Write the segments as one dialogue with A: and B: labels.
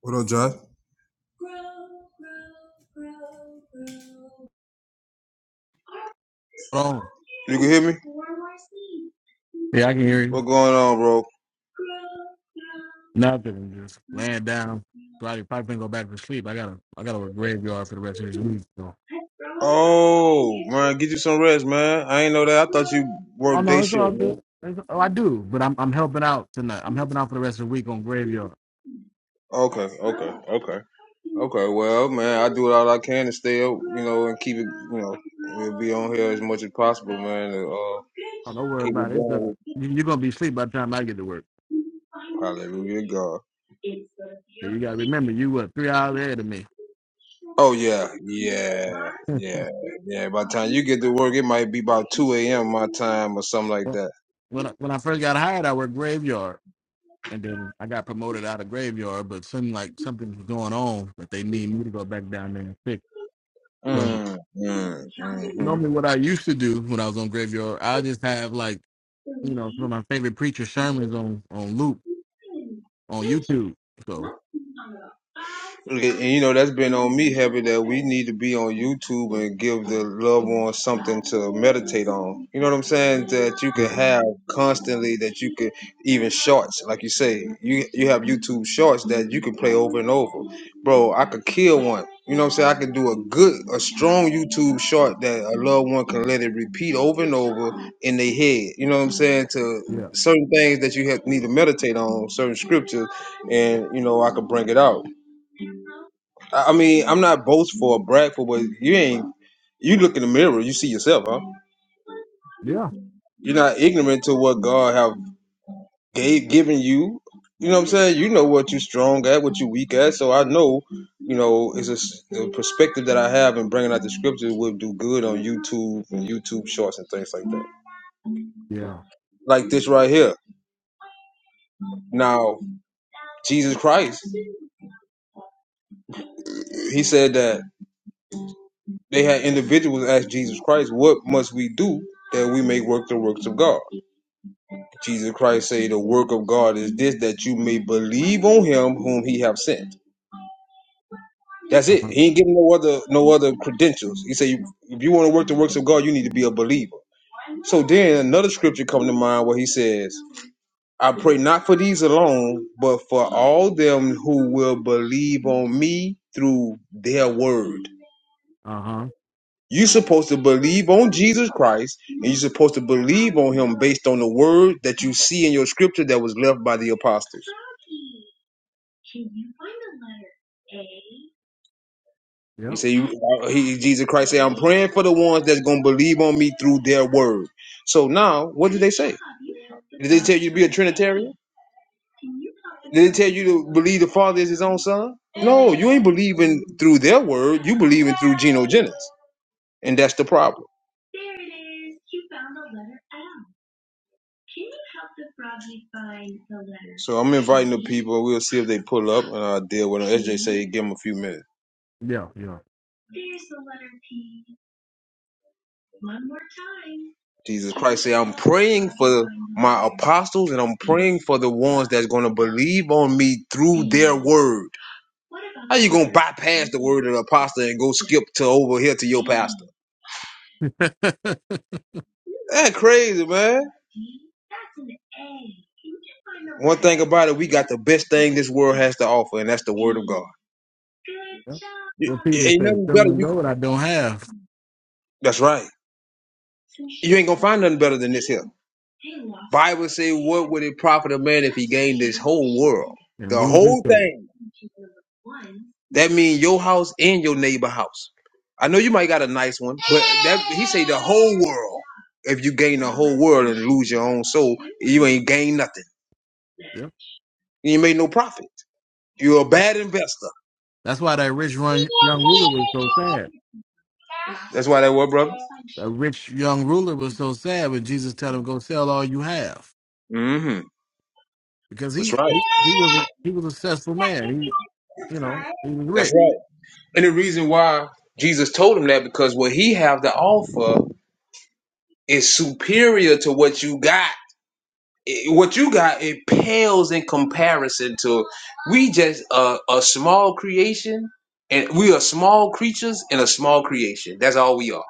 A: What up, Josh? Hear me? What going on, bro? Oh, man, get some rest, man. I ain't know that. work shit, man. Okay, okay, okay. Well, man, I do all I can to stay up as much as possible and uh, keep it going with God. Yeah, yeah. By time you get to work, it might be about two a.m. my time or something like that. Mm, mm. You know, that's been on me heavy that we need to be on YouTube and give the loved ones. to meditate on. You know what I'm saying? That you could have constantly. That you could even shorts, like you say. You you have YouTube shorts that you can play over and over. Bro, I could kill one. You know what I'm saying? I could do a good, a strong YouTube short that a loved one can let it repeat over and over in their head. You know what I'm saying? To certain things that you have need to meditate on, certain scriptures, and you know I could bring it out. I I mean, I'm not boastful or bragful, but you ain't. You look in the mirror, you see yourself, huh? You're not ignorant to what God have gave given you. You know what I'm saying? You know what you strong at, what you weak at. So I know, you know, it's a, s- the perspective that I have in bringing out the scriptures will do good on YouTube and YouTube shorts and things like that. Like this right here. Now, Jesus Christ, he said that they had individuals ask Jesus Christ, what must we do that we may work the works of God? Jesus Christ say the work of God is this, that you may believe on him whom he have sent. That's it. He ain't getting no other no other credentials. He said, you, if you want to work the works of God, you need to be a believer. So then another scripture come to mind where he says, I pray not for these alone, but for all them who will believe on me through their word. You're supposed to believe on Jesus Christ, and you're supposed to believe on him based on the word that you see in your scripture that was left by the apostles. He said, you, he, Jesus Christ said, I'm praying for the ones that's going to believe on me through their word. So now, what do they say? You be a Trinitarian? They tell you to believe the Father is his own son? No, you ain't believing through their word. You believing through genogenesis. And that's the problem. So I'm in people. We'll see if they pull up and I'll deal with them. SJ say, give them a few minutes. Jesus, my apostles, and I'm praying for the ones that's going to believe on me through word. Bypass the word of the apostle and go skip to over here to your. That crazy, man. thing about it, we got the best thing this world has to offer, and that's the word of God. It ain't nothing better. You that's right. Find nothing better than this here. Bible say, what would it profit a man the whole thing? That means your house and your neighbor house. I know you might got a nice one. World. If you gain the whole world and lose your own soul, you ain't gain nothing. You ain't made no profit. You're a bad investor. That's why that word, brother. Mm-hmm. That's right. That's right. And the reason why Jesus told him that because what he have to offer is superior to what you got. It- what you got it pales in comparison to we just a, a small creation and we are small creatures in a small creation. That's all we are.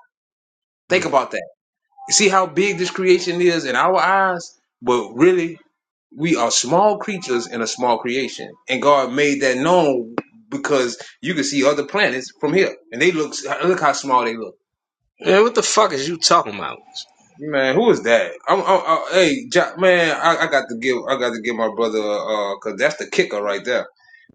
A: Think about that. See how big this creation is in our eyes, but really we are small creatures in a small creation. And God made that known because you can see other planets from here and they look look how small they look
B: Man, what the fuck is you talking about? Man,
A: Man, who is that? I'm, I'm, i hey, Ja man, I, I got to give, I got to give my brother, uh, cause that's the kicker right there.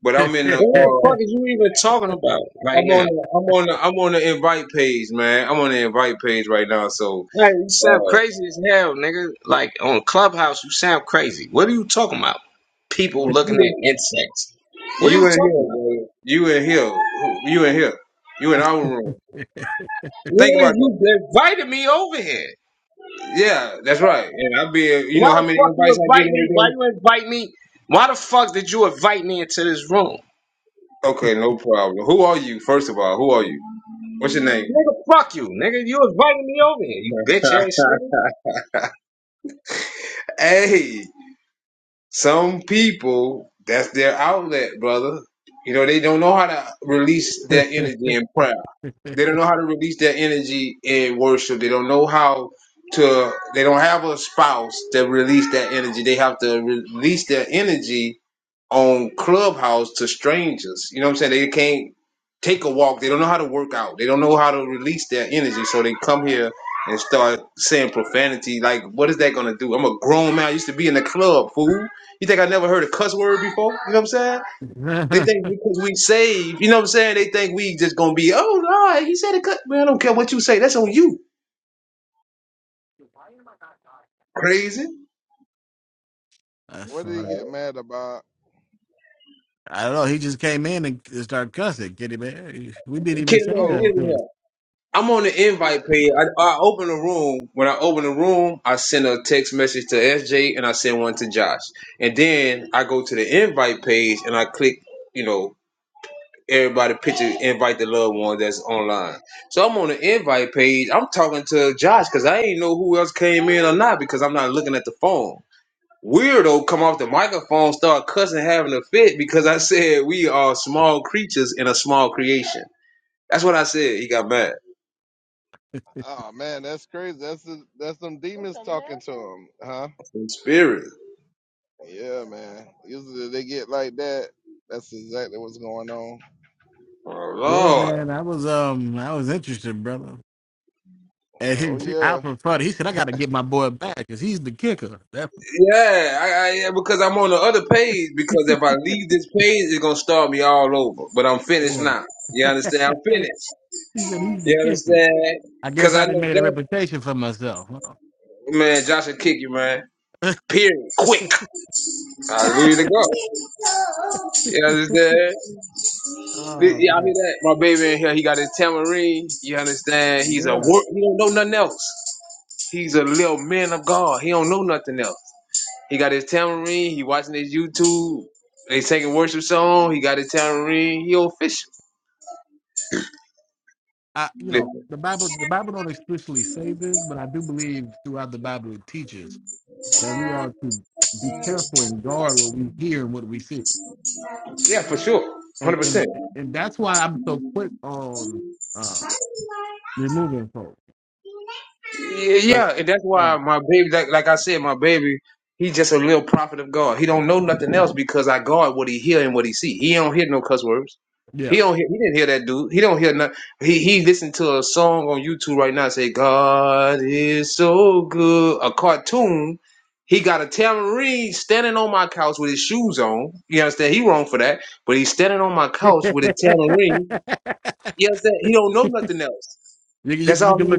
A: But I'm in the, uh,
B: what the fuck
A: I'm
B: is you even talking about right
A: on,
B: now?
A: the, I'm on, the, I'm on the invite page, man. I'm on the invite page right now. So,
B: Hey, you sound
A: uh,
B: crazy as hell, nigga. Like on Clubhouse, you sound crazy. What are you talking about? People
A: with
B: looking at
A: you,
B: insects. What are you
A: you in
B: talking
A: here,
B: about?
A: bro. You in here. Who- You in here. You in our room. Think
B: Nigga,
A: about that.
B: you invited me over here.
A: Yeah, that's right. And I be, you
B: Why
A: know how
B: the
A: many
B: fuck you
A: invites I get
B: invite
A: every
B: me? Why
A: day?
B: you invite me? Why the fuck did you invite me into this room?
A: Okay, no problem. Who are you? First of all, who are you? What's your name?
B: Nigga, fuck you, nigga. You invited me over here, you bitch ass nigga.
A: hey. Some people, that's their outlet, brother. You know, they don't know how to release their energy in prayer. They don't know how to release their energy in worship. They don't know how to, they don't have a spouse to release that energy. They have to re- release their energy on Clubhouse to strangers. You know what I'm saying? They can't take a walk. They don't know how to work out. They don't know how to release their energy. So they come here and start saying profanity. Like, what is that gonna do? I'm a grown man. I used to be in the club, fool. You think I never heard a cuss word before? You know what I'm saying? They think because we saved, you know what I'm saying? They think we just gonna be, oh no, he said a cut. Man, I don't care what you say. That's on you. Crazy.
C: What did he get mad about?
A: Kid
C: Oh,
A: man, I'm on the
C: yeah.
A: invite page. I, I open the room. When I open the room, I send a text message to SJ and I send one to Josh. And then I go to the invite page and I click, you know, everybody picture, invite the loved one that's online. So I'm on the invite page. I'm talking to Josh because I ain't know who else came in or not because I'm not looking at the phone. Weirdo come off the microphone, start cussing, having a fit because I said we are small creatures in a small creation. That's what I said. He got mad.
C: Oh man, that's crazy. That's the, that's them demons talking to him, huh?
A: In spirit.
C: Yeah, man. Usually they get like that. That's exactly what's going on.
A: Oh Lord,
C: Oh yeah,
A: yeah, I, I, yeah, because I'm on the other page. Because if I leave this page, it's gonna start me all over. But I'm finished now. You understand? I'm finished. You understand? Because I know Josh, man, Josh will kick you, man. Period. Quick. I leave to go. You understand? Y'all hear that? My baby in here, he got his tamarine. You understand? He's a work. He don't know nothing else. He's a little man of God. He don't know nothing else. He got his tambourine. He watching his YouTube. They singing worship song. He got his tambourine. He official. Listen. Yeah, for sure. 100%. Yeah, yeah, and that's why my baby, like, like I said, my baby, he just a little prophet of God. He don't know nothing else because I guard what he hear and what he see. He don't hear no cuss words. He don't hear. He didn't hear that dude. He don't hear nothing. He he listened to a song on YouTube right now. Say God is so good. A cartoon. He got a tambourine standing on my couch with his shoes on. You understand? He wrong for that, but he's standing on my couch with his tambourine. You understand? He don't know nothing else. That's all he.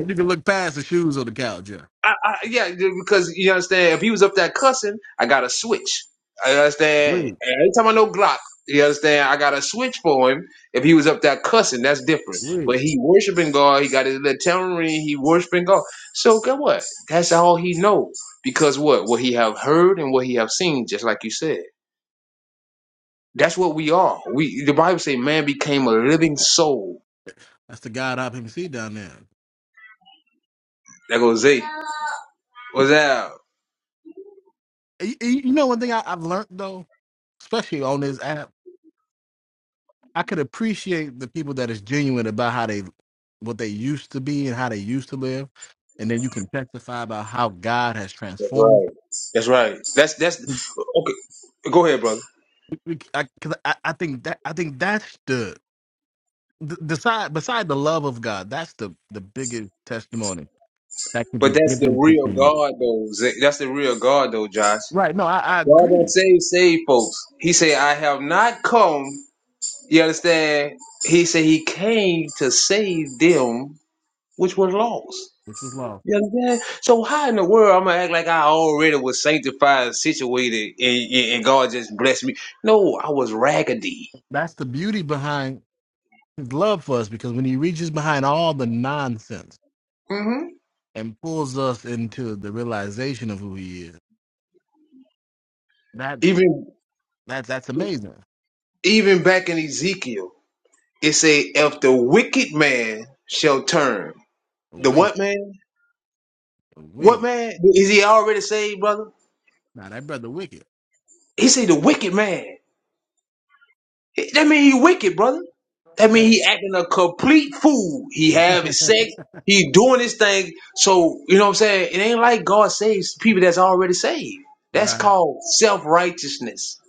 A: I, I, yeah, because you understand, if he was up there cussing, I got to switch. I understand. Every time I know Glock, you understand, I got to switch for him. If he was up there cussing, that's different. But he worshiping God. He got his little tambourine. He worshiping God. So get what? That's all he know. Because what? What he have heard and what he have seen, just like you said. That's what we are. We the Bible say man became a living soul. That goes Zay. What's that? That's right. That's right. That's that's okay. Go ahead, brother. But that's the real God, though. Z- That's the real God, though, Josh. God don't save save folks. He said, "I have not come." You understand? He said he came to save them which were lost. You understand? So how in the world I'm gonna act like I already was sanctified, and situated, and, and and God just blessed me? No, I was raggedy. hmm Even even back in Ezekiel, it say, "If the wicked man shall turn, the what man? What man? Is he already saved, brother? He say the wicked man. That mean he wicked, brother. That mean he acting a complete fool. He having sex. He doing his thing. So, you know what I'm saying? It ain't like God saves people that's already saved. That's called self-righteousness.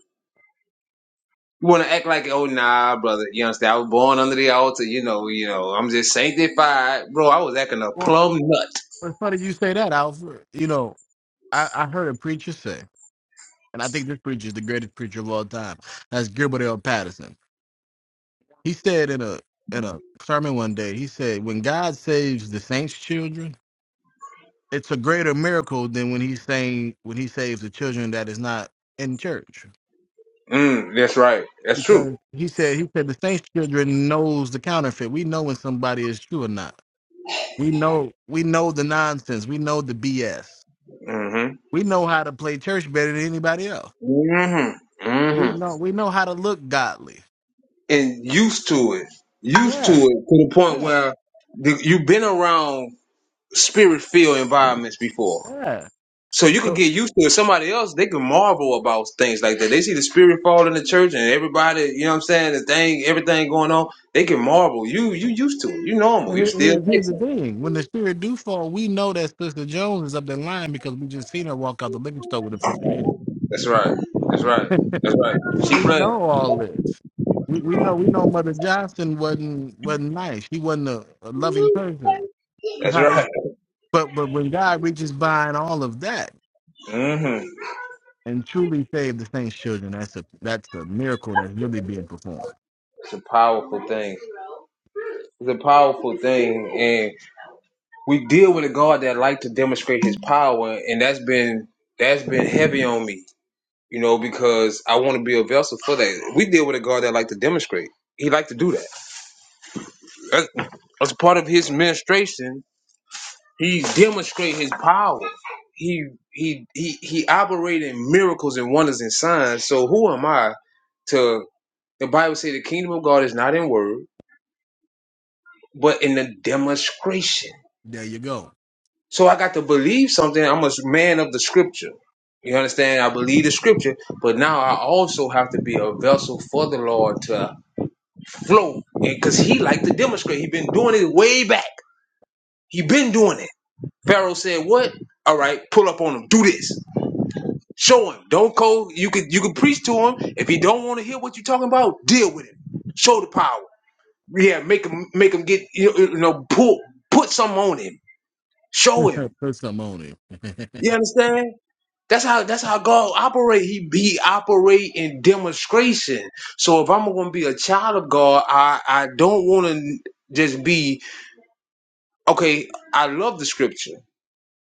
A: You want to act like, oh, nah, brother. You understand? I was born under the altar. You know, you know, I'm just sanctified. Bro, I was acting a plum nut. Mm, that's right. That's true. Mm-hmm. Mm-hmm. Mm-hmm. and used to it, used to it to the point where the, you've been around spirit filled environments before. So you could get used to it. Somebody else, they can marvel about things like that. They see the spirit fall in the church and everybody, you know what I'm saying, the thing, everything going on. They can marvel. You you used to it. You normal. You still Texan. That's right. That's right. That's right. She playing. That's right. mm hmm It's a powerful it's a powerful thing. and. we deal with a God that like to demonstrate his power and that's been that's been heavy on me, you know, because I want to be a vessel for that. We deal with a God that like to demonstrate. He like to do that. That's, that's part of his administration. He demonstrate his power. He he he he operate in miracles and wonders and signs. So who am I to the Bible say the kingdom of God is not in word, but in the demonstration. So I got to believe something. I'm a man of the scripture. You understand? I believe the scripture, but now I also have to be a vessel for the Lord to flow, because He like to demonstrate. He been doing it way back. He been doing it. Pharaoh said, "What? All right, pull up on him. Do this. Show him. Don't go. You could you could preach to him. If he don't want to hear what you're talking about, deal with him. Show the power. Yeah, make him make him get you know you know, pull put something on him. Show him. You understand? That's how that's how God operate. He be operate in demonstration. So if I'm gonna be a child of God, I I don't want to just be okay. I love the scripture,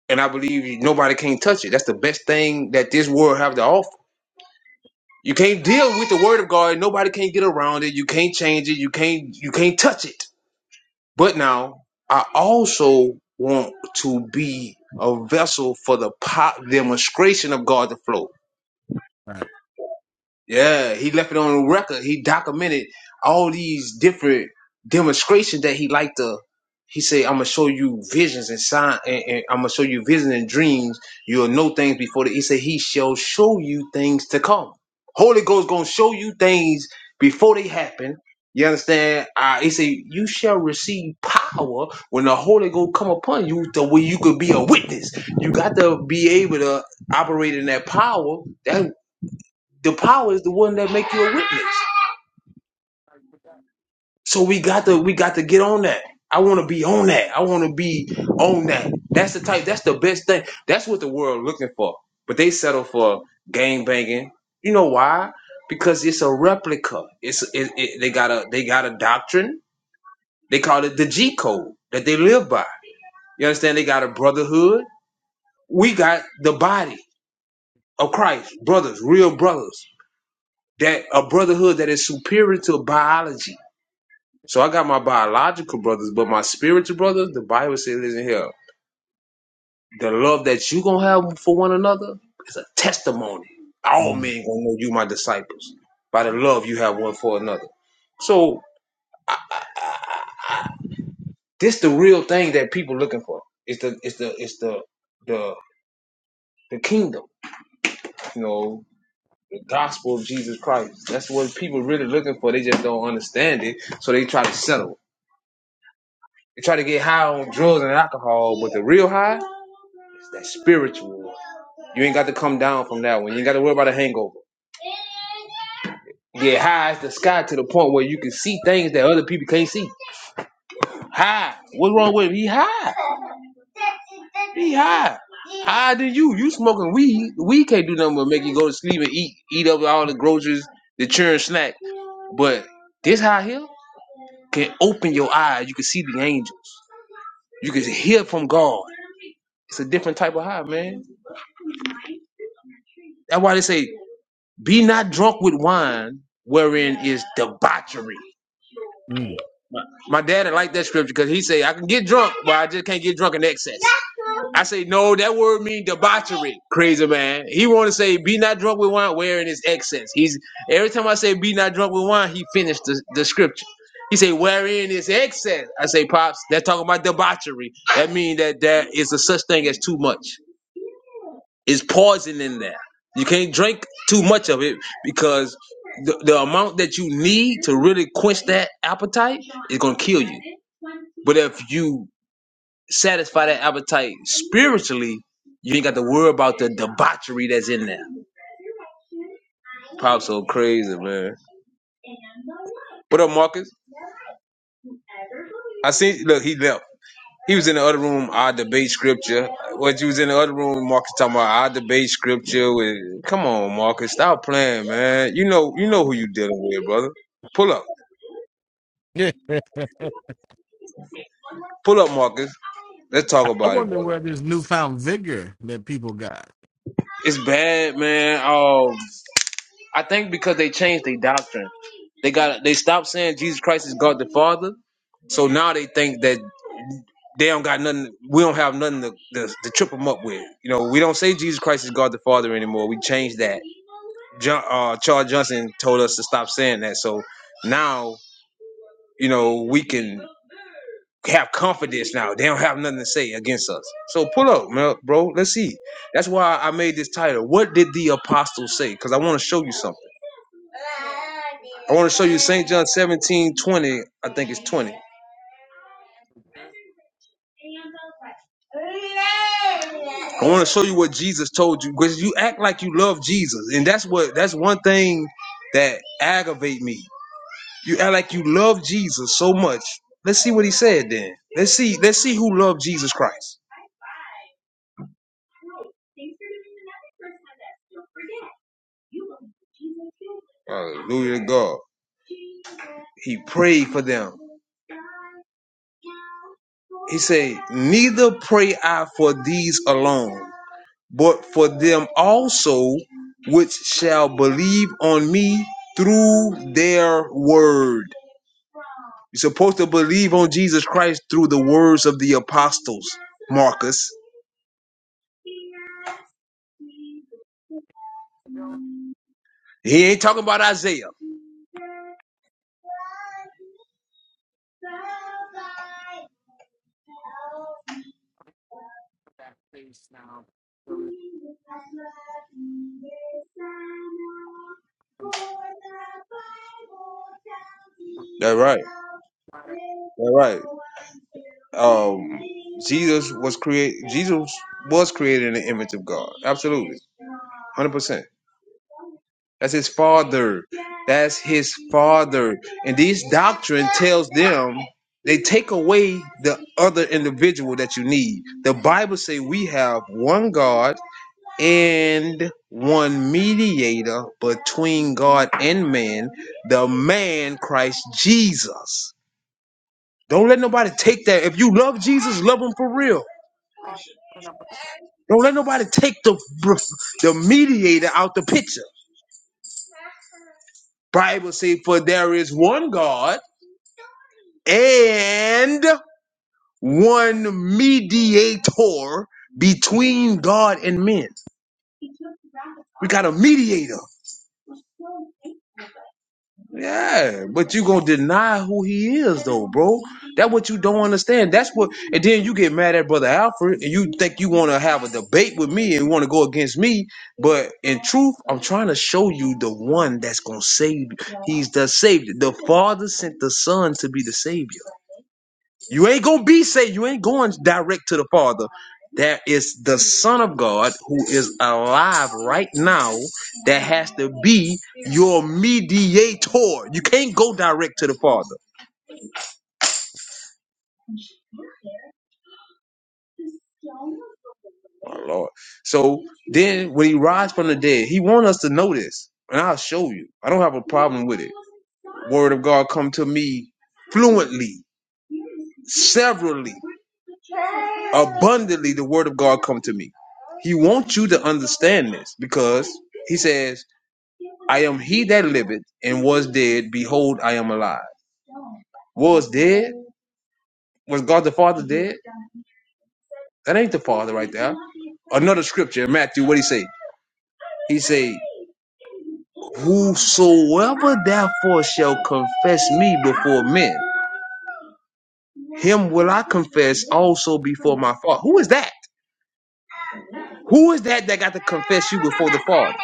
A: and I believe nobody can touch it. That's the best thing that this world have to offer. You can't deal with the word of God. Nobody can get around it. You can't change it. You can't you can't touch it. But now I also want to be a vessel for the po- demonstration of God to flow. Yeah, he left it on the record. He documented all these different demonstrations that he liked to. He said, "I'm gonna show you visions and sign, and, and I'm gonna show you visions and dreams. You'll know things before." The, he said, "He shall show you things to come. Holy Ghost gonna show you things before they happen." You understand? Uh, he said, "You shall receive power when the Holy Ghost come upon you, the way you could be a witness. You got to be able to operate in that power. That. The power is the one that make you a witness. So we got to we got to get on that. I want to be on that. I want to be on that. That's the type. That's the best thing. That's what the world looking for. But they settle for game banging. You know why? Because it's a replica. It's it, it, they got a they got a doctrine. They call it the G code that they live by. You understand? They got a brotherhood. We got the body of Christ, brothers, real brothers. That a brotherhood that is superior to biology So I got my biological brothers, but my spiritual brothers, the Bible says is in here. The love that you gonna have for one another is a testimony. All men gonna know you my disciples by the love you have one for another. So this the real thing that people looking for. It's the it's the it's the the the kingdom, you know, the gospel of Jesus Christ. That's what people really looking for. They just don't understand it, so they try to settle. They try to get high on drugs and alcohol, but the real high. That's spiritual. You ain't got to come down from that one. You ain't got to worry about a hangover. Get high as the sky to the point where you can see things that other people can't see. High. What's wrong with him? He high. He high. Higher than you. You smoking weed. Weed can't do nothing but make you go to sleep and eat eat up all the groceries, the churn snack. But this high here can open your eyes. You can see the angels. You can hear from God. It's a different type of high, man. That's why they say, be not drunk with wine, wherein is debauchery. My my daddy liked that scripture because he say I can get drunk, but I just can't get drunk in excess. I say no, that word mean debauchery. Crazy man. He want to say be not drunk with wine, wherein is excess. He's every time I say be not drunk with wine, he finished the, the scripture. He say wherein is excess. I say pops, they're talking about debauchery. That mean that there is a such thing as too much. It's poison in there. You can't drink too much of it because the, the amount that you need to really quench that appetite. But if you satisfy that appetite spiritually, you ain't got to worry about the debauchery that's in I'm so crazy, man. What up, Marcus? I seen look, he left. He was in the other room, I debate scripture. What you was in the other room, Marcus talking about I debate scripture with come on, Marcus, stop playing, man. You know you know who you dealing with, brother. Pull up. Pull up, Marcus. Let's talk about it, brother. It's bad, man. Oh I think because they changed their doctrine. They got they stopped saying Jesus Christ is God the Father. So now they think that they don't got nothing. We don't have nothing to, to, to trip them up with. You know, we don't say Jesus Christ is God the Father anymore. We changed that. John, uh, Charles Johnson told us to stop saying that. So now you know we can have confidence now. They don't have nothing to say against us. So pull up, man, bro. Let's see. That's why I made this title. What did the apostles say? Because I want to show you something. I want to show you St. John 17:20. I think it's 20. I want to show you what Jesus told you because you act like you love Jesus. And that's what that's one thing that aggravate me. You act like you love Jesus so much. Let's see what he said then. Let's see, let's see who loved Jesus Christ. Hallelujah to God. He prayed for them. He said, Neither pray I for these alone. but for them also which shall believe on me through their word. You're supposed to believe on Jesus Christ through the words of the apostles. He ain't talking about Isaiah.
D: that place now where we from
A: That's right. That's right. Um, Jesus was created. Jesus was created in the image of God. Absolutely, hundred percent. That's his father. That's his father. And these doctrine tells them they take away the other individual that you need. The Bible say we have one God and one mediator between God and man, the man Christ Jesus. Don't let nobody take that. If you love Jesus, love him for real. Don't let nobody take the the mediator out the picture. Bible say for there is one God and one mediator between God and men. We got a mediator. Yeah, but you gonna deny who he is though, bro. That what you don't understand. That's what and then you get mad at Brother Alfred and you think you wanna have a debate with me and you wanna go against me. But in truth, I'm trying to show you the one that's gonna save you. He's the savior. The father sent the son to be the savior. You ain't gonna be saved. You ain't going direct to the Father. There is the Son of God who is alive right now that has to be your mediator. You can't go direct to the Father. Oh Lord. So then when he rises from the dead, he wants us to know this. And I'll show you. I don't have a problem with Word of God come to me fluently, severally, abundantly the word of God come to me. He wants you to understand this because he says I am he that liveth and was dead. Behold, I am alive. Was dead? Was God the Father dead? That ain't the Father right there. Another scripture, Matthew, what he say? He say, Whosoever therefore shall confess me before men, him will I confess also before my Father. Who is that? Who is that that got to confess you before the Father?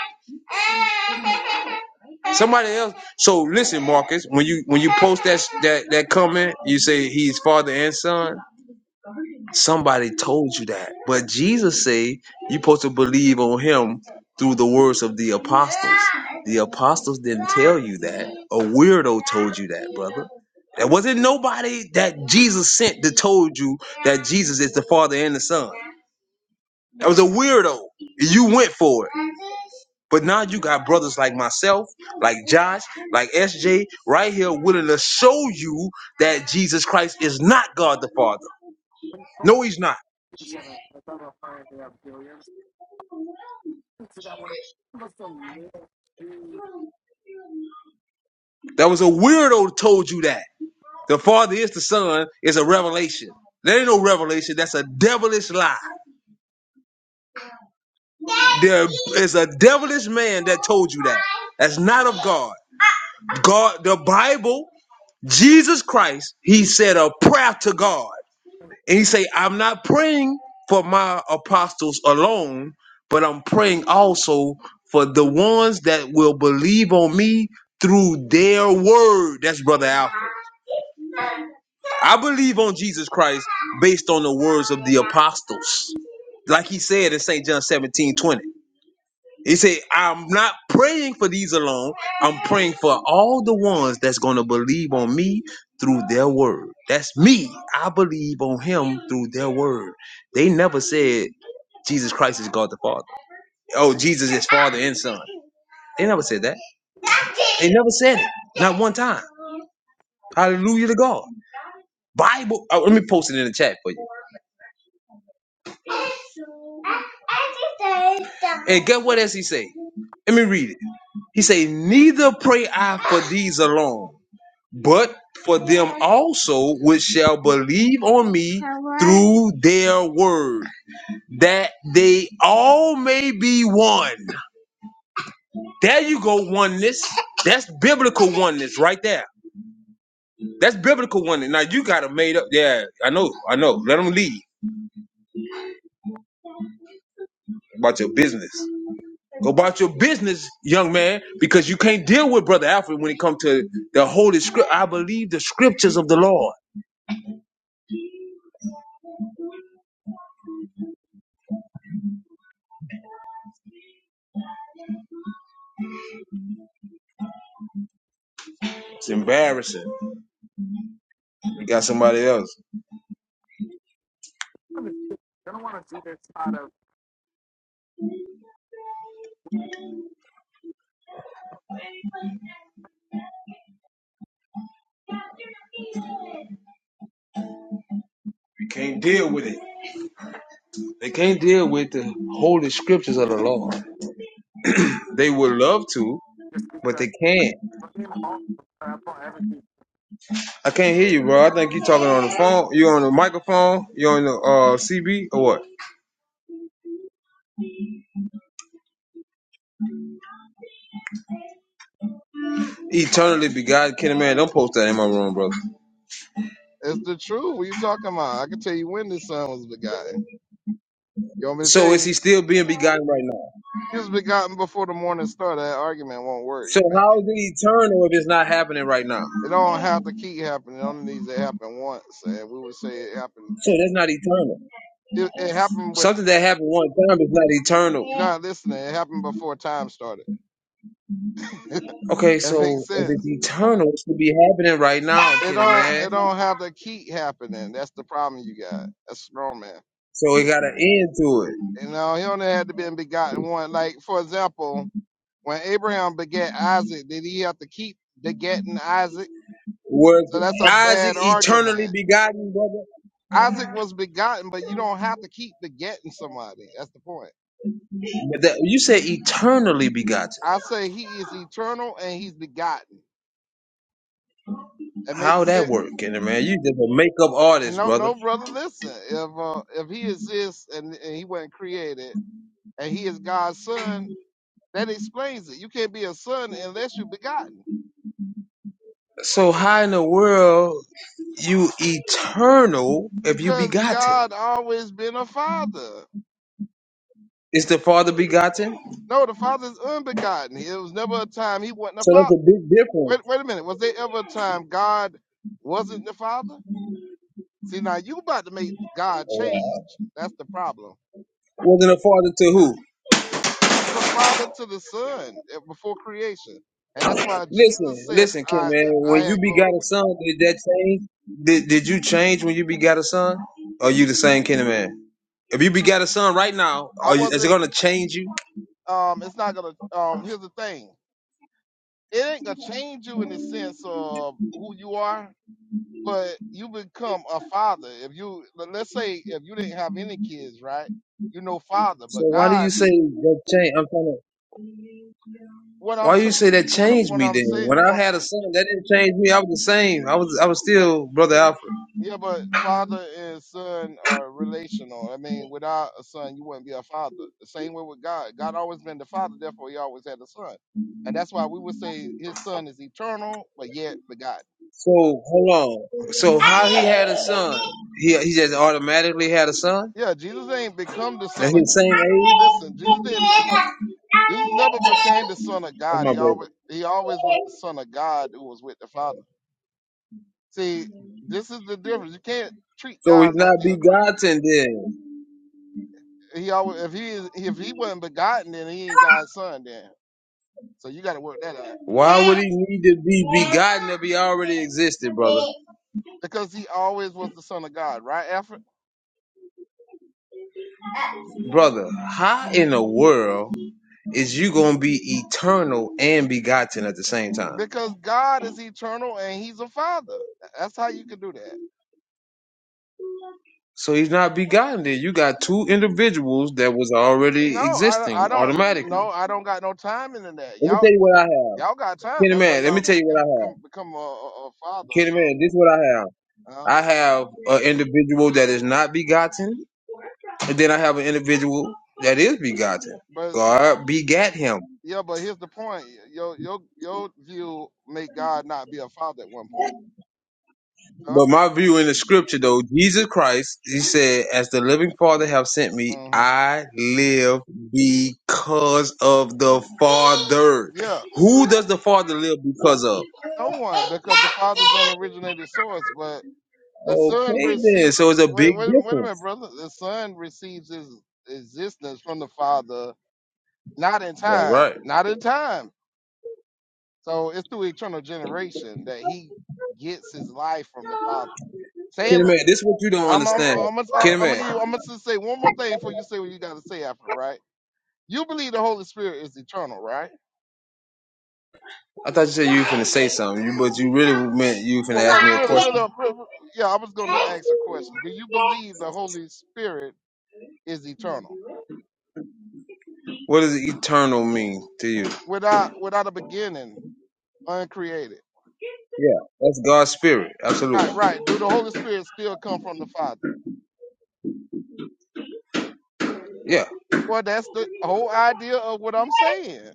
A: Somebody else. So listen, Marcus, when you when you post that that that comment, you say he's father and son. Somebody told you that. But Jesus said you're supposed to believe on him through the words of the apostles. The apostles didn't tell you that. A weirdo told you that, brother. There wasn't nobody that Jesus sent that told you that Jesus is the Father and the Son. That was a weirdo. You went for it. But now you got brothers like myself, like Josh, like SJ, right here willing to show you that Jesus Christ is not God. the- No, he's not.
D: Williams.
A: That was a weirdo told you that. The Father is the Son is a revelation. There ain't no revelation. That's a devilish lie. There is a devilish man that told you that. That's not of God. God, the Bible, Jesus Christ, he said a prayer to God. And he say, I'm not praying for my apostles alone, but I'm praying also for the ones that will believe on me through their word. That's Brother Alpha. I believe on Jesus Christ based on the words of the apostles. Like he said in St. John 17 20. He said, I'm not praying for these alone. I'm praying for all the ones that's going to believe on me through their word. That's me. I believe on him through their word. They never said Jesus Christ is God the Father. Oh, Jesus is Father and Son. They never said that. They never said it. Not one time. Hallelujah to God. Bible. oh, let me post it in the chat for you. And get what else he say? Let me read it. He say, Neither pray I for these alone, but for them also which shall believe on me through their word, that they all may be one. There you go, oneness. That's biblical oneness right there. That's biblical oneness. Now you got to made up. Yeah, I know, I know. Let them leave about your business. Go about your business, young man, because you can't deal with Brother Alfred when it comes to the Holy Script. I believe the scriptures of the Lord. It's embarrassing. We got somebody else.
D: I'm just gonna want to do this out of
A: We can't deal with it. They can't deal with the holy scriptures of the Lord. They would love to,
D: just
A: but
D: because
A: they can't.
D: my name all I everything.
A: I can't hear you, bro. I think you're talking on the phone. You on the microphone? You on the uh, CB or what? Eternally begotten, can a man? Don't post that in my room, brother.
C: it's the truth. What you talking about? I can tell you when the son was begotten. You want me to tell
A: So is
C: you?
A: he still being begotten right now?
C: He was begotten before the morning star. That argument won't work.
A: So
C: You making
A: how is it eternal if it's not happening right now?
C: it don't have to keep happening. It only needs to happen once, and we would say it happened.
A: So that's not eternal.
C: It, it happened with
A: Something that happened one time is not
C: you're
A: eternal.
C: not listening. It happened before time started.
A: Okay,
C: That makes
A: so if
C: sense.
A: it's eternal, it should be happening right now,
C: It
A: Kenny
C: don't
A: man.
C: it don't have to keep happening. That's the problem you got. That's the wrong man.
A: So it got an end to it.
C: You know, he only had to be begotten one. Like for example, when Abraham begat Isaac, did he have to keep begetting Isaac?
A: Was
C: So that's a
A: Isaac
C: bad argument.
A: eternally begotten, brother?
C: Isaac was begotten, but you don't have to keep begetting somebody. That's the point.
A: But That, you said eternally begotten.
C: I say he is eternal and he's begotten. That
A: How
C: makes
A: that
C: sense.
A: work, Kenny man? You just a makeup artist,
C: No,
A: brother.
C: no, brother, listen. If uh, if he exists and, and he wasn't created, and he is God's son. That explains it. You can't be a son unless you're begotten,
A: So how in the world you eternal if you
C: because
A: begotten?
C: God always been a father.
A: Is the Father begotten?
C: No, the father is unbegotten. It was never a time he wasn't a
A: So that's
C: father.
A: a big difference.
C: Wait, wait a minute. Was there ever a time God wasn't the father? See, now you about to make God change. That's the problem.
A: Wasn't a father to who?
C: He was a father to the son eh, before creation, and that's why Jesus
A: Listen,
C: said,
A: listen, Kim,
C: "I
A: man.
C: I
A: When you
C: had glory
A: begot a
C: with
A: son, did that change? Did Did you change when you begot a son? Or you the same kind of man? If you begot a son right now,
C: you." I
A: are you, is it
C: wasn't.
A: gonna change you?
C: Um, it's not gonna. Um, here's the thing. It ain't gonna change you in the sense of who you are but you become a father. If you let- let's say if you didn't have any kids, right? You know father,
A: So
C: but
A: why do you
C: God,
A: say that change? I'm trying to.
C: what I'm
A: Why do you say
C: saying,
A: that
C: what
A: changed
C: what
A: me
C: I'm
A: then?
C: saying,
A: When I
C: what,
A: had a son, that didn't change me. I was the same. I was I was
C: but
A: still brother Alfred.
C: yeah, but father and son are relational. I mean, without a son, you wouldn't be a father. The same way with God. God always been the father, therefore he always had a son, and that's why we would say his son is eternal, but yet begotten.
A: So hold on. So how he had a son? He he just automatically had a son?
C: Yeah, Jesus ain't become the
A: That's
C: son of.
A: his same
C: Listen, Jesus didn't
A: age.
C: become. Jesus never became the son of
A: That's
C: God.
A: my
C: He
A: baby.
C: always he always was the son of God who was with the Father. See, this is the difference. You can't treat
A: So
C: God
A: he's
C: like
A: not
C: you're a creature.
A: begotten then.
C: He always if he is if he wasn't begotten, then he ain't God's son then. So you gotta work that out.
A: Why would he need to be begotten if he already existed, brother?
C: Because he always was the son of God, right, Alfred?
A: Brother, how in the world is you gonna be eternal and begotten at the same time?
C: Because God is eternal and he's a father. That's how you can do that.
A: So he's not begotten then. You got two individuals that was
C: No,
A: already
C: I I
A: existing
C: don't
A: automatically.
C: no, I don't got no time in that.
A: Let me
C: Y'all
A: tell you what I have.
C: y'all got time.
A: Kenny
C: That's why
A: Man, let me
C: y'all
A: tell you
C: can
A: what I have.
C: become become a, a a father or
A: Kenny Man, this is what I have.
C: something. Huh?
A: I have an individual that is not begotten, and then I have an individual that is begotten.
C: But see,
A: God begat him.
C: Yeah, but here's the point. Your your your view make God not be a father at one point.
A: But my view in the scripture, though, Jesus Christ, he said, As the living Father have sent me,
C: hmm
A: I live because of the Father.
C: Yeah,
A: Who does the Father live because of?
C: no one because the father's on originated source, but the son
A: Okay, then.
C: receive.
A: So it's a
C: Wait,
A: big
C: wait, a- wait a
A: difference.
C: minute, brother. The son receives his existence from the father, not in
A: Yeah,
C: time,
A: right.
C: not in time. So it's through eternal generation that he gets his life from the father.
A: Kenny
C: Same.
A: Man, this is what you don't
C: I'm I'm
A: understand.
C: I'm gonna I'm
A: Kenny
C: gonna
A: Man.
C: give you. I'm gonna just say one more thing before you say what you got to say after, right? You believe the Holy Spirit is eternal, right?
A: I thought you said you were finna say something, you, but you really meant you were finna
C: Well,
A: ask
C: well,
A: me a
C: really, really,
A: question.
C: really yeah. I was going to ask a question. Do you believe the Holy Spirit is eternal,
A: What does eternal mean to you?
C: without without a beginning, uncreated?
A: Yeah, that's God's spirit.
C: Right,
A: Absolutely.
C: right. Do the Holy Spirit still come from the Father?
A: Yeah,
C: Well, that's the whole idea of what I'm saying.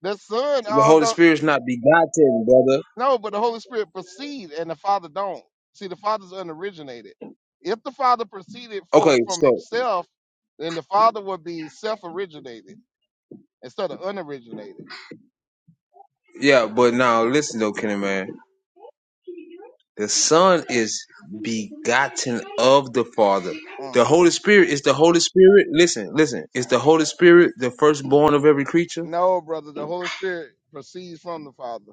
C: The Son,
A: the Holy
C: although
A: Spirit's not begotten, brother.
C: no, but the Holy Spirit proceed and the Father don't. See, the Father's unoriginated. If the Father proceeded for
A: Okay,
C: from
A: so
C: Himself, then the Father would be self-originated instead of unoriginated.
A: yeah, but now listen though, Kenny man, the Son is begotten of the Father. The
C: Uh-huh.
A: Holy Spirit is the Holy Spirit. Listen, listen. Is the Holy Spirit the firstborn of every creature?
C: No, brother, the Holy Spirit proceeds from the Father.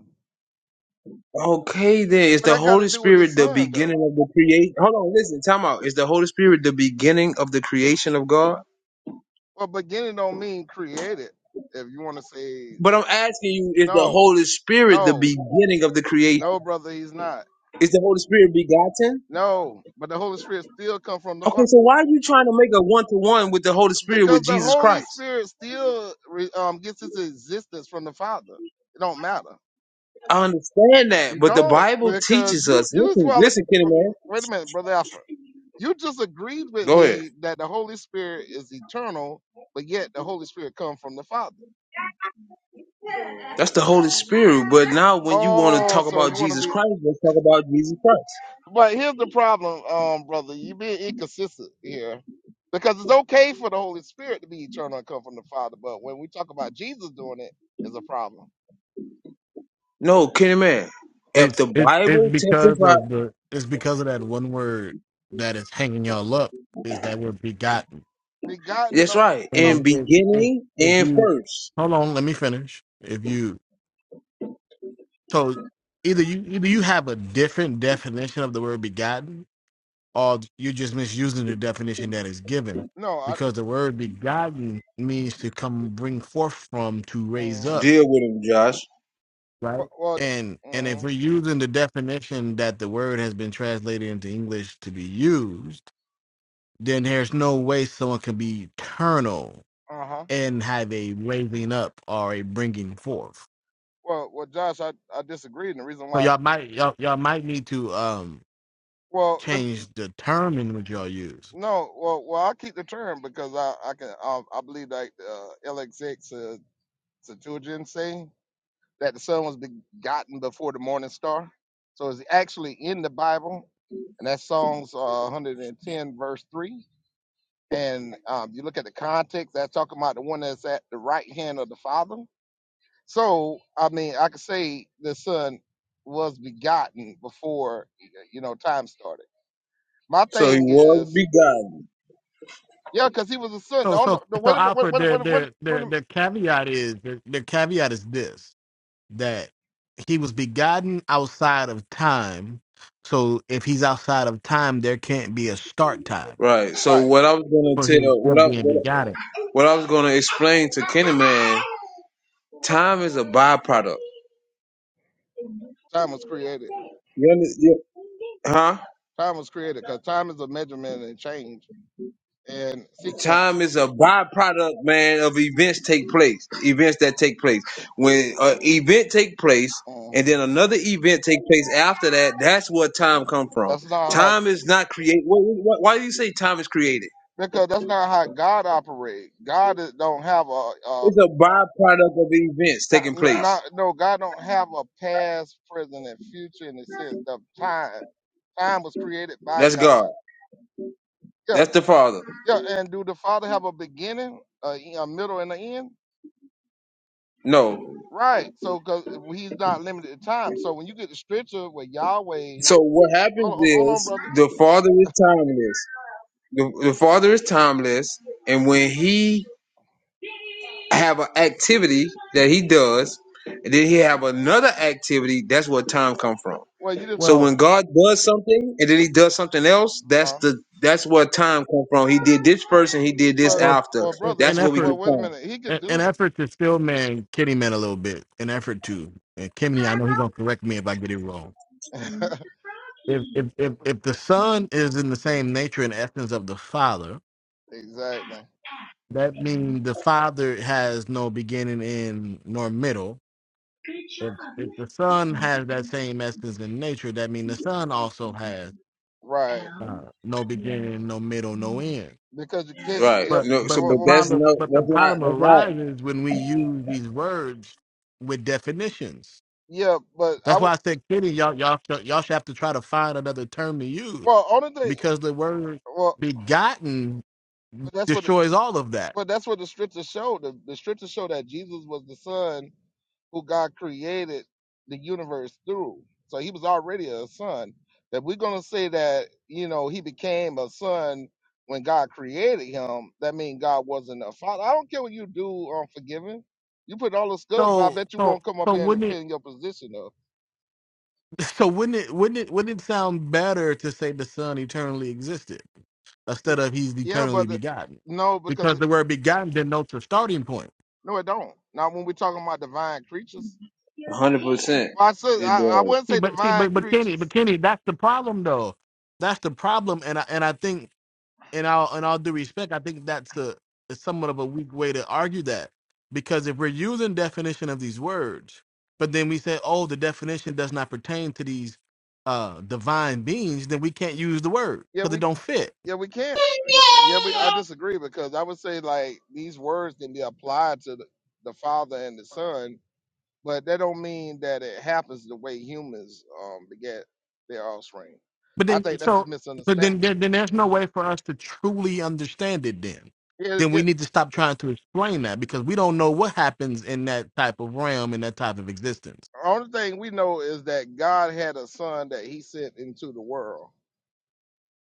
A: Okay, then is
C: What
A: the
C: I got to
A: Holy
C: do with the
A: Spirit the
C: Son, though?
A: beginning of the creation? Hold on, listen, time out. Is the Holy Spirit the beginning of the creation of God?
C: Well, beginning don't mean created. If you want to say
A: But I'm asking you, is the
C: no,
A: Holy Spirit the
C: no,
A: beginning of the creation?
C: no, brother, he's not.
A: Is the Holy Spirit begotten?
C: No, but the Holy Spirit still come from the
A: Okay,
C: Father
A: so why are you trying to make a one to one with the Holy Spirit
C: because
A: with
C: the
A: Jesus
C: Holy
A: Christ?
C: Spirit still re- um, gets its existence from the Father. It don't matter.
A: I understand that,
C: You
A: but the
C: don't
A: Bible
C: because
A: teaches
C: you
A: us.
C: you just
A: Listen,
C: well
A: listen, Kenny man.
C: wait a minute, brother Alfred. You just agreed with
A: Go ahead.
C: me that the Holy Spirit is eternal, but yet the Holy Spirit come from the Father.
A: That's the Holy Spirit. But now when you want to
C: Oh,
A: talk
C: so you
A: about
C: want to
A: Jesus
C: be?
A: Christ, let's talk about Jesus Christ.
C: But here's the problem, um, brother. You being inconsistent here because it's okay for the Holy Spirit to be eternal and come from the Father, but when we talk about Jesus doing it, is a problem.
A: No, Kenny man. If the Bible testifies,
C: Begotten?
A: that's
C: No,
A: right.
C: no,
A: In beginning and first,
C: no. I, mhm.
A: deal with him, Josh.
C: well, well mm, uh huh. Well, well, Josh, I, I disagreed, and the reason why Well, lem no, well, well, I'll keep the term because I, I can, I, I believe like uh, LXX uh, Septuagint say that the sun was begotten before the morning star, so it's actually in the Bible, and that Psalms uh, 110 verse three. And um, you look at the context, that's talking about the one that's at the right hand of the Father. So, I mean, I could say the Son was begotten before you know time started. My
A: So he
C: thing
A: was
C: is.
A: begotten,
C: Yeah, because he was a son. No, the, the, wait a minute, wait, wait, wait, wait, wait, a-
A: right? So
C: right.
A: what I was gonna tell, what I what, I- what I was gonna explain to Kenny man, time is a byproduct.
C: Time was created.
A: You understand? Huh?
C: Time was created because time is a measurement and change and sequence.
A: Time is a byproduct, man, of events take place. Events that take place. When an event take place, and
C: Um,
A: then another event take place after that, that's where time come from.
C: that's not how
A: Time is not created. Why, do you say time is created?
C: because that's not how God operates. God is, don't have a, a
A: It's a byproduct of events
C: not,
A: taking
C: n-
A: place.
C: not no God don't have a past, present, and future in the sense of time. Time was created by
A: That's God.
C: God. Yeah,
A: That's the Father.
C: yeah. And do the Father have a beginning, a, a middle, and an end?
A: No.
C: Right. So because he's not limited to time. So when you get the scripture where Yahweh,
A: So what
C: hold
A: happens
C: on, hold on,
A: is
C: brother.
A: the Father is timeless. The, the Father is timeless, and when He have an activity that he does, and then he have another activity. That's where time come from.
C: Well, you just,
A: So when God does something and then he does something else, that's
C: uh,
A: the that's where time come from. He did this first and he did this
C: well,
A: after.
C: well, brother.
A: That's where we get
C: Well, wait a minute.
A: time.
C: He could do exactly right because you can't.
A: Right.
C: Yep.
A: No. So,
C: Well,
A: but
C: well,
A: that's no.
C: well,
A: That's not. That's not
C: yeah, but I. w- Well, only thing. Well, but that's what. But that's what the scriptures show. The, the scriptures show that Jesus was the son who God created the universe through. So he was already a son. That we're gonna say that, you know, he became a son when God created him, that means God wasn't a father. I don't care what you do on forgiving. You put all the skulls, but I bet you won't come up here and defend your position though. Y- Yeah, but the, no, because it, no, it don't. Not when we're talking about divine creatures.
A: hundred percent.
C: Well I said
A: It
C: I, I
A: does.
C: wouldn't say divine creatures. Yeah, we Yeah, we can't. Yeah, we. I disagree because I would say like these words can be applied to the, the Father and the Son, but that don't mean that it happens the way humans um beget their offspring. I think that's the misunderstanding. Yeah, yeah. Only thing we know is that God had a son that He sent into the world,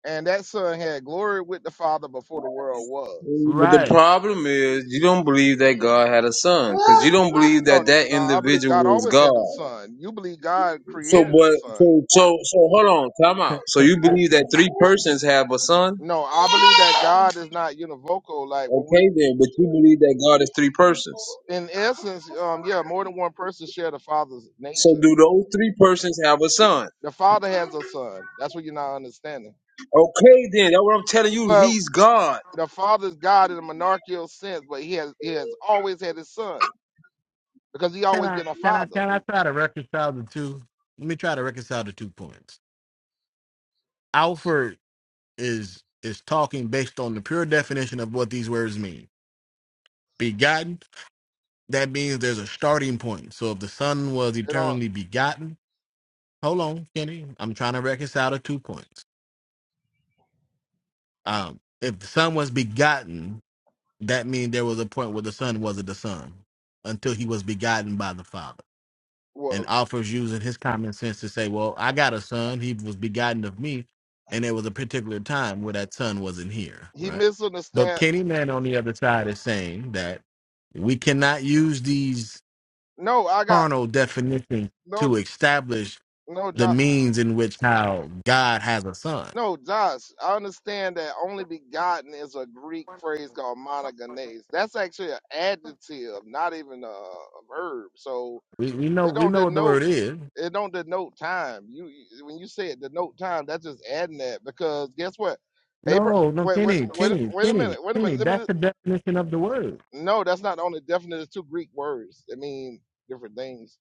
C: and that son had glory with the Father before the world was.
A: But the problem is, you don't believe that God had a son because you don't believe
C: No,
A: that that
C: no, I believe God
A: individual is
C: always had a
A: God.
C: son. You believe God
A: So
C: created a
A: but
C: son.
A: So so so hold on, time out. So you believe that three persons have a son?
C: No, I believe that God is not univocal. Like when we,
A: Okay, then, but you believe that God is three persons.
C: in essence, um, yeah, more than one person share the Father's
A: So
C: nature.
A: do those three persons have a son?
C: The Father has a Son. That's what you're not understanding.
A: Okay, then. That's what I'm telling you.
C: But
A: He's God.
C: the Father's God in a monarchical sense, but he has he has always had his Son because he always been a Father. You know, well, he misunderstand. No, I got no no job. No, Josh, I understand that only begotten is a Greek phrase called monogenes. That's actually an adjective, not even a, a verb. So it don't denote it don't denote time. You you- when you say it denote time, that's just adding that because guess what? Abra wait wait wait wait a minute wait a minute. Let me just- no, that's not the only definite. It's two Greek words. They mean different things.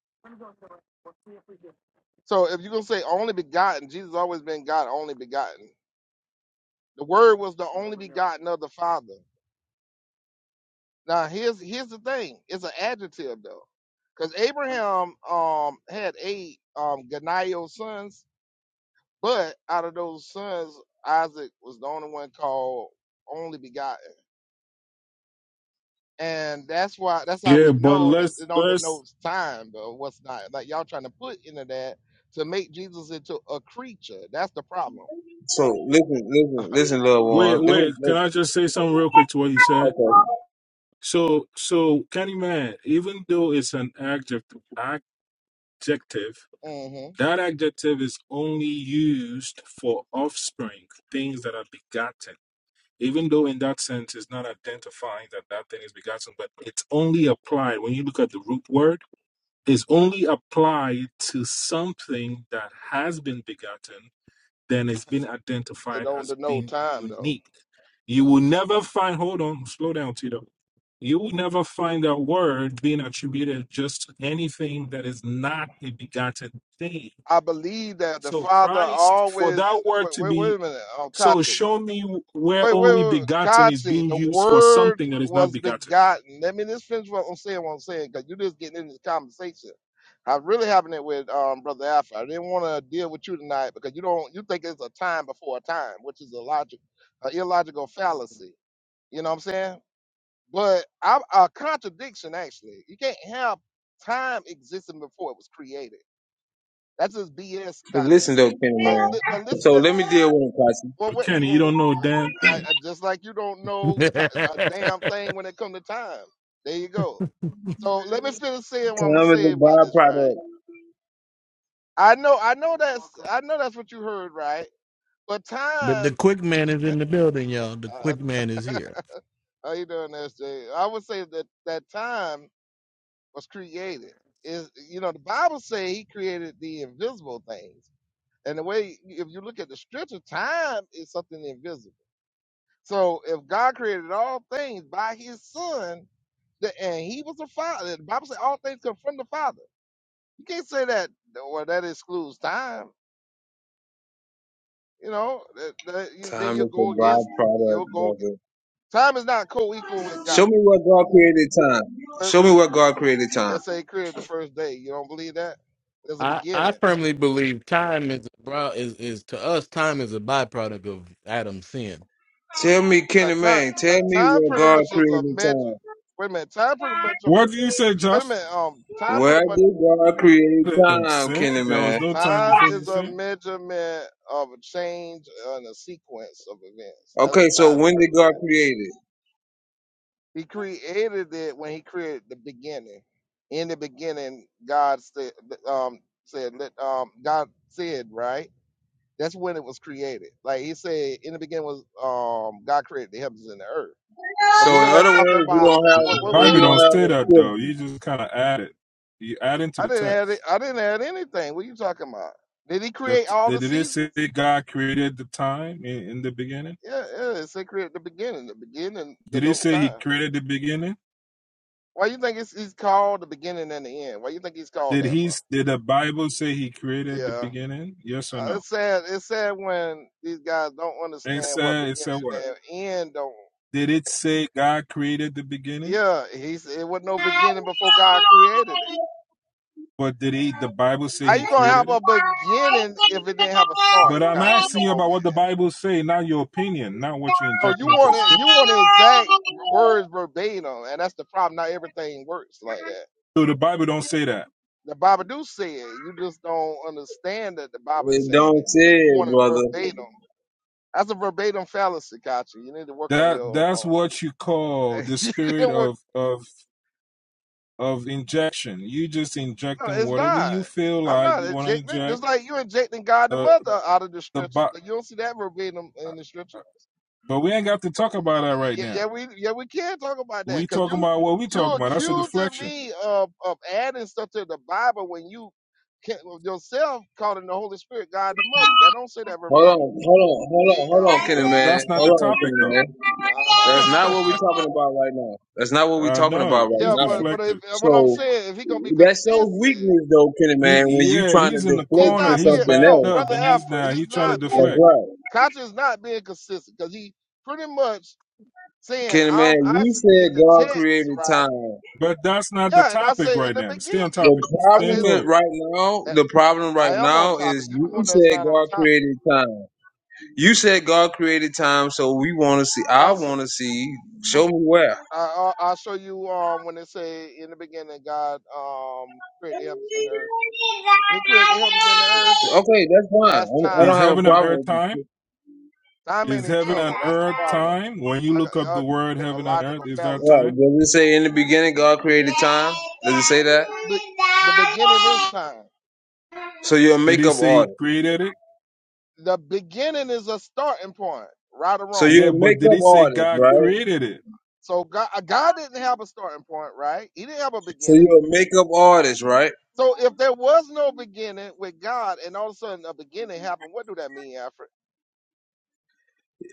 C: So if you're gonna say only begotten, Jesus always been God only begotten. The Word was the only begotten of the Father. Now here's here's the thing. It's an adjective though, because Abraham um had eight um Ganio sons, but out of those sons, Isaac was the only one called only begotten, and that's why that's how
E: Yeah,
C: we
E: but
C: know that
E: let's
C: it don't
E: let's
C: denote time though. What's not like y'all trying to put into that to make Jesus into a creature? That's the problem.
A: So listen, listen, listen, little
E: wait,
A: one. Let me
E: wait. Can
A: let,
E: I just say something real quick to what you said?
A: okay.
E: So, so Kenny Man, even though it's an adjective, adjective,
C: hmm
E: that adjective is only used for offspring, things that are begotten. Even though in that sense it's not identifying that that thing is begotten, but it's only applied when you look at the root word. It's only applied to something that has been begotten then it's been
C: It
E: identified
C: don't
E: as
C: denote
E: being
C: time though.
E: unique. You will never find, hold on, slow down, Tito. You will never find that word being attributed just to anything that is not a begotten thing.
C: I believe that the
E: So,
C: Father
E: Christ, for
C: always.
E: that word
C: Wait,
E: to
C: wait, wait
E: be,
C: a minute, um,
E: so
C: Kachi.
E: show me where
C: wait, wait,
E: only
C: wait. wait.
E: begotten is being
C: the
E: used for
C: word
E: something that is not
C: was
E: begotten.
C: begotten. Let me just finish what I'm saying. What I'm saying, because you are just getting into the conversation. I really having it with um, brother Alpha. I didn't want to deal with you tonight because you don't. You think it's a time before a time, which is a logic, a illogical fallacy. You know what I'm saying? But I, a contradiction actually. You can't have time existing before it was created. That's just BS,
A: But
C: Kachi.
A: listen, little Kenny
C: But
A: man.
C: li- but listen.
A: So let me deal with him, Kachi.
C: Well, what,
E: Kenny, you
C: well,
E: don't
C: well,
E: know a damn
C: I,
E: thing.
C: I- just like you don't know ti- a damn thing when it come to time. There you go. So let me finish saying what I'm gonna
A: Time is
C: say
A: a
C: about this, right?
A: byproduct.
C: I know, I know that's, I know that's what you heard, right? But time, uh, how you doing, SJ? I would say that that time was created. Is you know the Bible say He created the invisible things, and the way if you look at the scripture, time is something invisible. So if God created all things by his son, the, and he was the father, the Bible says all things come from the father. You can't say that, well, that excludes time. You know, that, that you, then
A: Time
C: you
A: is
C: go
A: a
C: against,
A: byproduct,
C: you'll go, ag-
A: brother.
C: time is not co equal with God.
A: Show me where God created time.
C: Let-
A: Show me where God created time.
C: Let's say he created the first day. You don't believe that? There's a beginning.
A: Tell me,
C: Uh,
A: Kenny
C: time,
A: Man,
C: ti-
A: tell me
C: time
A: where
C: pretty
A: God
C: much is a
A: created
C: measure.
A: time.
C: Wait a minute. Time pretty much. Wait
E: What do you say,
C: a
E: Josh?
C: minute. Um, time
A: Where
C: pretty much.
A: did God create
E: Him
A: time,
E: sin?
A: Kenny
E: There was
A: Man?
E: no time
C: Time
E: before he
C: is a
E: sinned.
C: measurement of a change in a sequence of events. That's
A: Okay,
C: what
A: so
C: time
A: when did
C: represents.
A: God create it?
C: He created it when he created the beginning. In the beginning, God said, um, said, let, um, God said, right? That's when it was created. Like he said, in the beginning was, um, God created the heavens and the earth. So
A: So
C: we know
A: in other
C: that's talking
A: words, you
C: about,
A: don't have
E: The
C: wait, wait, wait a
E: Bible
A: you
C: minute.
E: don't
A: don't have
E: say
A: a
E: that though.
A: scripture.
E: You just kind of add it. You add into
C: I
E: the
C: didn't add it.
E: text.
C: I didn't add anything. What are you talking about? Did he
E: That
C: create all the
E: did it say
C: seasons?
E: God created the time in, in the beginning?
C: Yeah, yeah, it's sacred at the beginning. The beginning
E: Did it
C: denotes
E: say He
C: time.
E: created the beginning?
C: Why you think it's he's called the beginning and the end? Why you think he's called
E: Did
C: that
E: He?
C: for?
E: Did the Bible say He created the
C: Yeah,
E: beginning? Yes or
C: Uh,
E: no?
C: it's sad. It's sad when these guys don't
E: It
C: understand what
E: said. It
C: beginning
E: said what?
C: and end don't.
E: Did it say God created the beginning?
C: Yeah, he said it was no beginning before God created it.
E: But did He? The Bible say
C: How
E: He
C: you gonna
E: created
C: have
E: it?
C: a beginning if it didn't have a start?
E: But I'm
C: Gotcha.
E: asking
C: Come
E: you
C: on,
E: about
C: man.
E: what the Bible say, not your opinion, not what you're
C: No, you
E: injecting into the
C: want it. You
E: Scripture.
C: want the exact words verbatim, and that's the problem. Not everything works like that.
E: So the Bible don't say that.
C: The Bible do say it. You just don't understand that the Bible is
A: It
C: saying it
A: don't say
C: because you want
A: it,
C: it
A: brother.
C: verbatim. That's a verbatim fallacy, gotcha. You need to work on
E: That
C: your.
E: that's
C: Um,
E: what you call the
C: you need
E: spirit
C: to work.
E: of of of injection. You just
C: No,
E: injecting
C: it's
E: whatever
C: not.
E: you feel
C: I'm
E: like
C: not
E: you want to
C: injecting.
E: inject.
C: Just like you are injecting God the
E: The
C: Mother out of the
E: the
C: scriptures,
E: but
C: but you don't see that verbatim in the scriptures.
E: but we ain't got to talk about that right
C: Yeah,
E: now.
C: yeah, we yeah we can talk about that
E: We
C: because
E: talking
C: you
E: about what we
C: you
E: talking about. That's a
C: accusing
E: deflection.
C: me of of adding stuff to the Bible when you can, yourself calling the Holy Spirit God the Mother. That don't say that
A: Hold
C: verbatim.
A: on, hold on, hold
C: There
A: on,
C: you
A: hold on,
C: go.
A: Kenny
E: Uh,
A: Man.
E: That's not
A: Hold
E: the
A: on, Kenny
E: topic though.
A: Man.
C: Uh-huh.
A: That's not what we're talking about right now. That's not what we're
E: I
A: talking about
E: know
A: right
E: he's
C: Yeah,
A: now.
C: but but if,
E: deflected.
C: uh, what I'm
A: So
C: saying, if he gonna be
A: that shows
C: consistent,
A: weakness, though, Kenny Man, when
E: He
A: you
E: yeah,
A: trying to
E: he's in the
C: he's
A: deflect
E: corner.
A: to
C: not
E: He's
C: being
A: something
C: no
E: backed
A: else.
E: up,
C: brother
E: and he's
C: Alfred.
E: now
C: He's
E: he's trying to
C: not being
A: That's
E: deflect.
A: right.
C: Kachi is not being consistent because he pretty much saying
A: Kenny
C: I'm
A: Man,
C: I
A: you said
C: in the
A: God
C: text,
A: created
C: right?
A: time.
E: But that's not the
C: Yeah, and I
E: topic
C: say in
E: right
C: the
E: now. Stay
C: beginning,
E: on topic.
A: The
C: I
E: Stay in
A: problem
C: said
A: is
E: cold.
A: right now,
C: "Eh,
A: the problem right
C: I am on
A: now
C: topic.
A: is
C: You the
A: you
C: one that's
A: said
C: not on
A: God
C: topic.
A: created time. You said God created time, so we want to see,
C: I
A: I
C: s-
A: want to see, show me where.
C: I I- I'll show you um when they say in the beginning God um created the heavens and the earth. When he created the heavens and the earth,
A: Okay, that's fine.
C: that's
A: I I don't
E: Is
C: time.
A: have a
E: heaven on
A: problem
E: earth
A: with you.
E: time?
C: Time
E: Is
C: ain't
E: heaven
C: eternal.
E: and
C: That's the
E: earth
C: problem.
E: time? When you
C: I got
E: look up the
C: y'all
E: word
C: committing a
E: heaven and earth,
C: logical
E: is that
C: fallacy.
A: Right.
E: time?
A: Does it say in the beginning God created time? Does it say that?
C: The, be- the beginning is time.
A: So you're a
E: Did he
A: makeup
E: say he
A: artist.
E: created it?
C: The beginning is a starting point, right or
A: So
C: wrong.
A: you're
E: Yeah,
A: a
E: but did
A: makeup
E: he say
A: artist,
E: God
A: right?
E: created it?
C: So God, uh, God didn't have a starting point, right? He didn't have a
A: So
C: beginning.
A: you're a makeup artist, right?
C: So if there was no beginning with God, and all of a sudden a beginning happened, what do that mean, Alfred?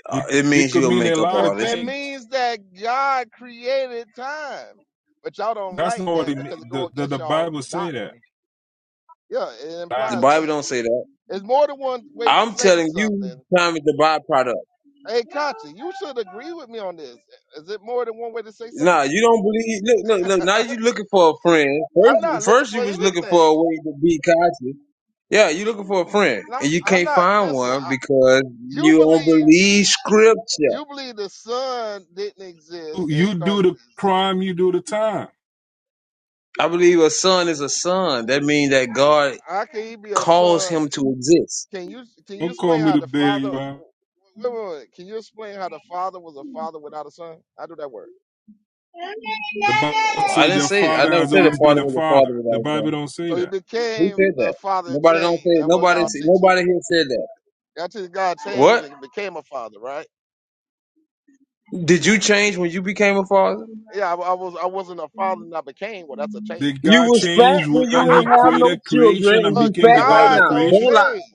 A: Uh,
E: It,
A: It
E: it
A: means
E: could
A: you're a
E: mean a
A: makeup
E: lot
C: It,
E: of
A: artist.
C: it
E: things.
C: means that God created time, but y'all don't
E: That's
C: like
E: not what
C: that
E: it mean.
C: because it
E: The,
C: go
E: the,
C: against
E: the
C: y'all
E: Bible say that.
C: doctrine. Yeah, it
A: The
C: implies that.
A: Bible don't say that.
C: There's more than one way to
A: I'm
C: say
A: telling you,
C: something
A: time is the byproduct.
C: Hey, Kachi, you should agree with me on this. Is it more than one way to say
A: Nah,
C: something?
A: you don't believe. Look, look, look. Now you looking for a friend.
C: I'm not
A: First,
C: looking
A: first
C: for
A: you was looking for
C: anything.
A: a way to be conscious. Yeah, you looking for a friend
C: And I'm,
A: and you
C: I'm
A: can't
C: not.
A: find
C: Listen,
A: one
C: I,
A: because
C: you
A: you don't
C: believe
A: believe scripture.
C: you believe the sun didn't exist and
E: You do
C: started to
E: the
C: exist.
E: crime, you do the time.
A: I believe a son is a son. That means that God
C: How can he be a
A: calls
C: son?
A: him to exist.
C: Can you can you
E: Don't call
C: explain
E: me
C: how
E: to
C: the
E: bear
C: father?
E: you out.
C: Wait, wait, wait. Can you explain how the father was a father without a son? How do that work?
E: The Bible
A: I
E: say
A: didn't
E: their
A: say it. I
E: father
A: never
E: has
A: said a
E: always been
A: father
E: a
A: was a father
E: father. The
A: without a son.
E: Bible don't say
C: So he
E: that.
A: Who
C: became
A: said
C: a
A: that?
C: father and
A: Nobody don't say
C: changed.
A: it.
C: That's what
A: nobody
C: y'all
A: say-
C: teaching.
A: nobody here said that.
C: Y'all teaching God changed
A: What?
C: and became a father, right?
A: Did you change when you became a father?
C: Yeah, I, I was I wasn't a father and I became. Well, that's a change.
E: Did
A: You
E: God
A: was fat
E: change
A: when you
E: when he
A: didn't have no
E: created
A: children
E: creation
A: and
E: and
C: But
A: you
E: became
A: fat
E: the
A: right
E: God of
C: God
A: now.
C: don't
E: creation?
A: Don't lie.
C: change.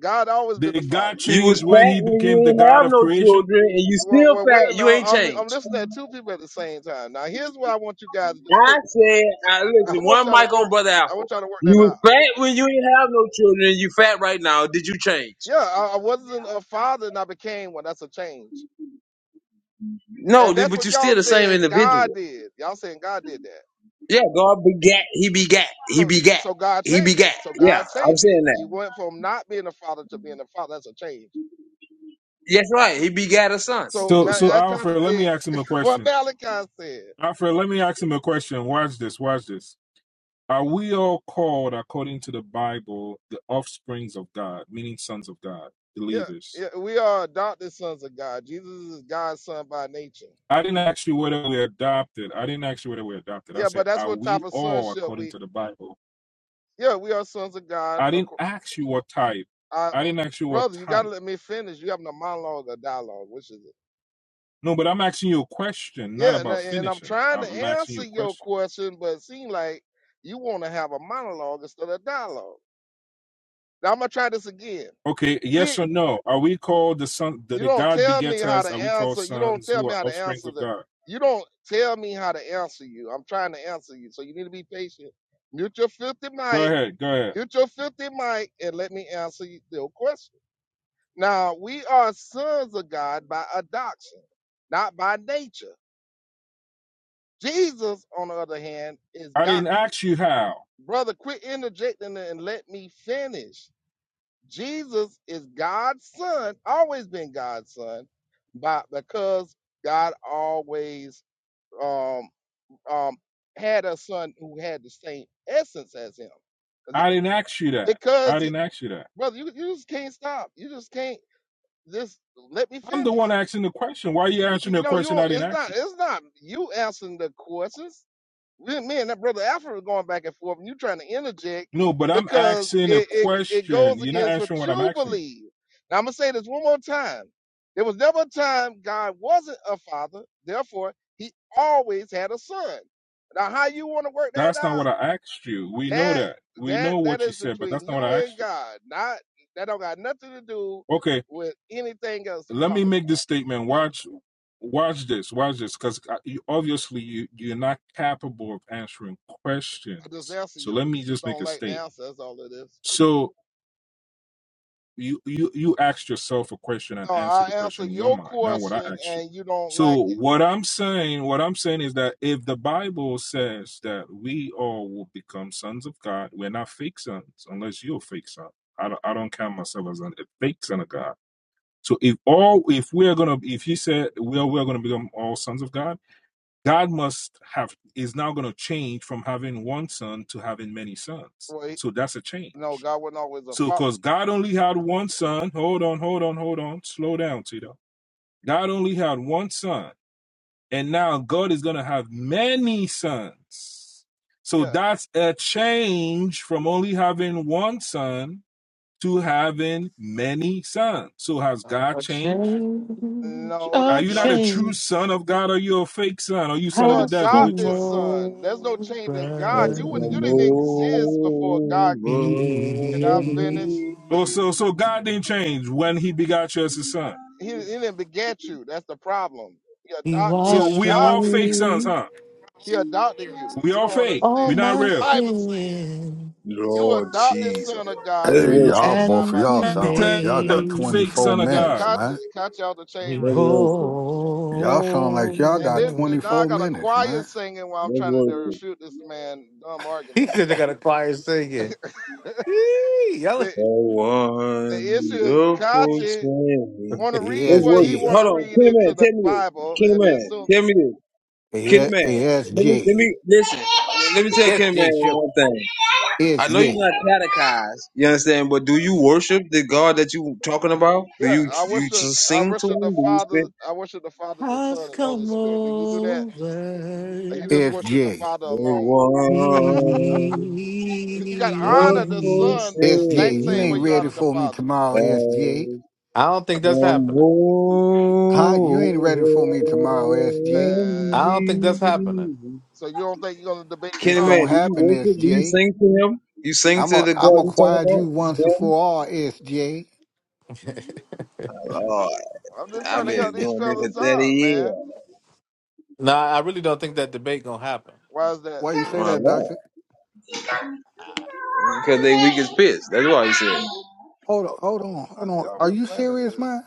C: God always been the
E: Did God
C: father.
A: You was
E: change when
A: fat
E: he
A: when you
E: became the
A: ain't
E: God
A: have
E: of
A: no
E: creation?
A: children, and you
C: Well,
A: still
C: well wait a
A: fat. You
C: minute.
A: ain't
C: I'm, I'm
A: changed.
C: listening to two people at the same time. Now, here's what I want you guys to do.
A: I
C: Think-
A: said, I
C: I
A: listen.
C: want
A: One
C: y'all to
A: mic on
C: work.
A: brother
C: I
A: Alpha.
C: want y'all to work
A: You
C: that out.
A: was fat when you ain't have no children. You fat right now. Did you change?
C: Yeah, I, I wasn't a father and I became one. That's a change.
A: No,
C: And
A: did-
C: that's
A: but
C: what
A: you
C: y'all
A: still the same
C: saying God
A: individual.
C: did. Y'all saying God did that.
A: Yeah, God begat. He begat. He
C: So,
A: begat.
C: so God
A: He
C: changed.
A: begat.
C: So
A: Yeah,
C: God
A: I'm
C: changed. He,
A: saying
C: he
A: that.
C: went from not being a father to being a father. That's a change.
A: Yes, right. He begat a son.
C: So
E: So,
C: now
E: so
C: that
E: Alfred, let me
C: contradicts
E: ask him a
C: what
E: question.
C: Malachi said.
E: Alfred, let me ask him a question. Watch this. Watch this. Are we all called, according to the Bible, the offsprings of God, meaning sons of God,
C: Yeah,
E: believers?
C: yeah, we are adopted sons of God. Jesus is God's son by nature.
E: I didn't ask you whether we adopted. I didn't ask you whether we adopted. I
C: Yeah,
E: said,
C: but that's
E: are
C: what
E: we
C: type of
E: all,
C: sonship
E: according
C: we.
E: to the Bible?
C: Yeah, we are sons of God.
E: I didn't
C: acco-
E: ask you what type.
C: I, um,
E: I didn't ask you what
C: brother, you gotta
E: type.
C: let me finish. You having a monologue or dialogue? Which is it?
E: No, but I'm asking you a question, not
C: Yeah, and,
E: about
C: I- and I'm
E: finishing.
C: trying
E: I'm
C: to
E: I'm asking you
C: answer
E: a
C: your
E: question.
C: question, but it seems like you want to have a monologue instead of dialogue. Now I'm gonna try this again.
E: Okay, yes or no? Are we called the son? The,
C: you
E: the
C: don't
E: God
C: tell me
E: begets
C: how
E: us. Are
C: to
E: we called
C: answer. You don't
E: sons
C: tell
E: who
C: me
E: are
C: how to
E: offsprings
C: answer
E: of
C: the.
E: God?
C: You don't tell me how to answer you. I'm trying to answer you, so you need to be patient. Mute your filthy
E: Go
C: mic.
E: ahead, go ahead.
C: Mute your filthy mic, and let me answer you- your question. Now we are sons of God by adoption, not by nature. Jesus, on the other hand, is
E: I
C: God.
E: didn't ask you how.
C: Brother, quit interjecting and let me finish. Jesus is God's son, always been God's son, but because God always um, um, had a son who had the same essence as him. 'Cause he,
E: I didn't ask you that. I
C: because, he,
E: didn't ask you that.
C: brother, you, you just can't stop. You just can't just let me
E: I'm the one
C: finish.
E: asking the question. Why are you answering
C: You
E: a
C: know, you
E: question I
C: don't,
E: didn't
C: it's
E: ask
C: not,
E: you?
C: it's not you answering the questions. we, me and that brother Alfred were going back and forth, and you trying to interject
E: No, but I'm
C: because
E: asking a
C: it, it it
E: question.
C: goes
E: You're not
C: against what
E: answering what I'm
C: you
E: asking. you.
C: believe. Now I'm gonna say this one more time. There was never a time God wasn't a father, therefore He always had a son. Now how you want to work that
E: That's not
C: out?
E: what I asked you. We know
C: That
E: that. We
C: that
E: know
C: that
E: what you
C: is
E: said, but that's
C: between
E: not what
C: you
E: I
C: and
E: asked you.
C: God. Not that don't got nothing to do
E: Okay,
C: with anything else you're
E: let me
C: talking
E: make
C: about.
E: this statement. Watch, watch this, watch this, because you, obviously you you're not capable of answering
C: I just
E: questions.
C: answer
E: So
C: you.
E: let me
C: You just
E: just make
C: don't
E: a
C: like the
E: statement.
C: answer. That's all it is.
E: So you you you asked yourself a question and
C: No,
E: answered
C: I
E: the
C: answer
E: question in your
C: your
E: mind. Now what I
C: question,
E: asked you.
C: and you don't like.
E: So what I'm saying, what I'm saying is that if the Bible says that we all will become sons of God, we're not fake sons unless you're a fake son. I don't, I don't count myself as a fake son of God. So if all if we are gonna if he said we are we are gonna become all sons of God, God must have is now gonna change from having one son to having many sons.
C: Well, he,
E: So that's a
C: no,
E: change.
C: God wasn't always a
E: So
C: father.
E: because God only had one son, hold on, hold on, hold on, slow down, Tito. God only had one son, and now God is gonna have many sons. So
C: Yeah,
E: that's a change from only having one son to having many sons. So has God
F: A
E: changed?
F: change,
C: no, th-
E: Are
F: a
E: you
C: no.
E: not a
C: eh,
E: true
F: change
E: son of God? Are you a fake son? Are you
C: You
E: son of the
C: are
F: has
E: devil? Which
F: come
C: adopted
E: one?
C: son. There's no change in God.
A: Has
F: over
C: You wouldn't. You
A: come
C: didn't exist before
A: over
C: God. Can I
F: me.
C: finish,
A: me,
E: Oh,
C: please?
E: so so God didn't change when He begot you as His son.
C: He, he didn't beget you. That's the problem. He
F: He
C: adopt. He
E: So
F: washed
E: we are
F: away
E: all
C: adopted
E: fake
C: you.
E: sons, huh?
C: He adopted you.
E: We
C: You
E: all
C: don't
E: fake.
F: all
E: We're
C: understand
E: not
C: what the
F: my
E: real.
C: Bible saying.
F: sin
C: You are
A: Lord
C: adopted
A: Jesus.
C: son of God.
A: Let's
G: Hey,
C: You ain't no son
A: worship.
G: y'all,
C: of God
G: both of
F: and
C: by
F: he
G: y'all
C: nature.
G: sound like
E: The
G: y'all got
E: fake
G: 24
E: son of
C: Yeah,
F: made
G: minutes,
E: God.
G: man.
C: conscious, conscious out the chain
F: me
A: Let's
C: right
A: worship.
G: Y'all sound like y'all
C: now. and
G: got
F: whole.
C: then now I
G: 24
C: got a
G: minutes,
C: choir
G: man.
C: singing while I'm
A: Let's
C: trying to
A: worship.
C: refute this man dumb argument.
F: He said they got a choir singing. Yee, Y'all,
C: the
A: A
C: the issue is
A: wonderful
C: Kachi
A: train.
C: want to read
A: Let's
C: what he
A: worship.
G: ESG,
C: want
A: Hold
C: to
A: on,
C: read
A: Kenny Man,
C: into the
A: tell me this.
C: Bible,
A: Kenny
C: and as
A: Man,
C: soon
A: tell me this.
G: E-
A: Kenny Man, let me let
G: ESG,
A: me listen. Let me tell
F: it's
A: Kenny Man
F: the show.
A: one thing. I know you're
G: ESG,
A: not catechized, you understand, but do you worship the God that you talking about? Do
C: yeah,
A: you
C: I
A: you
C: worship
A: just
C: I
A: sing to
C: worship the
A: him? Do
C: Father, I worship the Father, the
F: has
C: Son, and the Holy
F: come
C: Spirit. Do you do that? Or
F: over
C: you just worship the
G: ESG,
C: Father
A: you spend
C: alone?
A: a
F: me.
C: You got to honor the
A: wonderful
C: Son the exact
G: ESG. You
C: same
G: ain't
C: way you
A: train?
G: ready
C: honor the
G: for me
C: Father.
G: tomorrow, SJ.
F: I don't think
A: Kenny
F: that's happening.
G: Huh? You ain't ready for me tomorrow, SJ.
F: I
C: Uh,
F: don't think that's happening.
C: so you don't think you're gonna debate
G: It's
A: Man,
G: gonna
A: do
C: Charles?
A: you
G: happen, S
A: worship? Do you sing to him? You sing
G: am
A: to
G: a,
A: the God
G: I'm
A: you talk
G: acquired you
A: about?
G: once and
A: Them?
G: for all, SJ.
A: Lord,
C: I'm just trying
A: I've
C: to help
A: been
C: these
A: doing this for
C: fellas
A: 30
C: out,
A: years.
C: man.
F: No, I really don't think that debate gonna happen.
C: Why is that?
G: Why you say
A: My
G: that,
A: Lord.
G: doctor?
A: Because they weak as pitch. That's why he said.
G: Hold on, hold on, hold
C: Uh,
G: on.
C: Y'all
G: Are
C: been
G: you
C: planning
G: serious, man?
C: this.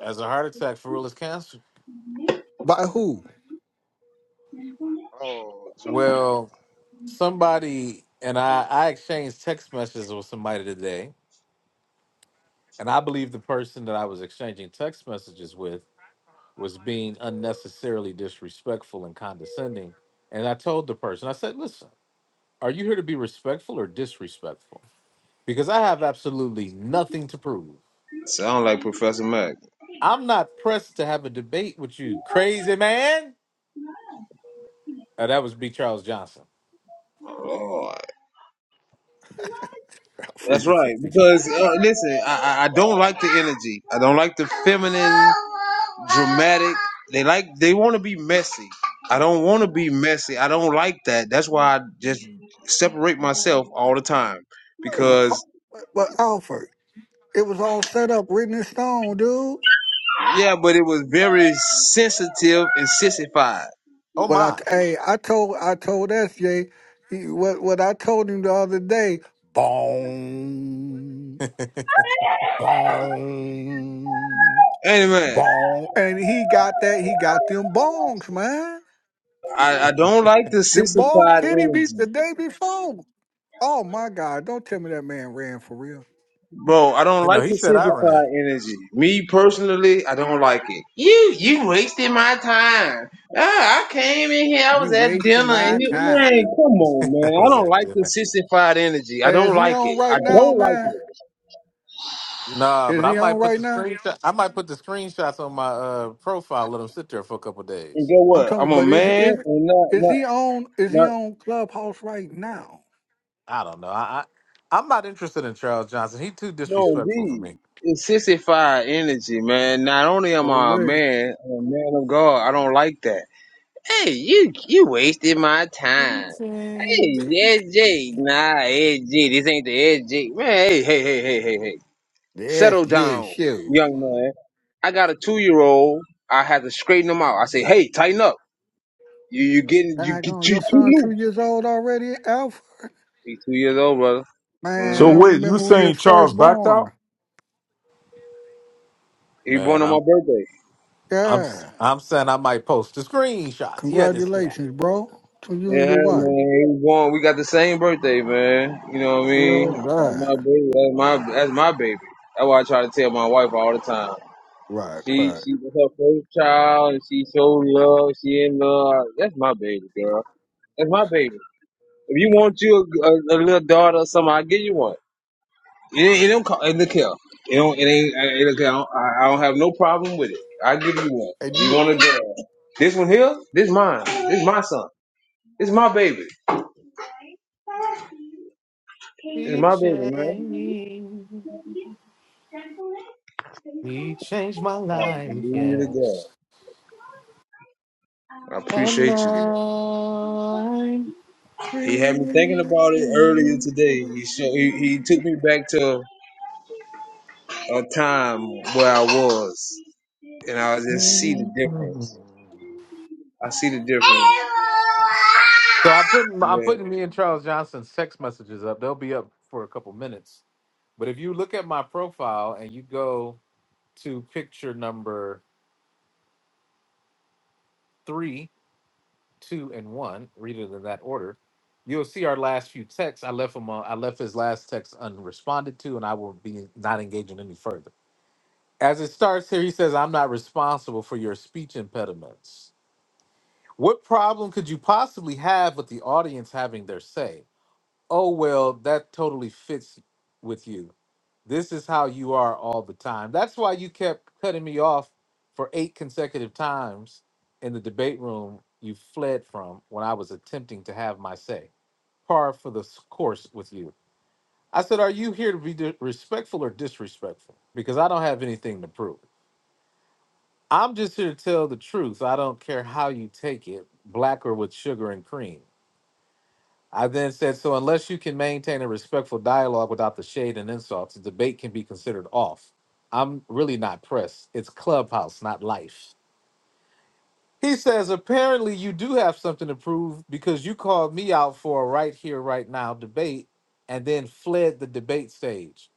F: As a heart attack for real is cancer.
G: By who?
C: Oh, Char-
F: Well, somebody and I, I exchanged text messages with somebody today, and I believe the person that I was exchanging text messages with was being unnecessarily disrespectful and condescending. And I told the person, I said, listen. Are you here to be respectful or disrespectful? Because I have absolutely nothing to prove.
A: Sound like Professor Mac.
F: I'm not pressed to have a debate with you, crazy man. Oh, that was B. Charles Johnson.
G: For
A: That's
G: you.
A: right. Because uh, then dramatic. They like, they want to be messy. I don't want to be messy. I don't like that. That's why I just myself all the time.
G: But,
A: Because
G: but Alfred, it was all set up, written in stone, dude.
A: Yeah, but it was very sensitive and sissified.
F: Oh
G: But I,
F: my!
G: hey, I told, I told SJ, he, what, what I told him the other day, boom, boom,
A: Anyway,
G: boom, and he got that, he got them bongs, man.
A: I, I don't like the
G: Them bongs
A: sissified
G: hit him be, the
A: energy.
G: day before. Oh my God! Don't tell me that man ran for real.
A: Bro, I don't
F: you know
A: like
F: he
A: the
F: said I ran.
A: sissified energy. Me, I don't like it. You you wasted my time. Ah, I came in here, I
G: You
A: was at
G: wasting
A: dinner, and
G: my
A: you, man,
G: time.
A: come on,
F: I
A: man. I
F: was
A: don't
F: like,
A: like the
F: dinner.
A: sissified energy. I
G: Hey, is
A: don't
G: he
A: like
G: on
A: it. I
G: right now,
A: don't like
G: man?
A: it.
F: Nah, but
G: Is
F: I
G: he on
F: might put
G: right
F: the
G: now?
F: screenshot. I might put the screenshots on my uh, profile. Let him sit there for a couple
A: And
F: days.
A: get
G: I'm
A: what?
G: talking,
A: I'm a
G: but is
A: man,
G: is
A: and not,
G: is
A: not,
G: he on? Is
A: not
G: he on Clubhouse right now?
F: I don't know. I, I I'm not interested in Charles Johnson. He too
A: No,
F: disrespectful for
A: indeed.
F: me.
A: It's sissified energy, man. Not only am
G: Or
A: I a
G: where?
A: man, I'm a man of God. I don't like that. Hey, you you wasted my time. Hey, SJ, nah, SJ, this ain't the SJ. Man, hey, hey, hey, hey, hey, hey.
G: The
A: Settle
G: SJ
A: down,
G: show.
A: young man. I got a two year old. I had to straighten him out. I say, hey, tighten up. You you getting you
G: I
A: get
G: gone.
A: you
G: Your
A: too
G: son two
A: loose.
G: years old already, Alfred?
A: He's two years old, brother.
G: Man,
E: So
G: I
A: Mm-hmm.
E: wait, you
G: remember when he
E: saying
G: was
E: Charles
G: first
E: backed out?
G: born.
A: He born
F: Man,
A: on
F: I'm
A: my birthday.
F: I'm
G: Yeah.
F: I'm saying I might post the screenshots. Yeah, this guy.
G: Congratulations, bro. To you
A: Yeah,
G: and your wife.
A: man. We born- we got the same birthday, man. You know what I
G: You
A: mean?
G: know,
A: That's
G: right.
A: my baby. That's my that's my baby. That's why I try to tell my wife all the time.
G: Right,
A: She
G: right.
A: she was her first child, and she showed love. She in love. That's my baby, girl. That's my baby. If you want you a, a, a little daughter or something, I'll give you one. It, ain't- it don't co- it look here. It don't it ain't it look here. I don't, I I don't have no problem with it. I give you one.
G: And
A: You
G: you
A: want a girl? This one here? This mine. This my son. This my baby. This
F: He
A: my baby, man.
F: changed. He changed my life.
A: Hallelujah to God.
F: Yes,
A: I
F: and
A: appreciate you.
F: now I'm
A: He had me thinking
F: free.
A: about it earlier today. He show, he, he took me back to a time where I was, and I just see the difference. I see the difference.
F: So I put I'm putting
A: Yeah.
F: me and Charles Johnson's text messages up. They'll be up for a couple minutes. But if you look at my profile and you go to picture number three, two, and one. Read it in that order. You'll see our last few texts. I left him. Uh, I left his last text unresponded to, and I will be not engaging any further. As it starts here, he says, "I'm not responsible for your speech impediments." What problem could you possibly have with the audience having their say? Oh well, that totally fits with you. This is how you are all the time. That's why you kept cutting me off for eight consecutive times in the debate room you fled from when I was attempting to have my say. Par for the s- course with you. I said, Are you here to be di- respectful or disrespectful? Because I don't have anything to prove. I'm just here to tell the truth. I don't care how you take it, black or with sugar and cream. I then said, so unless you can maintain a respectful dialogue without the shade and insults, the debate can be considered off. I'm really not pressed. It's clubhouse, not life. He says, apparently you do have something to prove because you called me out for a right here, right now debate and then fled the debate stage.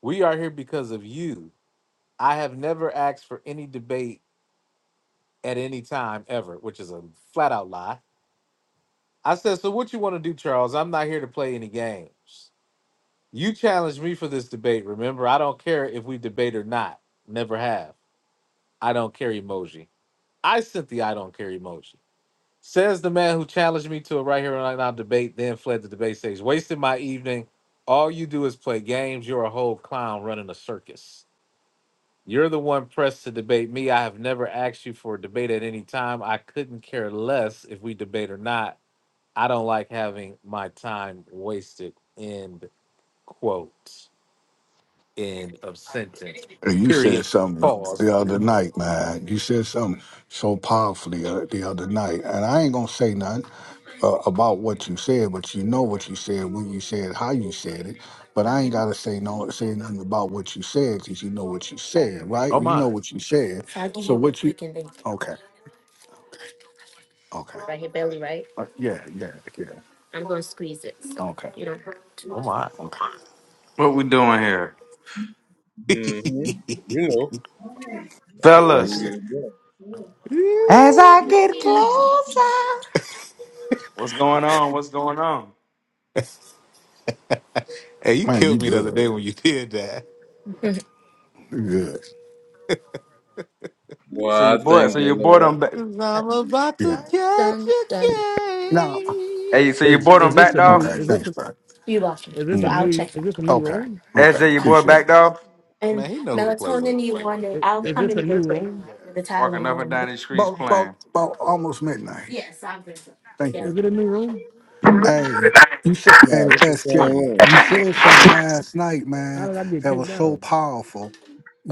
F: We are here because of you. I have never asked for any debate at any time ever, which is a flat out lie. I said, so what you want to do, Charles? I'm not here to play any games. You challenged me for this debate. Remember, I don't care if we debate or not. Never have. I don't care emoji. I sent the I don't care emoji. Says the man who challenged me to a right here right now debate, then fled the debate stage. Wasted my evening. All you do is play games. You're a whole clown running a circus. You're the one pressed to debate me. I have never asked you for a debate at any time. I couldn't care less if we debate or not. I don't like having my time wasted. End quote. end of sentence.
G: Hey, You said
F: Period.
G: something
F: Pause.
G: the other night, man. You said something so powerfully uh, the other night, and I ain't gonna say nothing uh, about what you said, but you know what you said when you said how you said it. But I ain't gotta say no, say nothing about what you said because you know what you said, right?
F: Oh
G: You
F: my.
G: know what you said. So so what you? Okay, okay. Right here, belly, right? Uh, yeah, yeah, yeah. I'm gonna squeeze it. so okay. You don't hurt.
F: Oh my.
G: Okay.
H: What we doing here?
A: hmm You know.
G: Right
H: Fellas,
G: there,
A: Hallelujah to God.
H: As I get closer. what's going on? What's going on?
F: hey, you
G: man. You
F: killed me the other day
G: good?
F: when you did that.
G: You good?
H: So
A: Well, I
H: your boy,
A: think
H: so
A: the
H: your boy
A: Lord.
H: done back.
F: Cause I'm about to
G: Yeah.
F: catch
G: Done,
F: a
G: done. No.
F: case.
H: Hey, so your boy done backed off.
G: Okay. Thanks, bud. You welcome. So I'll Mm. check back. Okay. Okay.
H: SJ,
G: right.
H: your boy
G: Appreciate
H: backed
G: it.
H: off.
F: Man,
G: And
F: he know who to play with.
G: melatonin you wanted, I'll Yeah. come in with the, the
H: Walking up
G: Tylenol
H: and down these
G: About,
H: streets playing.
G: about, about almost midnight. Yes, I'll bring some. Thank Yeah. you. Hey, you said, hey,
A: No, it's the same
G: SJ,
A: room.
G: you said something last night, man, that was so powerful.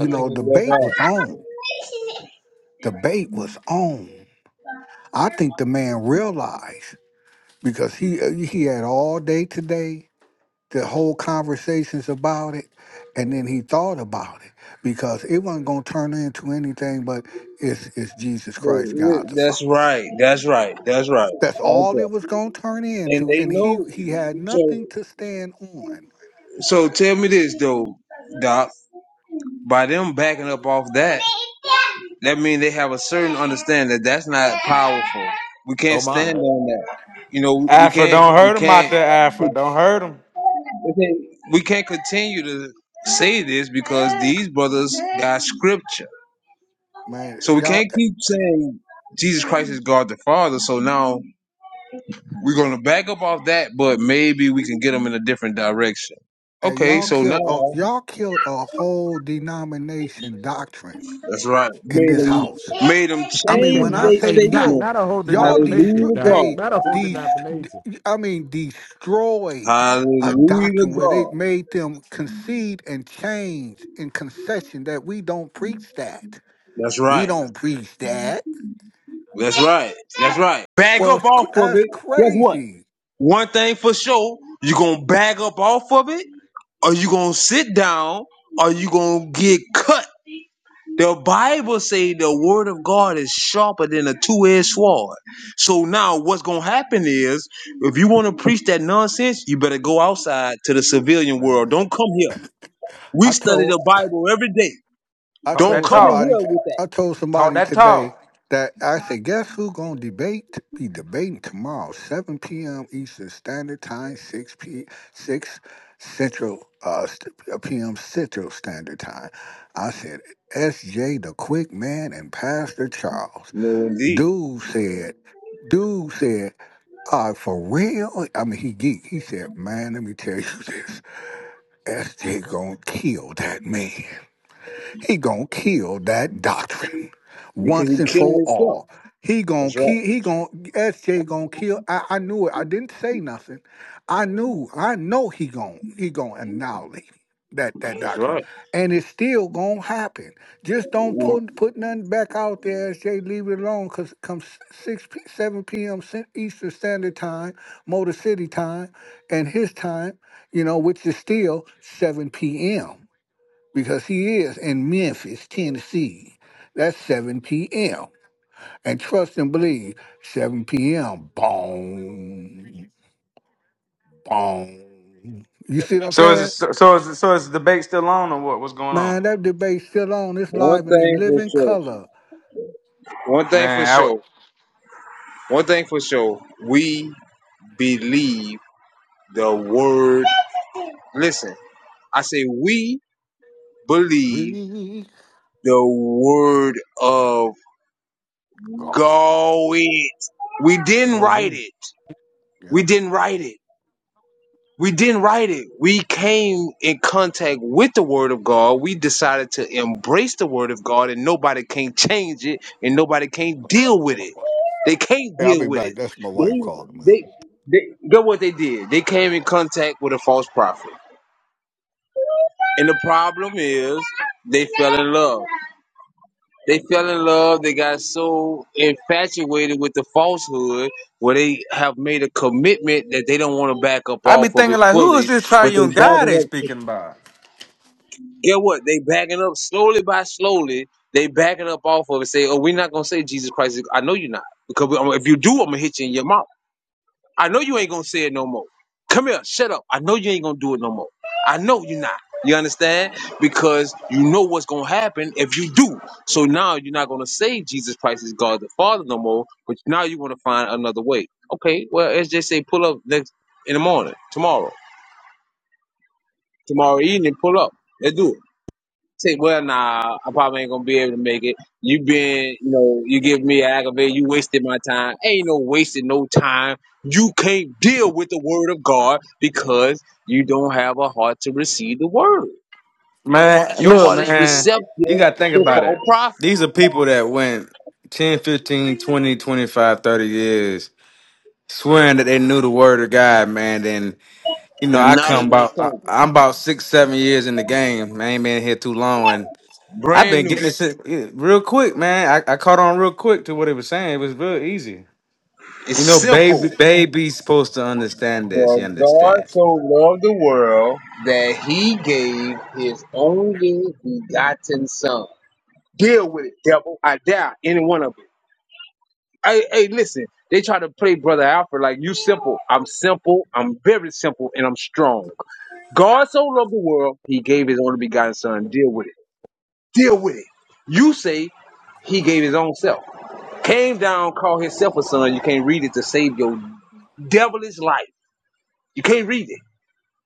A: I think
G: know,
A: he left
G: debate was
A: out.
G: on. Debate was on. I think the man realized. because he uh, he had all day today the whole conversations about it and then he thought about it because it wasn't going to turn into anything but it's, it's jesus
A: But
G: christ
A: it-
G: god the father
A: that's right. That's right. That's right.
G: that's
A: Right
G: all it
A: there.
G: was going to turn
A: And
G: into
A: they
G: and he
A: know.
G: he had
A: So
G: nothing to stand on
A: So tell me this though, Doc. By them backing up off that, that means they have a certain understanding that that's not powerful. We
F: Oh
A: can't stand
F: my.
A: on that. You know, we
H: Alfred,
A: can't,
H: don't
A: we
H: hurt him out
A: can't,
H: there, Alfred. Don't hurt him.
A: we can't we can't continue to say this because these brothers got scripture.
G: man
A: So we
G: y'all
A: can't keep saying Jesus Christ is God the Father. So now we're going to back up off that, but maybe we can get them in a different direction.
G: eh,
A: Okay,
G: y'all
A: so
G: killed a,
A: now
G: y'all killed a whole denomination doctrine
A: That's right.
G: in
A: Made
G: this house
A: them, made them
G: I mean,
A: change
G: when I
A: their
G: say
A: statement.
G: killed, y'all destroy
A: Hallelujah, to God.
G: a de- I mean destroyed a
A: Hallelujah, to
G: doctrine where they
A: God.
G: made them concede and change in concession that we don't preach that.
A: That's
G: We
A: right.
G: don't preach that.
A: That's right. That's right.
G: That
A: Bag
G: was
A: up
G: cr-
A: off of
G: that's
A: it. Guess what?
G: crazy,
A: One thing for sure, you gonna bag up off of it, or you gonna sit down, or you gonna get cut The Bible say the word of God is sharper than a two-edged sword. So now what's gonna happen is if you want to preach that nonsense, you better go outside to the civilian world.
G: man.
A: Don't come here. We
G: I
A: study
G: told
A: the Bible every day.
G: I
H: Talk
A: Don't
H: that
G: told
A: come in
H: talk.
G: somebody
A: here
G: t-
A: with that.
G: I told
H: Talk
G: somebody
H: that
G: today
H: talk.
G: that I said, guess who gonna debate be debating tomorrow, seven PM Eastern Standard Time, six P six Central uh st- uh, PM Central Standard Time. I said SJ the Quick Man and Pastor Charles.
A: No indeed.
G: Dude said Dude said, uh, for real? I mean, he geek. He said, man, let me tell you this. SJ gonna kill that man. He gonna kill that doctrine
A: Because
G: once
A: you're
G: and for
A: killing yourself.
G: all. He gonna
A: That's
G: kill.
A: right.
G: He gonna SJ gonna kill. I, I knew it. I didn't say nothing. I knew. I know he gonna he gonna annihilate that that
A: That's
G: doctrine,
A: right.
G: and it's still gonna happen. Just don't put put nothing back out there, SJ. Leave it alone. Cause come s- six p- seven p.m. Cent- Eastern Standard Time, Motor City time, and his time, you know, which is still seven p.m because he is in Memphis, Tennessee. That's 7 p.m. And trust and believe, 7 p.m. Boom, boom. You see what I'm
H: So is it,
G: saying?
H: so so is it, so is the debate still on or what? What's going on?
G: Man, that debate's still on. It's live
A: One
G: and in
A: thing for
G: living
A: sure.
G: color.
A: One thing for
H: Man, I, w-
A: sure. One thing for sure. We believe the word. Listen, I say we believe
G: We
A: the word of
G: God.
A: God. We didn't
G: Sure
A: write
G: do.
A: it. We
G: Yep.
A: didn't write it. We didn't write it. We came in contact with the word of God. We decided to embrace the word of God and nobody can change it and nobody can deal with
G: My
A: it.
G: wife.
A: They can't
G: Hey, I'll
A: deal
G: be
A: with it.
G: back. That's my wife
A: They
G: calling me.
A: they they know what they did. They came in contact with a false prophet. And the problem is they fell in love. They fell in love. They got so infatuated with the falsehood where they have made a commitment that they don't want to back up
H: I be
A: off of
H: thinking
A: it
H: like, who is
A: fully,
H: this
A: but they
H: triune guy they
A: backing up.
H: speaking about?
A: Get what? They backing up slowly by slowly. They backing up off of it. Say, oh, we're not gonna say Jesus Christ. is- I know you're not because we- if you do, I'm gonna hit you in your mouth. I know you ain't gonna say it no more. Come here, shut up. I know you ain't gonna do it no more. I know you're not. You understand? Because you know what's gonna happen if you do. So now you're not gonna say Jesus Christ is God the Father no more, but now you wanna find another way. Okay, well let's just say pull up next in the morning, tomorrow. Tomorrow evening, pull up. Let's do it say, well, nah, I probably ain't gonna be able to make it. You been, you know, you give me aggravated. You wasted my time. Ain't no wasting no time. You can't deal with the word of God because you don't have a heart to receive the word.
H: Man,
A: Your
H: look,
A: heart is
H: man,
A: receptive
H: you got to think
A: to
H: about
A: false
H: it.
A: prophet.
H: These are people that went 10, 15, 20, 25, 30 years swearing that they knew the word of God, man. Then, you know,
A: And
H: I
A: now they
H: come
A: want
H: about,
A: to
H: I,
A: change
H: I'm about six, seven years in the game. I ain't been here too long. And
A: it.
H: I've
A: Brand
H: been
A: new.
H: getting this shit, eh, real quick, man. I, I caught on real quick to what it was saying. It was real easy.
A: It's
H: You know, baby,
A: simple.
H: baby's supposed to understand this.
A: For
H: You
A: God
H: understand?
A: so loved the world that he gave his only begotten son. Deal with it, devil. I doubt any one of you. Hey, hey, listen. They try to play Brother Alfred like you simple. I'm simple. I'm very simple, and I'm strong. God so loved the world, He gave His only begotten Son. Deal with it. Deal with it. You say He gave His own self. Came down, called Himself a son. You can't read it to save your devilish life. You can't read it.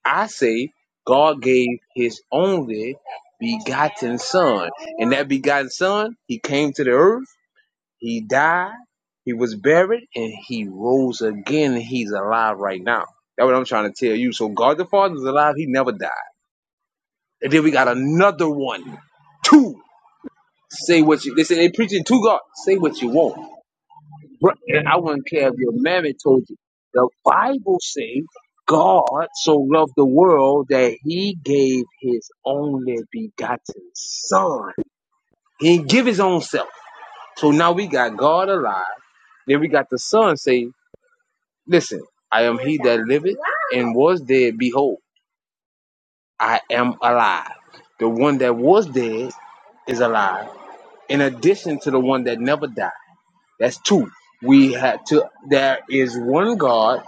A: I say God gave His only begotten Son, and that begotten Son, He came to the earth He died, he was buried, and he rose again. And he's alive right now. That's what I'm trying to tell you. So God the Father is alive. He never died. And then we got another one, two. Say what you listen. They preaching to God. Say what you want. and I wouldn't care if your mammy told you. The Bible says God so loved the world that He gave His only begotten Son. He didn't give His own self. So now we got God alive. Then we got the Son say Listen, I am he that liveth and was dead. Behold, I am alive. The one that was dead is alive. In addition to the one that never died. That's two. We had to there is one God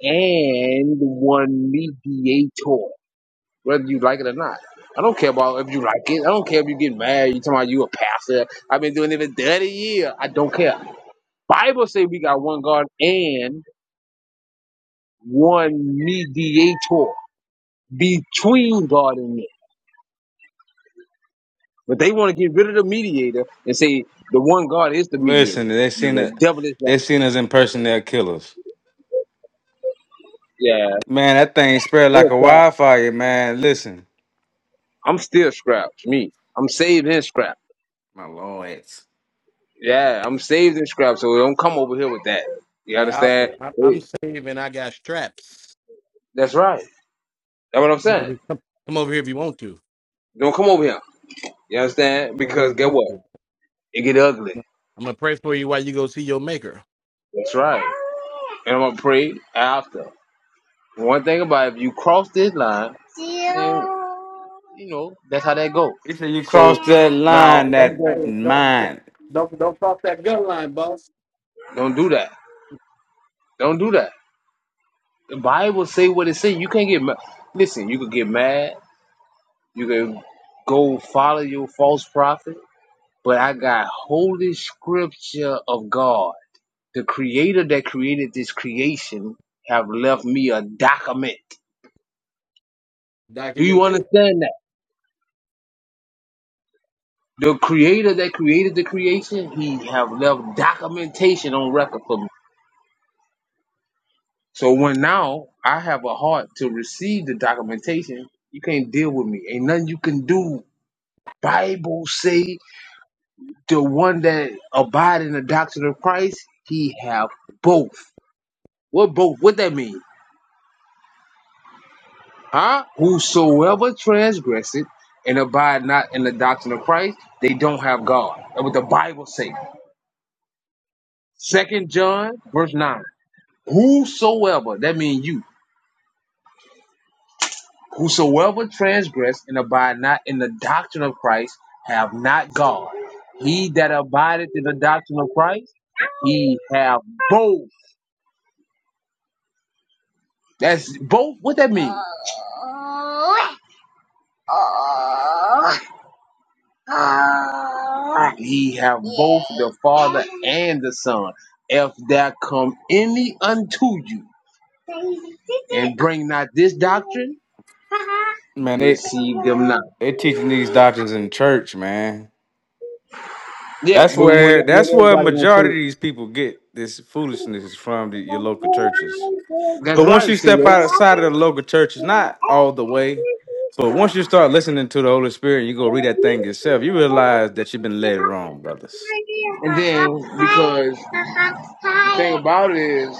A: and one mediator. Whether you like it or not. I don't care about if you like it. I don't care if you get mad. You talking about you a pastor. I've been doing it for 30 years. I don't care. Bible say we got one God and one mediator. between God and men. But they want to get rid of the mediator and say the one God is the mediator.
H: Listen, they
A: You
H: seen
A: the
H: it.
A: devil is that.
H: They seen us in person. They'll kill us.
A: Yeah,
H: Man, that thing spread like
A: still
H: a
A: crap.
H: wildfire, man. Listen,
A: I'm still scrap. Me, I'm saved and scrap.
H: my lord.
A: Yeah, I'm saved and scrap. So don't come over here with that. You understand? Hey, that's right. That's what I'm saying. Don't come over here. You understand? Because get what? It get ugly. That's right. And I'm gonna pray after. One thing about it, if you cross this line, then, you know that's how that go.
H: He said you
A: So
H: crossed that
A: now
H: line,
A: I'm
H: that
A: going.
H: mind.
A: Don't do that. Don't do that. The Bible say what it say. You can't get mad. Listen, you could get mad. You can go follow your false prophet. But I got holy scripture of God, the Creator that created this creation, have left me a document. Do you understand The creator that created the creation, he have left documentation on record for me. So when now I have a heart to receive the documentation, you can't deal with me. Ain't nothing you can do. Bible say the one that abide in the doctrine of Christ, he have both. What both? What that mean? Huh? Whosoever transgresseth and abide not in the doctrine of Christ, they don't have God. That's what the Bible say. Second John verse 9. Whosoever, that means you, whosoever transgress and abide not in the doctrine of Christ have not God. He that abideth in the doctrine of Christ, he have both. That's both. What that mean? He have both the Father and the Son. If there come any unto you and bring not this doctrine,
H: Man, they
A: receive them not.
H: they teaching these doctrines in church, man.
A: Yeah,
H: That's
A: but when
H: where
A: when
H: that's where
A: everybody gonna
H: majority of
A: see
H: these people get this foolishness is from the, your local churches.
A: it? That's
H: But once
A: right,
H: you
A: see
H: step
A: it.
H: outside of the local churches, not all the way, but once you start listening to the Holy Spirit and you go read that thing yourself, you realize that you've been led wrong, brothers.
A: And then because the thing about it is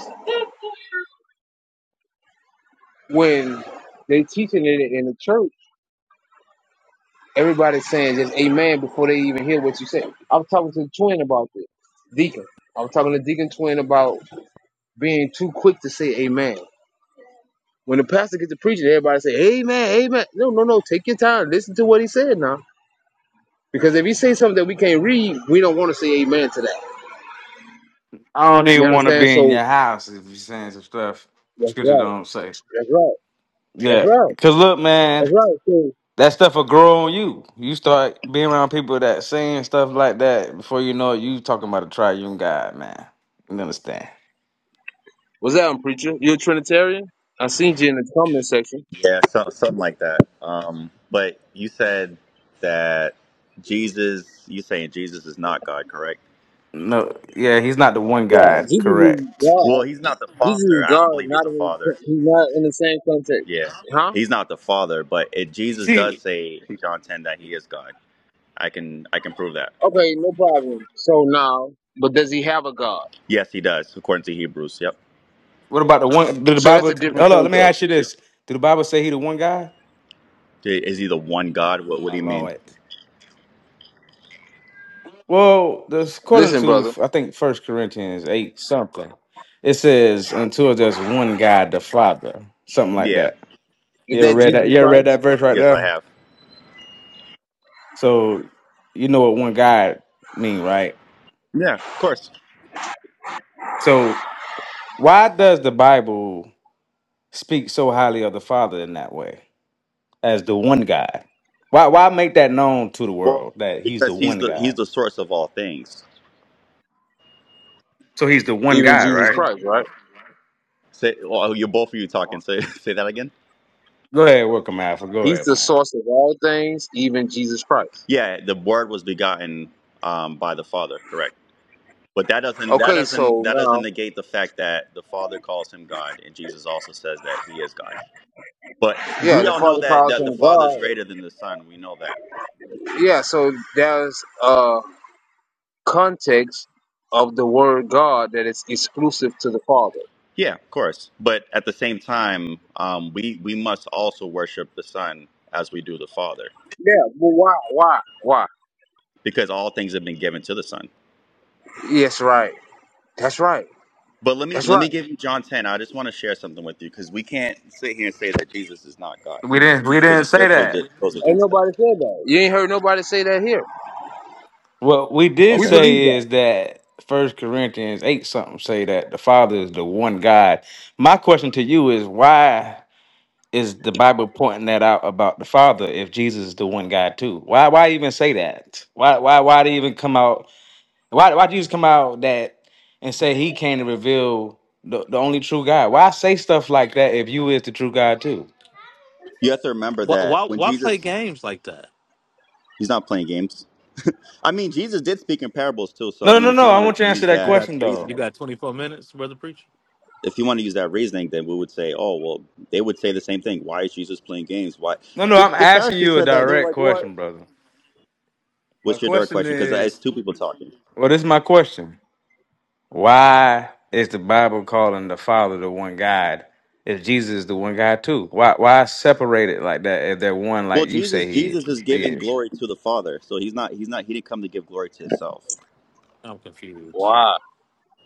A: when they teaching it in the church, everybody's saying just amen before they even hear what you say. I was talking to the twin about this, Deacon. I was talking to Deacon Twin about being too quick to say amen. When the pastor gets to preaching, everybody say, Amen, amen. No, no, no, take your time. Listen to what he said now. Because if he say something that we can't read, we don't want to say amen to that.
H: I don't
A: You
H: even want to
A: understand?
H: be in
A: So
H: your house if you're saying some stuff the
A: that's
H: scripture
A: right.
H: don't say.
A: That's right. That's
H: Yeah,
A: right.
H: cause look, man,
A: That's right. So
H: that stuff will grow on you. You start being around people that saying stuff like that before you know it. You talking about a triune God, man. You understand?
A: what's that, preacher? You a Trinitarian? I seen you in the comment section.
I: Yeah, so, something like that. Um, but you said that Jesus, you saying Jesus is not God, correct?
H: No, yeah, he's not the one
A: Yeah,
H: God.
A: Jesus is
H: Correct.
A: God.
I: Well, he's not the
A: Jesus is
I: Father. I
A: God,
I: don't believe he's
A: not
I: the
A: in
I: Father.
A: he's not in the same context.
I: Yeah,
A: Huh?
I: he's not the Father. But it, Jesus does
H: See,
I: say in John ten that he is God. I can I can prove that.
A: Okay, no problem. So now, but does he have a God?
I: Yes, he does according to Hebrews. Yep.
H: what about the one? Did the
A: So that's
H: Bible?
A: a
H: Hold
A: different
H: on, let me
A: context.
H: ask you this: Did the Bible say he the one God?
I: I- Is he the one God? What What
H: My
I: do you mean?
H: Lord. Well, this according
A: Listen,
H: to
A: brother,
H: I think First Corinthians eight something, it says until there's one God, the Father, something like
I: Yeah.
H: that.
A: is
H: You ever
A: that
H: read that?
A: Jesus
H: You ever read
A: Christ?
H: that verse right
I: Yes, I
H: there?
I: have.
H: So you know what one God mean, right?
I: Yeah, of course.
H: So why does the Bible speak so highly of the Father in that way as the one God? Why why make that known to the
I: Well,
H: world that He's the
I: because he's
H: one
I: the he's
H: God?
I: the source of all things.
H: So He's the one
A: Even
H: God,
A: Jesus
H: right?
A: Christ, right?
I: Say, well, you're both of you talking. Say say that again.
H: Go ahead, welcome Alpha. Go
A: He's
H: ahead,
A: the
H: man.
A: source of all things, even Jesus Christ.
I: Yeah, the word was begotten um, by the Father, correct. But that doesn't that
A: Okay, so
I: doesn't that doesn't
A: now,
I: negate the fact that the Father calls him God and Jesus also says that he is God. But
A: yeah,
I: we
A: the
I: all know
A: Father
I: that
A: calls
I: that the
A: him
I: Father is greater
A: God.
I: than the Son. We know that.
A: Yeah, so there's a context of the word God that is exclusive to the Father.
I: Yeah, of course. But at the same time, um, we we must also worship the Son as we do the Father,
A: Yeah, well, why? Why? Why?
I: because all things have been given to the Son.
A: Yes, right. That's right.
I: But let me
A: That's
I: let me
A: right.
I: give you John ten. I just want to share something with you because we can't sit here and say that Jesus is not God
H: We didn't we
I: because
H: didn't
I: the
H: say
I: Scripture
H: that.
I: just goes
A: Ain't
I: against that.
A: nobody said that. You ain't heard nobody say that here.
H: What we did
A: We
I: Okay.
A: believe
H: say
A: that.
H: is that First Corinthians eight something say that the Father is the one God. My question to you is why is the Bible pointing that out about the Father if Jesus is the one God too? Why why even say that? Why why why do you even come out? Why why Jesus come out that and say he came to reveal the, the only true God? Why say stuff like that if you is the true God too?
I: You have to remember
F: Why,
I: that
F: why
I: when
F: why play
I: Jesus,
F: games like that?
I: he's not playing games. I mean, Jesus did speak in parables too. So,
H: No
I: I
H: no
I: mean,
H: no
I: if
H: no.
I: you
H: I
I: want to
H: want you to answer
I: use
H: that
F: You
I: that
F: got
H: question
F: you
H: though.
I: reasoning,
F: got 24 minutes, brother preacher?
I: if you want to use that reasoning, then we would say, oh, well, they would say the same thing. Why is Jesus playing games? Why?
H: No no.
I: The,
H: I'm
I: the
H: asking
I: Pharisees
H: you a
I: said that. They were
H: direct
I: like, what?
H: question, brother. My
I: What's your direct
H: question
I: question? Because it's
H: is.
I: two people talking.
H: Well, this is my question. Why is the Bible calling the Father the one God if Jesus is the one God too? Why why separate it like that if they're one
I: Well,
H: like you say
I: Jesus,
H: he
I: Jesus is giving
H: is?
I: glory to the Father. So he's not, he's not, he didn't come to give glory to himself.
F: I'm confused.
A: Wow.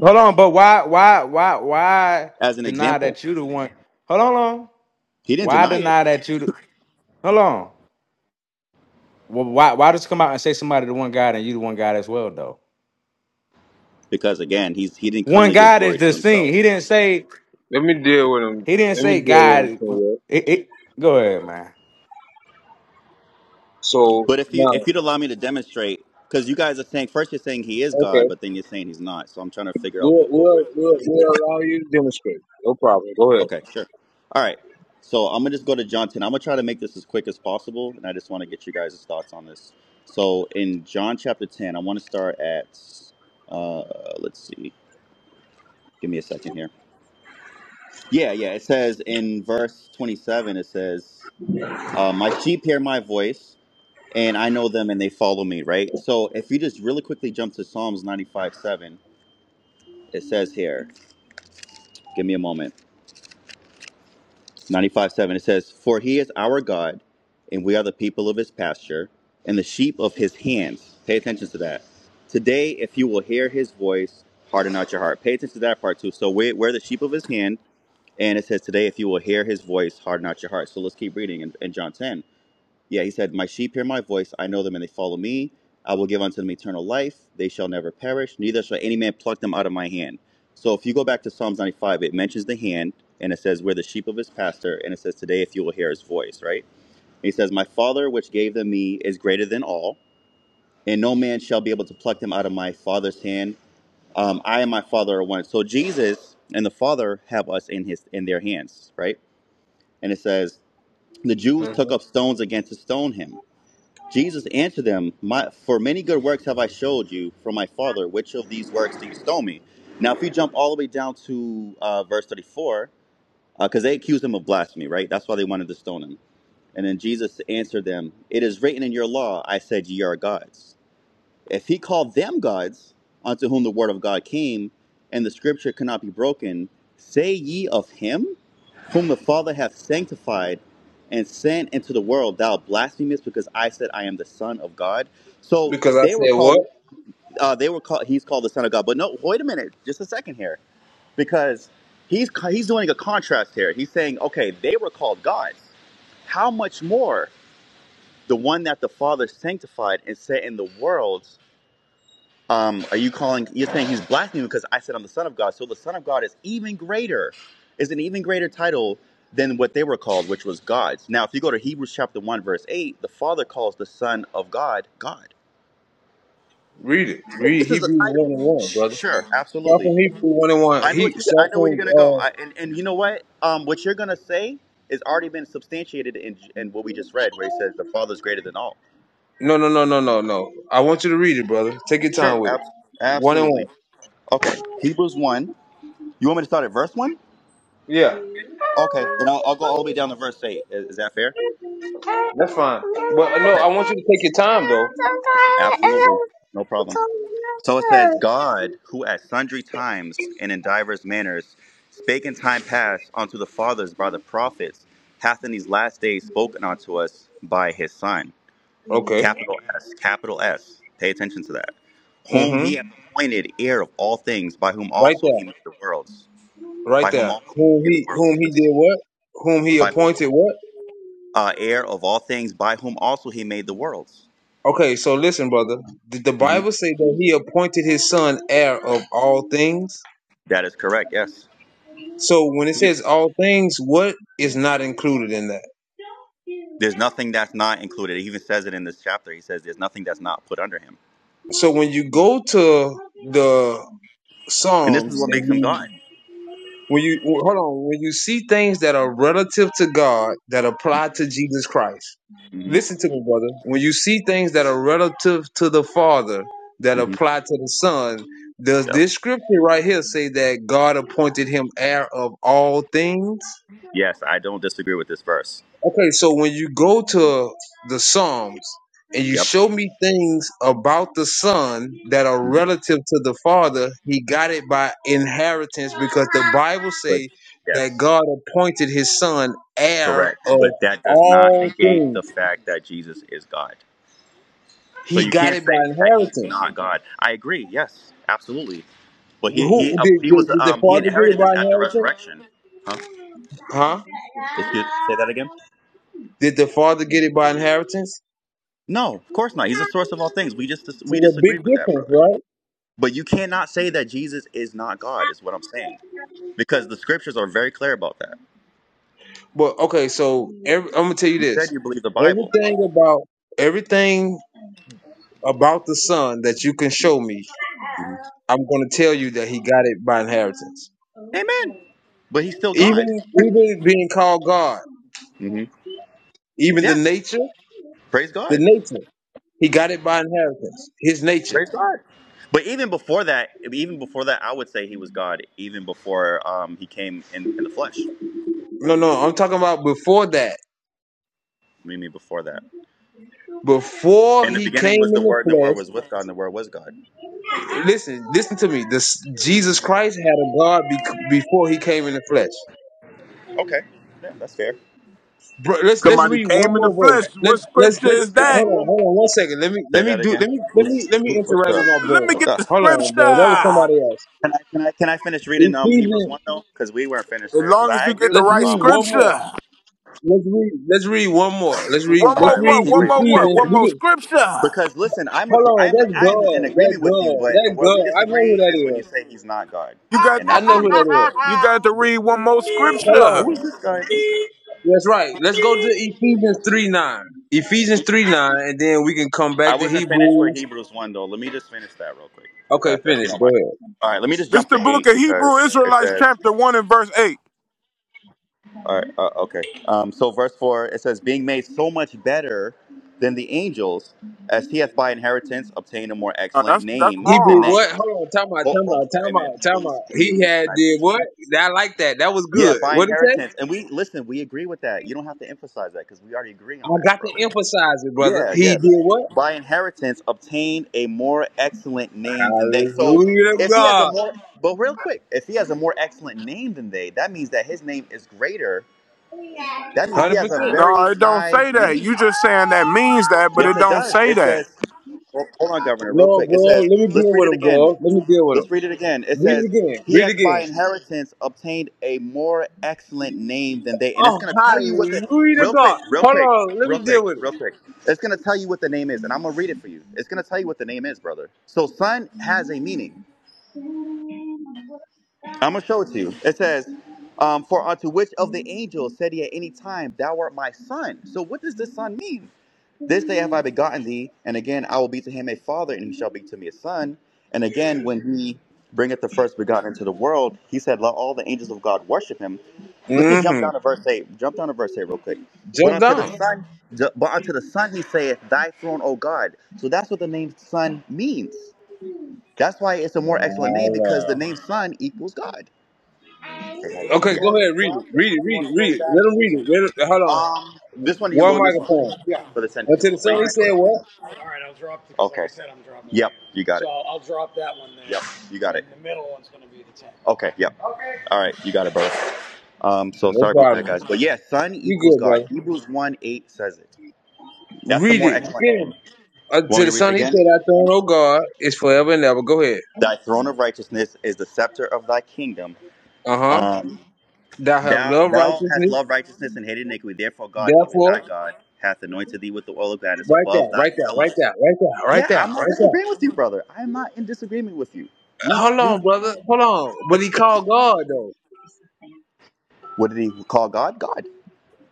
H: Hold on, but why why why why
I: As an
H: deny
I: example,
H: that you the one? Hold on, hold on.
I: he didn't
H: Why
I: deny it
H: deny that you the Hold on. Well, why why just come out and say somebody the one God and you the one God as well though?
I: because again, he's, he didn't come
H: One
I: to give
H: God is
I: glory to
H: this
I: himself.
H: thing. He didn't say
A: Let me deal with him.
H: he didn't
A: Let me
H: say
A: deal with him.
H: God.
A: Taylor.
H: It, it, go ahead, man.
A: So
I: But if you
A: now,
I: if you'd allow me to demonstrate, because you guys are saying first you're saying he is God,
A: okay,
I: but then you're saying he's not. So I'm trying to figure out
A: we'll
I: what what we're.
A: we'll we'll, we'll allow you to demonstrate. No problem. Go ahead.
I: Okay, sure. All right. So I'm gonna just go to John 10. I'm gonna try to make this as quick as possible, and I just want to get you guys' thoughts on this. So in John chapter 10, I want to start at. Uh, let's see. Give me a second here. Yeah, yeah. It says in verse 27, it says, uh, "My sheep hear my voice, and I know them, and they follow me." Right. So if you just really quickly jump to Psalms ninety five seven. it says here, give me a moment. 95 7, it says, For he is our God, and we are the people of his pasture, and the sheep of his hands. Pay attention to that. Today, if you will hear his voice, harden not your heart. Pay attention to that part too. So we're, we're the sheep of his hand, and it says, Today, if you will hear his voice, harden not your heart. So let's keep reading in, in John 10. Yeah, he said, My sheep hear my voice. I know them and they follow me. I will give unto them eternal life. They shall never perish. Neither shall any man pluck them out of my hand. So if you go back to Psalms 95, it mentions the hand and it says, We're the sheep of his pasture." And it says, Today, if you will hear his voice, right? And he says, My father, which gave them me, is greater than all, and no man shall be able to pluck them out of my father's hand. Um, I and my father are one. So Jesus and the father have us in his in their hands, right? And it says, The Jews
A: Mhm.
I: took up stones again to stone him. Jesus answered them, my, For many good works have I showed you from my Father. Which of these works do you stone me? Now, if you jump all the way down to uh, verse 34, because uh, they accused him of blasphemy, right? That's why they wanted to stone him. And then Jesus answered them, It is written in your law, I said ye are gods. If he called them gods, unto whom the word of God came, and the scripture cannot be broken, say ye of him, whom the Father hath sanctified and sent into the world, thou blasphemest, because I said I am the Son of God. So
A: Because I
I: they were
A: said what?
I: called. Uh, they were called. He's called the Son of God. But no, wait a minute, just a second here, because he's he's doing a contrast here. He's saying, okay, they were called gods. How much more the one that the Father sanctified and set in the world? Um, are you calling? You're saying he's blaspheming because I said I'm the son of God. So the son of God is even greater, is an even greater title than what they were called, which was gods. Now, if you go to Hebrews chapter one verse eight, the Father calls the Son of God God.
A: Read it.
I: So
A: Read
I: this is a
A: Hebrews
I: title.
A: one and one, brother.
I: Sure,
A: Start from
I: absolutely.
A: Hebrews one and one.
I: I know
A: He
I: what you. I
A: start
I: know where you're
A: from
I: gonna go.
A: uh
I: I, and and you know what? Um, what you're gonna say is already been substantiated in in what we just read, where he says the Father is greater than all.
A: no no no no no no. I want you to read it, brother. Take your
I: Sure,
A: time with it.
I: ab-
A: One and one.
I: absolutely. Okay, Hebrews one. You want me to start at verse one?
A: Yeah,
I: Okay, then I'll, I'll go all the way down to verse 8. Is, is that fair?
A: that's fine. But uh, no,
I: Okay,
A: I want you to take your time though.
I: absolutely. No problem. So it says, God, who at sundry times and in divers manners spake in time past unto the fathers by the prophets, hath in these last days spoken unto us by his Son.
A: Okay.
I: Capital S, capital S. Pay attention to that. Whom he
A: Mm-hmm.
I: hath appointed heir of all things, by whom
A: Right
I: also he made
A: there.
I: the worlds.
A: Right
I: By whom
A: there.
I: also he
A: Whom
I: made the
A: he
I: worlds,
A: whom he
I: yes.
A: did what? Whom he
I: By
A: appointed what?
I: uh, heir of all things, by whom also he made the worlds.
A: Okay, so listen, brother. Did the
I: Mm-hmm.
A: Bible say that he appointed his son heir of all things?
I: That is correct. Yes.
A: So when it
I: He-
A: says all things, what is not included in that?
I: There's nothing that's not included. He even says it in this chapter. He says there's nothing that's not put under him.
A: So when you go to the
I: And this is
A: Psalms
I: what makes
A: and
I: him
A: you
I: God.
A: when you well, hold on, when you see things that are relative to God that apply to Jesus Christ,
I: hmm
A: listen to me, brother. When you see things that are relative to the Father that
I: hmm
A: apply to the Son, does
I: Yep.
A: this scripture right here say that God appointed him heir of all things?
I: Yes, I don't disagree with this verse.
A: Okay, so when you go to the Psalms and you
I: Yep.
A: show me things about the Son that are
I: Mhm.
A: relative to the Father, he got it by inheritance because the Bible
I: But
A: say that
I: yes,
A: God appointed his son heir
I: correct.
A: of
I: But that does not
A: all
I: negate
A: things.
I: the fact that Jesus is God. So
A: He
I: you
A: got
I: can't
A: it by
I: say that he's
A: inheritance.
I: not God. I agree. Yes, absolutely. But he he
A: Who
I: uh,
A: did,
I: he
A: did,
I: was
A: did the
I: um he
A: father get it
I: inherited this
A: by
I: at the
A: inheritance?
I: resurrection. Huh?
A: Huh?
I: Excuse. Say that again.
A: Did the father get it by inheritance?
I: No, of course not. He's the source of all things. We just dis-
A: It's
I: we
A: a big
I: disagree with that,
A: difference,
I: brother.
A: right?
I: But you cannot say that Jesus is not God. Is what I'm saying because the scriptures are very clear about that.
A: But okay, so every, I'm gonna tell you
I: You
A: this:
I: said you believe the Bible.
A: everything about everything about the son that you can show me,
I: Mhm.
A: I'm gonna tell you that he got it by inheritance.
I: Amen. But he's still God.
A: Even even being called God,
I: hmm
A: even the
I: Yes.
A: nature,
I: Praise
A: the
I: God.
A: nature, he got it by inheritance. His nature.
I: Praise God. But even before that, even before that, I would say he was God. Even before um, he came in, in the flesh.
A: No, no, I'm talking about before that.
I: I mean, before that.
A: Before
I: In the
A: he
I: beginning
A: came
I: was the
A: in the
I: Word, and the Word was
A: flesh,
I: with God, and the Word was God.
A: listen, listen to me. This Jesus Christ had a God bec before he came in the flesh.
I: Okay. Yeah, that's fair.
A: Bro, let's let's
J: Somebody
A: read one
J: came in the
A: more
J: flesh.
A: verse. Let
J: What
A: let's
J: scripture
A: let's
J: is that?
A: hold on, hold on one second. Let me
I: Say
A: let me
I: that
A: do
I: again.
A: let me let me
I: What's-
A: let me
I: What
A: interact
I: the?
A: with my
J: Let
A: bro.
J: me
I: What
J: get
I: the?
J: the
A: Hold on,
J: scripture.
A: bro. That was somebody
J: As
A: else.
I: Can I can I can I finish reading um Hebrews
A: Ephesians.
I: one though? Because we weren't finished there. Because
J: long as
I: I
J: you
I: agree
J: get the
I: with
A: Let's
I: you.
J: right
A: read
I: Um.
A: one more.
J: scripture.
A: Let's read. Let's read one more.
I: Brandon.
A: Let's read.
J: One
I: All
A: Let's
J: more
I: right, let's
J: what?
A: read
I: keep
J: One
I: reading.
J: more what?
A: Ephesians.
J: One
A: We
J: more
A: can.
J: scripture.
I: because listen, I'm a,
A: Hold on.
I: I'm
A: That's
I: I'm in
A: God. That
I: agreement with you,
A: God.
I: but
A: That
I: where we
A: God. I know who
I: disagree
A: that
I: is when you
A: is.
I: say he's not God,
J: You got
I: and
A: I
I: that's
A: know
I: what we
A: who that
I: disagree.
A: is.
J: you got to read one more
A: Hold
J: scripture.
I: Who is
A: on.
I: this guy?
A: That's right. Let's go to Ephesians three nine. Ephesians three nine, and then we can come
I: I
A: back to
I: wasn't finished with
A: Hebrews.
I: Hebrews one though. Let me just finish that real quick, if
A: Okay,
I: that if you
A: finish.
I: don't
A: Go
I: mind.
A: ahead.
I: All right, let me just
J: This is
I: jump
J: the
I: to
J: book
I: eight
J: of Hebrew
I: because it
J: Israelites
I: says,
J: chapter one and verse eight.
I: All right. Uh, okay. Um, so verse four it says, "Being made so much better than the angels, as he hath by inheritance obtained a more
J: No,
I: excellent
J: that's that's
I: name
A: He
I: than
A: did
J: wrong.
I: they."
A: what? Hold on, time out,
I: Oh,
A: time
I: oh,
A: out, time out,
I: amen.
A: time
I: Please,
A: out. He
I: please, can
A: had
I: I
A: did
I: just
A: what?
I: finish?
A: I like that. That was
I: Yeah,
A: good.
I: by
A: What did he say?
I: inheritance, and we listen. We agree with that. You don't have to emphasize that because we already agree on
A: I
I: that,
A: got to
I: brother.
A: emphasize it, brother.
I: Yeah.
A: He
I: Yes.
A: did what?
I: By inheritance, obtained a more excellent name than they. So,
A: Hallelujah to
I: if he has a
A: God.
I: more, but real quick, if he has a more excellent name than they, that means that his name is greater that
A: one
I: means he
A: Hundred
I: has a
A: percent.
J: No,
I: very
J: it don't
I: high
J: say that. You
I: name.
J: just saying that means that, but
I: Yes,
J: it
I: it
J: don't
I: does.
J: say
I: It
J: that.
I: says, ho- hold on, Governor, real
A: Lord
I: quick. It
A: God,
I: says,
A: let me
I: let's
A: deal
I: read
A: with
I: it
A: him,
I: again.
A: God. Let me deal with
I: Let's
A: him.
I: read it again. It
A: Read it
I: says,
A: again.
I: He
A: Read it
I: hath
A: again.
I: by inheritance obtained a more excellent name than they. And it's
A: Oh,
I: going to tell you what the.
A: hallelujah to
I: Real quick,
A: God.
I: real
A: Hold
I: quick,
A: on, let
I: real
A: me
I: quick,
A: deal with
I: real quick. It's going to tell you what the name is. And I'm going to read it for you. It's going to tell you what the name is, brother. So, son has a meaning. I'm going to show it to you. It says, um, For unto which of the angels said he at any time, Thou art my son? So, what does this son mean? This day have I begotten thee, and again I will be to him a father, and he shall be to me a son. And again, when he bringeth the first begotten into the world, he said, Let all the angels of God worship him.
A: it.
I: Let's just jump
A: Mm-hmm.
I: down to verse 8. Jump down to verse 8 real quick. But
A: Jump
I: unto the
A: down.
I: Son, but unto the Son he saith, Thy throne, O God. So that's what the name Son means. That's why it's a more excellent
A: My
I: name because the
A: Lord.
I: name Son equals God. Okay, how you doing?
A: Okay,
I: Yeah.
A: go ahead, read it. Read it, read it, read it. Let him read it. Let him, hold on.
I: Um, this one to you,
A: One
I: Lord, and this one.
A: microphone.
I: for the sentence. He's
A: Until
I: gonna
A: the
I: look.
A: son, he said what?
I: Okay. Yep. You got it. i Yep. You got it. Okay, yep. All right, you got it, brother. Um, so
A: No
I: sorry about that,
A: problem.
I: guys. But yeah, Son
A: You
I: equals
A: good,
I: God.
A: brother.
I: Hebrews 1 8 says it. That's the
A: Read
I: more
A: it.
I: excellent name.
A: Finish.
I: Want me
A: Unto
I: to
A: the
I: read it
A: Son, he
I: again?
A: said, "I throne, O God, is forever and ever. Go ahead.
I: Thy throne of righteousness is the scepter of thy kingdom.
A: Uh huh.
I: Um,
A: Thou have
I: thou
A: loved
I: thou hast
A: righteousness.
I: loved righteousness and hated iniquity. Therefore, God, even thy
A: Therefore,
I: God, hath anointed thee with the oil of gladness
A: right
I: above
A: there,
I: thy
A: right there, right
I: fellows.
A: there, right there, right
I: Yeah,
A: there,
I: I'm not
A: right
I: disagreeing
A: there.
I: with you, brother. I'm not in disagreement with you. We
A: Hold
I: we
A: on, brother. Hold on. But he called God, though.
I: what did he call God? God.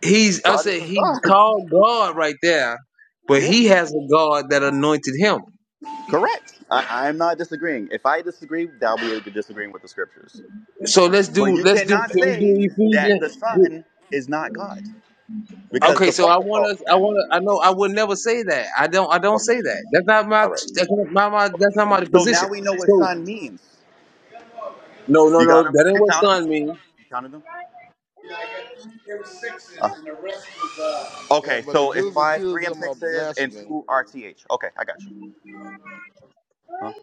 A: He's, I
I: God is
A: said,
I: his
A: he
I: God.
A: called God right there, but
I: Yeah,
A: he has a God that anointed him.
I: correct. I, I'm not disagreeing. If I disagree, that'll be able to disagreeing with the scriptures.
A: So let's
I: But
A: do,
I: you
A: let's do,
I: cannot
A: can we do
I: say that the
A: Ephesians?
I: Son is not God because
A: Okay,
I: the
A: so I
I: Father
A: want
I: called him
A: to. I
I: that.
A: want to. I know. I would never say that. I don't. I don't say
I: Okay,
A: that. That's not my.
I: all right.
A: That's not my. my that's not my
I: So now
A: position.
I: we know what
A: So
I: Son means.
A: no, no,
I: You
A: no.
I: got him?
A: That
I: Did
A: ain't
I: you
A: what
I: count him?
A: son mean.
I: You counted them? Uh,
C: yeah,
I: okay,
C: but the
I: so it's
C: Jews
I: five, three
C: accuse him of
I: M6s, and
C: blasphemy.
I: two RTH. Okay, I got you. Huh?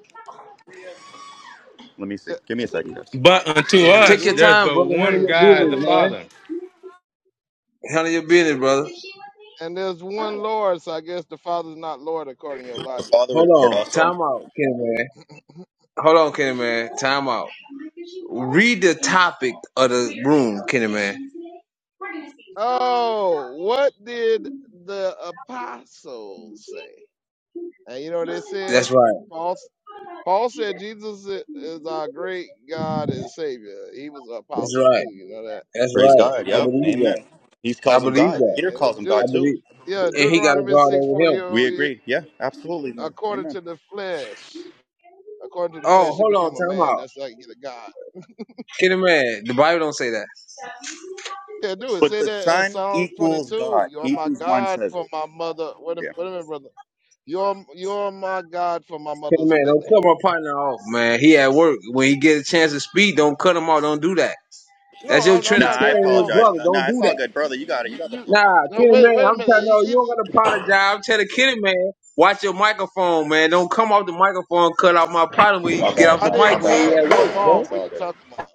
I: Let me
C: yeah.
I: see. Give me a second, guys.
H: But unto
C: Yeah, the
A: Take
H: us,
A: your
C: Jews, are,
H: there's
A: time,
H: but
A: brother. Handle
H: one
C: the
A: your
H: God, the
A: business,
C: Jews,
A: man.
H: Father.
A: Handle your business, brother.
C: and there's one Lord, so I guess the Father's not Lord according to your
I: The
C: logic.
I: Father
A: Hold
I: is Lord
A: on.
I: also.
A: Time out, Kenny man. Hold on, Kenny man. Time out. topic of
C: Oh, what did the apostles say? And you know what they said? Paul, Paul said Jesus i- is our great God and Savior. He was an
A: That's
C: apostle too,
A: right.
C: you know that.
A: That's
I: Praise
A: right.
I: God.
A: I
I: Yep.
A: believe that.
I: Amen. He
A: I
I: calls him
A: believe
I: God.
A: that.
I: Peter
C: And the
I: calls him
C: Jew,
A: I
I: God too.
A: believe,
C: yeah,
A: and he got a
C: Deuteronomy
A: guard
C: 6
A: over
C: 4,
A: him.
I: We
C: here.
I: agree. Yeah, absolutely, man.
C: according
I: Amen.
C: to the flesh, according to the
A: Oh,
C: flesh, he
A: hold on,
C: became a
A: time
C: man.
A: out.
C: That's like, you a God.
A: Kenny man, the Bible don't say that.
C: Yeah, do it.
I: But
C: Say
I: the
C: that in
I: Son
C: Psalms
I: equals
C: 22.
I: God.
C: You're my
I: Hebrews 1
C: God
I: says
C: for
I: it.
C: my mother. Wait a,
I: Yeah.
C: wait a minute, brother. You're you're my God for my
A: Kenny
C: mother's
A: man,
C: belly.
A: don't cut my partner off, man. He at work. When he get a chance to speak, don't cut him off. Don't do that. That's
C: No,
A: your
C: I'm, I'm
I: Nah,
C: not
I: I
C: cutting him
A: Trinitarian
C: off.
I: apologize.
C: Uh,
A: brother.
I: Nah,
A: Don't
I: nah, it's
A: do
C: You
I: all
A: that.
I: good, brother. You got it. You
C: you
I: got the
C: you.
I: floor, bro. You
A: Nah,
C: No,
A: Kenny
I: got
C: wait
I: it.
A: man,
C: wait a
A: I'm
C: minute.
A: telling
C: He-
A: you, you
C: he-
A: don't gotta apologize. I'm telling Kenny man, watch your microphone, man. Don't come off the microphone, cut off my partner when he
I: My
A: get
I: bad,
A: off
C: I
A: the
I: my, my
C: didn't
A: mic when he
C: cut
I: bad,
A: at
C: him
A: work,
I: brother.
A: man.
C: off.
I: It's
C: What
I: all
C: you
I: good.
C: talking about?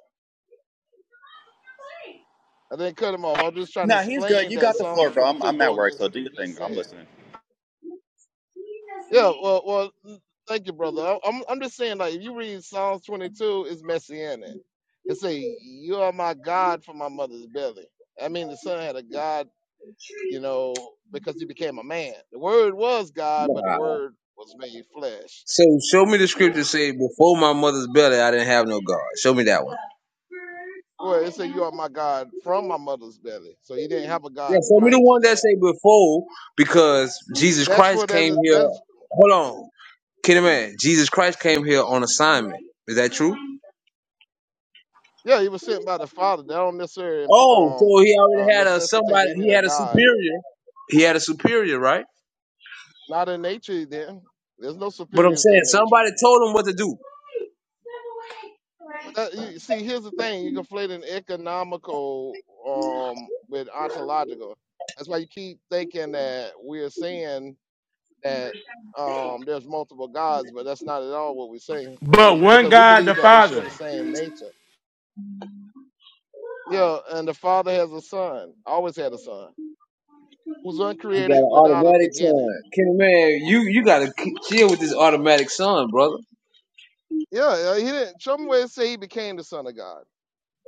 C: I didn't cut him off. I'm just trying to
I: Nah, he's good.
C: explain
I: You
C: that
I: got the floor,
C: Psalms
I: bro. I'm,
C: 22
I: I'm at
C: go
I: work,
C: against
I: so
C: what
I: do
C: you
I: your
C: just
I: thing. I'm
C: said.
I: listening.
C: Yeah, well, well, mm, thank you, brother. I- I'm, I'm just saying, like, if you read Psalms 22, it's messianic. It say, "You are my God from my mother's belly." I mean, the son had a God, you know, because he became a man. The Word was God, but the
A: Nah.
C: Word was made flesh.
A: So show me the scripture
C: So,
A: say before my mother's belly I didn't have no God. Show me that one.
C: well, it said, "You are my God from my mother's belly." So he didn't have a
A: Yeah,
C: God
A: show me
C: prior
A: the
C: to
A: one that
C: that.
A: say before, because Jesus
C: That's
A: Christ
C: what that
A: came
C: is.
A: here.
C: That's
A: Hold on, can a man? Jesus Christ came here on assignment. Is that true?
C: yeah, he was sent by the Father. That don't necessarily impl-
A: Oh,
C: um
A: so he already
C: uh,
A: had a
C: necessitate
A: somebody.
C: he need
A: He
C: a
A: had a
C: God
A: superior. He had a superior, right?
C: Not in nature, then. There's no
A: But I'm
C: superiors
A: saying
C: in nature.
A: somebody told him what to do.
C: But
A: He
C: that, you see, here's the thing: you conflate an economical um, with ontological. That's why you keep thinking that we're saying that um, there's multiple gods, but that's not at all what we're saying,
H: But one
C: because we
H: God,
C: believe
H: the
C: that they share
H: Father.
C: the same nature. Yeah, and the Father has a Son, always had a Son, who's
A: got
C: uncreated
A: an
C: without a
A: automatic son.
C: beginning.
A: Kenny man, you you gotta k- chill with this automatic son, brother.
C: Yeah, uh, he didn't. Some way say he became the Son of God.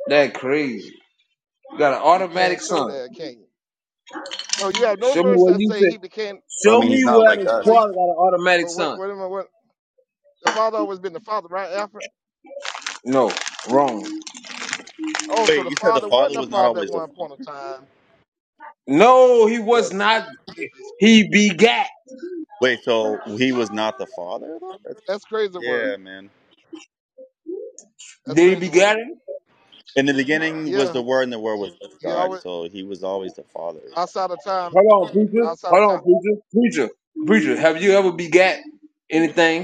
A: That crazy. You got an
C: You can't
A: automatic
C: show
A: son.
C: that, can you? So you have no
A: Show me
C: verse
A: where
C: that
A: you
C: say
A: think.
C: he became.
I: I
A: Show
I: mean,
A: me
I: he's not
A: where
I: like
A: the
I: us.
C: So you,
A: father got an automatic
C: or what?
A: son.
C: What am I? What? The father always been the father, right? Alfred.
A: No, wrong.
C: Oh, so
I: Wait,
C: the
I: you said the
C: father
I: Father
C: wasn't a
I: was not
C: father at
I: always the
C: one point in
I: Father?
C: time.
A: No, he
C: Yeah.
A: was
C: See,
A: not.
C: that belief is
A: He begat.
I: Wait, so he was not the Father? though? That's-
C: that's crazy word.
I: Yeah, man.
C: That's
A: Did he
C: crazy
A: begat
C: word.
A: him?
I: In the beginning was
C: Yeah.
I: the Word, and the Word was with
C: You
I: God.
C: always
I: So He was always the Father.
C: outside of time.
A: Hold on, preacher.
C: Outside
A: Hold
C: of time.
A: on, preacher. Preacher. Preacher, have you ever begat anything?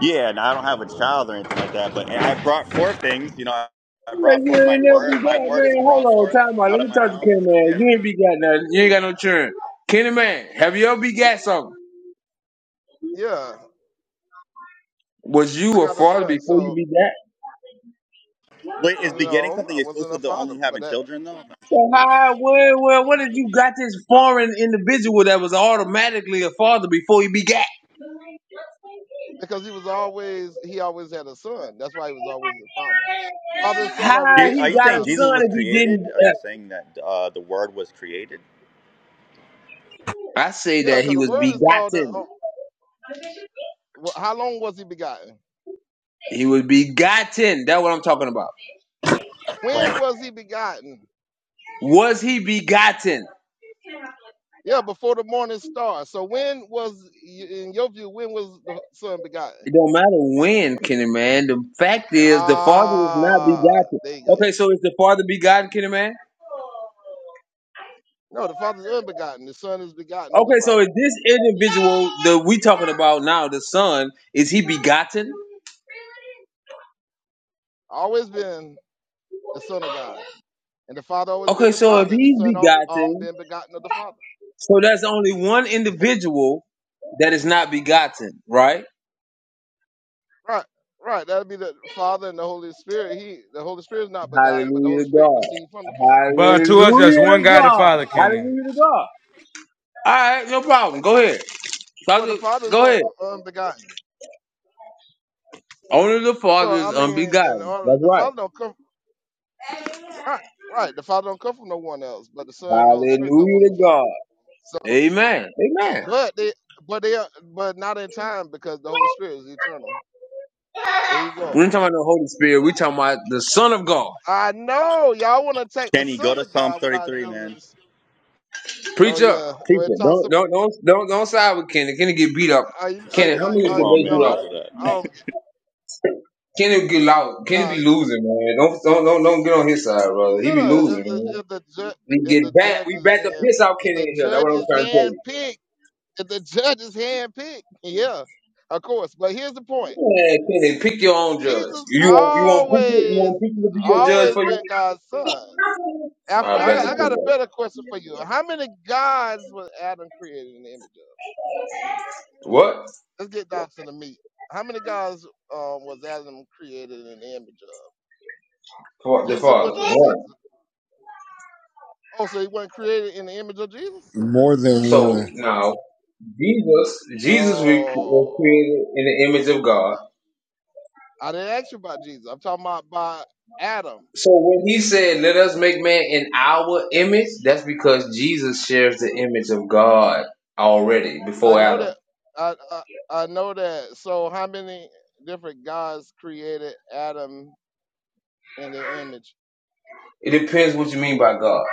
I: Yeah, and I don't have a child or anything like that, but and I brought forth things. You know, I, I
A: Yeah,
I: brought forth
A: you
I: my
A: ain't never
I: Word. My
A: begat,
I: Word is
A: man. Hold
I: brought
A: on,
I: forth
A: time out.
I: out
A: Let
I: of
A: me
I: my
A: talk to
I: mouth.
A: Kenny Man.
I: Yeah.
A: You ain't begat nothing. You ain't got no children. Kenny Man, have you ever begat something?
C: Yeah.
A: Was
C: I
A: you a
C: got a
A: father
C: son.
A: before you
C: So
A: begat?
I: Wait, is begetting
C: no,
I: something
C: I wasn't a
I: exclusive to
C: father,
I: only
C: but
I: having
C: that
I: children though?
A: So how, where, where, what did you got this foreign individual that was automatically a father before he begat?
C: because he was always he always had a son. That's why he was always a father. Father and son
A: How
C: are
I: Je- Are
A: he
I: you
C: relational
A: got
I: saying
A: a
C: titles.
I: Jesus
A: son
I: was
A: if he didn't?
I: created? Are
A: Uh,
I: you saying that uh, the Word was created?
A: I say
C: Yeah,
A: that
C: because
A: he
C: the
A: was
C: word is called. Uh,
A: begotten.
C: uh, how long was he begotten?
A: He was begotten. That's what I'm talking about.
I: When
C: When was he begotten?
A: Was he begotten?
C: Yeah, before the morning star. So when was, in your view, when was the son begotten?
A: It don't matter when, Kenny man. The fact is the father is not
C: Ah,
A: begotten.
C: there you
A: Okay,
C: go.
A: so is the father begotten, Kenny man?
C: No, the Father's unbegotten. The Son is begotten of the
A: Okay, so
C: Father.
A: is this individual that we talking about now, the son, is he begotten?
C: Always been the Son of God, and the Father always been
A: Okay,
C: the
A: so if
C: Father, and the
A: he's
C: Son al- um
A: begotten,
C: been begotten of the Father.
A: so that's only one individual that is not begotten, right?
C: Right, right. That'd be the Father and the Holy Spirit. He, the Holy Spirit is not begotten, but the
A: Hallelujah
C: Holy
A: to
C: Spirit
A: God.
C: proceeds from the Father.
H: But
A: Hallelujah
H: unto us, there's
A: to
H: one God, the
A: God.
H: Father, Kenny.
A: Hallelujah to God. All right, no problem. Go ahead. Talk
C: Well, the Father is
A: go
C: un-
A: ahead.
C: unbegotten.
A: Only the Father
C: Well, I
A: is
C: mean, and
A: unbegotten.
C: all,
A: That's
C: the
A: right.
C: Father don't come Right, right. The Father don't come from no one else, but the Son and the Holy Spirit come from
A: Hallelujah to
C: the Father.
A: God.
C: So,
A: Amen. Amen.
C: but they, but they, are, but not in time because the Holy Spirit is eternal. There you
A: We
C: go.
A: ain't talking about the Holy Spirit. We talking about the Son of God.
C: I know y'all want to take the
I: can you go
C: Son
I: to
C: of
I: Psalms
C: God without
I: 33,
C: doing
I: man?
C: this. Oh
A: Preach up.
C: yeah, well,
A: Preach
C: it
A: it.
C: talks
A: Don't
C: about.
A: don't don't don't don't side with Kenny. Kenny get beat up.
C: Are you? Are
A: Kenny,
C: you?
A: how
C: Are,
A: many
I: Come
C: are,
I: on,
A: debates you
C: no,
I: man,
C: I,
A: lost?
I: don't do
C: I
I: that.
C: don't. get-
A: Kenny get loud. Kenny
C: Nah,
A: be losing, man. Don't don't don't don't get on his side, brother. He be
C: yeah.
A: losing,
C: If the
A: man.
C: if the, ju-
A: We
C: if
A: get
C: the
A: back.
C: judge
A: We
C: is
A: back up
C: hand,
A: piss out
C: if the
A: Kenny in here. That's
C: judge
A: what I'm
C: is
A: trying to tell
C: hand
A: you.
C: picked, if the judge is hand picked, yeah, of course. But here's the point.
A: Man, Kenny, pick your own judge.
C: Jesus
A: You want you want people you
C: always,
A: want people to be your judge
C: always
A: for you.
C: been God's son. Alfred,
A: I
C: I
A: bet
C: got,
A: the
C: I got a
A: people.
C: better question for you. How many gods was Adam created in the image of?
A: What?
C: Let's get down to the meat. How many gods um, was Adam created in the image of?
A: For the
C: Genesis
A: Father.
C: 126.
A: What?
C: Oh, so he wasn't created in the image of Jesus?
K: More than
A: So
K: one.
A: now Jesus, Jesus we-
C: Oh,
A: was created in the image of God.
C: I didn't ask you about Jesus. I'm talking about by Adam.
A: So when he said, "Let us make man in our image," that's because Jesus shares the image of God already
C: I
A: before
C: know
A: Adam.
C: that. I, I, I know that. So how many different gods created Adam in their image.
A: It depends what you mean by God.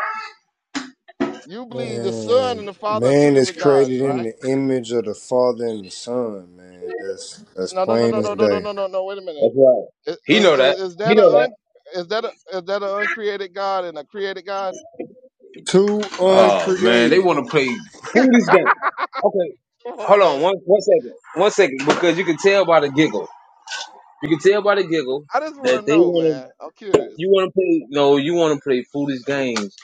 C: You believe the Son and
K: Man,
C: the Father are two
K: man is
C: different
K: created
C: gods,
K: in
C: right?
K: the image of the Father and the Son, man. That's that's
C: No, no, no,
K: plain
C: no,
K: as
C: no, no, no,
K: day.
C: no, no. no, Wait a minute.
A: That's right.
C: Is,
A: He
C: is,
A: know that.
C: is
A: He
C: that
A: know
C: a
A: that.
C: un, is that a is that an uncreated God and a created God?
K: Two
A: Oh man, they
K: uncreated.
A: want to play. Who this game? Okay.
C: Come on,
A: Hold
C: man.
A: on one one second. One second. Because you can tell by the giggle. You can tell by the giggle
C: I just want
A: that
C: to
A: they
C: know,
A: wanna
C: man. I'm curious.
A: you wanna play no, you wanna play foolish games.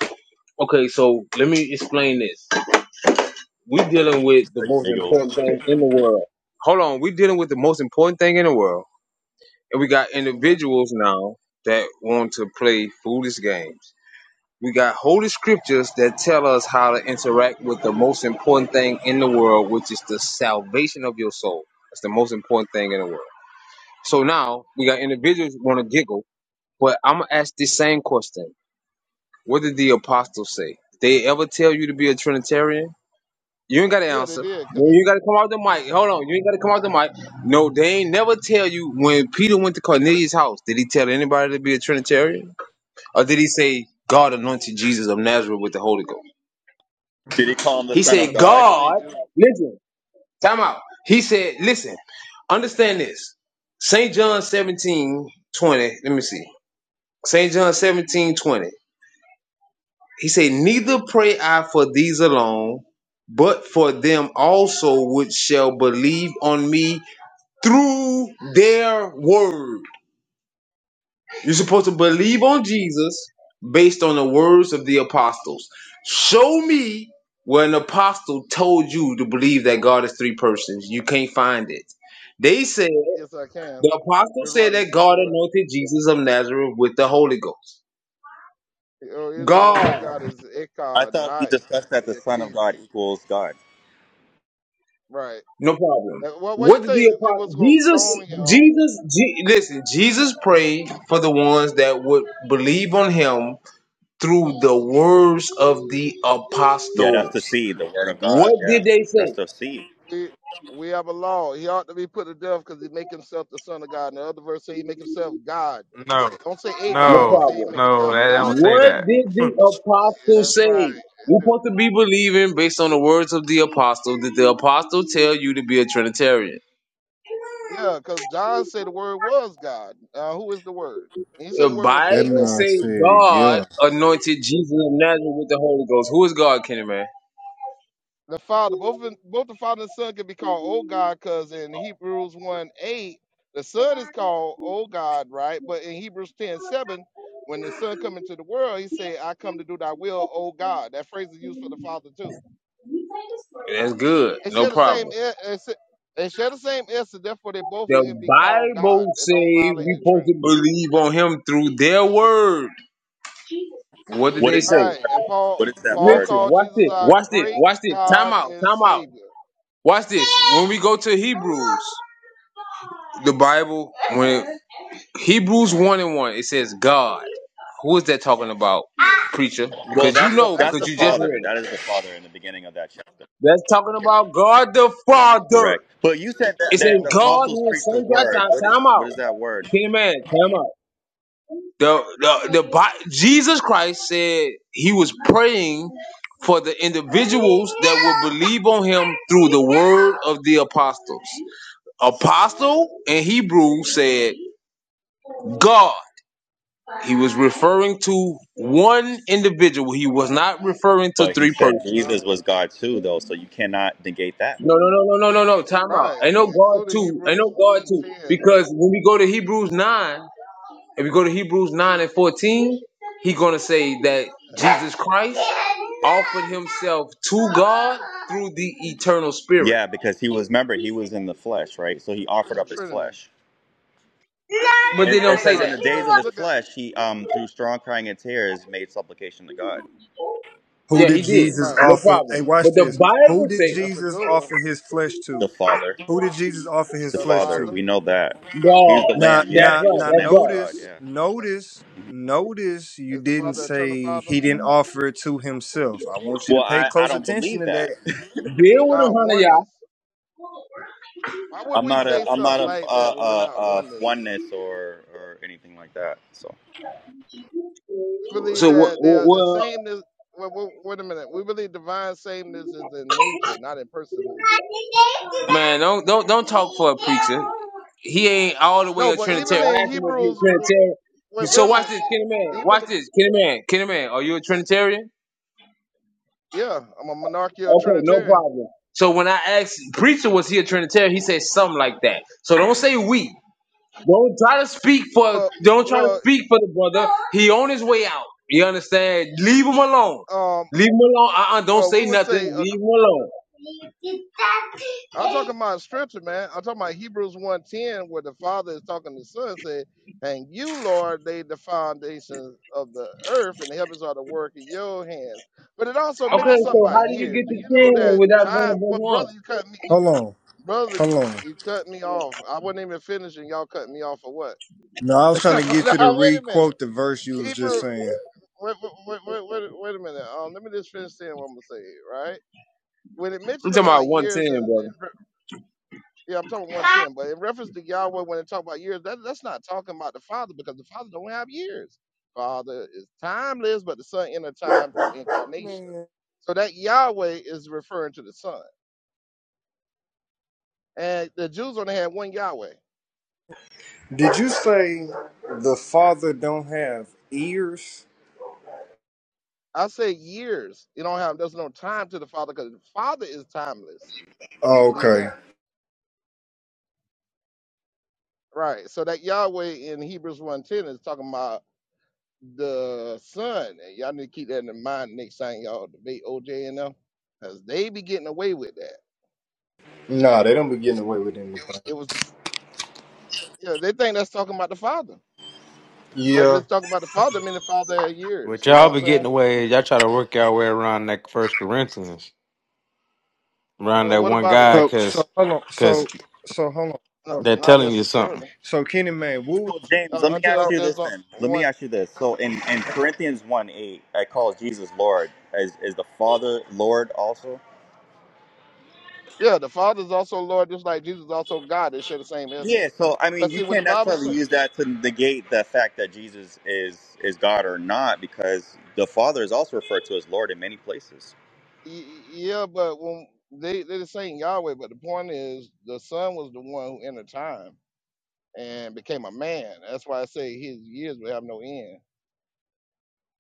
A: Okay, so let me explain this. we dealing with the
I: Like,
A: most important
I: nigga.
A: thing in the world. Hold on, we dealing with the most important thing in the world. And we got
C: hmm
A: individuals now that want to play foolish games. We got holy scriptures that tell us how to interact with the most important thing in the world, which is the salvation of your soul. That's the most important thing in the world. So now we got individuals who want to giggle, but I'm gonna ask the same question: What did the apostles say? Did they ever tell you to be a Trinitarian? You ain't got to
C: Yeah, they
A: answer.
C: did. Cause
A: No,
C: they,
A: You ain't got to come out the
C: yeah,
A: mic. Hold on, you ain't got to come out the mic. No, they ain't never tell you when Peter went to Cornelius' house. Did he tell anybody to be a Trinitarian, or did he say God anointed Jesus of Nazareth with the Holy Ghost?
I: Did he call him the
A: He
I: Son
C: yeah.
I: of
A: said,
C: Peter
I: God?
C: believed
A: God,
C: you.
A: listen, time out. He said, listen, understand this. St. John 17 20. let me see. St. John 17 20. He said, Neither pray I for these alone, but for them also which shall believe on me through their word. You're supposed to
C: How did
A: believe
C: that
A: on
C: do?
A: Jesus based on the words of the apostles. Show me where an apostle told you to believe that God is three persons. You can't find it. They said,
C: Yes, I can.
A: the apostle said
C: Deuteronomy
A: that
C: six
A: God
C: four.
A: anointed Jesus of Nazareth with the Holy Ghost.
C: Oh Israel, Lord our
A: God,
C: God is
I: I
C: Echad,
I: thought we
C: not
I: discussed that the Son of
C: Yakid.
I: God equals God.
C: Right.
A: no problem.
C: Well, what what you
A: What did
C: think
A: the
C: they was
A: apostle,
C: gonna
A: Jesus,
C: stone him
A: Jesus, Je- listen, Jesus prayed for the ones that would believe on him through the words of the
I: Yeah, that's the
A: apostles.
I: seed, the Word of God.
A: What
I: Yeah,
A: did they
I: that's
A: say?
I: the seed.
C: we we have a law. He ought to be put to death because he make himself the son of God. And the other verse say he make himself God.
H: No,
C: Don't say a
A: No
C: God. He
H: no,
C: say he
A: problem.
C: make
H: no,
C: himself
H: I don't
C: God.
H: say
A: What
H: that.
A: did the
C: Yeah,
A: apostle
C: that's right.
A: say?
C: It
A: You're
C: do.
A: supposed to be believing based on the words of the apostle. Did the apostle tell you to be a Trinitarian?
C: Yeah, because John said the word was God. Uh, who is the word? And he said
A: The
C: the word was
K: That
C: a
A: Bible
K: man
C: God.
A: say
K: said,
A: God
K: yeah.
A: anointed Jesus of Nazareth with the Holy Ghost. Who is God, Kenny man?
C: The Father, both in- both the Father and Son can be called O God, because in Hebrews one eight, the Son is called O God, right? But in Hebrews ten seven, when the Son come into the world, he said, "I come to do Thy will, O God." That phrase is used for the Father too
A: good.
C: They
A: No
C: share the same.
A: problem.
C: e- es- They share the same essence. Therefore, they both
A: The
C: can be called God.
A: Bible
C: They
A: say
C: don't violate
A: we
C: the
A: supposed to
C: Trinity.
A: believe on him through their word. What did
I: What
A: they
I: is
A: say?
I: that
C: Right.
I: word?
C: And Paul
I: What is that
C: Paul
I: word?
A: Listen,
C: called
A: watch
C: Jesus
A: this,
C: our
A: watch this,
C: great
A: watch this. Time
C: God
A: out,
C: and
A: time out.
C: Savior.
A: Watch this. When we go to Hebrews, the Bible, when Hebrews 1 and 1, it says God. Who is that talking about, preacher?
I: Well,
A: Because you
I: that's the
A: know,
C: That's
I: that's
A: because
I: the
C: the
A: you just
C: Father.
I: Father.
A: read it.
I: That is the Father in the beginning of that chapter.
A: That's talking about God the Father.
I: Correct. But you said
A: It
I: that, that the
A: says God
C: Mhm.
I: apostles
A: who is
I: preached the
A: son by
I: Word.
A: time,
I: What is
A: out.
I: what is that word?
A: King of man, time out. The, the, the, Bi- Jesus Christ said he was praying for the individuals that would believe on him through the word of the apostles apostle in Hebrew said God. He was referring to one individual. He was not referring to
I: But he
A: three
I: said
A: persons.
C: Uh,
I: Jesus was God too, though. So you cannot negate that.
A: No, no, no, no, no, no, no. Time out.
C: right.
A: Ain't no God
C: Including
A: two. Ain't no
C: Hebrews
A: God
C: one
A: two.
C: ten.
A: Because when we go to Hebrews nine, if we go to Hebrews nine and fourteen, he gonna say that Jesus Christ offered himself to God through the eternal Spirit.
I: Yeah, because he was. Remember, he was in the flesh, right? So he offered
C: That's
I: up his
C: Trinity.
I: flesh.
A: But
I: And
A: they
I: it
A: don't say
I: says, in
C: Right.
A: that.
I: the
C: And
I: days
C: if
I: of
C: you
I: his
C: look at
I: flesh, he um through strong crying and tears made supplication to God.
K: Who
A: Yeah,
K: did
A: he did.
K: Jesus
C: right,
A: No
K: offer? Hey,
A: problem.
K: watch
A: But the
K: this. Who
A: Bible
K: did
C: that's
A: says
C: a
K: Jesus
C: good one.
K: offer his flesh
I: The
K: to?
I: Father.
K: Who did Jesus offer his
I: The
C: The
K: flesh
I: Father.
K: to?
C: Father.
I: We know that. He was the
K: Now,
I: Lamb.
A: God.
I: Yeah,
A: That's
K: now,
I: he was
A: right.
I: the
K: now
A: That's
I: Lamb of
A: God.
I: God.
K: notice,
I: Yeah.
C: Yeah.
K: notice, notice you
C: Is the
K: didn't
C: Father eternal
K: say
C: Father?
K: he didn't offer it to himself. I want you to
I: Well,
K: pay
I: I, I
K: close
I: don't
K: attention
I: believe
K: to
I: that.
K: that.
A: Deal with him,
C: Not
A: honey, y'all.
C: oneness. Why would
I: I'm
C: we
I: not
C: say
I: a I'm not
C: something
I: a,
C: like
I: a,
C: that when we're
I: a,
C: not
I: a
C: oneness?
I: oneness or or anything like that. So.
C: We believe
A: So, well,
C: that they are the
A: well,
C: sameness. Wait, wait, wait a minute. We believe divine sameness is in nature, not in person.
A: Man, don't don't don't talk for a preacher. He ain't all the way
C: No,
A: a
C: but even
A: Trinitarian. I
C: in
A: asked him if he
C: Hebrews,
A: a
C: w-
A: Trinitarian.
C: wait, wait
A: So
C: a
A: watch
C: minute.
A: this, Kenny Man.
C: Even
A: Watch this, Kenny Man. Kenny Man, are you a Trinitarian?
C: yeah, I'm a monarchical
A: okay, no
C: Trinitarian.
A: problem. So when I asked preacher was he a Trinitarian, he said something like that. So don't say we. Don't try to speak for
C: Well,
A: don't try to
C: well,
A: speak for the brother. He on his way out. You understand? Leave him alone.
C: um,
A: Leave him alone. Uh-uh, don't
C: well, we
A: say
C: would say
A: nothing.
C: a
A: Leave him alone.
C: I'm talking about scripture, man. I'm talking about Hebrews one ten, where the father is talking to the son, said, And you, Lord, laid the foundations of the earth, and the heavens are the work of your hands. But it also
A: Okay,
C: mentions something
A: so
C: about
A: how did you
C: years.
A: get
C: Do you
A: to
C: know
A: 10
C: that
A: without going
C: time?
A: above
C: What
A: 1?
C: brother you cut me you
K: Hold on.
C: brother you
K: Hold on.
C: you cut me off. I wasn't even finishing, y'all cut me off for what?
K: No, I was trying to get you to
C: now, wait a minute.
K: re-quote the verse you was just
C: Hebrew
K: saying.
C: wait, wait, wait, wait, wait a minute. Um, let me just finish saying what I'm gonna say, right? When it
A: I'm
C: mentioned
A: talking about
C: about years and
A: 110,
C: Yeah, I'm talking
A: brother.
C: 110. But in reference to Yahweh, when it talk about years, that, that's not talking about the Father because the Father don't have years. Father is timeless, but the Son inner time through incarnation.
K: Man.
C: So that Yahweh is referring to the Son. And the Jews only had one Yahweh.
K: Did you say the father don't have ears?
C: I say years. You don't have there's no time to the Father because the Father is timeless. Do you
K: Oh,
C: believe
K: okay.
C: that? Right. So that Yahweh in Hebrews one ten is talking about the sun. And y'all need to keep that in mind next time y'all debate OJ and them, because they be getting away with that.
K: Nah, they don't be getting away with anything.
C: It was, the, you know, they think that's talking about the father. But if
K: Yeah.
C: it's talking about the father, I mean the father had years.
H: what
C: You know
H: y'all
C: what I'm
H: be getting
C: saying?
H: away is y'all try to work y'all way around that First Corinthians, around
C: Well,
H: that
C: what
H: one
C: about it?
H: God,
K: So so
H: because
K: hold on.
H: cause
K: So
H: 'cause
K: so hold on.
C: Not,
K: So,
H: they're
C: not
H: telling you something.
C: necessarily.
K: so Kenny Man, what was
I: So James, let
C: Uh,
I: me
C: unto
I: ask
K: uh,
C: us,
I: you this
C: there's a- one,
I: then. Let me ask you this. So in, in Corinthians one eight, I call Jesus Lord. Is is the Father Lord also?
C: Yeah, the Father is also Lord, just like Jesus is also God. They share the same
I: Yeah.
C: essence.
I: So I mean,
C: But
I: you
C: see, when
I: can't
C: the Bible
I: necessarily
C: says,
I: use that to negate the fact that Jesus is is God or not, because the Father is also referred to as Lord in many places.
C: yeah, but when they they're saying Yahweh, but the point is, the Son was the one who entered time. and became a man. That's why I say his years will have no end.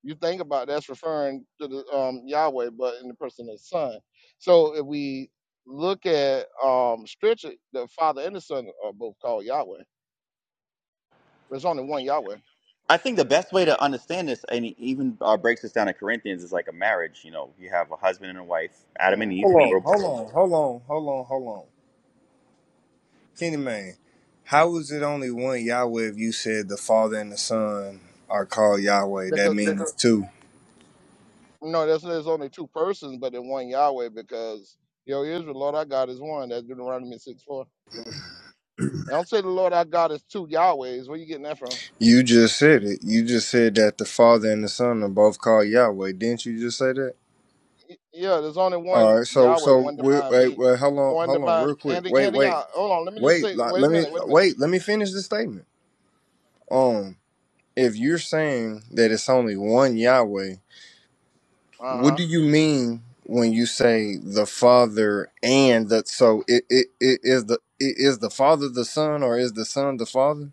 C: You think about that's referring to the um, Yahweh, but in the person of the Son. So if we look at um, spiritually, the Father and the Son are both called Yahweh. There's only one Yahweh.
I: I think the best way to understand this, and he even uh, breaks this down in Corinthians, is like a marriage. You know, you have a husband and a wife, Adam and
C: Um,
I: Eve.
K: hold
I: They
K: on,
I: were
K: hold
I: both.
K: on, hold on, hold on, hold on. Kenny Man, how is it only one Yahweh if you said the Father and the Son are called Yahweh? That
C: because
K: means two.
C: no, there's, there's only two persons, but in one Yahweh because yo Israel, Lord our God is one. That's Deuteronomy six four. And don't say the Lord our God is two Yahwehs. Where you getting that from?
K: You just said it. You just said that the Father and the Son are both called Yahweh. Didn't you just say that?
C: Y- Yeah, there's only
K: All
C: one
K: right. So
C: Yahweh,
K: so
C: one
K: wait
C: divine
K: wait,
C: being,
K: wait hold on
C: one
K: hold on
C: divine.
K: real quick.
C: Andy,
K: Wait
C: Andy,
K: wait
C: uh, hold on. Let me just
K: wait.
C: say.
K: Like,
C: Wait a
K: let me
C: minute. Wait a minute.
K: wait. Let me finish the statement. Um, if you're saying that it's only one Yahweh,
C: Uh
K: what
C: huh.
K: do you mean when you say the Father and the? So it it, it is the it is the Father the Son or is the Son the Father?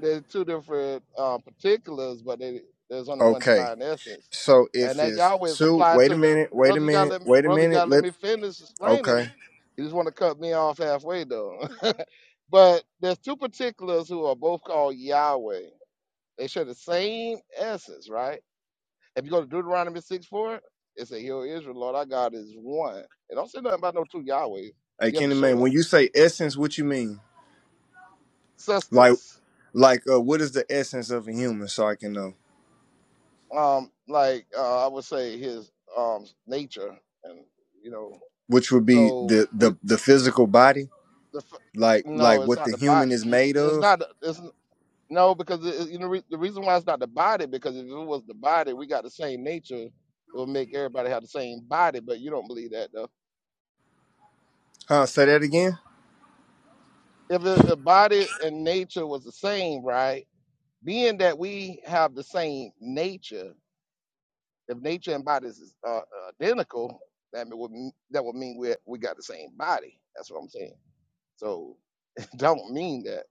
C: There's two different uh, particulars, but they, there's only one
K: Okay.
C: divine essence,
K: So
C: and
K: if
C: that
K: it's
C: Yahweh is
K: two,
C: applied
K: wait a
C: to the
K: minute, wait a
C: brother. You gotta
K: minute,
C: let me-
K: wait a
C: brother. You
K: minute.
C: gotta let
K: Let
C: me finish
K: Okay.
C: explaining. You just want to cut me off halfway though. but there's two particulars who are both called Yahweh. They share the same essence, right? If you go to Deuteronomy 6 4, it says, Hear, O Israel, Lord our God is one. It don't say nothing about no two Yahweh.
K: Hey,
C: You have to
K: Kenny
C: show
K: Man,
C: that.
K: when you say essence, what you mean? Like,
C: Substance.
K: like, uh, what is the essence of a human? So I can know,
C: Um, like uh, I would say his um nature and you know,
K: which would be
C: so
K: the the
C: we
K: the physical body,
C: the f-
K: like,
C: no,
K: like
C: it's
K: what
C: not
K: the
C: the body.
K: human is made
C: It's
K: of.
C: not. It's no because it, you know re- the reason why it's not the body because if it was the body, we got the same nature. It would make everybody have the same body, but you don't believe that though.
K: Huh? Say that again.
C: If, it, body and nature was the same, right? being that we have the same nature, if nature and bodies is uh, identical, that would mean- that would mean we we got the same body. That's what I'm saying. So don't mean that.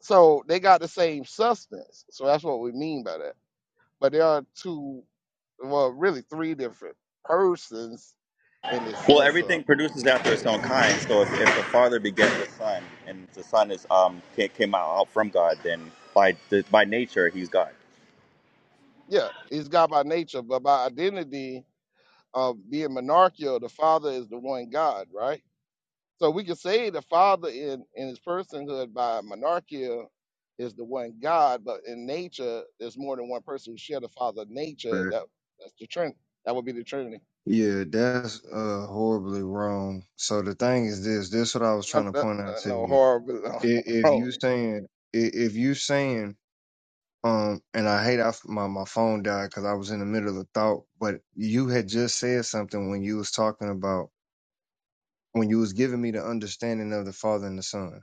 C: So they got the same substance. So that's what we mean by that. But there are two, well, really three different persons in the
I: Well,
C: sense
I: everything
C: of
I: produces after its own kind. So if, if the father begets the son, and the son is um ca- came out out from God, then by the, by nature he's God.
C: yeah, he's God by nature, but by identity of being monarchical, the Father is the one God, right? So we can say the Father in, in his personhood by monarchia is the one God, but in nature, there's more than one person who share the Father nature.
L: But
C: That that's the Trinity. That would be the Trinity.
L: yeah, that's uh horribly wrong. So the thing is this, this what I was
C: Not
L: trying to
C: that-
L: point out
C: uh,
L: to
C: no
L: you.
C: horrible.
L: If, if you saying i- if you saying um and I hate I f my, my phone died because I was in the middle of a thought, but you had just said something when you was talking about when you was giving me the understanding of the father and the son.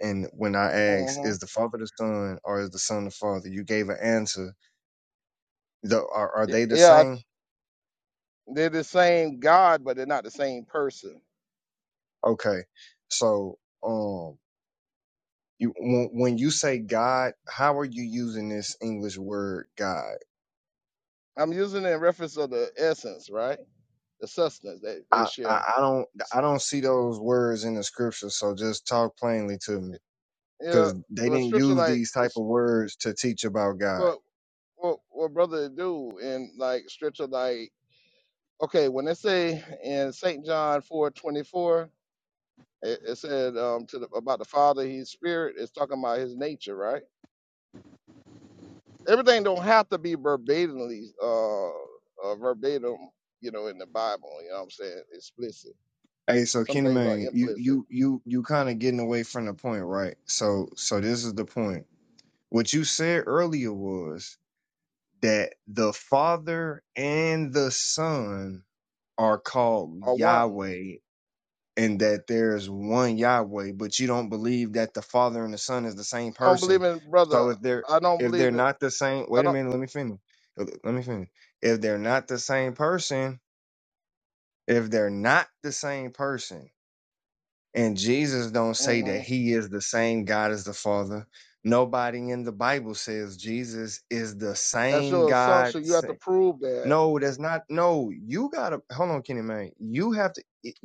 L: And when I asked,
C: mm-hmm.
L: is the father the son or is the son the father? You gave an answer. The, are, are they the
C: Yeah,
L: same?
C: they're the same God, but they're not the same person.
L: Okay. So, um. You when, when you say God, how are you using this English word God?
C: I'm using it in reference of the essence, right? The substance that they
L: I, I
C: share.
L: I don't
C: S-
L: I don't see those words in the scripture. So just talk plainly to me,
C: Yeah,
L: because they
C: well,
L: didn't
C: scripture
L: use
C: like
L: these
C: uh,
L: type
C: s-
L: of words to teach about God.
C: what what what brother do in like scripture like Okay, when they say in St. John four twenty four, it, it said um, to the, about the Father, He's Spirit. It's talking about His nature, right? Everything don't have to be verbatimly, uh, uh, verbatim, you know, in the Bible. You know what I'm saying? Explicit.
L: Hey, so
C: Some
L: Kenny
C: things are
L: man, you
C: implicit.
L: you you you kind of getting away from the point, right? So so this is the point. What you said earlier was that the Father and the Son are called
C: Or one,
L: Yahweh and that there is one Yahweh, but you don't believe that the Father and the Son is the same
C: I don't believe
L: person.
C: in brother.
L: So if they're
C: I don't
L: if they're
C: believe in.
L: not the same,
C: I
L: wait a
C: don't.
L: minute, let me finish. Uh, Let me finish. If they're not the same person, if they're not the same person, and Jesus don't say
C: hmm
L: that he is the same God as the Father, nobody in the Bible says Jesus is the
C: That's
L: same
C: your
L: God.
C: assumption. You have to prove that.
L: No, that's not. No, you gotta hold on, Kenny man. You have to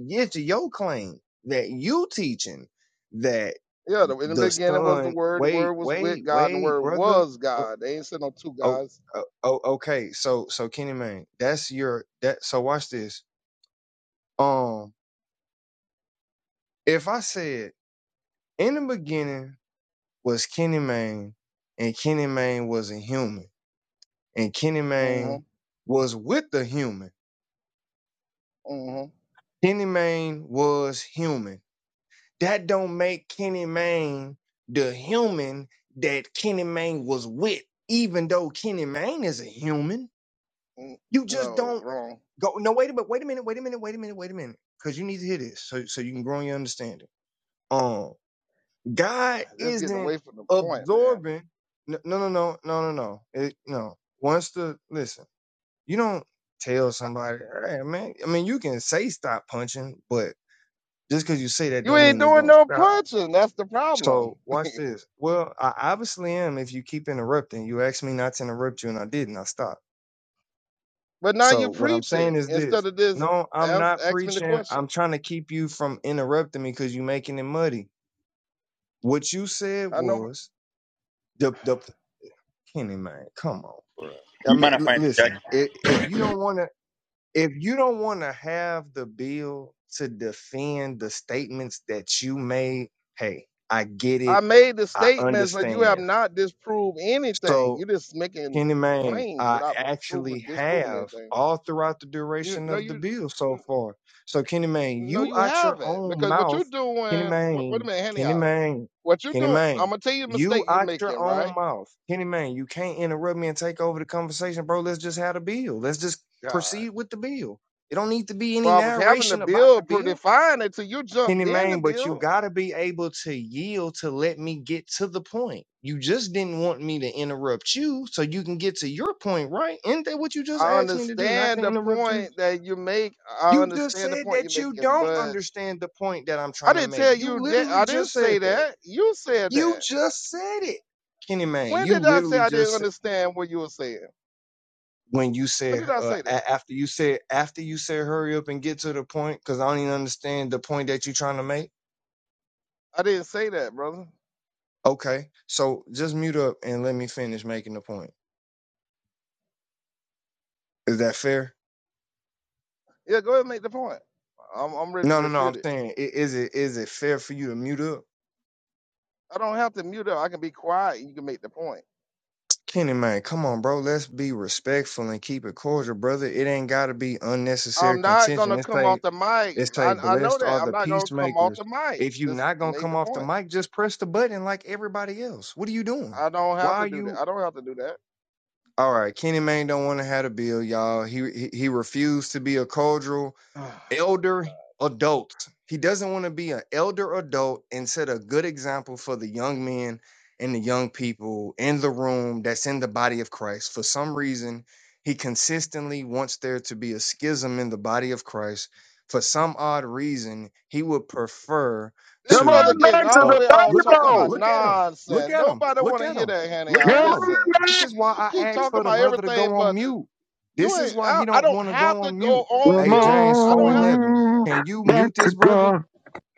L: get to your claim that you teaching that
C: Yeah, the, in the
L: the
C: beginning was the
L: son.
C: Word. The Word
L: Wait,
C: was with
L: wait,
C: God, and the
L: wait,
C: Word
L: brother.
C: was God. They ain't said no two
L: Oh,
C: gods.
L: oh, oh, okay. So, so Kenny man, that's your that. So watch this. Um, if I said in the beginning was Kenny man, and Kenny man was a human, and Kenny
C: hmm
L: man was with the human.
C: hmm
L: Kenny man was human That don't make Kenny Mayne the human that Kenny Mayne was with, even though Kenny Mayne is a human.
C: Mm,
L: You just
C: No,
L: don't
C: wrong.
L: go. No, wait a minute. Wait a minute. Wait a minute. Wait a minute. Wait a minute. Because you need to hear this, so so you can grow in your understanding. Um, God
C: That's getting
L: isn't
C: away from the point, man.
L: absorbing. No, no, no, no, no, no. no. It, no. Once the listen, you don't tell somebody, hey man. I mean, you can say stop punching, but just because you say that
C: You
L: don't
C: ain't
L: mean it's
C: doing
L: gonna
C: no
L: stop.
C: punching. That's the problem.
L: So watch this. Well, I obviously am if you keep interrupting. You asked me not to interrupt you and I didn't. I stopped.
C: But now
L: So
C: you're
L: what I'm saying
C: preaching
L: is this.
C: instead of this.
L: No, I'm
C: Ask,
L: not
C: ask me the
L: preaching.
C: question.
L: I'm trying to keep you from interrupting me because you're making it muddy. What you said
C: I know
L: was the the Kenny man, come on, bro. I
I: You might
L: mean,
I: not
L: l-
I: find Jack-
L: listen, if, if you don't want to if you don't want to have the bill to defend the statements that you made, hey, I get it.
C: I made the
L: I
C: statements, but you have
L: understand.
C: not disproved anything.
L: So
C: You're just making
L: Kenny Man,
C: claims
L: I
C: without proving
L: actually
C: disproving
L: have
C: anything.
L: all throughout the
C: You
L: duration
C: no,
L: of the
C: you
L: bill so
C: n-
L: far. So Kenny Man,
C: no,
L: you
C: you
L: out your
C: haven't
L: own
C: because what you're
L: mouth, Kenny
C: doing. Wait, wait a
L: Man,
C: minute, Henny
L: Kenny
C: out.
L: Man,
C: What you're
L: Kenny
C: doing? I'm
L: Man,
C: gonna tell you the mistake
L: you
C: you're
L: out your
C: making,
L: own
C: right?
L: mouth, Kenny Man. You can't interrupt me and take over the conversation, bro. Let's just have the bill. Let's just
C: God.
L: proceed with the bill. It don't need to be any
C: Well, I was having the
L: narration about
C: bill
L: the
C: pretty
L: bill.
C: fine until you jumped
L: Kenny
C: in the
L: Mayne, but you
C: bill.
L: gotta be able to yield to let me get to the point. You just didn't want me to interrupt you so you can get to your point, right? Isn't that what you just
C: I
L: asked me to do? Not to
C: understand the
L: interrupt you.
C: point that you make. I
L: You just
C: understand the
L: said
C: point you're
L: that you
C: making,
L: don't
C: but
L: understand the point that I'm
C: I
L: trying to
C: didn't
L: make.
C: tell
L: You
C: you that.
L: literally
C: I didn't
L: just
C: say
L: said that.
C: that. You said
L: You
C: that.
L: just said it. Kenny Mayne,
C: When
L: you
C: did I say
L: literally
C: I didn't
L: just
C: understand what you were saying?
L: when you
C: When
L: said
C: did I
L: uh,
C: say that?
L: a- after you said after you said hurry up and get to the point because I don't even understand the point that you're trying to make
C: I didn't say that, brother.
L: Okay, so just mute up and let me finish making the point. Is that fair?
C: Yeah, go ahead and make the point. I'm, I'm ready to
L: No, no, no.
C: refute
L: I'm
C: it.
L: saying, i- is it is it fair for you to mute up,
C: I don't have to mute up. I can be quiet. You can make the point.
L: Kenny? Man, come on, bro. Let's be respectful and keep it cordial, brother. It ain't got to be unnecessary
C: I'm not
L: contention.
C: gonna
L: It's
C: come off
L: like
C: the mic.
L: it's
C: I,
L: like
C: I know
L: blessed
C: that.
L: are
C: I'm
L: the
C: not gonna come off
L: peacemakers.
C: the mic.
L: If you
C: Just
L: not gonna
C: make
L: come
C: the
L: off the
C: point.
L: mic, just press the button like everybody else. What are you doing?
C: I don't
L: Why
C: have to
L: are
C: do that.
L: you?
C: I don't have to do that.
L: All right, Kenny Mayne don't want to have a bill, y'all. He he, he refused to be a cordial elder adults. He doesn't want to be an elder adult and set a good example for the young men and the young people in the room that's in the body of Christ. For some reason, he consistently wants there to be a schism in the body of Christ. For some odd reason, he would prefer
C: This
M: Come
C: brother
M: on
L: to
M: back
C: getting
M: to
C: all
L: uh,
M: the
C: we all
L: look at
C: talking
L: him,
C: about
M: table.
L: look at him, look
C: nonsense.
L: at him,
C: Nobody want
L: look
C: to
L: at
C: hear
L: him,
C: that, honey.
L: look
C: I
L: at
M: Come on
L: him.
C: listen.
L: This
M: back.
L: is why
C: You
L: I
C: keep
L: asked
C: talking
L: for the
C: about
L: brother to
C: everything,
L: go on
C: but the-
L: mute.
C: you
L: This is
C: ain't.
L: why
C: I,
L: he
C: I
L: don't
C: don't
L: want to
C: have
L: go
C: to
L: on
C: go
L: mute
C: on
M: Come
L: Hey,
C: mute.
L: James
C: I don't have to do
L: 411,
M: on
C: that.
L: can you
M: back
L: mute
M: to
L: this brother?
M: God.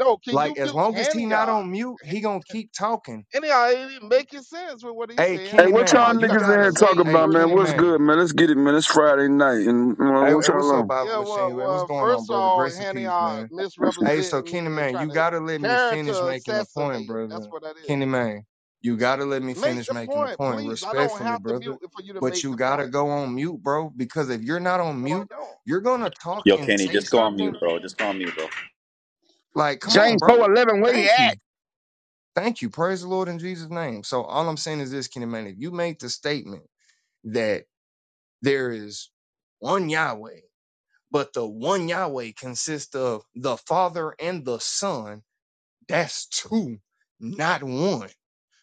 C: No, can you
L: Like, as
C: mute
L: long as he
C: Hanny?
L: not
C: y'all?
L: on mute, he gonna keep talking.
C: Hanny ain't even making sense with what he's
L: Hey,
C: saying.
M: Hey,
L: Kenny
M: what
C: Talking
M: y'all
L: Man,
C: about you
L: you
C: got to
M: niggas
C: be
M: in
C: the
M: here
L: gotta,
M: talking
C: same
L: hey,
M: about, man?
L: Kenny
C: person.
M: What's
C: to
L: Man.
M: good,
C: be-
M: man? Let's get it, man. It's Friday night, and
L: Hey,
M: uh, what
L: hey,
M: y'all
L: what's up,
M: on?
L: Bible
C: Yeah, well,
L: Machine? Hey, what's
C: well,
L: going on,
C: first of
L: brother?
C: all,
L: Grace and
C: Hanny,
L: peace,
C: y'all
L: man. Hey, so
C: misrepresenting
L: Kenny
C: me and
L: Man, you
C: trying to
L: gotta let me finish
C: character
L: making a point,
C: assassinate. That's
L: brother.
C: what that is.
L: Kenny Man, you gotta let me
C: Make
L: finish
C: the
L: making a
C: point,
L: point,
C: please. I don't
L: respectfully,
C: have to mute
L: brother.
C: for you to
L: But
C: make
L: you
C: the
L: gotta
C: point.
L: go on mute, bro, because if you're not on
C: No, I
L: mute,
C: don't.
L: you're gonna talk
I: Yo,
L: and
I: Kenny,
L: say
I: just go on mute,
L: something.
I: bro. Just go on mute, bro.
L: Like, come on,
M: James
L: bro.
M: 411, where you
L: Thank
M: at?
L: you. Thank you. Praise the Lord in Jesus' name. So all I'm saying is this, Kenny Man, if you make the statement that there is one Yahweh, but the one Yahweh consists of the Father and the Son, that's two, not one.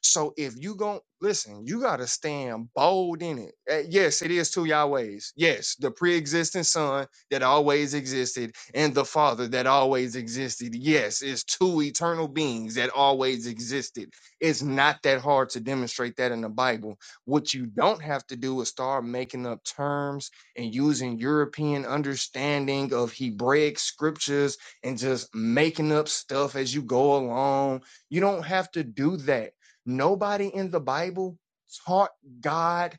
L: So if you gon' listen, you gotta stand bold in it. Eh, Yes, it is two Yahwehs. Yes, the pre-existing Son that always existed and the Father that always existed. Yes, it's two eternal beings that always existed. It's not that hard to demonstrate that in the Bible. What you don't have to do is start making up terms and using European understanding of Hebraic scriptures and just making up stuff as you go along. You don't have to do that. Nobody in the Bible taught God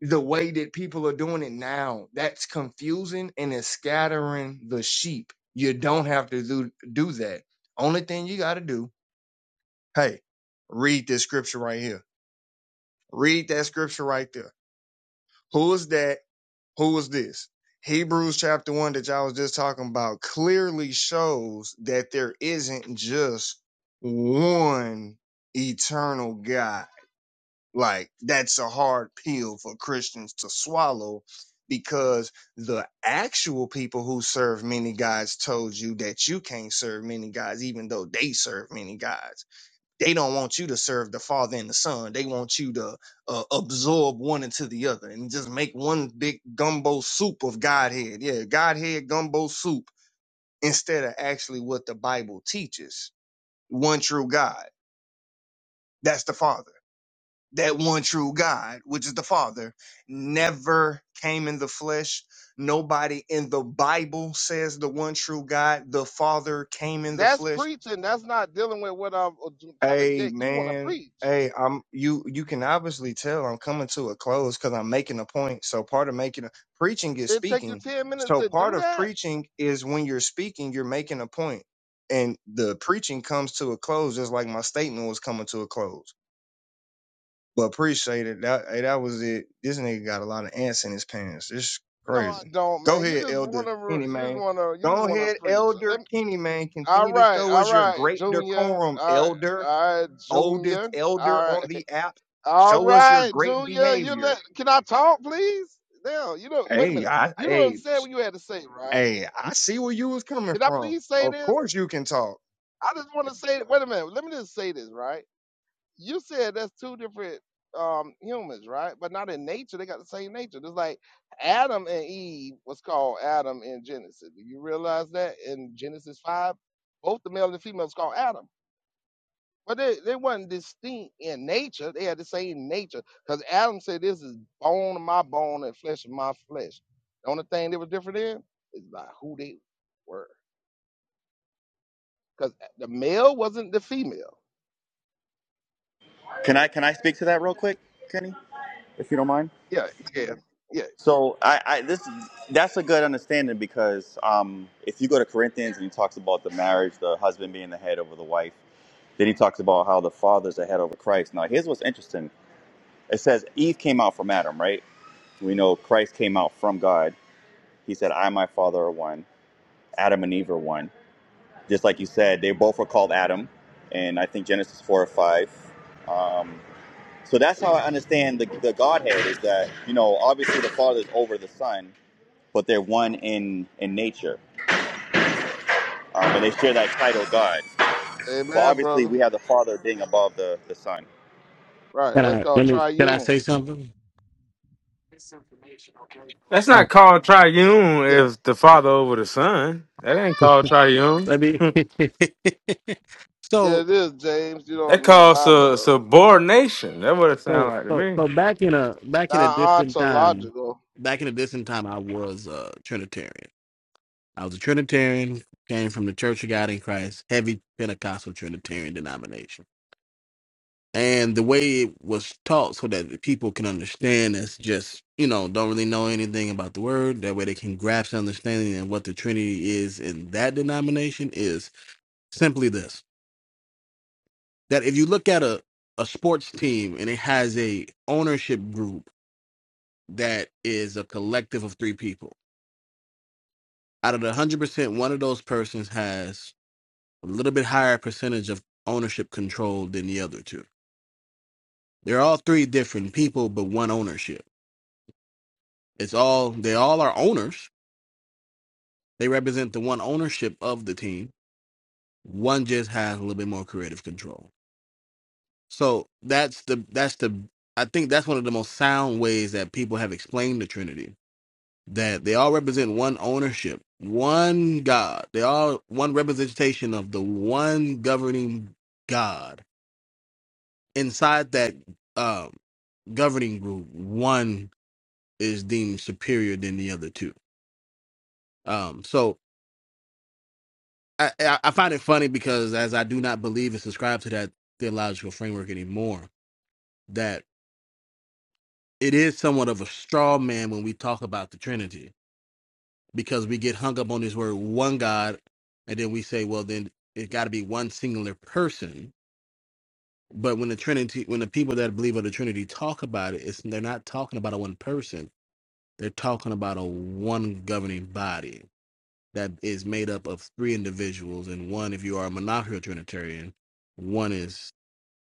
L: the way that people are doing it now. That's confusing and it's scattering the sheep. You don't have to do, do that. Only thing you got to do, hey, read this scripture right here. Read that scripture right there. Who is that? Who was this? Hebrews chapter 1 that y'all was just talking about clearly shows that there isn't just one eternal God. Like, that's a hard pill for Christians to swallow because the actual people who serve many gods told you that you can't serve many gods, even though they serve many gods they don't want you to serve the father and the son. They want you to uh, absorb one into the other and just make one big gumbo soup of Godhead. Yeah, Godhead gumbo soup instead of actually what the Bible teaches. One true God. That's the father. That one true God, which is the father, never came in the flesh. Nobody in the Bible says the one true God, the father came in the
C: That's
L: flesh.
C: preaching. That's not dealing with what I'm trying to
L: Hey
C: jake. You want to
L: man,
C: preach?
L: hey, I'm you. You can obviously tell I'm coming to a close because I'm making a point. So part of making a preaching is
C: It take you
L: speaking.
C: ten minutes
L: So
C: to
L: part
C: do
L: of
C: that?
L: preaching is when you're speaking, you're making a point, and the preaching comes to a close, just like my statement was coming to a close. But appreciate it. That hey, that was it. This nigga got a lot of ants in his pants. It's
C: No, I
L: crazy.
C: don't,
L: Go
C: man. You
L: ahead,
C: just want
L: Elder Kenny
C: to. You just
L: man.
C: want to. You just
L: Go
C: want to
L: ahead,
C: preach.
L: Elder
C: Let me,
L: Kenny man.
C: all
L: Continue to
C: right,
L: show
C: all
L: us your
C: right,
L: great
C: Junior.
L: decorum,
C: All right,
L: Elder
C: all right,
L: oldest
C: Junior.
L: elder
C: All right,
L: on the app.
C: all
L: Show us your
C: right,
L: great
C: Junior. You
L: behavior.
C: let. Can I talk, please? Now, you know. Wait a
L: Hey,
C: minute.
L: I
C: You don't
L: hey,
C: say what you had to say, right?
L: hey, I see where you was coming
C: Can I
L: from.
C: please say
L: Of
C: this?
L: course you can talk.
C: I just want to say, wait a minute. Let me just say this, right? You said that's two different um humans, right? But not in nature. They got the same nature. Just like Adam and Eve was called Adam in Genesis. Do you realize that in Genesis five, both the male and the female was called Adam. But they, they wasn't distinct in nature. They had the same nature. Because Adam said, This is bone of my bone and flesh of my flesh. The only thing they were different in is by who they were. Because the male wasn't the female.
I: Can I can I speak to that real quick, Kenny, if you don't mind?
C: Yeah, Yeah, yeah.
I: So I, I this that's a good understanding because um, if you go to Corinthians and he talks about the marriage, the husband being the head over the wife, then he talks about how the father's the head over Christ. Now here's what's interesting. It says Eve came out from Adam, right? We know Christ came out from God. He said, I and my father are one. Adam and Eve are one. Just like you said, they both were called Adam, and I think Genesis four or five. Um, so that's how I understand the, the Godhead is that, you know, obviously the Father's over the Son, but they're one in in nature, um, and they share that title God. But
C: Amen,
I: obviously,
C: brother.
I: we have the Father being above the the Son.
C: Right. That's called triune.
H: That's not called triune
C: Yeah.
H: if the Father over the Son. That ain't called triune.
C: Yeah, it is, James. You
H: that
C: don't know the
H: calls
C: Bible,
H: sub-
C: though.
H: subordination. That's what it sounds like to me.
C: Now, ontological,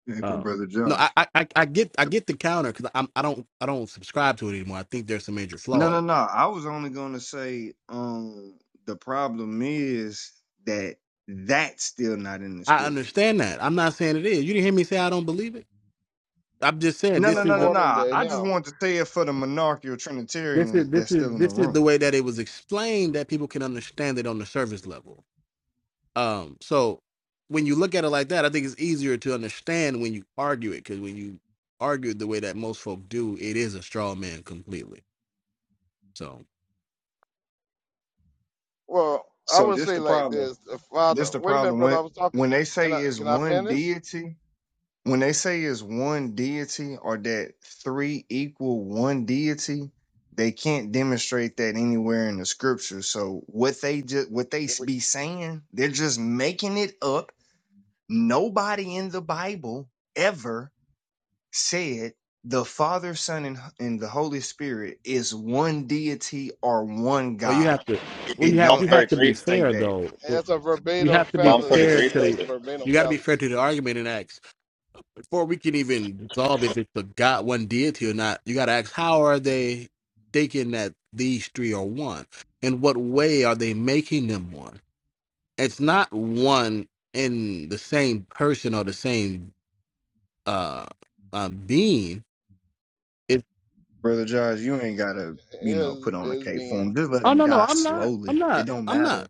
L: Hey, for brother Josh. No, no, no. I was only gonna say, um, the problem is that that's still not in the scriptures. No, no, no, no, no.
C: according to
L: I just
C: him.
L: want to say it for the monarchical Trinitarians that's still in the room.
C: Well, I
L: So
C: would
L: this
C: say
L: the
C: like
L: problem.
C: this. The father,
L: This the
C: wait a minute,
L: problem.
C: brother.
L: When
C: I was talking.
L: when they
C: Can
L: say
C: I
L: it's
C: can I
L: one
C: finish?
L: deity, When they say is one deity or that three equal one deity, they can't demonstrate that anywhere in the scripture. So what they just what they be saying, they're just making it up. Nobody in the Bible ever said the Father, Son, and, and the Holy Spirit is one deity or one God
D: Exactly. Well, you
L: it
I: Psalm
D: have you
L: don't
D: have to be
I: 33.
L: actually say
D: fair
L: that.
D: though. Well,
C: That's a
D: You
C: verbatim
D: have to be
I: Psalm
C: fallacy.
D: fair
I: 33
D: to
C: That's
I: says
C: a
D: the.
I: it.
C: verbatim fallacy.
L: Brother Josh, you ain't gotta, you know,
C: Is
L: put on a
C: is
L: cape for him.
C: being.
L: Just let him die slowly. It don't matter.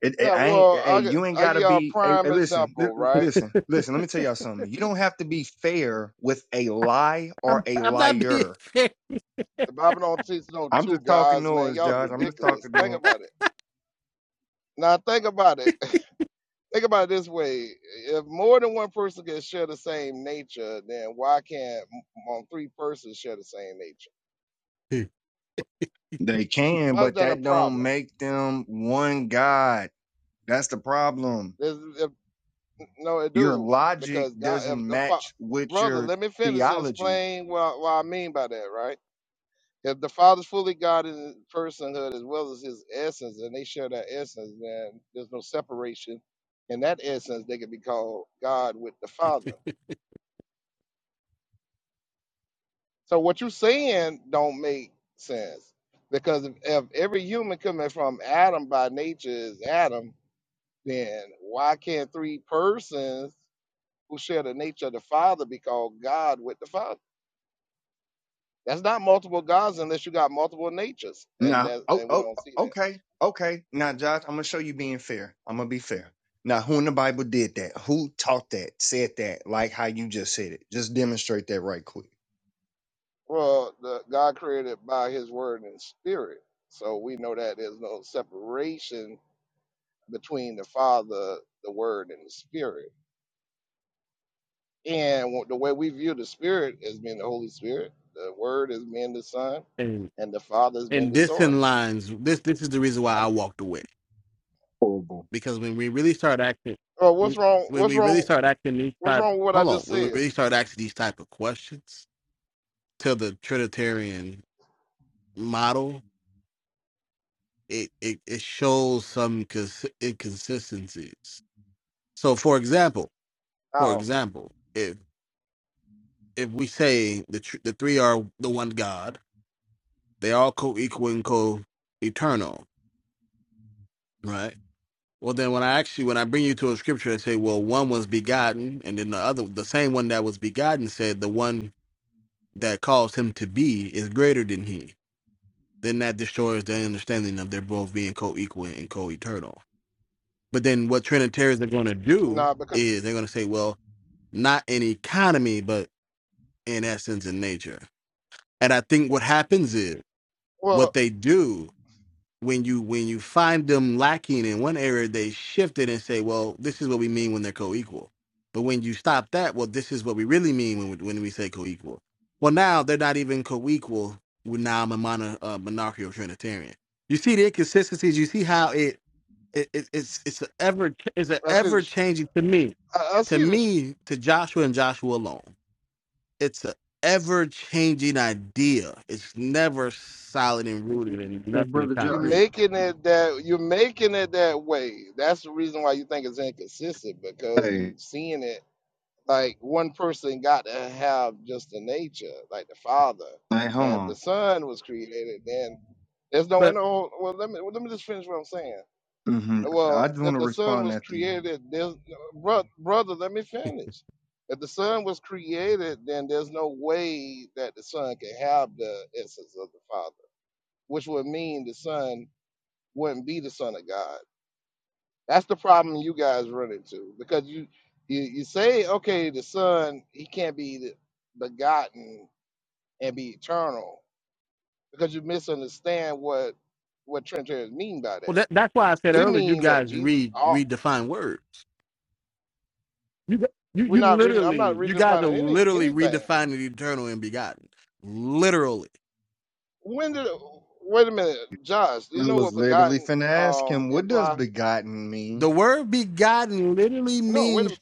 L: It, it-
C: Yeah,
L: I ain't.
C: well,
L: Hey,
C: I gi-
L: you ain't
C: I give
L: gotta
C: y'all a
L: be. Hey, hey,
C: prime
L: listen, li-
C: example, right?
L: listen, listen. Let me tell y'all something. You don't have to be fair with a lie or a liar.
C: The Bible don't teach no
L: I'm
C: two
L: just talking
C: gods, man.
L: noise,
C: Y'all
L: Josh. I'm just
C: ridiculous.
L: talking
C: Think
L: noise.
C: about it. Now think about it. Think about it this way: if more than one person can share the same nature, then why can't m- more than three persons share the same nature?
L: They can,
C: Why is
L: but
C: that a
L: that don't
C: problem?
L: make them one god. That's the problem.
C: There's, if, no, it
L: Your
C: do
L: logic
C: because God, if
L: doesn't
C: the fa-
L: match with
C: brother,
L: your
C: let me finish and
L: theology
C: explain what, what I mean by that, right? If the Father's fully God in his personhood as well as his essence, and they share that essence, then there's no separation in that essence. They can be called God with the Father. So what you're saying don't make sense because if, if every human coming from Adam by nature is Adam, then why can't three persons who share the nature of the Father be called God with the Father? That's not multiple gods unless you got multiple natures, and
L: Now,
C: that
L: oh,
C: and we
L: oh,
C: don't see that.
L: okay, okay. Now, Josh, I'm gonna show you being fair. I'm gonna be fair. Now, who in the Bible did that? Who taught that? Said that? Like how you just said it? Just demonstrate that right quick.
C: Well, the God created by His Word and Spirit, so we know that there's no separation between the Father, the Word, and the Spirit And wh- the way we view the Spirit as being the Holy Spirit, the Word as being the Son, and the Father as being the Source. I don't-
L: Horrible.
C: oh, what's wrong? What's wrong? What's wrong with what I just said? Oh, no, because well, I see this. I, I see this.
L: Hey, brother
C: You're
L: Josh.
C: making it that you're making it that way. That's the reason why you think it's inconsistent because you
L: Hey,
C: seeing it like one person got to have just the nature, like the Father,
L: hey, hold
C: and the
L: on.
C: Son was created. Then there's no inner. Well, let me well, let me just finish what I'm saying.
L: hmm I
C: Well,
L: just want
C: if
L: to
C: the Son
L: respond
C: was
L: after you.
C: created, there's bro, brother. Let me finish. If the Son was created, then there's no way that the Son can have the essence of the Father, which would mean the Son wouldn't be the Son of God that's the problem you guys run into because you you, you say okay, the son he can't be begotten and be eternal because you misunderstand what what Trinitarians mean by that. We mean that Jesus. All, we're not reading. I'm not redefining any anything. When did? Wait a minute, Josh. Do you
L: I
C: know
L: was
C: what
L: literally
C: begotten
L: finna ask
C: um
L: him, what does
C: imply?
L: begotten mean?
C: No. Wait a minute.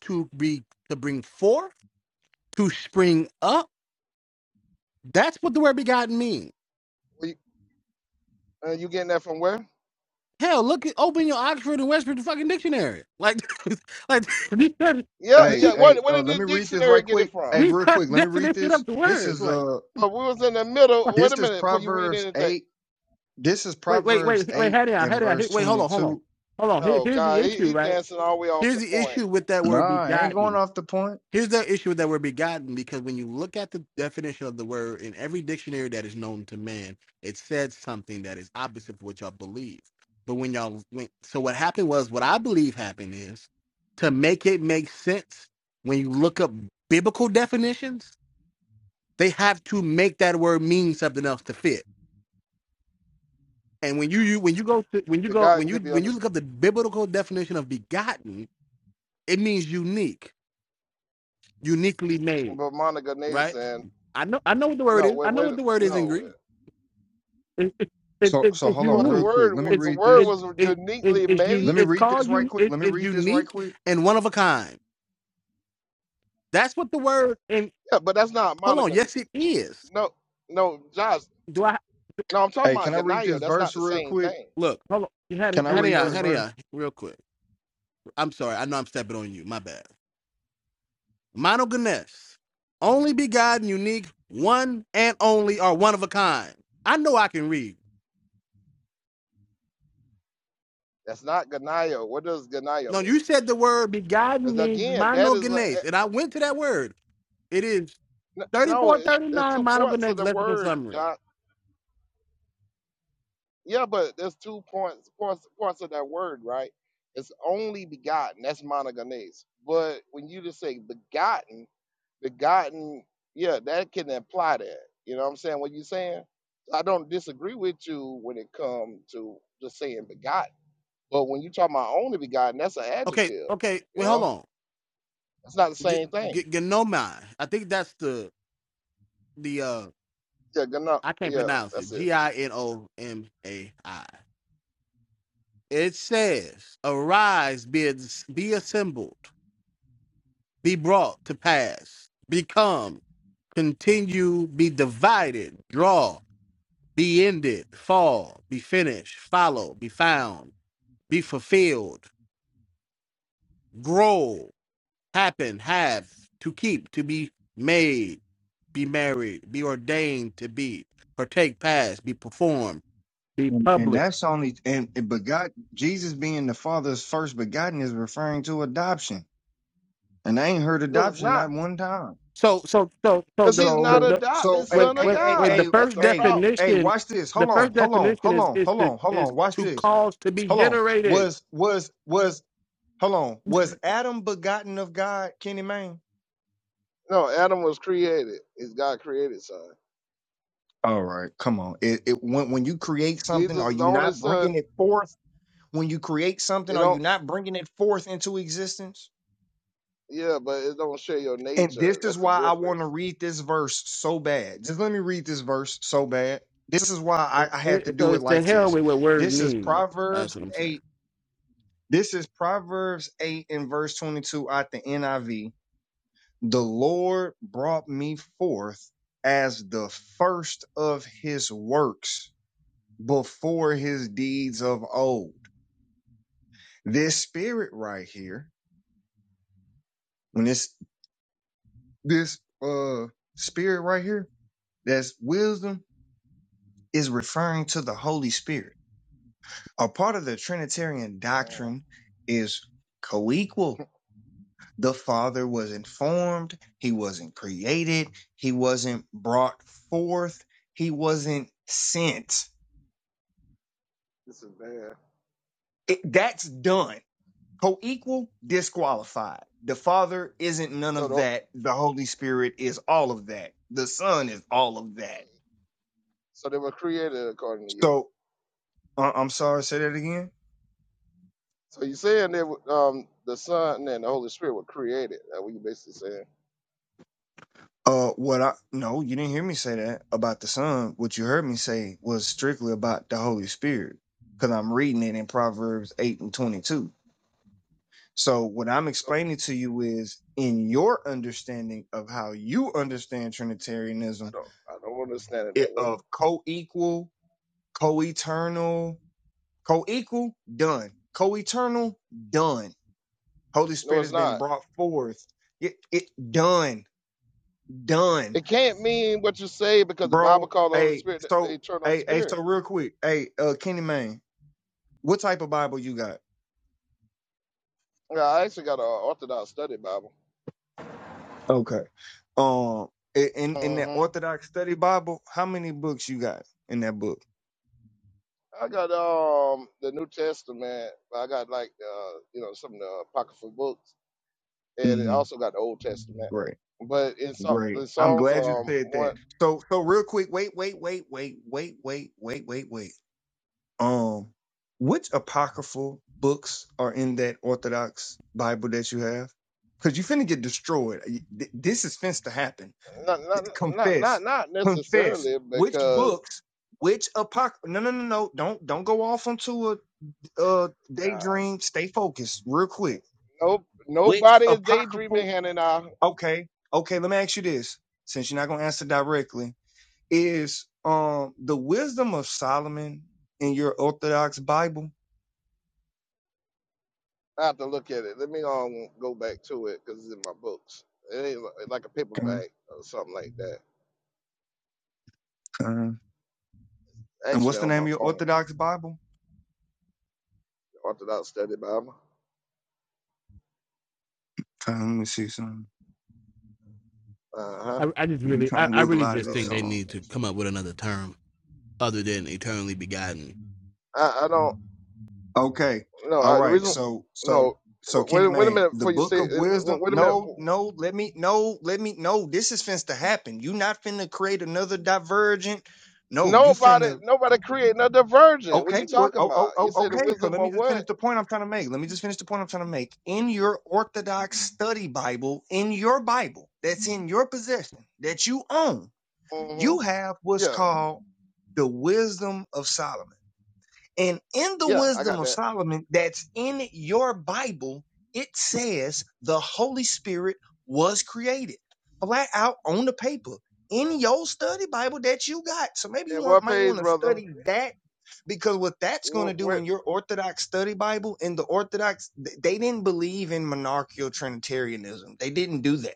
C: You, uh, you getting that from where?
D: Cause He said it
C: Yeah,
L: Hey,
C: yeah.
L: hey,
C: What what
L: uh,
C: did
L: let
C: the
L: me read this
C: dictionary
L: right
C: get it
L: quick. Hey,
C: from?
L: real quick, let me read this. This
D: first.
L: is
D: Like
L: uh,
C: But we was in the middle. Wait
L: this
C: a
L: is
C: minute before you read
L: Proverbs
C: anything.
L: eight. This is Proverbs
D: wait wait.
L: 8 and verse 22.
C: Oh God, he, he dancing all the way off the point.
L: Nah, I ain't going off the point.
C: The God can give you understanding. But Monica Nathan, no, wait, wait, no.
L: So so hold
C: Well,
L: on
C: the
L: real quick.
C: word,
L: Let me
C: the
L: read
C: word
L: this.
C: was uniquely
L: Let
C: made.
L: me read this right quick. Let me read this right quick.
C: Yeah, but that's not Monica. No, no, Josh. No, I'm talking
L: Hey,
C: about
L: can I read
C: Ganayo.
L: this
C: That's not
L: verse
C: the
L: real
C: same
L: quick?
C: thing. Two
L: Can I
C: Greek
L: read this
C: words.
L: verse?
C: That's not Ganayo. What does Ganayo mean? Because again, that is a, no. It, it's two parts of the word, Josh. Yeah, but there's two points points points of that word, right? It's only begotten. That's monogenes. But when you just say begotten, begotten, yeah, that can imply that. You know what I'm saying? What you saying? I don't disagree with you when it comes to just saying begotten. But when you talk about only begotten, that's an adjective. You know, it's not the same thing. Yeah, gonna, yeah, that's it.
D: The
L: And, and
D: public.
L: that's only and and but Jesus being the Father's first begotten is referring to adoption. And I ain't heard
C: No, it's
L: adoption not
C: not,
L: one time.
D: So so so
C: because
D: the
C: he's
D: the,
C: not
L: So
D: the
C: adopted
L: so hey
D: wait
C: son of
L: hey
D: wait
L: hey
D: wait.
L: hey
D: The
C: God. That's
D: first
C: the
L: hey
C: problem.
L: hey
D: definition.
L: watch this.
D: The
L: Hold on,
D: first
L: hold on,
D: definition
L: hold
D: is
L: on,
D: is
L: hold
D: to
L: on, hold
D: is
L: on, watch this
D: cause to be
L: hold on
D: generated.
L: was was was Hold on. Was Adam begotten of God, Kenny Mayne?
C: No, Adam was created. It's God created son.
L: All right, come on. It, it when when you create something,
C: Jesus
L: are
C: is the
L: you
C: only
L: not
C: son.
L: bringing it forth? When you create something,
C: It
L: are you
C: don't
L: not bringing it forth into existence?
C: yeah, but it don't share your
L: And
C: nature.
L: this is
C: That's the
L: why I want to
C: difference.
L: read this verse so bad. Just let me read this verse so bad. This is why I,
D: So
L: I had to
D: it- so
L: do it
D: it's to
L: like
D: hell
L: this.
D: with what words
L: This is
D: mean.
L: Proverbs 8. This is Proverbs 8 and verse 22 out the NIV the Lord brought me forth as the first of his works before his deeds of old. This spirit right here, when this this uh spirit right here, that's wisdom, is referring to the Holy Spirit. A part of the Trinitarian
C: Mm,
L: doctrine is co-equal. The Father wasn't formed, he wasn't created, he wasn't brought forth, he wasn't sent
C: this is bad.
L: It, that's done. Co-equal, disqualified. The Father isn't none
C: So
L: of
C: the,
L: that. The Holy Spirit is all of that. The Son is all of
C: so
L: that.
C: so they were created according to you.
L: So uh, I'm sorry, say that again.
C: So you saying that um the Son and the Holy Spirit were created. That what you basically saying.
L: Uh, what I no, you didn't hear me say that about the Son. What you heard me say was strictly about the Holy Spirit, because I'm reading it in Proverbs eight and twenty-two. So what I'm
C: So
L: explaining to you is in your understanding of how you understand
C: I
L: Trinitarianism,
C: don't I don't understand it that
L: it,
C: way.
L: of co-equal co-eternal, co-equal, done. Co-eternal, done. Holy
C: No,
L: Spirit
C: it's
L: has been
C: not.
L: brought forth. It it done, done,
C: It can't mean what you say because the Bible
L: bro.
C: called the Holy
L: Hey,
C: Spirit the
L: so
C: eternal
L: hey, hey,
C: spirit.
L: so real quick, hey, uh, Kenny Man, what type of Bible you got?
C: Yeah, I actually got an Orthodox study Bible.
L: Okay. Um, in in that
C: hmm
L: Orthodox Study Bible, how many books you got in that book?
C: I got um the New Testament. I got like uh you know some of the apocryphal books, and it
L: Mm-hmm.
C: also got the Old Testament.
L: Great,
C: But in so-
L: great.
C: in
L: I'm
C: songs,
L: glad you
C: um,
L: said that.
C: one
L: So so real quick, wait, wait, wait, wait, wait, wait, wait, wait, wait. Um, which apocryphal books are in that Orthodox Bible that you have? Because you finna get destroyed. Y- th- This is fenced to happen.
C: not not not not
L: Confess,
C: not
L: confess.
C: necessarily
L: Which
C: because
L: books? Which apocryphal? No, no, no, no. Don't don't go off onto a, uh
C: God,
L: daydream. Stay focused, real quick.
C: no
L: Which
C: nobody is
L: apocryphal?
C: daydreaming. Hannah and I,
L: Okay, okay. Let me ask you this. Since you're not gonna answer directly, is um the wisdom of Solomon in your Orthodox Bible?
C: I have to look at it. Let me um go back to it because it's in my books. It ain't li- like a paperback or something like that.
L: Uh, and
C: Actually,
L: what's the
C: on
L: name
C: my
L: of your
C: phone,
L: Orthodox Bible?
C: Orthodox Study Bible.
L: Okay, let me see something.
C: Uh huh.
D: I, I just
L: You
D: really
L: trying
D: I,
L: to
D: I
L: wiggle
D: really
L: out
D: just.
L: of this?
C: So
L: Hold on.
C: I, I don't.
L: Okay.
C: No,
L: All
C: uh, the
L: right.
C: reason
L: So so
C: no.
L: so
C: wa-
L: Kenny
C: Wait, wait a
L: Man,
C: minute
L: the
C: before you say.
L: Book of
C: it. wa-
L: Wisdom.
C: Wait a minute.
L: No, no. Let me no. Let me no. This is finna to happen. You not finna create another divergent. No, you
C: Nobody,
L: finna.
C: nobody creating a virgin. What you
L: Okay. What?
C: talking
L: Oh
C: about?
L: oh
C: You
L: oh.
C: said the
L: Okay. So
C: wisdom
L: let me
C: of
L: just
C: what?
L: finish the point I'm trying to make. Let me just finish the point I'm trying to make. In your Orthodox Study Bible, in your Bible that's in your possession that you own,
C: hmm
L: you have what's
C: Yeah,
L: called the wisdom of Solomon. And in the
C: yeah, I
L: wisdom
C: got
L: of
C: that.
L: Solomon that's in your Bible, it says the Holy Spirit was created flat out on the paper in your study Bible that you got. So maybe you
C: And
L: want,
C: what
L: might
C: page,
L: want to
C: brother?
L: study that because what that's going to
C: What
L: do
C: what
L: in your Orthodox study Bible, in the Orthodox, th- they didn't believe in monarchical Trinitarianism. They didn't do that.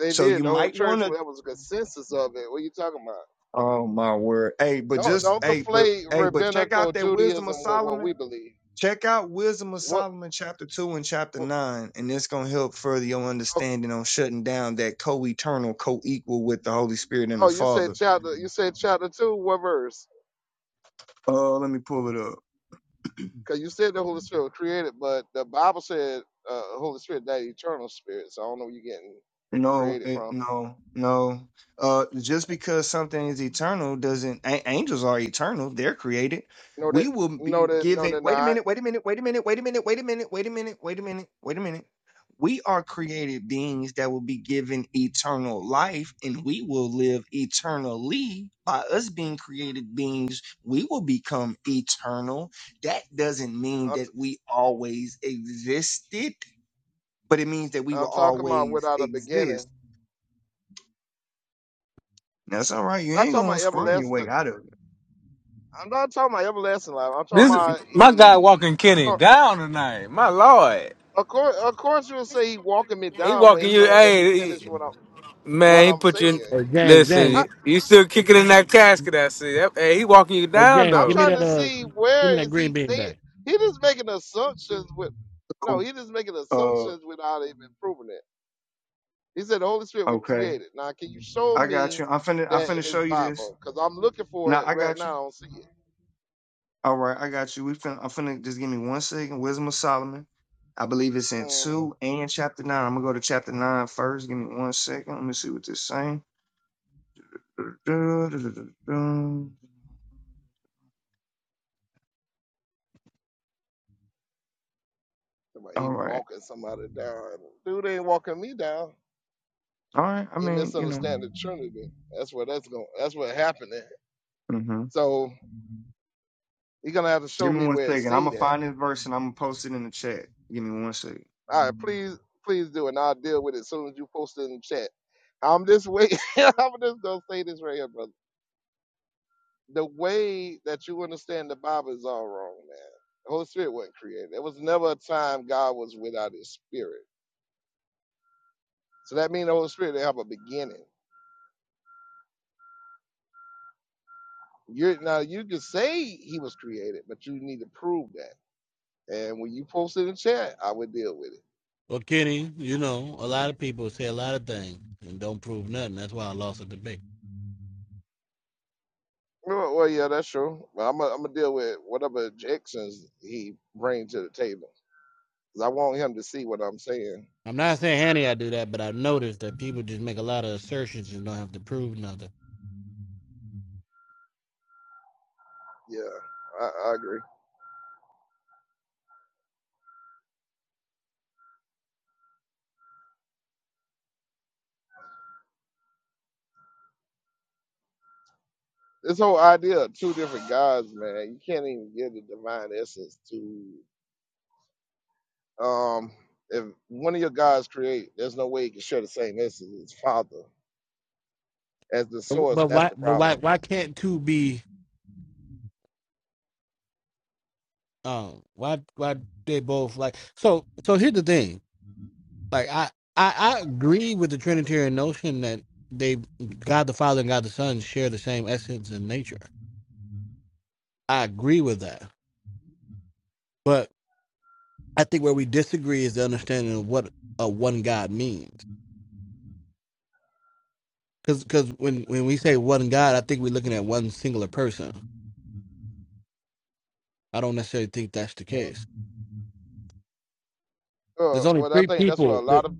C: they
L: So
C: did,
L: you
C: the whole
L: might want
C: church.
L: to
C: That was a consensus of it. What you talking about?
L: Oh my word. Hey, but
C: Don't
L: just
C: don't
L: hey, but
C: conflate
L: hey, but check
C: rabbinical
L: out that Wisdom of
C: Judaism with what
L: Solomon.
C: we believe.
L: Check out Wisdom of
C: What?
L: Solomon chapter 2 and chapter
C: what-
L: 9, and it's gonna help further your
C: Oh,
L: understanding on shutting down that co-eternal, co-equal with the Holy Spirit and the
C: oh, you said
L: Father.
C: chapter. You said chapter two. What verse?
L: Uh let me pull it up.
C: Because you said the Holy Spirit was created, but the Bible said uh, Holy Spirit, that eternal spirit. So I don't know where you're getting
L: No,
C: created
L: it,
C: from.
L: no, no. Uh, just because something is eternal doesn't a- angels are eternal. They're created.
C: No, that,
L: We will
C: no,
L: be
C: that, no,
L: given.
C: they're
L: Wait a
C: not.
L: minute. Wait a minute. Wait a minute. Wait a minute. Wait a minute. Wait a minute. Wait a minute. Wait a minute. We are created beings that will be given eternal life, and we will live eternally. By us being created beings, we will become eternal. That doesn't mean
C: I'm,
L: that we always existed but it means that we
C: t-
L: will
C: I'm talking about
L: always
C: without a
L: exist.
C: beginning.
L: That's all right. You
C: not
L: ain't
C: talking
L: gonna
C: about
L: squirm your
C: everlasting.
L: way out of it.
C: I'm not talking about everlasting life. I'm talking
H: This
C: about
H: my
C: he.
H: guy walking Kenny down tonight. My lord,
C: Of course, of course, you'll say he walking me
H: he
C: down when
H: walking
C: he
H: you.
C: won't let me
H: Hey, he-
C: finish what I'm what
H: man, he
C: I'm
H: put you. In,
C: saying.
D: Hey, James
H: listen,
D: James
H: you, you still kicking in that casket? I see. That- Hey, he walking you
D: Hey,
H: down
D: James,
C: I'm
D: give
H: though.
D: me
C: trying
D: that
C: to
D: uh,
C: see
D: give me
C: where
D: that
C: is
D: green
C: he
D: bean
C: saying.
D: back.
C: He just making assumptions with. No,
L: So,
C: he just making assumptions
L: uh,
C: without even proving it. He said the Holy Spirit was
L: okay,
C: created. Now, can you show
L: I got you.
C: me
L: I'm finna, I'm
C: that in
L: finna
C: this
L: show you this.
C: Bible? Because I'm looking for
L: Now
C: it
L: I
C: right
L: got
C: now.
L: you.
C: I don't see it.
L: All right, I got you. We finna, I'm finna just give me one second. Wisdom of Solomon. I believe it's in
C: Mm-hmm.
L: two and chapter nine. I'm gonna go to chapter nine first. Give me one second. Let me see what this saying. All
C: Somebody, he
L: right,
C: walking somebody down. Dude ain't walking me down.
L: all right. I
C: He
L: mean, you know.
C: misunderstanding the Trinity. That's what that's going. That's what happened there.
L: hmm
C: So he gonna have to show
L: Give me
C: me
L: one
C: where it
L: second. I'm
C: say
L: gonna
C: that.
L: find this verse and I'm gonna post it in the chat. Give me one second.
C: All right, please, please do, and I'll deal with it as soon as you post it in the chat. I'm just wait. I'm just gonna say this right here, brother. the way that you understand the Bible is all wrong, man. The Holy Spirit wasn't created. There was never a time God was without His Spirit. So that means the Holy Spirit they have a beginning. You're now you can say He was created, but you need to prove that. And when you post it in chat, I would deal with it. Well, well yeah, that's true. But I'm gonna deal with whatever objections he brings to the table, 'Cause I want him to see what I'm saying. Yeah, I, I agree. this whole idea of two different gods, man, you can't even give the divine essence to um if one of your gods create, there's no way you can share the same essence as Father as the source. That's the problem. Well, Uh, well, I think that's what a lot of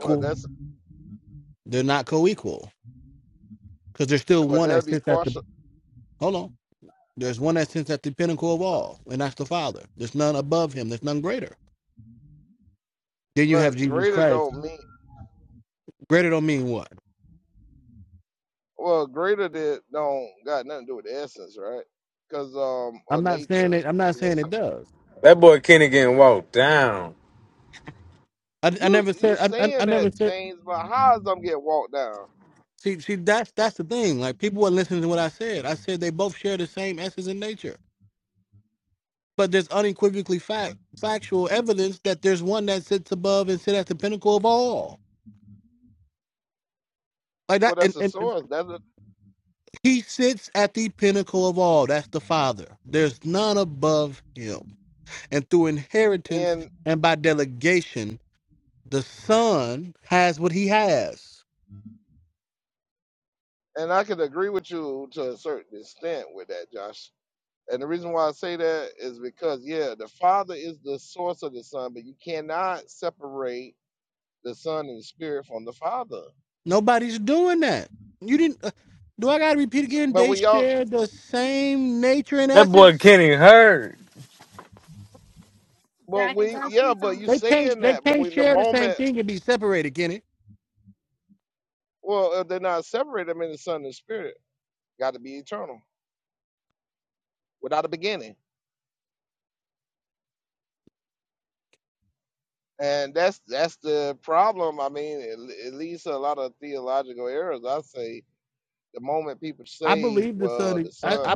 C: well, that's well that'd be partial, but greater
D: Christ,
C: don't mean well greater that don't got nothing to do with the essence, right? Because um or nature, you know. So
H: That boy Kenny getting walked down.
C: you you saying that James, but how is I'm getting walked down? Well, well, that's the
D: and and
C: source. That's a, And and I could agree with you to a certain extent with that, Josh. And the reason why I say that is because yeah, the Father is the source of the Son, but you cannot separate the Son and the Spirit from the Father. But when y'all,
H: That boy Kenny hurt.
C: but we, yeah, but you saying that, but when the moment, well, if they're not separated, I mean, the Son and Spirit got to be eternal without a beginning, and that's that's the problem. I mean, it, it leads to a lot of theological errors. I say the moment people say, "Well, the son,"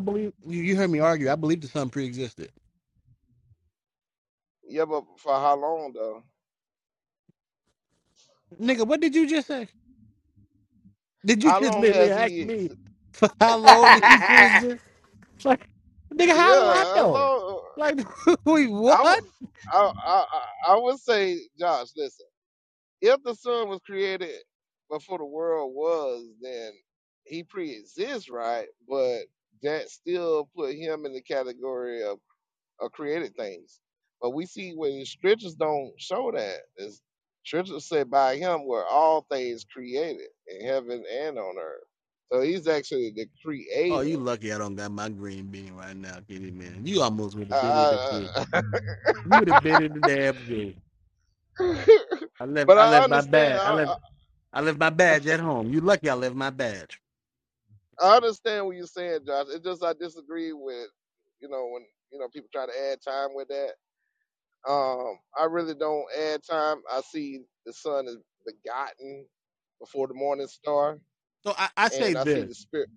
C: Yeah, but for how long though? How long
D: literally
C: has
D: asked
C: he? Ex-
D: me, he pre-exist. Like, nigga, how
C: yeah,
D: do I
C: how
D: know?
C: long?
D: Like,
C: I would, I, I, I I would say, Josh. Listen, if the sun was created before the world was, then he pre-exists, right? But that still put him in the category of, of created things. But we see when scriptures don't show that. It's, scriptures say by him were all things created in heaven and on earth. So he's actually the creator I, I, but I understand. I, I I understand what you're saying, Josh. It's just I disagree with, you know, when you know people try to add time with that. Um, I really don't add time. I see the sun is begotten before the morning star, and I see the spirit.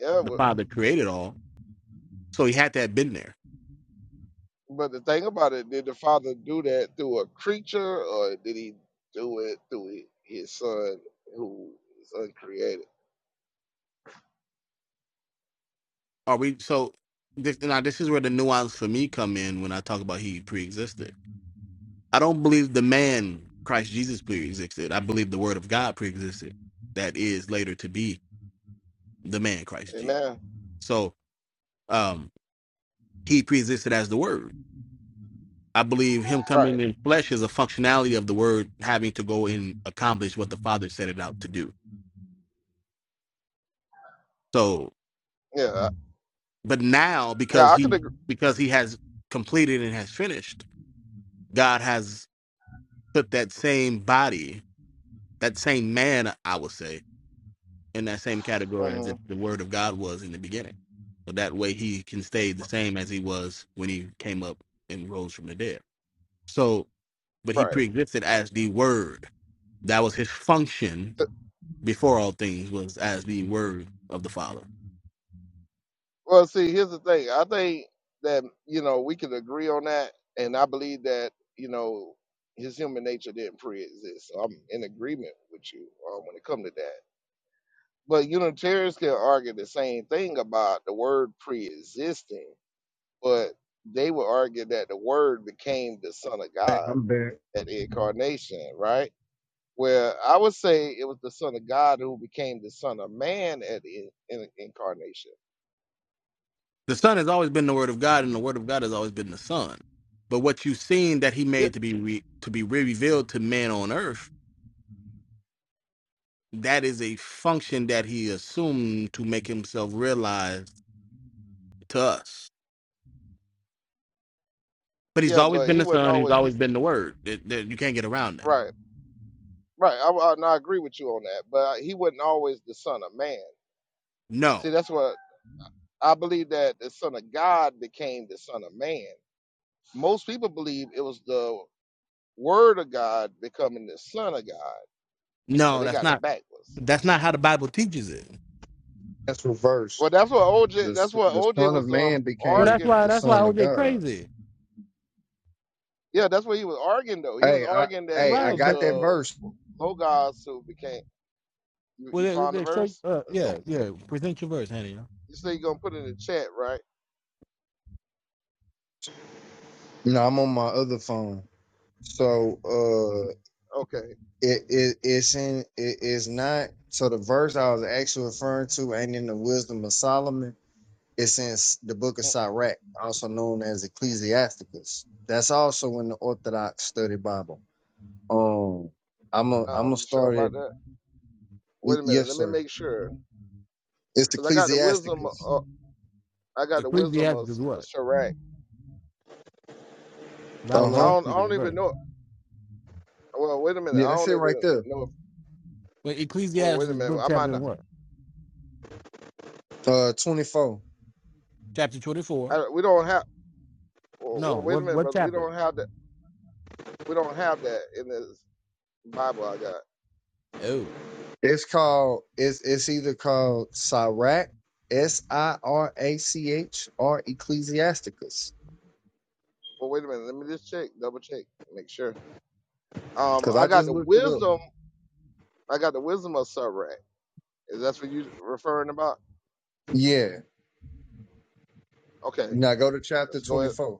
C: Yeah, but, but the thing about it, did the Father do that through a creature, or did he do it through hi- his son, who is uncreated? Amen. Right. Yeah. Now I could agree. Mhm. Right. Well, see, here's the thing. I think that you know we can agree on that, and I believe that you know his human nature didn't pre-exist. So I'm in agreement with you um, when it comes to that. But Unitarians can argue the same thing about the word pre-existing, but they would argue that the word became the Son of
L: Hey,
C: God
L: I'm back.
C: at the incarnation, right? Where I would say it was the Son of God who became the Son of Man at the in, in, incarnation. Yeah, yeah, but he wasn't always the Right, right. I, I, and I agree with you on that, but he wasn't always the son of man. See, that's what I believe that the son of God became the son of man. Most people believe it was the word of God becoming the son of God, so they got it backwards.
L: That's reversed.
C: Well, that's what OJ.
L: The
C: That's
L: s-
C: what
L: the
C: OJ
L: Son of
C: was um
L: Man
D: well,
L: became
C: arguing.
L: the Son of God.
C: Yeah, that's what he was arguing though. He was
L: Hey, I
C: arguing that
L: hey,
C: it
L: I
D: right,
C: was
D: but
L: got that
C: the
L: verse.
C: Logos who became. You,
D: well,
C: you
D: they,
C: found the
D: they show you
C: verse?
D: uh,
C: Let's go. You say you're gonna put it in the chat, right?
L: No, I'm on my other phone. So uh
C: Okay.
L: it, it it's in it is not so the verse I was actually referring to ain't in the wisdom of Solomon. It's in S- the book of
C: Mm,
L: Sirach, also known as Ecclesiasticus. That's also in the Orthodox study Bible. Um I'm a, I'm
C: Um,
L: gonna
C: you sure
L: start
C: about
L: it.
C: that?
L: y-
C: Wait a minute.
L: Yes,
C: Let me
L: sir.
C: make sure.
L: It's
C: Cause I got the wisdom.
L: Ecclesiasticus.
C: Of, I got the wisdom of S- Sirach. I
L: Uh-huh.
C: don't. I don't even know. Well, wait a minute.
L: Yeah,
C: I
L: that's
C: don't
L: it right
C: even
L: there.
C: know. If, well, wait a minute. I might not.
L: Uh, 24.
C: I, we don't have. Well, well, wait a minute, brother. We don't have that. We don't have that in this Bible I got.
L: It's called, it's, it's either called Sirach, S I R A C H, or Ecclesiasticus.
C: Well, wait a minute. Let me just check. Double check. Make sure. Um,
L: Because
C: I
L: I
C: got
L: just
C: the
L: looked it up.
C: wisdom. I got the wisdom of Sirach. Is that what you referring about?
L: Yeah.
C: Okay.
L: Now go to chapter
C: Let's go ahead.
L: 24.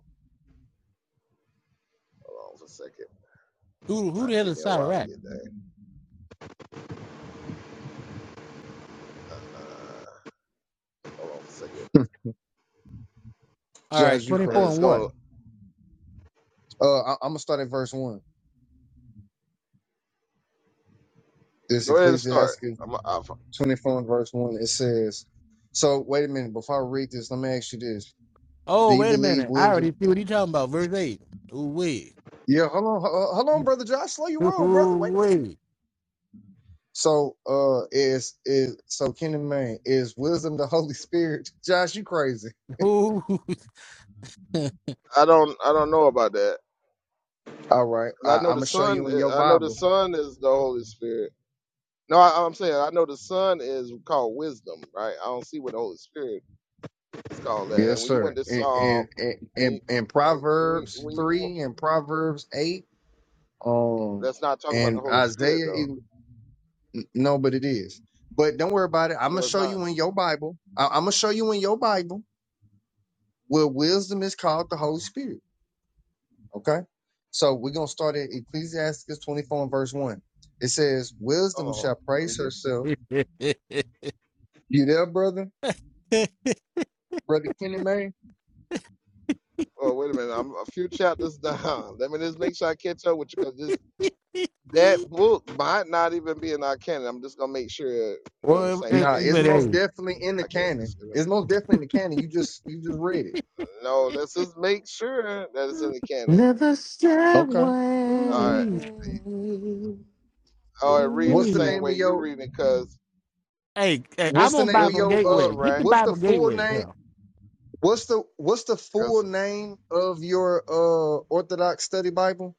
C: Hold on for a second. Might take me a while to get there. Uh, hold on for a second.
L: Josh, you
C: and
L: crazy.
C: it's gonna
L: Uh, I, I'm going to start at verse 1. This
C: go ahead and start.
L: Ecclesiastes
C: I'm, I,
L: 24 and verse 1. It says, So wait a minute. Before I read this, let me ask you this. Do you believe wisdom? Yeah, hold on. Hold on, brother Josh. Slow your roll, brother. Wait a minute. So uh is is so Kenny Man, is wisdom the Holy Spirit? Josh, you crazy.
D: who?
C: I don't I don't know about that
L: All right.
C: 'Cause I
L: I,
C: know
L: I'm
C: the
L: gonna show
C: Son.
L: you in your
C: I know the
L: Bible.
C: Son is the Holy Spirit. No, I, I'm saying I know the Son is called wisdom, right? I don't see what the Holy Spirit is called that. And
L: Yes,
C: when you went
L: sir.
C: to
L: In
C: Psalm,
L: in in,
C: when you,
L: in in
C: when you, when, you,
L: Proverbs
C: when you,
L: three and Proverbs eight, um
C: let's not talk about the
L: and
C: Holy Spirit
L: Isaiah it-
C: though.
L: n- no, but it is. But don't worry about it. I'm gonna
C: No, it's
L: show
C: not.
L: you in your Bible. I, I'm gonna show you in your Bible where wisdom is called the Holy Spirit. Okay. So we're going to start at Ecclesiastes 24 and verse 1. It says, Wisdom
C: Oh,
L: shall
C: let
L: praise
C: me get.
L: herself. You there, brother? Brother Kenny May?
C: Oh, wait a minute. I'm a few chapters down. Let me just make sure I catch up with you because this that book might not even be in our canon. I'm just gonna make sure we're on the
D: well, eh,
C: same
L: Nah,
D: eh,
L: it's
C: page
D: but
L: most
D: hey,
C: so
L: definitely in the
C: I can't
L: canon.
C: disagree.
L: It's most definitely in the canon. You just you just read it.
C: No, let's just make sure that it's in the canon.
F: Never step
L: Okay.
C: All right,
D: ooh
F: away.
C: or read the
L: What's the
D: wee,
C: same
L: name of
C: way you're
L: your
C: reading because
D: hey, hey,
L: what's
D: I'm
L: the
D: on
L: name of
D: Bible
C: wisdom
L: your
C: of
L: uh
D: Gateway. Get the
C: Sirach,
L: what's the
D: Bible
L: full
D: Gateway.
L: name?
D: Hell,
L: What's the what's the
C: that's
L: full name of your uh Orthodox study Bible?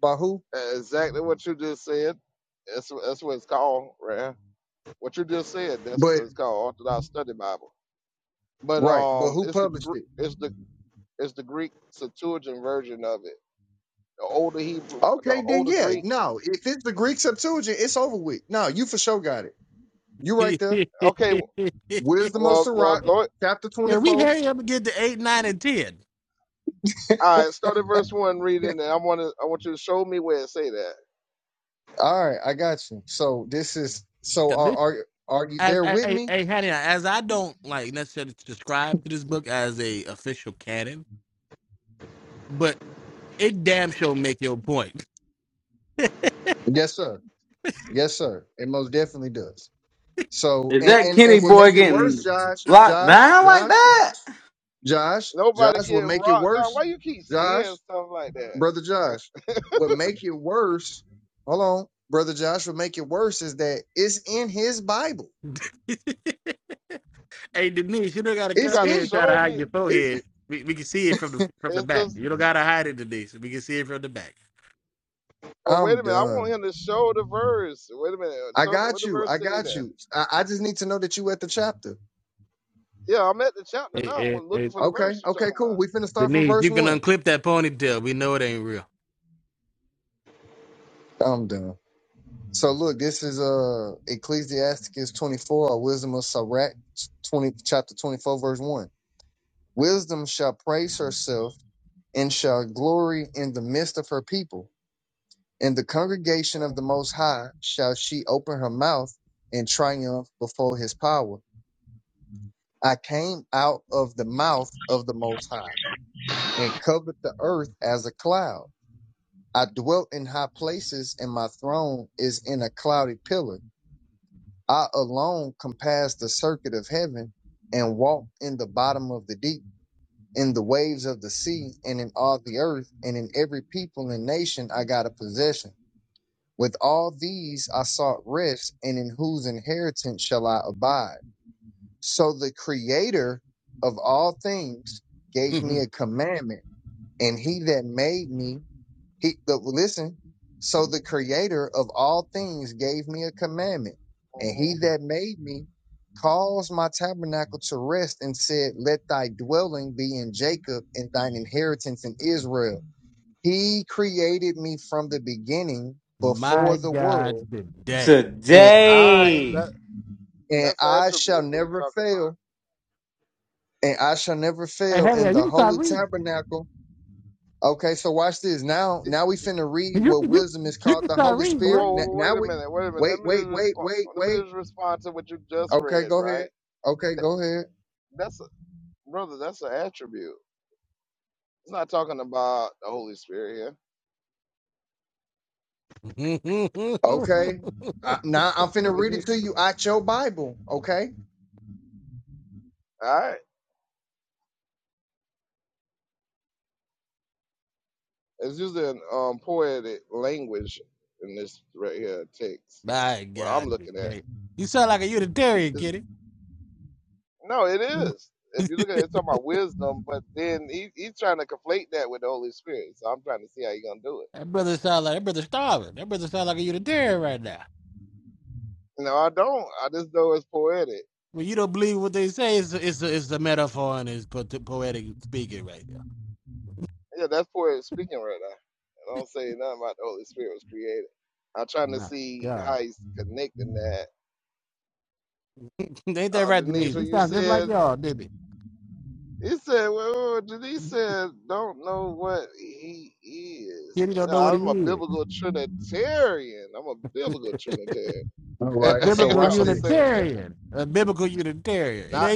L: By who?
C: exactly what you just said. That's that's what it's called, right? What you just said, that's
L: But
C: what it's called Orthodox Study Bible. But
L: right, but
C: um,
L: who
C: it's the
L: published
C: Gr-
L: it?
C: it's the it's the Greek Septuagint version of it. The older Hebrew, the
L: Okay, then
C: older
L: yeah.
C: Greek.
L: No, if it's the Greek Septuagint, it's over with. No, you for sure got it. You right
D: Hey,
L: there.
C: Okay.
L: Wisdom of
C: Well, well,
L: Sirach,
C: go.
L: chapter 24. All
C: All right, start at verse one, reading, and I want to. I want you to show me where it say that.
L: right, I got you. So this is so are are are you there with me? Yes, sir. Yes, sir. It most definitely does. So
H: Is
L: and
H: that
L: and
H: Kenny
L: and will
H: boy
L: make it worse,
H: getting
L: Josh.
H: locked
L: Josh,
H: down like
L: Josh,
H: that
L: Josh,
C: Nobody
L: Josh will
C: getting
L: make it
C: rocked down. Why
L: worse.
C: you keep saying
L: Josh,
C: stuff like that?
L: brother Josh, what make it worse? Hold on, brother Josh. What make it worse is that it's in his Bible.
C: You
L: It's
C: got to
L: in.
C: show me.
L: It's.
C: It's just. Well, wait a
L: I'm
C: minute. I want
L: done.
C: him to show the verse. Wait a minute.
L: I
C: So what
L: got
C: the
L: you.
C: verse
L: I
C: say
L: got
C: that?
L: you. I, I just need to know that you at the chapter.
C: Yeah, I'm at the chapter now. I'm
D: hey, eh,
C: looking for the
L: Okay.
C: verse you're
L: Okay.
C: talking
L: Cool. We finna start from
D: Denise,
L: verse one. I'm done. So look, this is uh Ecclesiasticus 24, or Wisdom of Sirach, 20 chapter 24, verse one. Wisdom shall praise herself and shall glory in the midst of her people. In the congregation of
C: about.
L: the
C: hmm
L: Most High shall she open her mouth and triumph before His power. I came out of the mouth of the Most High and covered the earth as a cloud. I dwelt in high places, and my throne is in a cloudy pillar. I alone compassed the circuit of heaven and walked in the bottom of the deep, in the waves of the sea, and in all the earth, and in every people and nation I got a possession. With all these I sought rest, and in whose inheritance shall I abide? So the creator of all things gave me a commandment, and he that made me, he the, listen. So the creator of all things gave me a commandment, and he
C: hmm
L: that made me caused my tabernacle to rest and said, Let thy dwelling be in Jacob and thine inheritance in Israel. He created me from the beginning
D: my
L: before the
D: God,
L: world,
D: hey,
L: and
C: That,
L: I
H: today?
C: that
L: and
C: that's an
L: I shall
C: attribute. What you
L: never
C: talking
L: fail and I shall never fail
D: hey,
L: in
D: you
L: the
D: can start
L: holy
D: reading.
L: tabernacle. Okay, so watch this. Now, now we
C: about?
L: finna read
D: You,
L: what
D: you,
L: wisdom is
D: you
L: called
D: can
L: the
D: start
L: Holy
D: reading,
L: Spirit.
D: brother.
C: Whoa,
L: N-
C: whoa, wait
L: Now
C: a
L: we
C: minute. Wait a minute. Let
L: wait,
C: me
L: wait,
C: just
L: wait,
C: respond.
L: wait,
C: Let me
L: wait.
C: just respond to what you just
L: Okay,
C: read.
L: go ahead.
C: Right.
L: Okay,
C: That,
L: go ahead.
C: That's brother, that's an attribute. It's not talking about the Holy Spirit here.
D: it
L: Okay. Uh, now I'm finna
C: But
L: read
C: you,
L: it to you out your Bible. Okay.
C: all right, it's using um, poetic language in this right here text. What I'm looking at, It's- no, it is. If you look at it, it's talking about wisdom, but then he, he's trying to conflate that with the Holy Spirit. So I'm trying to see how you're gonna do it. No, I don't. I just know it's poetic. Yeah, that's poetic speaking right now. I don't say nothing about the Holy Spirit was created. I'm trying to see how he's connecting that uh, Denise, what you said He said, "Well, he said, don't know what he is. Well, I'm a biblical Trinitarian. I'm a biblical Trinitarian.
L: All right.
C: you
L: So
C: know what
L: watch
C: I'm
L: this.
C: saying? Not,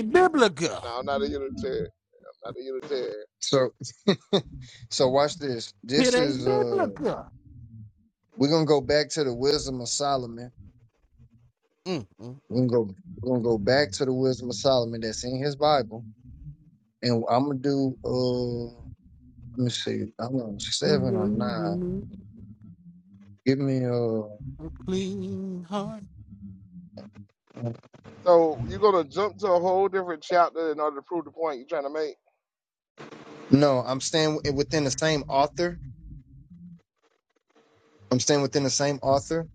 C: no, I'm not a Unitarian. I'm not a Unitarian.
L: So so watch this. This
D: ain't
L: is uh
D: biblical.
L: we're gonna go back to the wisdom of Solomon. We're gonna go we're gonna go back to the wisdom of Solomon that's in his Bible and I'm gonna do. uh, Let me see. I'm on seven or nine.
D: And
L: Give me a.
C: So you're going to jump to a whole different chapter in order to prove the point you're trying to make?
L: No, I'm staying wi- within the same author. I'm staying within the same author.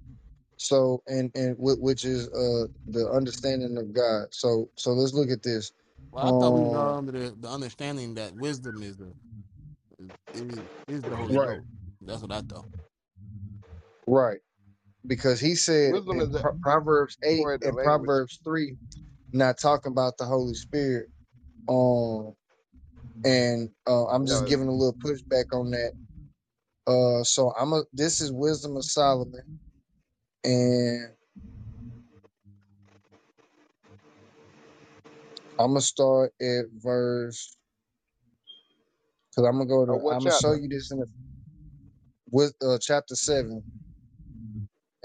L: So and and whi- which is uh the understanding of God. So so let's look at this. Um. Right. Right. Because he said
C: Wisdom
L: in
C: is a
L: Pro- Proverbs eight
C: poetic
L: and
C: language.
L: Proverbs three, not talking about the Holy Spirit. Um. And uh, I'm just
C: No,
L: giving a little pushback on that. Uh. So I'm a. This is wisdom of Solomon. and. I'm gonna start at verse because I'm gonna go
C: uh,
L: to.
C: what
L: I'm gonna show
C: chapter?
L: you this in the, with uh, chapter seven,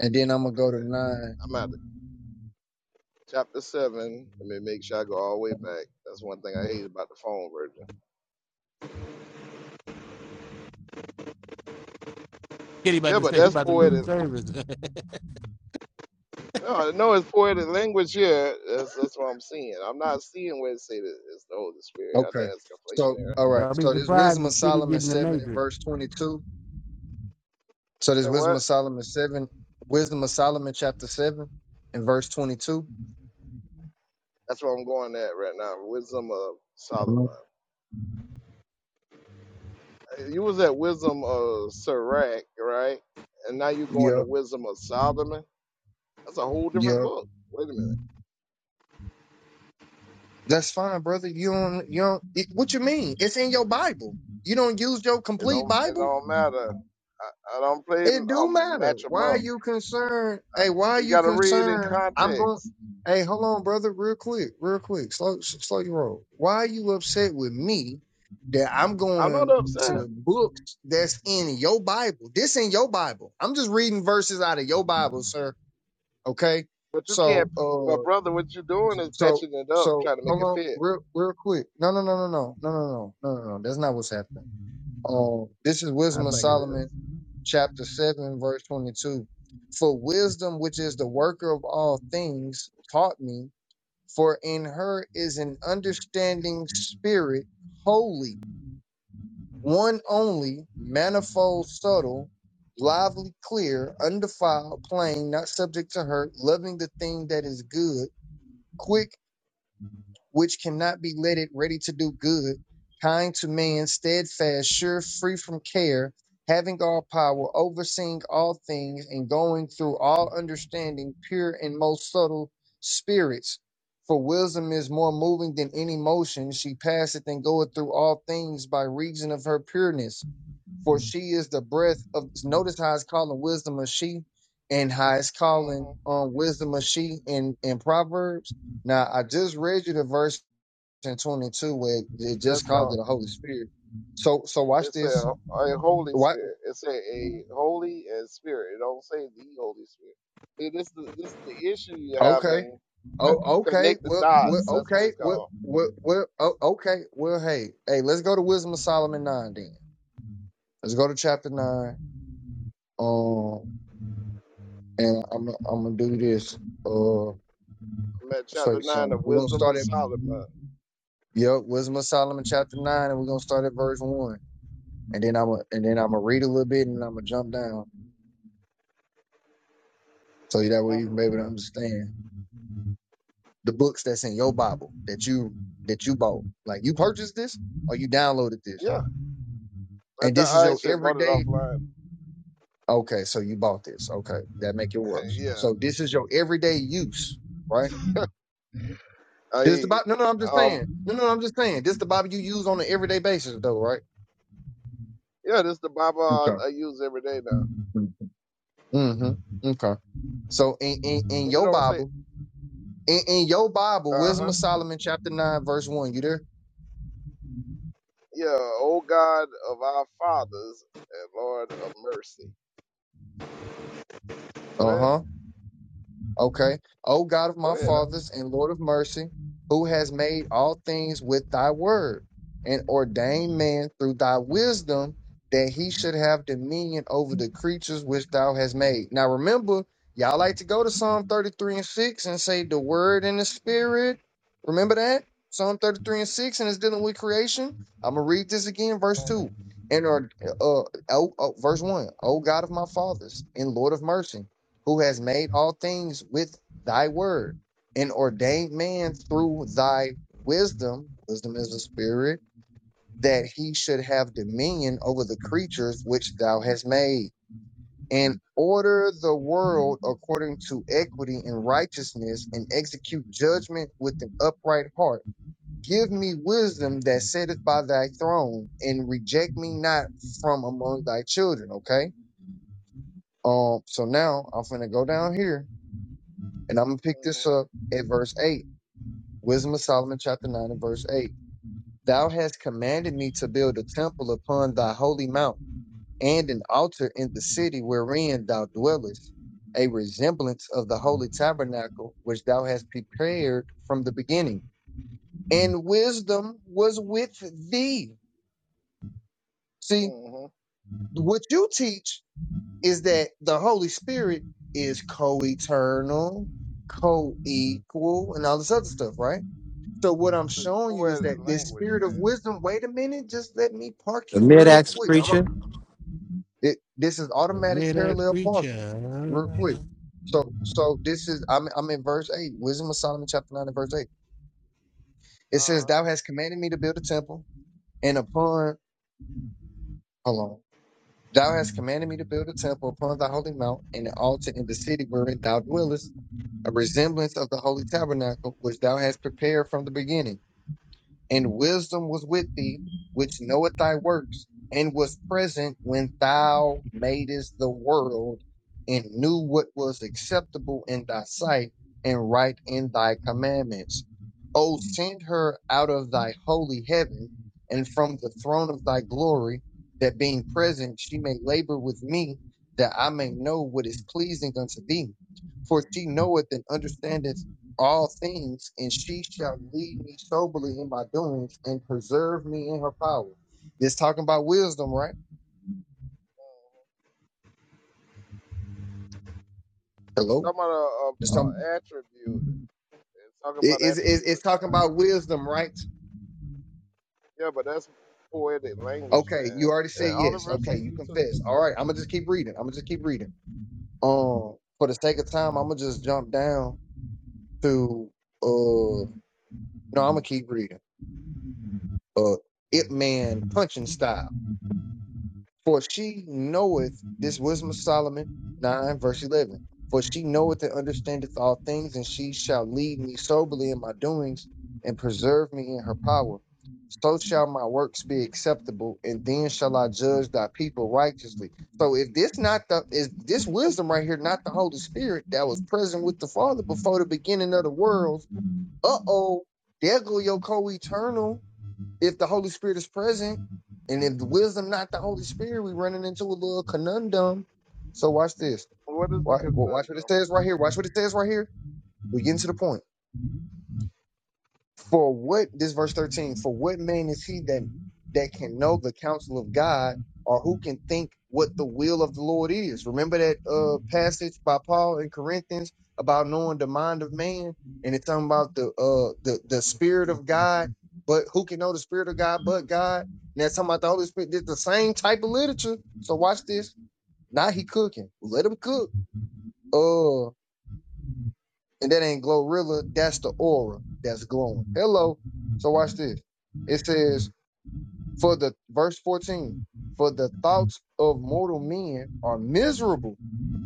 L: and then I'm gonna
C: Okay,
L: go to
C: yeah.
L: nine.
C: I'm out. of- Chapter 7. Let me make sure I go all the way back. That's one thing I hate about the phone version. Yeah, but that's poetic. No, no, it's poetic language here. That's, that's what I'm seeing. I'm not seeing where it say that it's the Holy Spirit. I
L: Okay.
C: think that's
L: So
C: conflation error.
L: all right.
D: Don't be
L: So this
D: surprised
L: wisdom
D: if
L: of
D: Kitty
L: Solomon
D: get in the
L: seven and
D: matrix.
L: verse twenty two. So this
C: Say
L: wisdom
C: what?
L: of Solomon seven, wisdom of Solomon chapter seven and verse twenty two.
C: That's where I'm going at right now. Wisdom of Solomon. You was at Wisdom of Sirach, right? And now you're going to
L: Yeah.
C: Wisdom of Solomon. That's a whole different
L: Yeah.
C: book. Wait a minute.
L: That's fine, brother. You don't. You don't. It, what you mean? It's in your Bible. You don't use your
C: It
L: complete
C: don't. It
L: Bible.
C: don't matter. I, I don't play
L: It do
C: um
L: matter.
C: match 'em
L: Why are
C: up.
L: you concerned?
C: I,
L: Hey, why are
C: you
L: you
C: got to read in
L: concerned? I'm going.
C: context.
L: Hey, hold on, brother, real quick, real quick. Slow, s- slow your roll. Why are you upset with me that I'm
C: I'm not
L: going
C: upset.
L: to the books that's in your Bible? This in your Bible. I'm just reading verses out of your Bible, sir. Okay.
C: But you can't,
L: So,
C: my
L: uh,
C: brother. What you're doing is
L: so,
C: patching it up,
L: so,
C: trying to make
L: hold
C: it
L: on,
C: fit.
L: real, real quick. No, no, no, no, no, no, no, no, no, no. no. That's not what's happening. Um, this is
C: I
L: Wisdom of
C: think it is.
L: Solomon, chapter 7, verse 22. For wisdom, which is the worker of all things, taught me, for in her is an understanding spirit, holy, one only, manifold, subtle, lively, clear, undefiled, plain, not subject to hurt, loving the thing that is good, quick which cannot be letted, ready to do good, kind to man, steadfast, sure, free from care, having all power, overseeing all things, and going through all understanding, pure and most subtle spirits. For wisdom is more moving than any motion. She passeth and goeth through all things by reason of her pureness. For she is the breath of. Notice how it's calling wisdom a she, and how it's calling
C: Mm-hmm.
L: um, wisdom a she in, in Proverbs. Now I just read you the verse in 22 where it
C: That's
L: just called it
C: called.
L: the Holy Spirit. So so watch
C: It's a,
L: this.
C: a Holy
L: What?
C: Spirit. It's a, a Holy and Spirit. It don't say the Holy Spirit. See, this is the this is the issue you're
L: Okay.
C: having. Co-
L: Oh okay.
C: Connect the
L: Well, well
C: dots. That's what
L: okay.
C: it's
L: Well,
C: called.
L: well, well oh, okay. Well, hey, hey, let's go to Wisdom of Solomon 9 then. Let's go to chapter 9. Um and I'm I'm going to do this uh
C: I'm at chapter
L: say
C: nine
L: something.
C: of
L: We're going to
C: Wisdom
L: start
C: and
L: at
C: Solomon.
L: Yep, Wisdom of Solomon chapter 9 and we're going to start at verse 1. And then I'm gonna and then I'm gonna read a little bit and I'm gonna jump down so that way
C: hmm
L: you can be able to understand. the books that's in your Bible that you that you bought. Like you purchased this or you downloaded this.
C: Yeah, I, d-
L: And this is
C: I
L: your
C: actually bought it
L: everyday
C: offline.
L: okay, so you bought this. Okay. That make it worse.
C: yeah,
L: So this is your everyday use, right?
C: I
L: This the Bible no no I'm just
C: um
L: saying. No no I'm just saying. This the Bible you use on an everyday basis though, right?
C: yeah, this is the Bible
L: Okay.
C: I, I use every day now,
L: Mm-hmm. Okay. So in, in, in
C: but it
L: your
C: don't say.
L: Bible, in, in your Bible,
C: Uh huh.
L: Wisdom of Solomon chapter nine, verse one, you there?
C: Yeah, O God of our fathers and Lord of mercy. Go
L: Uh-huh.
C: ahead.
L: Okay. O God of
C: Go
L: my
C: ahead.
L: fathers and Lord of mercy, who has made all things with thy word and ordained man through thy wisdom that he should have dominion over the creatures which thou hast made. Now remember, y'all like to go to Psalm 33 and 6 and say the word and the spirit. Remember that? Psalm 33 and 6 and it's dealing with creation. I'm going to read this again, verse 2. And or uh, oh, oh, verse 1. O God of my fathers and Lord of mercy who has made all things with thy word, and ordained man through thy wisdom, wisdom is the spirit, that he should have dominion over the creatures which thou hast made, and order the
C: Mm-hmm,
L: world according to equity and righteousness, and execute judgment with an upright heart. Give me wisdom that sitteth by thy throne, and reject me not from among thy children. Okay. Um. So now I'm finna go down here And I'm going to pick this up at verse 8. Wisdom of Solomon, chapter 9, and verse 8. Thou hast commanded me to build a temple upon thy holy mount, and an altar in the city wherein thou dwellest, a resemblance of the holy tabernacle which thou hast prepared from the beginning. And wisdom was with thee. See,
C: hmm
L: what you teach is that the Holy Spirit is co eternal, co equal, and all this other stuff, right? So what I'm
C: This is
L: showing you is
C: poetic
L: that this
C: language,
L: spirit of
C: man.
L: wisdom. Wait a minute, just let me park
N: The
L: you
N: mid
L: real
N: axe
L: quick. I'm a,
N: preacher.
L: it, this is
D: A
L: automatic
C: It-
D: mid-ax
L: parallel parking,
D: preacher.
L: real quick. So so this is I'm I'm in verse eight, Wisdom of Solomon chapter nine and verse eight. It says,
C: Uh,
L: "Thou hast commanded me to build a temple, and upon hold on, thou hast commanded me to build a temple upon thy holy mount, and an altar in the city wherein thou dwellest, a resemblance of the holy tabernacle which thou hast prepared from the beginning." and wisdom was with thee, which knoweth thy works, and was present when thou madest the world, and knew what was acceptable in thy sight, and right in thy commandments. O send her out of thy holy heaven, and from the throne of thy glory, that being present she may labor with me, that I may know what is pleasing unto thee. For she knoweth and understandeth all things, and she shall lead me soberly in my doings and preserve me in her power. It's talking about wisdom, right? Hello?
C: talking about a, a,
L: It's
C: a
L: talking,
C: attribute. It's talking
L: it-
C: about
L: it's, it's,
C: attribute of
L: it's talking
C: God.
L: about wisdom, right?
C: Yeah, but that's poetic language,
L: Okay,
C: man.
L: you already
C: Yeah,
L: said
C: all the
L: yes. Okay,
C: verses
L: you
C: you took
L: confess.
C: me
L: All
C: to.
L: right, I'm gonna just keep reading. I'm gonna just keep reading. Um, for the sake of time, I'm gonna just jump down to uh no, I'm gonna keep reading. Uh Ip Man punching style. For she knoweth, this wisdom of Solomon 9, verse 11. For she knoweth and understandeth all things, and she shall lead me soberly in my doings and preserve me in her power. So shall my works be acceptable, and then shall I judge thy people righteously. So if this not the is this wisdom right here, not the Holy Spirit that was present with the Father before the beginning of the world, uh oh, there go your co-eternal if the Holy Spirit is present, and if the wisdom not the Holy Spirit, we running into a little conundrum. So watch this.
C: What is the
L: Wa- Watch what it
C: conundrum?
L: says right here. Watch what it says right here. We getting to the point. For what this verse 13, for what man is he that that can know the counsel of God or who can think what the will of the Lord is? Remember that uh passage by Paul in Corinthians about knowing the mind of man and it's talking about the uh the, the spirit of God, but who can know the spirit of God but God? And that's talking about the Holy Spirit. It's the same type of literature. So watch this. Now he cooking. Let him cook. Uh and that ain't Glorilla, that's the aura that's glowing. Hello. So watch this. It says, for the verse 14, for the thoughts of mortal men are miserable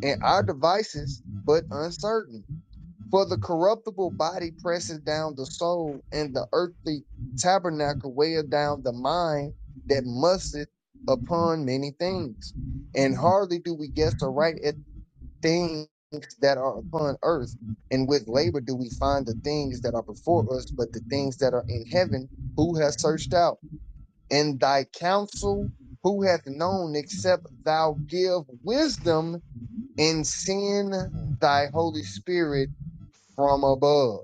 L: and our devices but uncertain. For the corruptible body presses down the soul, and the earthly tabernacle weigheth down the mind that musteth upon many things. And hardly do we guess aright at things that are upon earth, and with labor do we find the things that are before us, but the things that are in heaven, who has searched out? And thy counsel, who hath known, except thou give wisdom and send
C: Hmm.
L: thy Holy Spirit from above?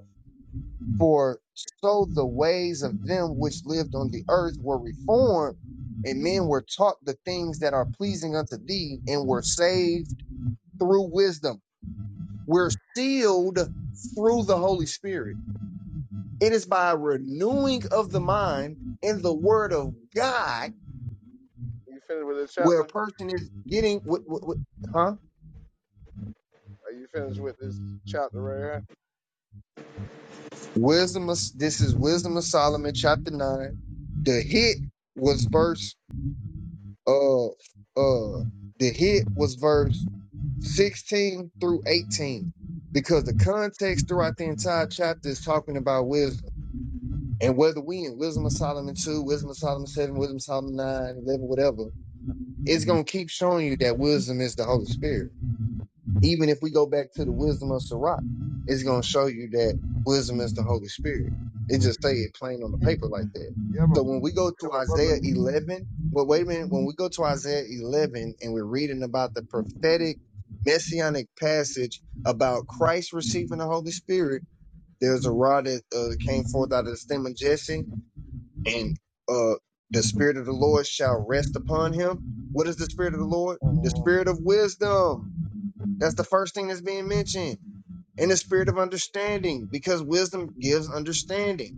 L: For so the ways of them which lived on the earth were reformed, and men were taught the things that are pleasing unto thee, and were saved through wisdom. We're sealed through the Holy Spirit. It is by renewing of the mind in the Word of God
C: You finished with this
L: where a
C: chapter?
L: person is getting what, what, what huh?
C: Are you finished with this chapter right here?
L: Wisdom of this is Wisdom of Solomon chapter nine. The hit was verse uh uh the hit was verse 16 through 18 because the context throughout the entire chapter is talking about wisdom And whether we in Wisdom of Solomon 2, Wisdom of Solomon 7, Wisdom of Solomon 9, eleven, whatever, it's going to keep showing you that wisdom is the Holy Spirit. Even if we go back to the wisdom of Sirach, it's going to show you that wisdom is the Holy Spirit. It just say it plain on the paper like that.
C: Yeah, but,
L: So when we go
C: yeah,
L: to
C: but brother.
L: Isaiah 11, well, wait a minute. When we go to Isaiah 11 and we're reading about the prophetic messianic passage about Christ receiving the Holy Spirit, there's a rod that uh, came forth out of the stem of Jesse and uh the spirit of the lord shall rest upon him what is the spirit of the lord the
C: hmm
L: spirit of wisdom that's the first thing that's being mentioned and the spirit of understanding because wisdom gives understanding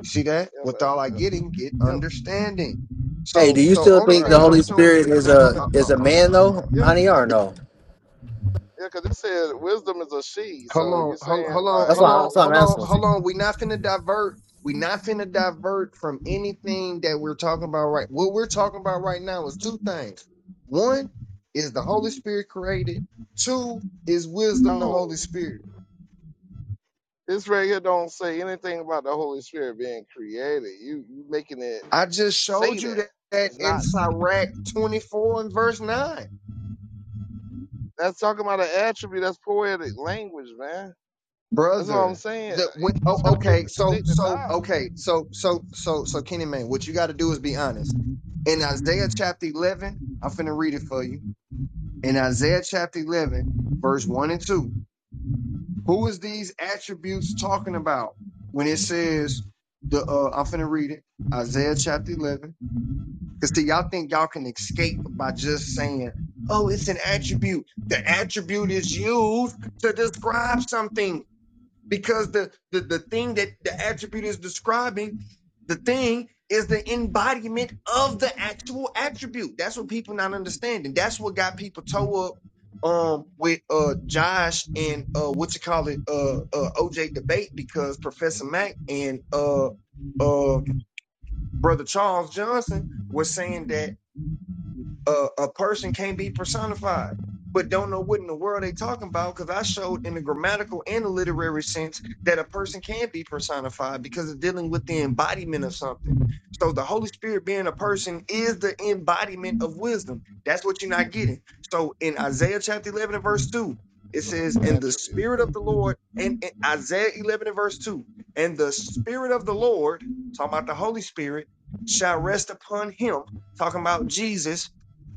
L: you see that
C: Yeah,
L: with
C: but,
L: all i
C: yeah.
L: getting get
C: yeah.
L: understanding
N: Hey,
L: so
N: do you
L: so
N: still
L: only
N: think the
C: Right.
L: thing i'm
N: Holy
L: showing you
N: Spirit is
C: That is
N: a is
L: I,
N: a
C: that.
N: man though,
C: Yeah,
N: honey, or no?
C: yeah. Because it said wisdom is a she.
L: Hold
C: So you
L: on, hold,
C: saying
L: hold on,
N: That's
C: like
L: hold
C: the
N: why
L: on,
N: that's
C: Holy
N: what I'm
L: hold
C: Spirit
L: on,
N: asking.
C: is a
L: hold
C: she?
L: on. We not finna divert. We not finna divert from anything that we're talking about right. What we're talking about right now is two things. One is the Holy Spirit created. Two is wisdom, the
C: No,
L: Holy Spirit.
C: this right here don't say anything about the Holy Spirit being created. You you making it
L: I just
C: say
L: showed you
C: that
L: that, that
C: it's
L: in
C: not. Say,
L: Sirach 24 and verse 9.
C: that's talking about an attribute. That's poetic language, man. That's what I'm
L: Brother,
C: saying.
L: the when, oh,
C: You try to be able
L: okay,
C: to
L: so
C: connect the
L: so
C: dots.
L: okay, so so so so Kenny Man, what you gotta do is be honest in Isaiah chapter 11. I'm finna read it for you. in Isaiah chapter 11, verse 1 and 2. Who is these attributes talking about when it says, the? Uh, I'm finna read it, Isaiah chapter 11. Because see, y'all think y'all can escape by just saying, oh, it's an attribute. The attribute is used to describe something because the the, the thing that the attribute is describing the thing is the embodiment of the actual attribute that's what people not understanding that's what got people toe up um with uh josh and uh what you call it uh, uh oj debate because professor mack and uh uh brother charles johnson were saying that a, a person can't be personified, but don't know what in the world they talking about because I showed in the grammatical and the literary sense that a person can be personified because it's dealing with the embodiment of something. So the Holy Spirit being a person is the embodiment of wisdom. That's what you're not getting. So in Isaiah chapter 11 and verse 2, it
C: It's
L: says,
C: an
L: "In the
C: attribute,
L: Spirit of the
C: brother.
L: Lord," and, and Isaiah 11 and verse 2, "And the Spirit of the Lord," talking about the Holy Spirit, "shall rest upon him," talking about Jesus,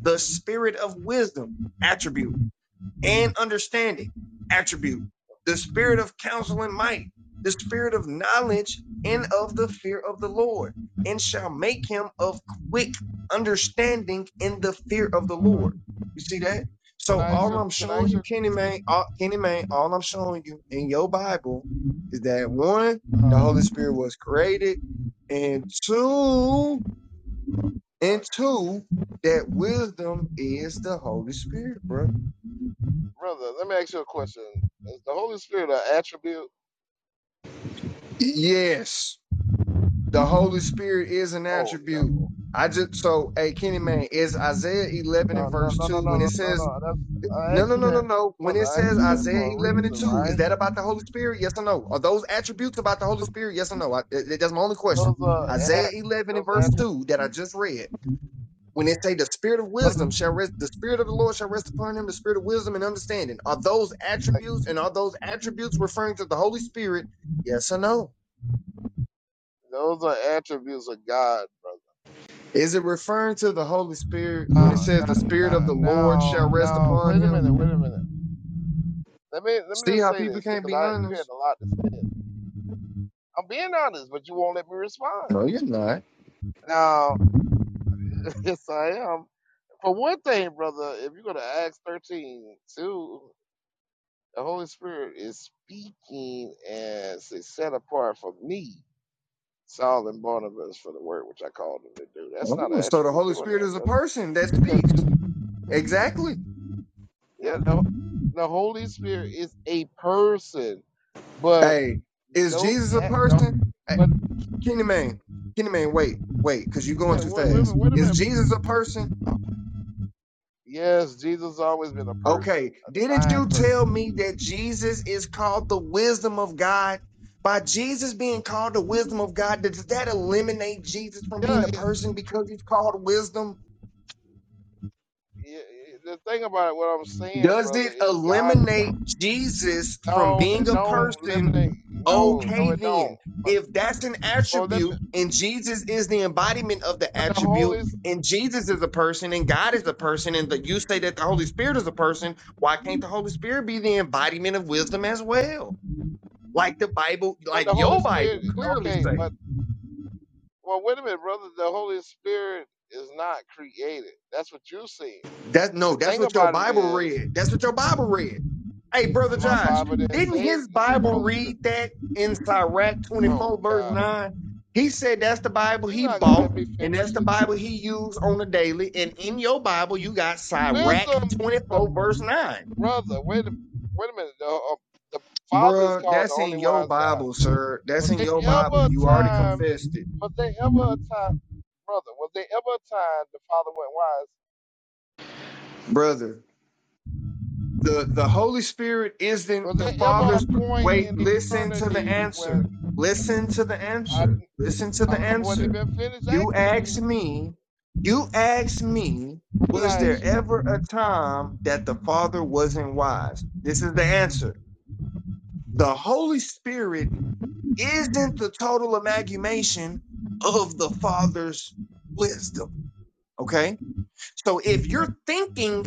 L: the spirit of wisdom attribute and understanding attribute, the spirit of counsel and might, the spirit of knowledge and of the fear of the Lord, and shall make him of quick understanding in the fear of the
C: uh
L: Lord. You see that?
C: Can
L: So
C: I ask
L: all
C: you?
L: I'm
C: Can I
L: showing
C: ask
L: you,
C: you?
L: Kenny Man, all, Kenny Man, all I'm showing you in your Bible is that one, the Holy
C: Uh,
L: Spirit was created, and two, and
C: Lord Jesus.
L: two, that wisdom is the Holy Spirit, bro.
C: brother, let me ask you a question. Is the Holy Spirit an attribute?
L: Yes, the Holy Spirit is an
C: Oh
L: attribute.
C: no,
L: I just so hey Kenny man is Isaiah eleven
C: no,
L: and
C: no,
L: verse
C: no, no,
L: two when it
C: no, no,
L: says
C: no. That's I
L: no
C: asked
L: no
C: you
L: no no
C: that,
L: no when
C: brother.
L: it
C: I asked
L: says
C: you that
L: Isaiah
C: for a
L: eleven and
C: reason,
L: two is
C: right?
L: that about the Holy Spirit? Yes or no? Are those attributes about the Holy Spirit? Yes or no? I, th- that's my only question.
C: Those are
L: Isaiah
C: at,
L: eleven
C: those
L: and
C: are
L: verse
C: attributes,
L: two that I just read when they say the spirit of
C: brother.
L: wisdom shall rest, the spirit of the Lord shall rest upon him, the spirit of wisdom and understanding. Are those
C: Like
L: attributes and are those attributes referring to the Holy Spirit? Yes or no?
C: those are attributes of God, brother.
L: Is it referring to the Holy Spirit when it
C: Now,
L: says
C: now,
L: the spirit of
C: now,
L: the Lord
C: now,
L: shall rest
C: now.
L: upon
C: Wait a
L: him?
C: minute. Wait a minute. Let me let me
L: See
C: just
L: how
C: say
L: people
C: this
L: can't
C: because
L: be
C: I you had
L: honest?
C: a lot to say. I'm being honest, but you won't let me respond.
L: No, you're not.
C: Now, yes, I am. for one thing, brother, if you go to Acts thirteen two, the Holy Spirit is speaking as is set apart for me, Saul and Barnabas for the work which I called them to do. That's not
L: Oh,
C: an
L: so the
C: attribute
L: Holy
C: doing
L: Spirit
C: that,
L: is a
C: brother.
L: person that
C: Because
L: speaks. Exactly.
C: yeah, the, the Holy Spirit is a person, but
L: Hey, is
C: those
L: Jesus a
C: act the
L: person? Hey,
C: but
L: Kenny Man, Kenny Man, wait, wait, because you're going too
C: wait, wait, a
L: fast.
C: minute, wait a
L: Is
C: minute.
L: Jesus a person?
C: Yes, Jesus has always been a person,
L: Okay,
C: a
L: didn't
C: divine
L: you tell
C: person.
L: me that Jesus is called the wisdom of God? By Jesus being called the wisdom of God, does that eliminate Jesus from being
C: Yeah,
L: a person because he's called wisdom?
C: yeah, yeah, the thing about it, what I'm saying,
L: Does
C: brother,
L: it
C: is God is
L: eliminate
C: going.
L: Jesus from
C: No,
L: being
C: it
L: a
C: don't
L: person?
C: eliminate. No, no,
L: Okay,
C: it don't.
L: then.
C: But
L: If that's an
C: well, let
L: attribute
C: me.
L: and Jesus is the embodiment of the
C: But the Holy,
L: attribute,
C: S-
L: and Jesus is a person and God is a person, and that you say that the Holy Spirit is a person, why can't the Holy Spirit be the embodiment of wisdom as well? like the Bible,
C: but
L: like
C: the Holy
L: your
C: Spirit.
L: Bible clearly
C: Okay,
L: say.
C: but well, wait a minute, brother. The Holy Spirit is not created. That's what you're saying.
L: That no,
C: The
L: that's
C: thing
L: what your
C: about it
L: Bible
C: is,
L: read. That's what your Bible read. Hey, brother
C: my
L: Josh,
C: Bible didn't
L: didn't
C: say
L: his
C: it- the
L: Bible
C: Holy Spirit.
L: read that in Sirach
C: Oh
L: 24, verse
C: God,
L: 9? He said that's the Bible
C: you're
L: he
C: not gonna
L: bought,
C: let me
L: and that's
C: finish
L: the
C: it.
L: Bible he used on the daily. And in your Bible, you got Sirach
C: Listen, the
L: 24, verse 9.
C: brother. Wait a wait a minute. The, uh, the Father is
L: Bruh,
C: called the
L: that's
C: only
L: in your
C: wise God.
L: Bible, sir. That's
C: Was
L: in
C: there
L: your
C: ever
L: Bible.
C: a
L: You already
C: time,
L: confessed it.
C: was there ever a time, brother, was there ever a time the Father
L: Brother, The the Holy Spirit isn't
C: went wise? Was
L: the
C: there ever a
L: Father's
C: point in
L: wait, listen to the
C: eternity
L: answer.
C: when
L: Listen to the
C: I,
L: answer. Listen to
C: I
L: the
C: wouldn't
L: answer.
C: even finish
L: You
C: asking you?
L: asked me, you asked me,
C: What did
L: was
C: I ask
L: there
C: you?
L: ever a time that the Father wasn't wise? This is the answer. The Holy Spirit isn't the total amalgamation of the Father's wisdom. Okay? So if you're thinking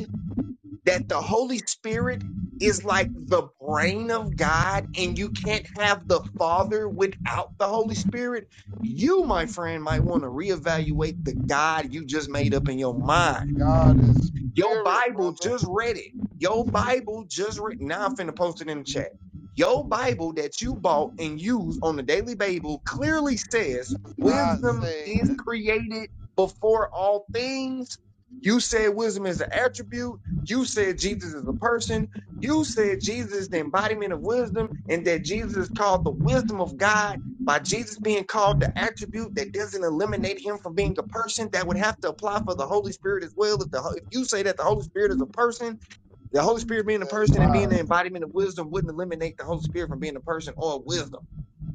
L: that the Holy Spirit is like the brain of God and you can't have the Father without the Holy Spirit, you, my friend, might want to reevaluate the God you just made up in your mind
C: God is
L: your
C: spirit,
L: Bible
C: brother.
L: just read it. Your Bible just read. Now I'm finna post it in the chat. Your Bible that you bought and use on a daily Bible clearly says
C: It's Not
L: wisdom
C: say
L: is
C: that
L: created before all things. You said wisdom is an attribute. You said Jesus is a person. You said Jesus is the embodiment of wisdom and that Jesus is called the wisdom of God by Jesus being called the attribute that doesn't eliminate him from being a person, that would have to apply for the Holy Spirit as well. If the if you say that the Holy Spirit is a person, the Holy Spirit being a
C: that's
L: person and being the
C: wise.
L: embodiment of wisdom wouldn't eliminate the Holy Spirit from being a person or wisdom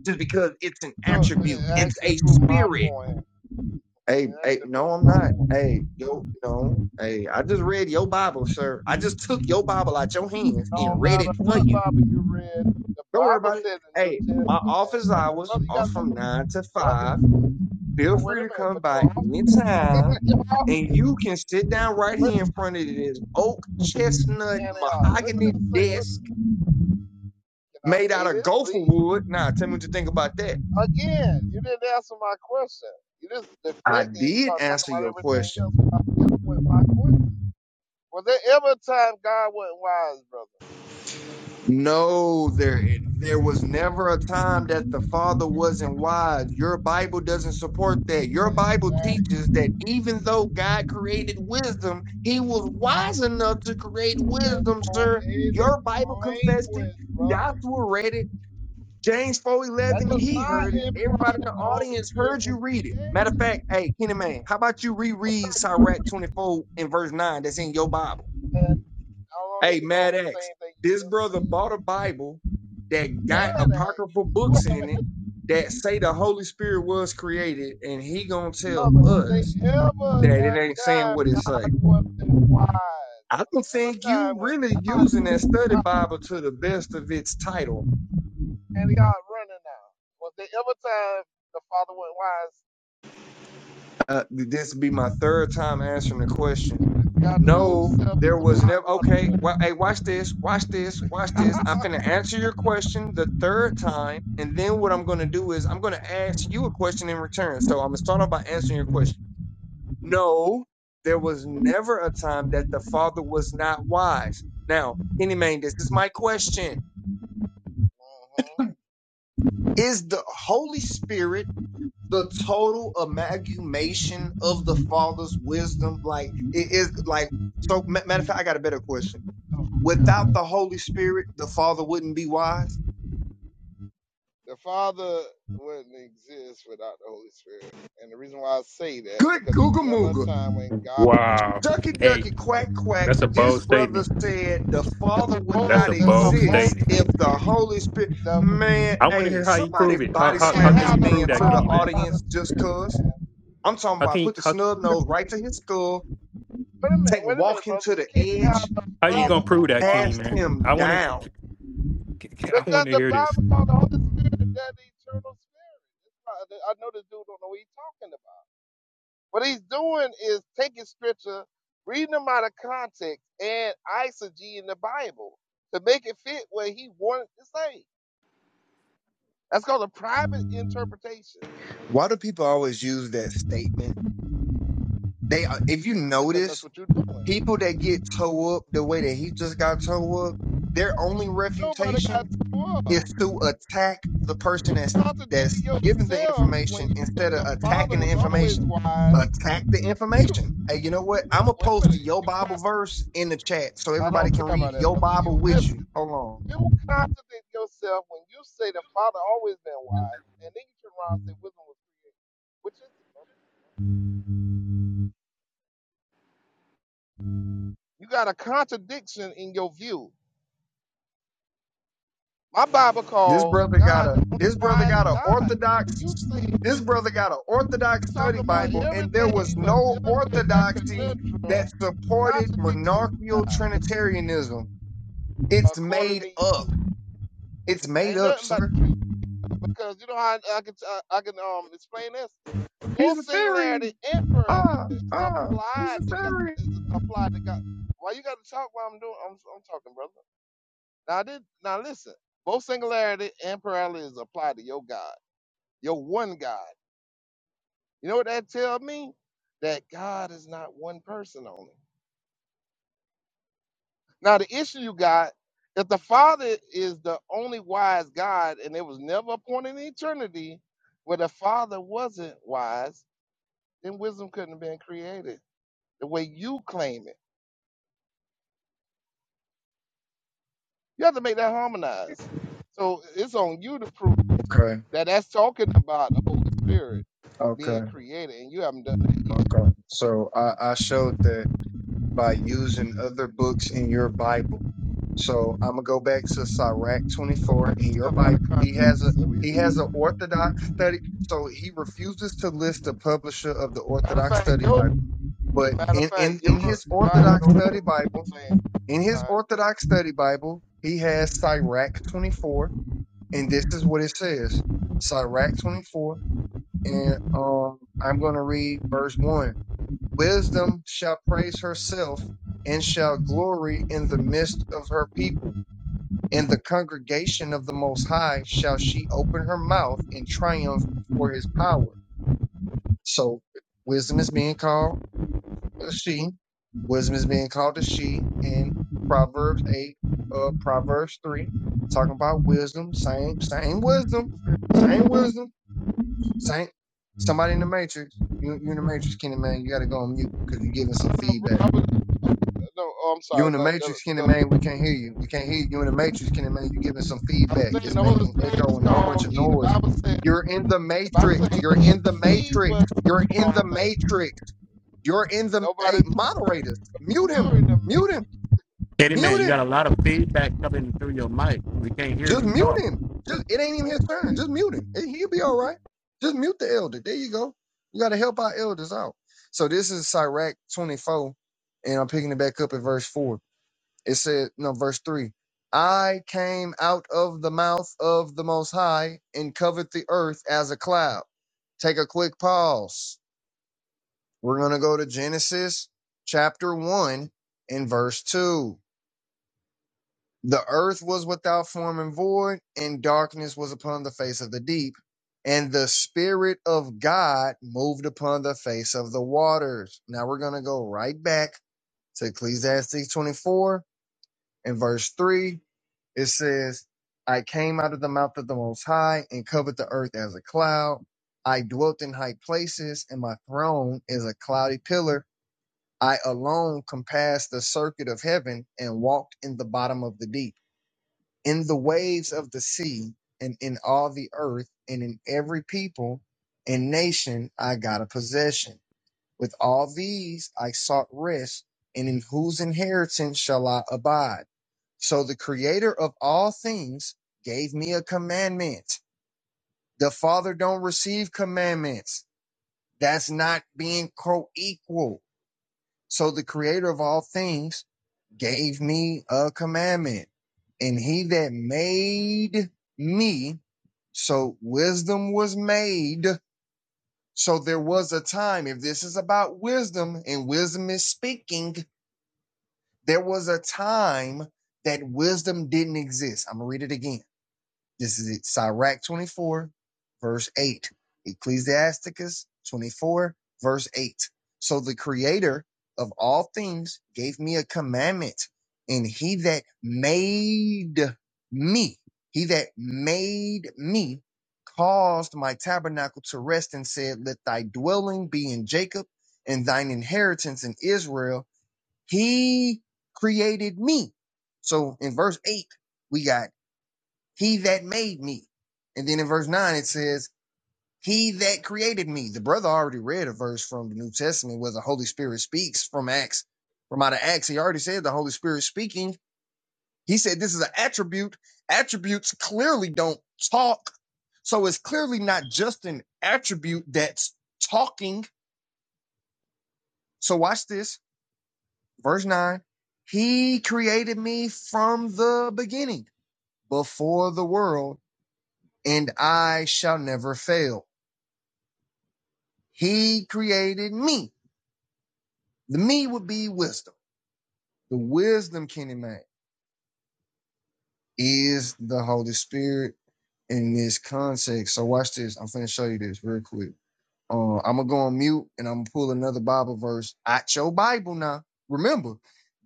L: just because it's an
C: So
L: attribute.
C: it
L: It's
C: actually
L: a
C: proved my
L: spirit.
C: point. It
L: Hey, hey,
C: actually
L: no,
C: proves
L: I'm
C: my
L: not.
C: point.
L: Hey, yo, no, hey, I just read your Bible, sir. I just took your Bible out your hands
C: No
L: and read
C: matter
L: it
C: what
L: for you.
C: Bible you read, the
L: Don't worry
C: Bible
L: about it.
C: said in the
L: Hey,
C: New
L: my
C: Testament.
L: office
C: When,
L: hours
C: brother, you
L: are
C: got
L: from
C: that,
L: nine to five.
C: brother.
L: Feel
C: Oh, wait
L: free
C: a
L: to
C: minute,
L: come
C: but you're
L: by
C: off.
L: anytime.
C: you're off.
L: And you can sit down right
C: Wait,
L: here in front of this oak chestnut
C: they are. Let me
L: mahogany
C: just say, what,
L: desk
C: can I
L: made
C: say
L: out of
C: this,
L: gopher
C: please?
L: wood. Now, tell me what you think about that.
C: Again, you didn't answer my question. You just
L: I
C: deflected and
L: did
C: start talking
L: answer
C: about
L: your
C: everything
L: question.
C: else without dealing with my question. Was there ever a time God wasn't wise, brother?
L: No, there there was never a time that the Father wasn't wise. Your Bible doesn't support that. Your Bible
C: Exactly.
L: teaches that even though God created wisdom, He was wise enough to create
C: That's
L: wisdom, sir.
C: poetic
L: Your Bible confessed it.
C: language, brother.
L: Joshua read it. James four
C: That
L: eleven,
C: does
L: he
C: not
L: heard it.
C: imply
L: Everybody in the
C: that the Holy
L: audience
C: Spirit
L: heard
C: was
L: you read it. Matter of
C: created.
L: fact, hey, Kenny Man, how about you
C: It's
L: reread
C: not you.
L: Sirach 24 and verse 9 that's in your Bible?
C: And I don't need
L: Hey,
C: to go
L: Mad
C: over the
L: X,
C: same thing you
L: this brother
C: just
L: bought a Bible that
C: read.
L: got
C: Man acts.
L: apocryphal books
C: What
L: in it that say the Holy Spirit was created, and he gonna tell
C: mother, was they
L: us
C: ever
L: that
C: a
L: it ain't saying
C: time
L: what it
C: God
L: say.
C: wasn't wise?
L: I
C: Was
L: don't
C: there ever a
L: think
C: time
L: you
C: when
L: really
C: God
L: using that
C: wasn't
L: study
C: wise?
L: Bible to the best of its title.
C: And God running now. Was there ever a time the Father wasn't
L: uh, this be my third time answering the question.
C: wise? God showed
L: No,
C: himself
L: there
C: as a
L: was
C: hot
L: never.
C: water
L: Okay,
C: balloon.
L: well, hey, watch this, watch this, watch this. I'm finna answer your question the third time, and then what I'm gonna do is I'm gonna ask you a question in return. So I'm gonna start off by answering your question. No, there was never a time that the Father was not wise. Now, Kenny Mayne, this is my question:
C: Uh-huh.
L: Is the Holy Spirit? the total amalgamation of the father's wisdom like it is like so matter of fact i got a better question
C: Oh,
L: without
C: God.
L: the holy spirit the father wouldn't be wise
C: The Father wouldn't exist without the Holy Spirit. And the reason why I say that,
L: good
C: because there
L: googa
C: was never a
L: mooga
C: time when God
O: Wow.
L: ducky
O: Hey,
L: ducky
O: th-
L: quack quack
O: that's a
L: this
O: bold
L: brother
O: statement.
L: said the
C: that's
L: father
C: a
L: would
O: That's
L: not
O: a
C: bold that's a
O: bold
L: exist
C: bold
O: statement.
L: if the
C: statement.
L: holy spirit
C: You
L: man
O: I want to
L: hey
O: hear how you
L: somebody
O: prove it. How
L: body
O: how how
C: can't
L: slam
O: can
L: this
C: have
O: you
C: the
O: prove
L: man to
O: that,
L: the
O: Kenny
C: Father
O: man?
C: without
L: audience
C: the
L: just
C: Spirit. man.
L: cuz i'm talking
O: How can
L: about
O: you,
L: put the
O: how
L: snub nose right to his skull
C: Wait a minute,
L: Take
C: wait a minute,
L: walk him
C: brother.
L: to
C: You
L: the
C: can't have
L: edge
C: the
O: how you
L: and
O: gonna
C: brother. What
O: prove
C: the
O: that,
C: was
O: Kenny
L: cast
O: man?
L: him
O: I want
L: down.
O: to I want
C: Because
O: to
C: the
O: hear this.
C: Bible called the Holy Spirit that eternal spirit. I know this dude don't know what he's talking about. What he's doing is taking scripture, reading them out of context, and eisegee in the Bible to make it fit what he wanted to say. That's called a private interpretation
L: Why do people always use that statement? They uh, if you
C: because that's
L: notice,
C: what you're doing.
L: people that get toe up the way that he just got toe up, their only
C: Nobody got
L: refutation
C: to up.
L: is to attack the
C: You
L: person that's
C: contradicted
L: that's giving the
C: yourself when
L: information
C: you
L: instead
C: said
L: of
C: the Father
L: attacking the
C: was always
L: information.
C: wise.
L: Attack the
C: You.
L: information. Hey, you know what? I'm gonna
C: Wait a
L: post
C: minute.
L: your
C: You got,
L: Bible verse in the chat so
C: I don't
L: everybody can
C: care
L: read
C: about that,
L: your
C: brother.
L: Bible
C: You
L: with you.
C: listen.
L: Hold on.
C: You contradict yourself when you say the Father always been wise, and then you turn around and say wisdom was created. Which is it, brother? You got a contradiction in your view. My Bible
L: This
C: called
L: brother got
C: God
L: a
C: the only
L: this brother
C: wise
L: got a
C: God. And you
L: orthodox
C: say you're
L: this brother got an orthodox
C: talking
L: study
C: about
L: Bible, and there was
C: everything but
L: no
C: dealing with that
L: orthodoxy that
C: conundrum,
L: supported
C: contradicting
L: monarchical
C: God,
L: trinitarianism. It's
C: according
L: made
C: to you.
L: up. It's made
C: Ain't
L: up,
C: nothing about
L: sir.
C: the truth because you know how I, I can I, I can um explain this.
L: He's
C: Both
L: a fairy.
C: singularity and plurality
L: Ah,
C: is
L: ah, he's a
C: applied to God.
L: fairy.
C: Is applied to God. Why you got to talk while I'm doing? I'm, I'm talking, brother. Now I did. Now listen. Both singularity and plurality is applied to your God, your one God. You know what that tell me? That God is not one person only. Now the issue you got. If the Father is the only wise God, and there was never a point in eternity where the Father wasn't wise, then wisdom couldn't have been created the way you claim it. You have to make that harmonize. So it's on you to prove
L: Okay,
C: that that's talking about the Holy Spirit being
L: okay,
C: created, and you haven't done that yet.
L: okay. So I, I showed that by using other books in your Bible. So I'm gonna go back to Sirach
C: You took a
L: 24
C: bunch of
L: in your
C: stuff out
L: Bible.
C: of
L: He has a
C: context that we
L: he has
C: did.
L: an Orthodox study, so he refuses to list the publisher of the
C: Matter of
L: Orthodox
C: fact,
L: Study
C: your
L: Bible. But
C: matter of
L: in
C: fact,
L: in in
C: your
L: his
C: Bible
L: Orthodox
C: don't
L: Study
C: even
L: Bible,
C: get
L: in his
C: "My deal."
L: Orthodox Study Bible, he has Sirach 24, and this is what it says: Sirach 24, and um, I'm gonna read verse one. Wisdom shall praise herself and shall glory in the midst of her people. In the congregation of the Most High shall she open her mouth in triumph before his power. So, wisdom is being called a she. Wisdom is being called a she in Proverbs 8, uh, Proverbs 3. Talking about wisdom, same, same wisdom, same wisdom, same. Somebody in the matrix, you, you in the matrix, Kenny man, you got to go on mute because you're giving
C: No,
L: some
C: no, no,
L: feedback.
C: I was, no. Oh, I'm
L: You
C: sorry,
L: in the
C: but the,
L: matrix, Kenny
C: the
L: man. We can't hear you. We can't hear you. You in the matrix, Kenny man. You giving some
C: I'm
L: feedback.
C: saying
L: It's
C: the Holy
L: making
C: Spirit is
L: echo and a whole bunch
C: called
L: of
C: He. The
L: noise.
C: Bible said
L: You're
C: the
L: in the
C: Bible
L: matrix.
C: said
L: You're in the
C: He
L: matrix.
C: was
L: You're
C: the
L: in
C: small
L: the
C: thing."
L: matrix. You're in the
C: Nobody,
L: hey moderators. Mute him.
C: you're in the
L: Mute him. Mute
D: Got a
L: him.
D: lot of
C: making.
D: feedback coming through your mic. We can't hear
L: Just
D: you
L: mute
D: talk.
L: him. Just it ain't even his turn. Just mute him. He- He'll be all right. Just mute the elder. There you go. You got to help our elders out. So this is Sirach 24, and I'm picking it back up at verse 4. It said, no, verse 3 I came out of the mouth of the Most High and covered the earth as a cloud. Take a quick pause. We're going to go to Genesis chapter 1 and verse 2. The earth was without form and void, and darkness was upon the face of the deep. And the Spirit of God moved upon the face of the waters. Now we're going to go right back to Ecclesiastes 24 In verse 3, it says, I came out of the mouth of the Most High and covered the earth as a cloud. I dwelt in high places, and my throne is a cloudy pillar. I alone compassed the circuit of heaven and walked in the bottom of the deep, in the waves of the sea, and in all the earth, and in every people and nation I got a possession. With all these I sought rest, and in whose inheritance shall I abide? So the creator of all things gave me a commandment. The father don't receive commandments. That's not being co-equal. So the creator of all things gave me a commandment. And he that made me, so wisdom was made. So there was a time, if this is about wisdom and wisdom is speaking, there was a time that wisdom didn't exist. I'm going to read it again This is Sirach 24, verse 8. Ecclesiasticus 24, verse 8. So the creator of all things gave me a commandment, and he that made me, he that made me, caused my tabernacle to rest and said, Let thy dwelling be in Jacob and thine inheritance in Israel. He created me. So in verse 8, we got he that made me. And then in verse 9, it says, He that created me. The brother already read a verse from the New Testament where the Holy Spirit speaks from Acts, from out of Acts. He already said the Holy Spirit speaking. He said this is an attribute. Attributes clearly don't talk. So it's clearly not just an attribute that's talking. So watch this. Verse 9. He created me from the beginning, before the world, and I shall never fail. He created me. The me would be wisdom. The wisdom, Kenny Mac, is the Holy Spirit in this context. So watch this. I'm finna show you this real quick. Uh, I'm gonna go on mute and I'm gonna pull another Bible verse out your Bible now. Remember,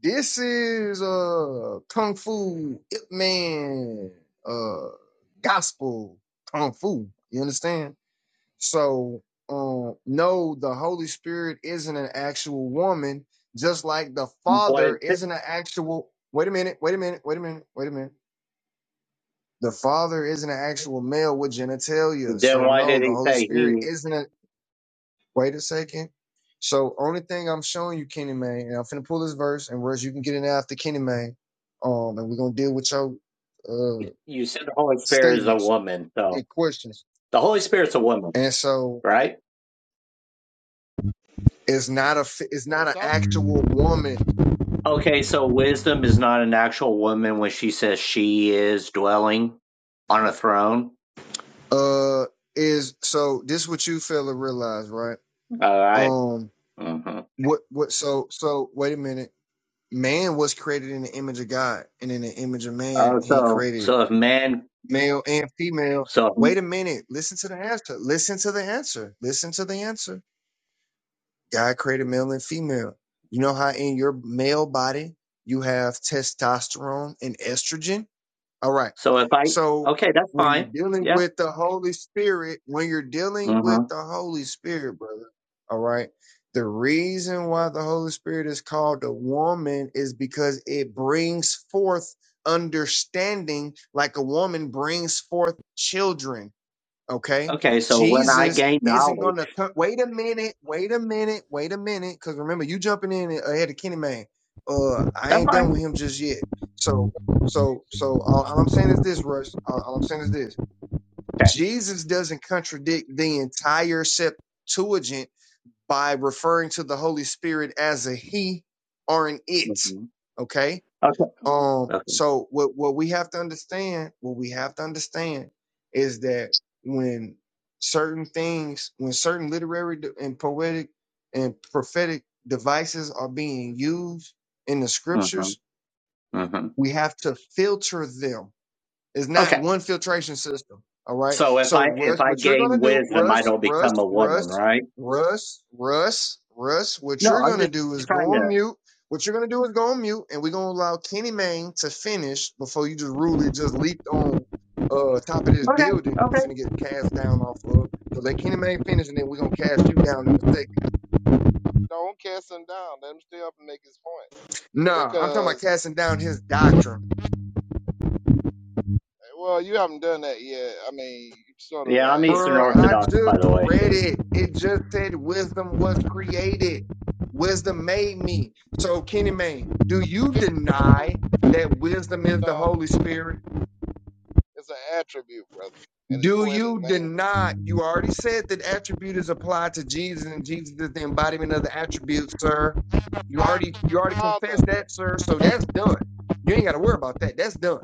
L: this is uh Kung Fu Ip Man uh gospel Kung Fu. You understand? So, um, no, the Holy Spirit isn't an actual woman, just like the
P: What
L: Father
P: it,
L: isn't an actual. Wait a minute, wait a minute, wait a minute, wait a minute. The Father isn't an actual male with genitalia.
P: then
L: So,
P: why
L: no,
P: did
L: the
P: he
L: Holy
P: say
L: Spirit
P: he?
L: isn't a. Wait a second. So, only thing I'm showing you, Kenny Man, and I'm finna pull this verse, and whereas you can get it after Kenny Man, um, and we're gonna deal with your uh
P: You said the Holy Spirit is a
L: statements
P: woman, so
L: and questions.
P: the Holy Spirit's a woman,
L: And so,
P: right?
L: it's not a, it's not
C: And
L: an
C: so
L: actual woman
P: Okay, so wisdom is not an actual woman when she says she is dwelling on a throne.
L: Uh, is so this what you fella realize, right?
P: All right.
L: Um,
P: Mm-hmm.
L: what what? So so wait a minute. Man was created in the image of God, and in the image of man,
P: Oh,
L: he
P: so
L: created
P: so if man,
L: male and female.
P: so
L: Wait a minute. Listen to the answer. Listen to the answer. Listen to the answer. God created male and female. You know how in your male body you have testosterone and estrogen. All right.
P: so if I,
L: So
P: okay, that's
L: when you're
P: fine.
L: dealing
P: Yeah.
L: with the Holy Spirit, when you're dealing with
P: hmm
L: the Holy Spirit, brother, all right, the reason why the Holy Spirit is called a woman is because it brings forth understanding like a woman brings forth children Okay.
P: Okay, so when I
L: Jesus
P: gain
L: isn't
P: knowledge,
L: going to come. Wait a minute. Wait a minute. Wait a minute. Because remember, you jumping in ahead of Kenny Man. Uh, I
P: that's
L: ain't
P: fine.
L: done with him just yet. So, so, so all, all I'm saying is this, Rush. All, all I'm saying is this.
P: Okay.
L: Jesus doesn't contradict the entire Septuagint by referring to the Holy Spirit as a he or an it.
P: hmm
L: Okay.
P: Okay.
L: Um,
P: Okay.
L: so what what we have to understand, what we have to understand is that when certain things, when certain literary de- and poetic and prophetic devices are being used in the
P: hmm
L: scriptures,
P: hmm
L: we have to filter them it's
P: Okay.
L: not one filtration system. All right.
P: So if
L: So
P: I if
L: Russ,
P: I
L: what you're gonna
P: gain
L: do,
P: wisdom, I
L: Russ,
P: don't
L: Russ,
P: become a woman,
L: Russ,
P: right?
L: Russ, Russ, Russ, what
P: No,
L: you're
P: I'm
L: gonna
P: just
L: do is go
P: trying to.
L: on mute. What you're gonna do is go on mute, and we're gonna allow Kenny Mayne to finish before you just rudely just leaped on uh top of this
P: Okay,
L: building. You're
P: okay.
L: finna get cast down off of. So let Kenny Mayne finish, and then we're gonna cast you down in a second.
C: Don't cast him down. Let him stay up and make his point.
L: Nah, I'm talking about
C: Because,
L: casting down his doctrine.
C: well, you haven't done that yet. I mean, you sort of
P: Yeah, I'm Eastern
L: Bruh,
C: like,
L: I
P: Orthodox,
L: just
P: by the way,
L: read
P: too.
L: it. It just said wisdom was created. Wisdom made me. So, Kenny Mayne, do you
C: I fully
L: deny that wisdom is the
C: um,
L: Holy Spirit?
C: it's an attribute, brother, and it's
L: Do
C: poetic
L: you
C: language.
L: deny? You already said that attribute is applied to Jesus, and Jesus is the embodiment of the attribute, sir. You already you already confessed
C: Father,
L: that, sir. So that's done. You ain't got to worry about that. That's done.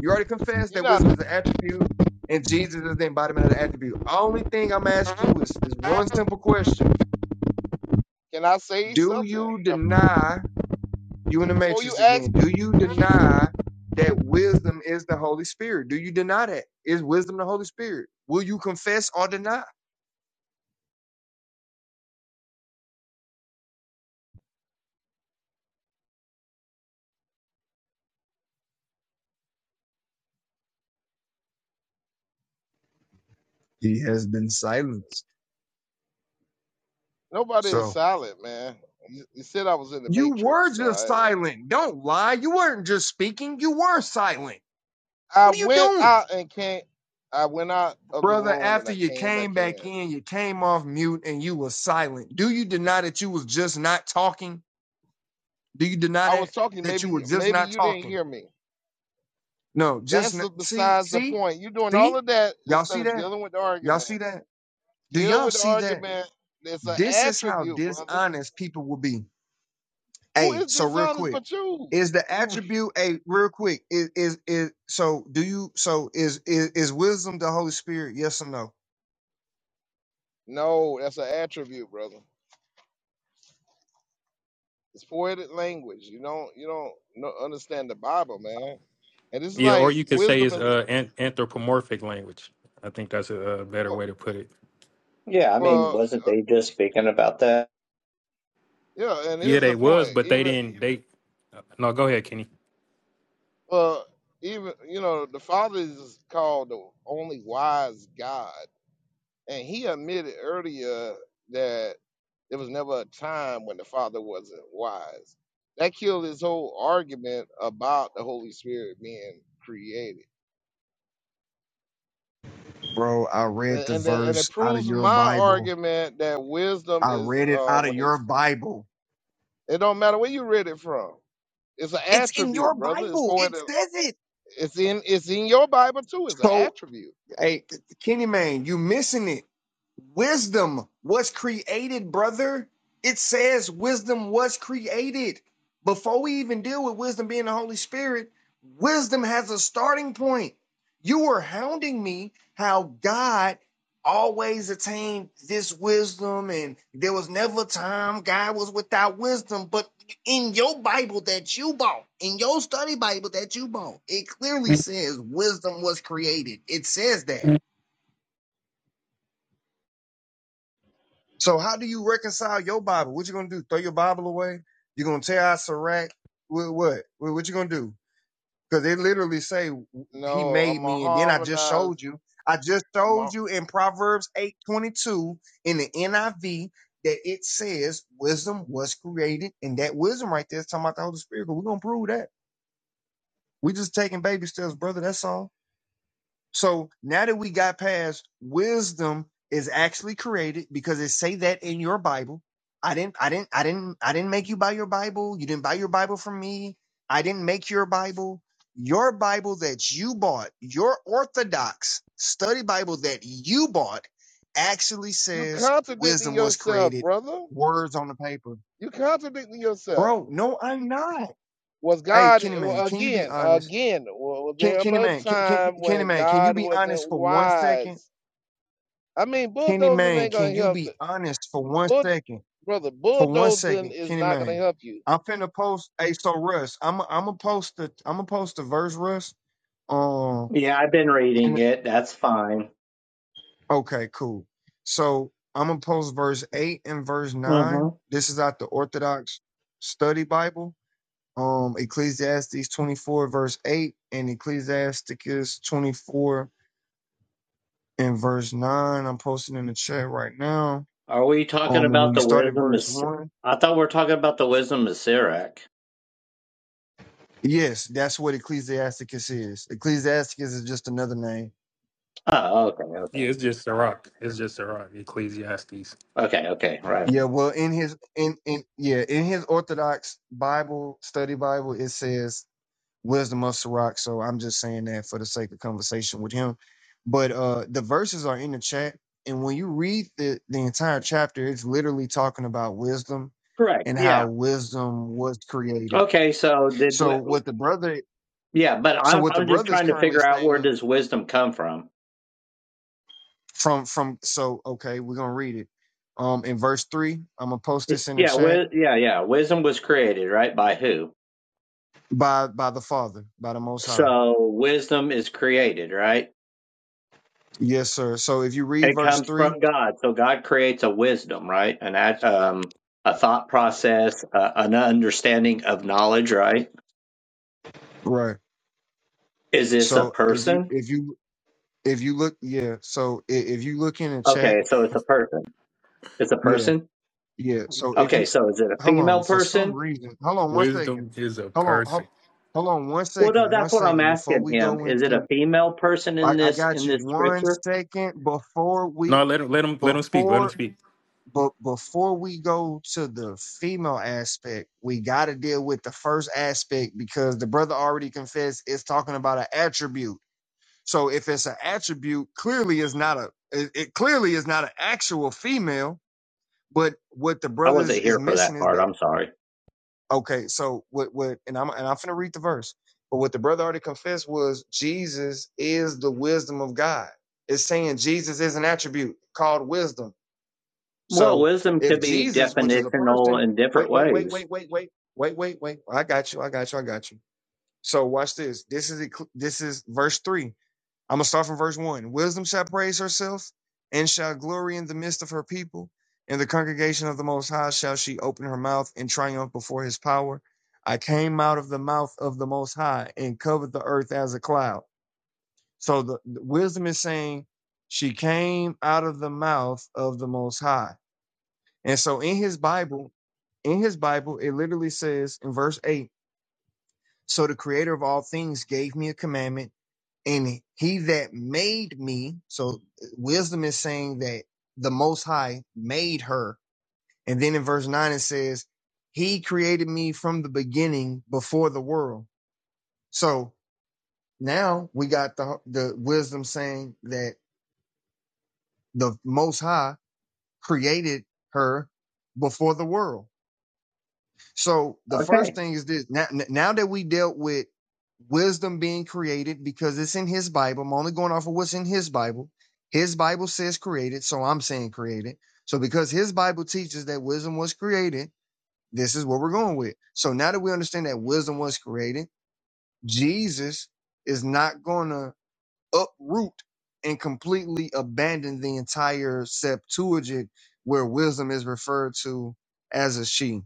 L: You already confessed
C: you're
L: that
C: not
L: wisdom
C: a
L: is an attribute, and Jesus is the embodiment of the attribute. Only thing I'm asking you is is one
C: father.
L: simple question:
C: Can I say
L: Do
C: something
L: you deny? You in the
C: before you
L: matrix
C: ask?
L: again?
C: me,
L: Do you deny that wisdom is the Holy Spirit? Do you deny that? Is wisdom the Holy Spirit? Will you confess or deny? He has been silenced.
C: Nobody is
L: So
C: silent, man. You, you said I was in the
L: you were
C: matrix, so
L: just
C: I went. out.
L: silent. Don't lie. You weren't just speaking. You were silent.
C: I
L: What are you
C: went
L: doing?
C: out and came. I went out of the
L: Brother,
C: room and
L: after
C: I
L: you
C: came
L: came
C: back
L: back
C: in.
L: in, you came off mute and you were silent. Do you deny that you was just not talking? Do you deny
C: I was
L: that?
C: talking.
L: That you were
C: Maybe,
L: just
C: maybe
L: not
C: you didn't
L: talking?
C: hear me
L: No, just
C: That's
L: n-
C: the-
L: see,
C: besides the
L: see,
C: point. You're doing
L: see?
C: all of that
L: Y'all
C: instead
L: see
C: of
L: that?
C: dealing with the
L: Y'all
C: argument.
L: see that? Do
C: Deal
L: y'all
C: with the
L: see that?
C: argument. It's an
L: This is how
C: attribute, brother.
L: dishonest people will be.
C: Who
L: Hey,
C: is
L: so real
C: dishonest
L: quick,
C: but you?
L: is the
C: You
L: attribute a real quick is is is so do you so is is is wisdom the Holy Spirit? Yes or no?
C: no, that's an attribute, brother. It's poetic language. You don't you don't no, understand the Bible, man. And this is
O: Yeah, or
C: like
O: you could say
C: wisdom
O: it's
C: is
O: uh an- anthropomorphic language. I think that's a, uh better
C: well,
O: way to put it.
P: Yeah, I mean,
C: well
P: wasn't
C: uh,
P: they just speaking about that?
C: yeah. And
O: Yeah,
C: here's
O: they
C: the
O: was,
C: point.
O: but they
C: Even
O: didn't. They no. Go ahead, Kenny.
C: well, even you know the Father is called the only wise God. And he admitted earlier that there was never a time when the Father wasn't wise. That killed his whole argument about the Holy Spirit being created.
L: Bro, I
C: And
L: read the
C: that and it
L: verse out of
C: proves
L: your
C: my
L: Bible.
C: argument that wisdom
L: I
C: is
L: read it
C: uh,
L: out of
C: when
L: your
C: it's
L: Bible.
C: it don't matter where you read it from. It's an
L: It's in
C: attribute,
L: your
C: brother. It's
L: Bible. It
C: poetic.
L: says it.
C: It's in it's in your Bible too. It's an
L: So,
C: attribute.
L: hey, Kenny man, you missing it. Wisdom was created, brother. It says wisdom was created. Before we even deal with wisdom being the Holy Spirit, wisdom has a starting point. You were hounding me how God always attained this wisdom, and there was never a time God was without wisdom. But in your Bible that you bought, in your study Bible that you bought, it clearly says wisdom was created. It says that. So how do you reconcile your Bible? What you gonna do? Throw your Bible away? You gonna tear out Sirach? What? What? What what you gonna do? Because they literally say he
C: No,
L: made
C: I'm a
L: me, and then I just
C: harmonized.
L: showed you. I just
C: I'm a
L: showed you in Proverbs eight twenty two in the NIV that it says wisdom was created, and that wisdom right there is talking about the Holy Spirit. But we're gonna prove that. We just taking baby steps, brother. That's all. So now that we got past wisdom is actually created because it say that in your Bible. I didn't I didn't I didn't I didn't make you buy your Bible. You didn't buy your Bible from me. I didn't make your Bible. Your Bible that you bought, your orthodox study Bible that you bought actually
C: you
L: says
C: contradicting
L: wisdom was
C: yourself,
L: created
C: brother.
L: words on the paper.
C: You contradicting yourself.
L: Bro, no I'm not.
C: was
L: Hey,
C: God
L: Kenny man,
C: well,
L: can you be
C: again?
L: honest?
C: Again, was
L: Can,
C: there
L: Kenny
C: but a
L: man, can, can,
C: time
L: Kenny
C: when
L: man, can you
C: God
L: be
C: wasn't
L: honest for one second?
C: wise? I mean,
L: Kenny
C: bulldozing
L: Mayne,
C: ain't gonna
L: can you
C: help.
L: be
C: the-
L: honest for one
C: Bull,
L: second?
C: brother,
L: For one
C: bulldozing
L: second,
C: is
L: Kenny
C: not gonna
L: Mayne.
C: help you.
L: I'm finna post hey so Russ, I'm I'm gonna post the I'm gonna post the verse Russ. Um
P: Yeah, I've been reading
L: and
P: it. That's fine.
L: okay, cool. So I'm gonna post verse eight and verse
P: hmm
L: nine. This is out the Orthodox Study Bible. Um Ecclesiastes 24 verse 8 and Ecclesiasticus 24 and verse 9. I'm posting in the chat right now.
P: Are we talking
L: Um and when
P: about
L: you
P: the
L: start at
P: wisdom of?
L: verse
P: Si-
L: 1,
P: I thought we were talking about the wisdom of Sirach.
L: Yes, that's what Ecclesiasticus is. Ecclesiasticus is just another name.
P: Oh, okay, okay,
O: Yeah, it's just Sirach. It's just Sirach. Ecclesiastes.
P: okay, okay. Right.
L: Yeah, well, in his in in yeah in his Orthodox Bible study Bible, it says wisdom of Sirach. So I'm just saying that for the sake of conversation with him. But uh the verses are in the chat, and when you read the the entire chapter, it's literally talking about wisdom
P: Correct.
L: and
P: Yeah.
L: how wisdom was created.
P: Okay. So did.
L: So
P: W-
L: what the brother
P: yeah, but
L: so
P: I'm
L: what the
P: I'm just
L: brother is
P: trying to
L: currently
P: figure out where
L: saying
P: does wisdom come from.
L: from from so okay we're gonna read it um in verse three i'm gonna post this in the
P: Yeah,
L: chat
P: wi- yeah, yeah. Wisdom was created, right? By who?
L: by by the father by the most high
P: So wisdom is created, right?
L: yes sir so if you read
P: It
L: verse
P: comes
L: three
P: from God. So God creates a wisdom, right? An act- um, a thought process, uh, an understanding of knowledge, right?
L: right
P: Is this a
L: so if you
P: person?
L: if you if you look yeah so i- if you look in the chat
P: Okay, so it's a person. It's a
L: yeah
P: person.
L: yeah so if
P: Okay,
L: you
P: so is it a
L: hold on
P: female
L: for some
P: person?
L: reason hold on one second
O: Wisdom is a
L: hold on hold,
O: person.
L: hold on one
P: Well, no,
L: second one
P: that's what I'm
L: second before
P: asking
L: we
P: him.
L: go
P: Is it a
L: into
P: female person
L: I,
P: in
L: I
P: this
L: got
P: in
L: you
P: this
L: one
P: scripture?
L: second before we
O: No, let him let him let him speak. Let
L: before
O: him speak.
L: but before we go to the female aspect, we got to deal with the first aspect because the brother already confessed it's talking about an attribute. So if it's an attribute, clearly it's not a it, it clearly is not an actual female. But what the
P: I
L: brothers
P: wasn't
L: is
P: here for that
L: missing is
P: part.
L: that
P: I'm sorry.
L: okay. So what what and I'm and I'm finna read the verse. But what the brother already confessed was Jesus is the wisdom of God. It's saying Jesus is an attribute called wisdom
P: Well,
L: so
P: wisdom could
L: if
P: be
L: Jesus, which is a
P: definitional
L: person,
P: in different
L: wait, wait, wait,
P: ways.
L: wait, wait, wait, wait, wait, wait. I got you. I got you. I got you. So watch this. This is ecl- this is verse three. I'm gonna start from verse one. Wisdom shall praise herself and shall glory in the midst of her people. In the congregation of the Most High shall she open her mouth in triumph before His power. I came out of the mouth of the Most High and covered the earth as a cloud. So the the wisdom is saying she came out of the mouth of the Most High and so in his Bible, in his Bible, it literally says in verse 8 So the creator of all things gave me a commandment, and he that made me, so uh, wisdom is saying that the Most High made her. And then in verse 9, it says, He created me from the beginning before the world. So now we got the, the wisdom saying that the Most High created her before the world. So the first
P: Okay.
L: thing is this: now, now that we dealt with wisdom being created because it's in His Bible, I'm only going off of what's in His Bible. His Bible says created, so I'm saying created. So because His Bible teaches that wisdom was created, this is what we're going with. So now that we understand that wisdom was created, Jesus is not going to uproot and completely abandon the entire Septuagint where wisdom is referred to as a she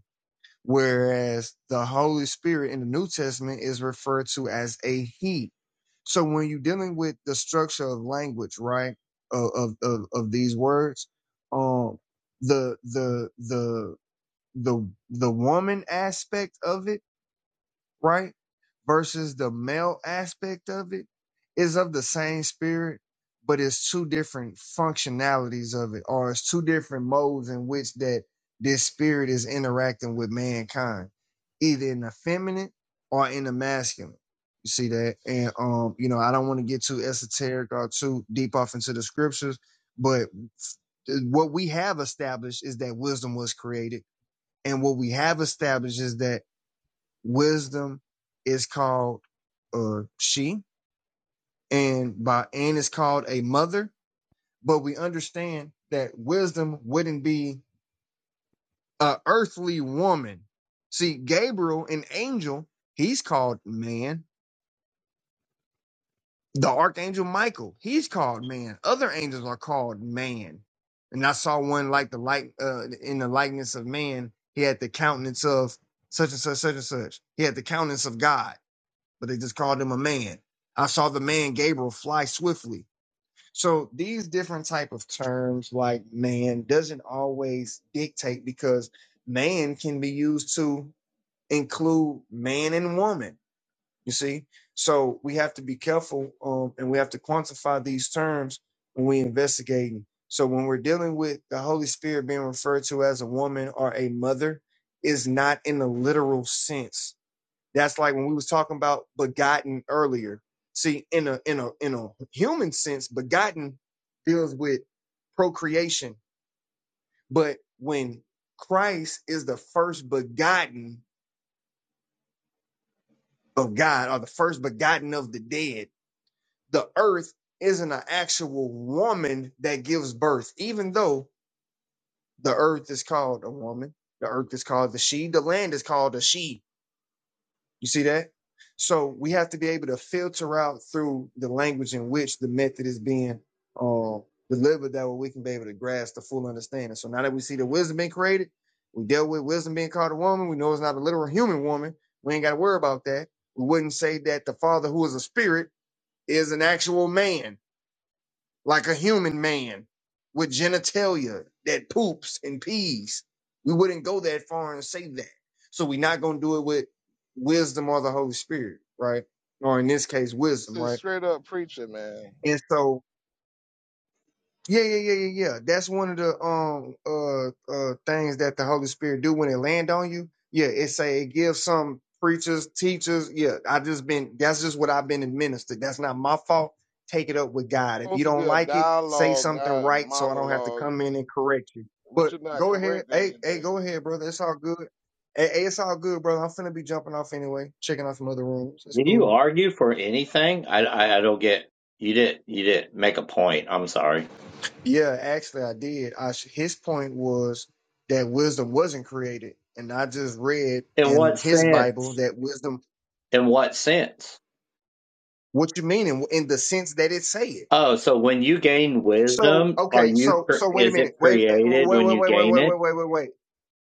L: whereas the Holy Spirit in the New Testament is referred to as a He. So when you're dealing with the structure of language, right, of of of, of these words, um, the the the the the woman aspect of it right? Versus the male aspect of it is of the same spirit, but it's two different functionalities of it, or it's two different modes in which that this spirit is interacting with mankind, either in the feminine or in the masculine. You see that? And um, you know, I don't want to get too esoteric or too deep off into the scriptures, but what we have established is that wisdom was created. And what we have established is that Wisdom is called uh, she, and by Anne is called a mother. But we understand that wisdom wouldn't be an earthly woman. See, Gabriel, an angel, he's called man. The archangel Michael, he's called man. Other angels are called man. And I saw one like the light uh, in the likeness of man. He had the countenance of such and such, such and such. He had the countenance of God. but they just called him a man. I saw the man Gabriel fly swiftly. So these different type of terms like man doesn't always dictate because man can be used to include man and woman. You see, so we have to be careful um, and we have to quantify these terms when we investigating. So when we're dealing with the Holy Spirit being referred to as a woman or a mother is not in the literal sense that's like when we was talking about begotten earlier. See, in a in a in a human sense, begotten deals with procreation, but when Christ is the first begotten of God or the first begotten of the dead, the earth isn't an actual woman that gives birth, even though the earth is called a woman, the earth is called the she, the land is called a she You see that? So we have to be able to filter out through the language in which the method is being uh, delivered that way we can be able to grasp the full understanding. So now that we see the wisdom being created, we dealt with wisdom being called a woman. We know it's not a literal human woman. We ain't got to worry about that. We wouldn't say that the father who is a spirit is an actual man like a human man with genitalia that poops and pees. We wouldn't go that far and say that. So we're not going to do it with wisdom or the Holy Spirit, right? Or in this case, wisdom,
C: This is
L: right?
C: straight up preaching, man.
L: And so yeah, yeah, yeah, yeah, yeah. That's one of the um uh uh things that the Holy Spirit do when it land on you. Yeah, it say it gives some preachers, teachers. Yeah, I just been that's just what I've been administered. That's not my fault. Take it up with
C: It's
L: God. If
C: supposed
L: you
C: to be
L: don't
C: a
L: like it, say
C: dialogue,
L: something
C: not a
L: right so I don't have to
C: monologue.
L: come in and correct you.
C: But
L: But
C: you're not
L: go ahead.
C: correcting
L: Hey, hey,
C: anything.
L: go ahead, brother. It's all good. Hey, hey, it's all good, brother. I'm finna be jumping off anyway, checking out some other rooms. It's
P: Did you
L: cool.
P: argue for anything? I, I, I don't get. You did. not You did not make a point. I'm sorry.
L: Yeah, actually, I did. I, sh- his point was that wisdom wasn't created, and I just read
P: In
L: in
P: what
L: his Bible
P: sense?
L: that wisdom.
P: In what sense?
L: What you mean in, in the sense that it say it?
P: Oh, so when you gain
L: So
P: wisdom, are
L: okay,
P: you?
L: so
P: cre-
L: so wait a
P: Is it
L: minute, wait, eh,
P: created
L: wait,
P: when
L: wait,
P: you
L: wait, wait,
P: gain
L: wait, wait,
P: it?
L: wait, wait, wait,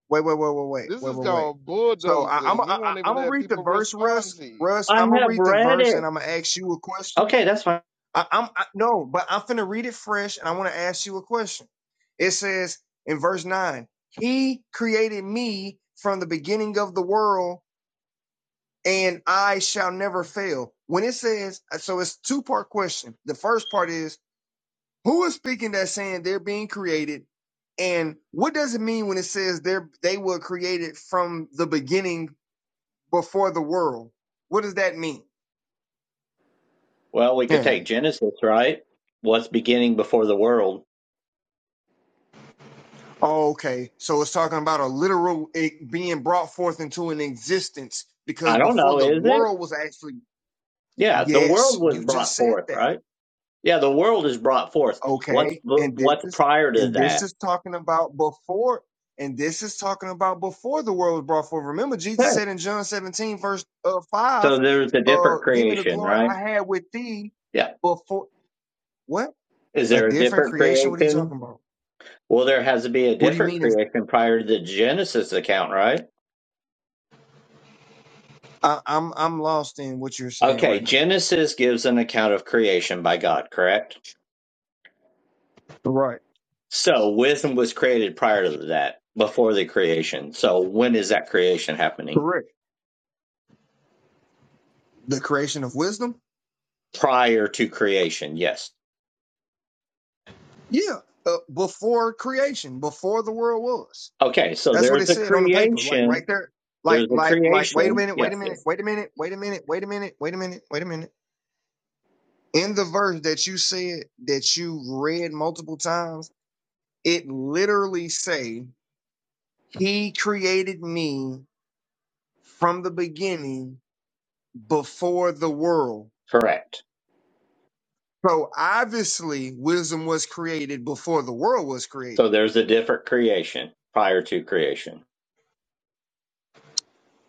L: wait, wait, wait, wait, wait,
C: This
L: wait,
C: is
L: wait. wait.
C: called
L: So I, I'm i
C: bulldozing. You
L: I,
C: won't even
L: I'm gonna
C: let
L: read the
C: people
L: verse,
C: respond
L: Russ.
C: to you.
L: Russ,
P: I
L: I'm gonna
P: have
L: read the
P: read
L: verse,
P: it.
L: and I'm gonna ask you a question.
P: Okay, that's fine.
L: I, I'm I, no, but I'm finna read it fresh, and I want to ask you a question. It says in verse nine, "He created me from the beginning of the world, and I shall never fail." When it says, uh, so it's two part question. The first part is, who is speaking that saying they're being created, and what does it mean when it says they're they were created from the beginning before the world? What does that mean?
P: Well, we could
L: Yeah.
P: take Genesis, right? What's beginning before the world?
L: Oh, okay. So it's talking about a literal it being brought forth into an existence because
P: I don't
L: before
P: know.
L: the
P: Is it?
L: world was actually
P: Yeah, the world
L: yes,
P: was
L: you just
P: brought
L: said
P: forth,
L: that.
P: right? Yeah, the world is brought forth. What's
L: Okay. And this
P: what's
L: is
P: prior to
L: and this
P: that?
L: is talking about before and this is talking about before the world was brought forth. Remember Jesus
P: Okay.
L: said in John 17 verse uh,
P: So
L: 5,
P: there's a
L: uh
P: different
L: give me the
P: creation,
L: glory
P: right?
L: I had with thee
P: Yeah.
L: before what?
P: Is
L: A
P: there a
L: different
P: different
L: creation? What are you
P: creation?
L: talking about?
P: Well, there has to be a
L: What do you
P: different
L: mean is
P: creation prior to the Genesis account, right?
L: I, I'm I'm lost in what you're saying
P: Okay,
L: right now.
P: Genesis gives an account of creation by God, correct?
L: Right.
P: So wisdom was created prior to that, before the creation. So when is that creation happening?
L: Correct. The creation of wisdom?
P: Prior to creation, yes.
L: Yeah, uh, before creation, before the world was.
P: Okay, so
L: That's what
P: there's
L: it
P: a
L: said on the paper, like right
P: creation.
L: there. Like,
P: There's a
L: like, like, wait a
P: creation.
L: minute, wait a
P: Yes,
L: minute,
P: yes.
L: wait a minute, wait a minute, wait a minute, wait a minute, wait a minute. In the verse that you said that you read multiple times, it literally say, He created me from the beginning before the world.
P: Correct.
L: So obviously wisdom was created before the world was created
P: So there's a different creation prior to creation.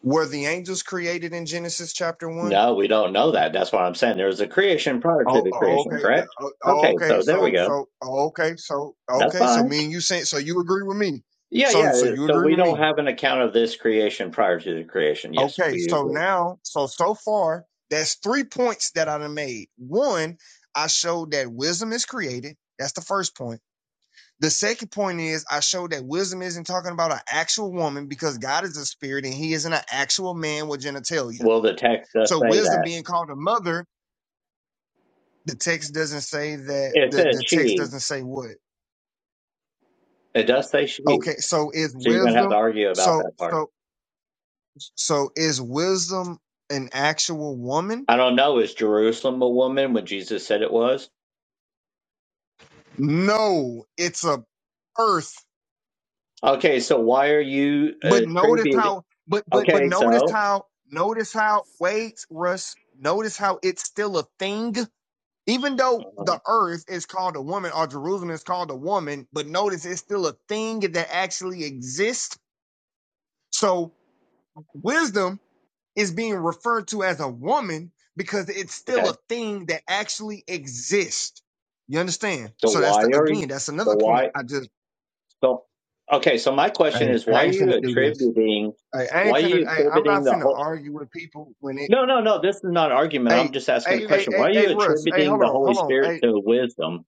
L: Were the angels created in Genesis chapter one?
P: No, we don't know that. That's what I'm saying. There's a creation prior to
L: Oh,
P: the
L: oh
P: creation,
L: okay. Yeah,
P: correct?
L: oh, oh,
P: Okay,
L: okay.
P: so there we
L: So,
P: go.
L: so, oh, okay. So,
P: That's
L: okay. So,
P: fine.
L: me and you saying, so you agree with me.
P: Yeah,
L: So,
P: yeah.
L: so you
P: So
L: agree
P: we
L: with
P: don't
L: me.
P: have an account of this creation prior to the creation. Yes,
L: Okay.
P: we
L: So
P: agree.
L: now, so, so far, that's three points that I done made. One, I showed that wisdom is created. That's the first point. The second point is I showed that wisdom isn't talking about an actual woman because God is a spirit and he isn't an actual man with genitalia.
P: Well, the text does
L: So
P: say
L: wisdom
P: that?
L: being called a mother The text doesn't say that
P: It
L: the,
P: says
L: the text
P: she.
L: doesn't say what.
P: It does say she.
L: Okay, so is
P: So you're going to have to
L: wisdom
P: argue about
L: so
P: that part.
L: so so is wisdom an actual woman?
P: I don't know. Is Jerusalem a woman when Jesus said it was?
L: No, it's a earth.
P: Okay, so why are you uh,
L: But notice
P: attributing?
L: how but but but
P: Okay,
L: notice
P: so.
L: how notice how wait, Russ, notice how it's still a thing. Even though
P: uh,
L: the earth is called a woman or Jerusalem is called a woman, but notice it's still a thing that actually exists. So wisdom is being referred to as a woman because it's
P: Okay.
L: still a thing that actually exists. You understand?
P: So
L: So that's
P: why
L: the
P: are you?
L: again, that's
P: So
L: another point.
P: why?
L: I just
P: So okay. So my question
L: I,
P: is, why
L: I
P: are
L: ain't
P: you
L: finna do this.
P: attributing?
L: I, I ain't
P: Why are
L: finna
P: you
L: I, I'm not
P: attributing the
L: finna
P: whole?
L: argue with people when it
P: No, no, no. This is not an argument. I'm
L: hey
P: just asking a
L: hey hey
C: It-
P: question. Why
L: hey
P: are
L: hey
P: you
L: Russ, hey
P: attributing
L: hold
P: the
L: on,
P: Holy
L: hold on.
P: Spirit
L: Hey
P: to wisdom?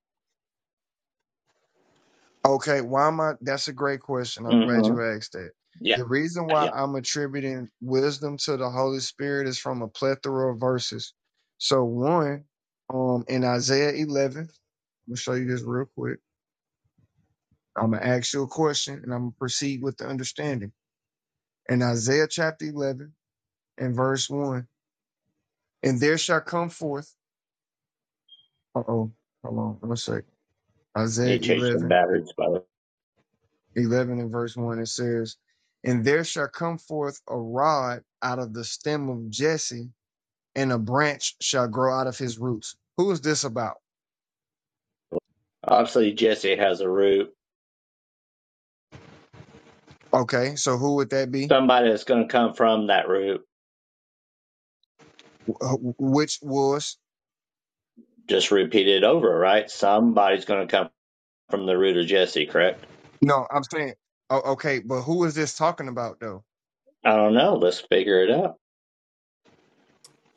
L: Okay, why am I? That's a great question. I'm glad
P: hmm
L: you asked that.
P: Yeah,
L: The reason why
P: yeah.
L: I'm attributing wisdom to the Holy Spirit is from a plethora of verses. So one, um, in Isaiah 11, I'm gonna show you this real quick. I'm gonna ask you a question, and I'm gonna proceed with the understanding. In Isaiah chapter 11 and verse one, and there shall come forth. Uh oh, hold on, one sec. Isaiah
P: Need to change some
L: 11.
P: batteries, by the way.
L: 11 and verse 1, it says, And there shall come forth a rod out of the stem of Jesse, and a branch shall grow out of his roots. Who is this about?
P: Obviously, Jesse has a root.
L: Okay, so who would that be?
P: Somebody that's going to come from that root.
L: Wh- Which was?
P: Just repeat it over, right? Somebody's going to come from the root of Jesse, correct?
L: No, I'm saying, oh, okay, but who is this talking about though?
P: I don't know. Let's figure it out.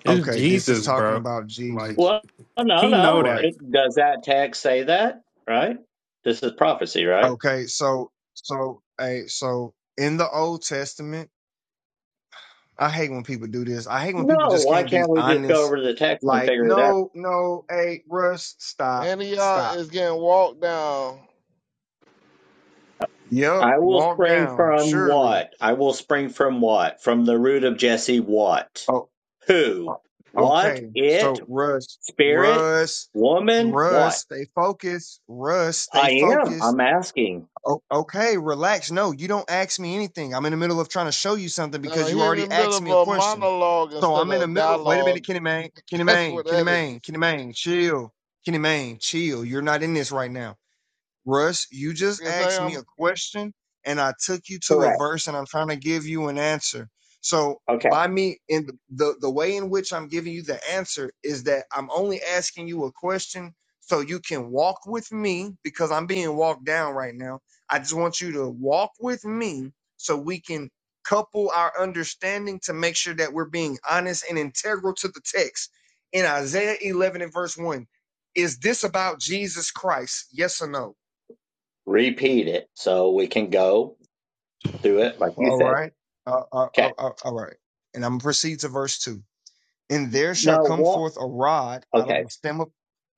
O: It's
L: Okay, this is
O: Jesus,
L: talking
O: bro.
L: about
O: Like
L: Jesus.
P: Well, no,
O: he know
P: no.
O: that.
L: Right.
P: It, does that text say that? Right? This is prophecy, right?
L: Okay, so, so, hey, so in the Old Testament, I hate when people do this. I hate when people
P: No.
L: just
P: Why
L: can't be
P: can't we just go
L: honest.
P: over to the text and
L: Like,
P: figure it out?
L: no, no, hey, Russ, stop,
C: Antioch
L: stop.
C: is getting walked down
L: Yep,
P: I will
L: walk
P: spring
L: down.
P: from
L: Surely.
P: what? I will spring from what? From the root of Jesse, what?
L: Oh,
P: Who?
L: oh,
P: What?
L: okay.
P: It?
L: So, Russ,
P: Spirit?
L: Russ,
P: Woman?
L: Russ,
P: What?
L: stay focused. Russ, stay
P: I am.
L: focused.
P: I'm asking.
L: O- okay, relax. No, you don't ask me anything. I'm in the middle of trying to show you something
C: Uh,
L: because you
C: he in the
L: already
C: middle
L: asked
C: of
L: me a
C: a
L: question.
C: monologue
L: So
C: instead
L: I'm in
C: of a
L: the middle. Wait a
C: dialogue.
L: minute, Kenny Mayne. Kenny
C: That's
L: Mayne.
C: what
L: Kenny
C: that is.
L: Mayne. Kenny Mayne. Chill. Kenny Mayne. Chill. You're not in this right now. Russ, you just
C: Because
L: asked me
C: Sam,
L: a question and I took you to a
P: Correct.
L: verse and I'm trying to give you an answer. So
P: Okay.
L: by me in the, the, the way in which I'm giving you the answer is that I'm only asking you a question so you can walk with me because I'm being walked down right now. I just want you to walk with me so we can couple our understanding to make sure that we're being honest and integral to the text. In Isaiah 11 and verse 1, is this about Jesus Christ? Yes or no?
P: Repeat it so we can go through it like you
L: All
P: said.
L: right. Uh, uh,
P: Okay.
L: uh, uh, all right. And I'm going to proceed to verse 2. And there shall
P: No,
L: come
P: what?
L: forth a rod out of
P: Okay.
L: the stem of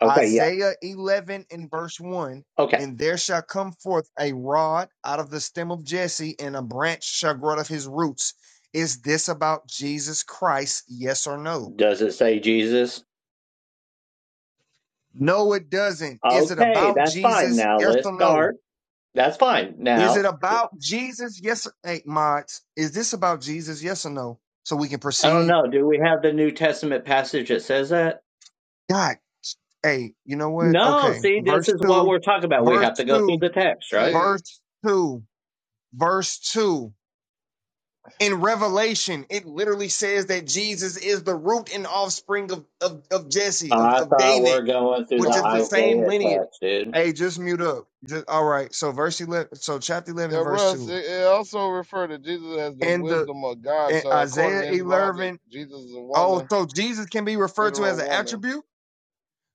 P: Okay. Yeah.
L: Isaiah 11 in verse 1.
P: Okay.
L: And there shall come forth a rod out of the stem of Jesse, and a branch shall grow out of his roots. Is this about Jesus Christ? Yes or no?
P: Does it say Jesus?
L: No, it doesn't. Is it
P: Okay,
L: about
P: that's fine
L: Jesus?
P: now.
L: Yes
P: Let's
L: or no?
P: start. That's fine
L: Is it
P: now.
L: about Jesus? Yes. Hey, mods, is this about Jesus? Yes or no? So we can
P: I don't
L: proceed.
P: know. Do we have the New Testament passage that says that?
L: God. Hey, you know what?
P: No,
L: Okay.
P: see, this
L: Verse
P: is what
L: 2,
P: we're talking about. We
L: verse
P: have to go through
L: 2,
P: the text, right?
C: see,
L: verse 2, verse 2. In Revelation, it literally says that Jesus is the root and offspring of, of, of Jesse, of,
P: I
L: of
P: thought
L: David,
P: we're going through
L: which
P: the
L: is
C: calls
L: the
C: him.
L: same
P: Isaiah
L: lineage.
P: text, dude.
L: Hey, just mute up. Just, all right. So verse 11, so chapter 11
C: Yeah,
L: and verse
C: Russ,
L: 2.
C: it, it also referred to Jesus as the
L: And the
C: wisdom of God.
L: and
C: So, according
L: Isaiah
C: to his logic,
L: 11.
C: Jesus is a
L: Oh,
C: woman,
L: so Jesus can be referred to
C: literal
L: as an
C: woman.
L: attribute?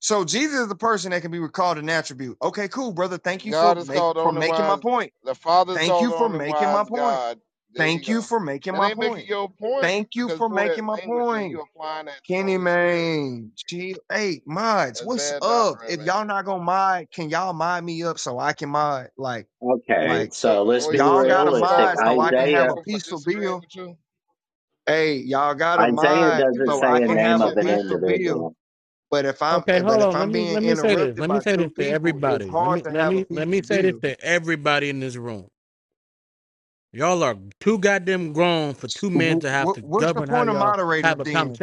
L: So Jesus is the person that can be recalled an attribute. Okay, cool, brother. Thank you for
C: God is
L: make
C: called the
L: for
C: only
L: making my
C: wise,
L: point.
C: the Father is
L: Thank
C: called
L: you
C: the
L: for
C: only
L: making my
C: wise
L: point.
C: God. There you
L: Thank you
C: go.
L: for making
C: That
L: my
C: ain't making
L: point.
C: your point
L: Thank you
C: because
L: for
C: poor
L: making my
C: language and
L: point.
C: you applying that to the
L: Kenny
C: Holy Spirit.
L: Main, G- hey mods,
C: That's
L: what's
C: bad
L: up?
C: doctrine,
L: If
C: man.
L: y'all not gonna mod, can y'all mod me up so I can mod? Like,
P: Okay,
L: like
C: No,
P: so let's
C: or
P: be
C: if-
L: y'all
C: so you
L: got a
C: can
P: realistic.
C: start
L: mod so I can
C: removing
L: have
P: Isaiah
L: a
C: people for
L: peaceful
C: disagreeing
L: bill.
C: with you.
L: Hey, y'all got a
P: Isaiah
L: mod
C: You
P: doesn't
C: just
L: so
P: say
L: I
P: a
L: can
P: name
C: preach
L: have a
P: of
C: it,
P: an
C: man.
L: peaceful bill.
P: individual.
L: But if I'm eh, but if I'm being interrupted by two people, it's hard to have a peaceful to build. What, what's the point of moderators then?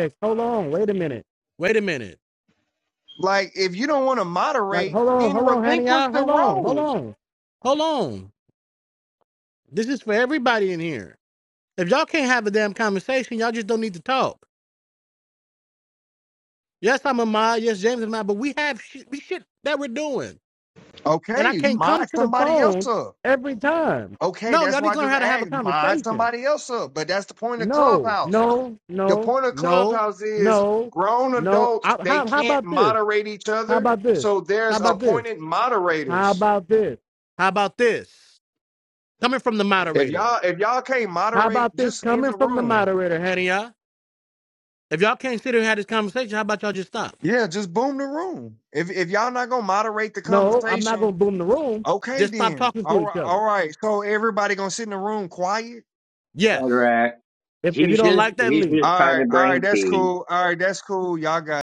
L: Like if you don't want to moderate, then relinquish the role. Okay, mod somebody else up. Okay, that's why I just asked mod somebody else up. But that's the point of Clubhouse. The
D: no.
L: point of Clubhouse is grown adults they can't
D: But
L: moderate each other, so there's appointed
D: how
L: moderators.
D: this?
L: If y'all if y'all can't moderate, just in the room Yeah, just boom the room. If if y'all not gonna moderate the conversation, okay then. All right, all right. So everybody gonna sit in the room quiet.
P: correct? he's just he's just
L: All
P: trying
L: right,
P: to
L: all right,
P: bring
L: that's
P: peace.
L: cool. All right, that's cool. Y'all got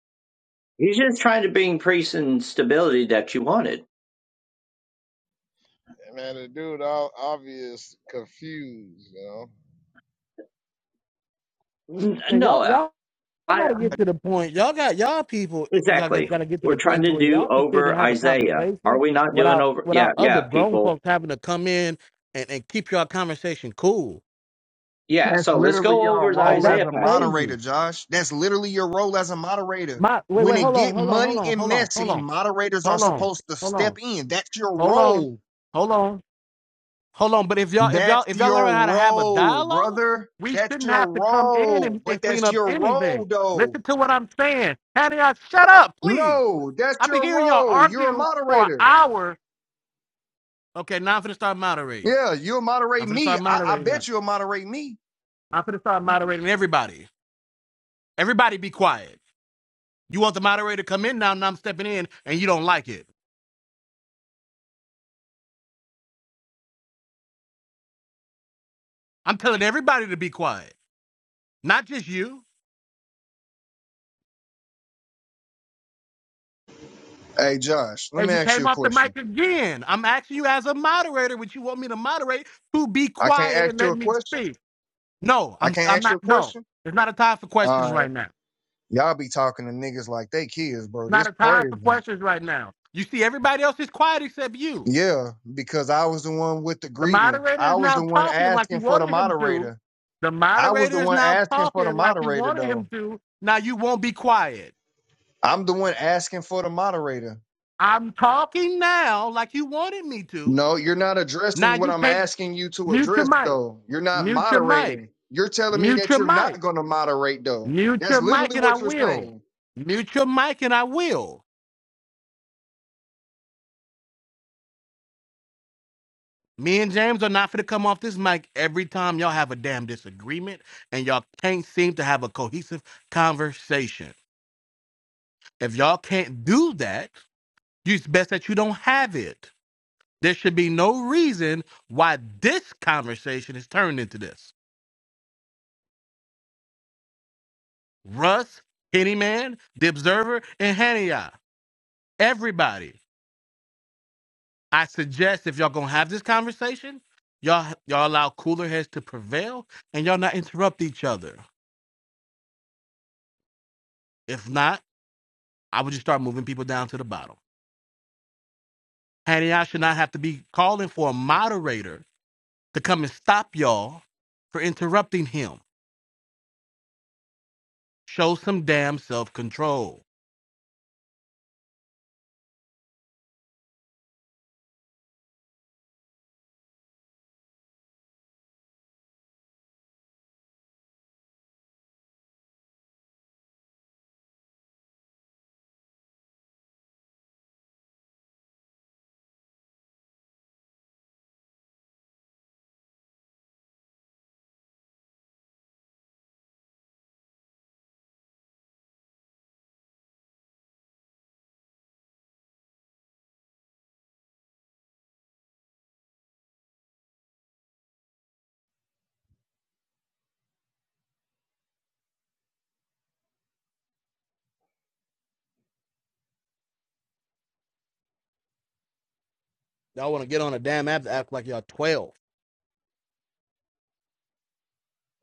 P: He's just trying to bring peace and stability that you wanted.
C: And man, the dude all obvious confused, you know.
D: Now,
P: No,
D: y'all,
P: I,
D: y'all
P: exactly. We're trying to do over Isaiah. Are we not doing over? Yeah, yeah, people. Yeah,
L: that's
P: so let's
L: literally
P: go
L: your
P: over the
D: like
L: role as
D: that's
P: Isaiah
L: a
P: passage.
L: moderator,
D: crazy.
L: Josh. That's literally your role as a moderator.
D: My wait,
L: When
D: wait,
L: it get
D: hold on, hold
L: muddy
D: on,
L: and
D: hold on, hold
L: messy,
D: on,
L: moderators are
D: hold on, hold on,
L: supposed to
D: hold
L: step
D: on,
L: in. That's your
D: hold on,
L: role.
D: hold on.
L: That's your role, brother.
D: We
L: That's
D: shouldn't
L: your
D: have to come in
L: role.
D: and, and
L: But
D: clean
L: that's
D: up
L: your
D: anything.
L: role though.
D: Listen to what I'm saying. Hattie, I shut up, please.
L: No, that's
D: I've been
L: your
D: hearing y'all
L: role. You're a
D: argue for an
L: moderator.
D: hour.
L: Yeah, you'll moderate me. I, I
D: Moderating now.
L: bet you'll moderate me.
D: I'm going to start moderating.
L: Hey, Josh, let
D: And
L: me
D: you
L: ask you a question. I can't ask
D: can't
L: you
D: let
L: a
D: me
L: question.
D: speak.
L: I can't ask you
D: Not,
L: a
D: no,
L: question.
D: it's time for
L: All
D: questions
L: right.
D: right now.
L: Y'all be talking to niggas like they kids, bro.
D: Not
L: This
D: a time for
L: crazy.
D: questions right now.
L: Yeah, because I was the one with the
D: The
L: grievance.
D: moderator
L: I
D: is
L: was
D: now
L: the one
D: talking like you
L: asking for the
D: wanted him to.
L: moderator.
D: The
L: I was the
D: moderator is
L: one
D: now
L: asking for the
D: talking like you
L: moderator,
D: wanted him
L: though.
D: to. Be quiet.
L: I'm the one asking for the moderator.
D: I'm talking.
L: No, you're not addressing what
D: You
L: I'm
D: can't
L: asking you to
D: mute your
L: address,
D: mic.
L: though. You're not moderating. You're telling me that you're not going to moderate, though. That's literally what you're saying.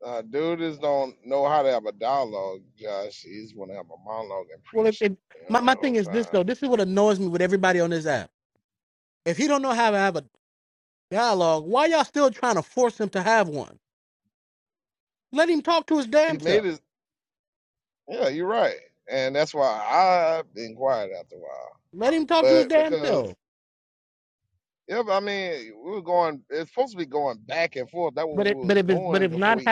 C: Uh, dude just don't know how to have a dialogue, Josh. He just want to have a monologue and preach, you know, the whole time. He made his, yeah, you're right. And that's why I've been quiet after a while. But because, yeah, but I mean, we were going, it's supposed to be going back and forth. That's what we was doing before he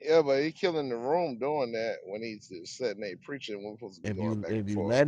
C: Yeah, but he killing the room doing that when he's just sitting there preaching. We're supposed to be going back and forth.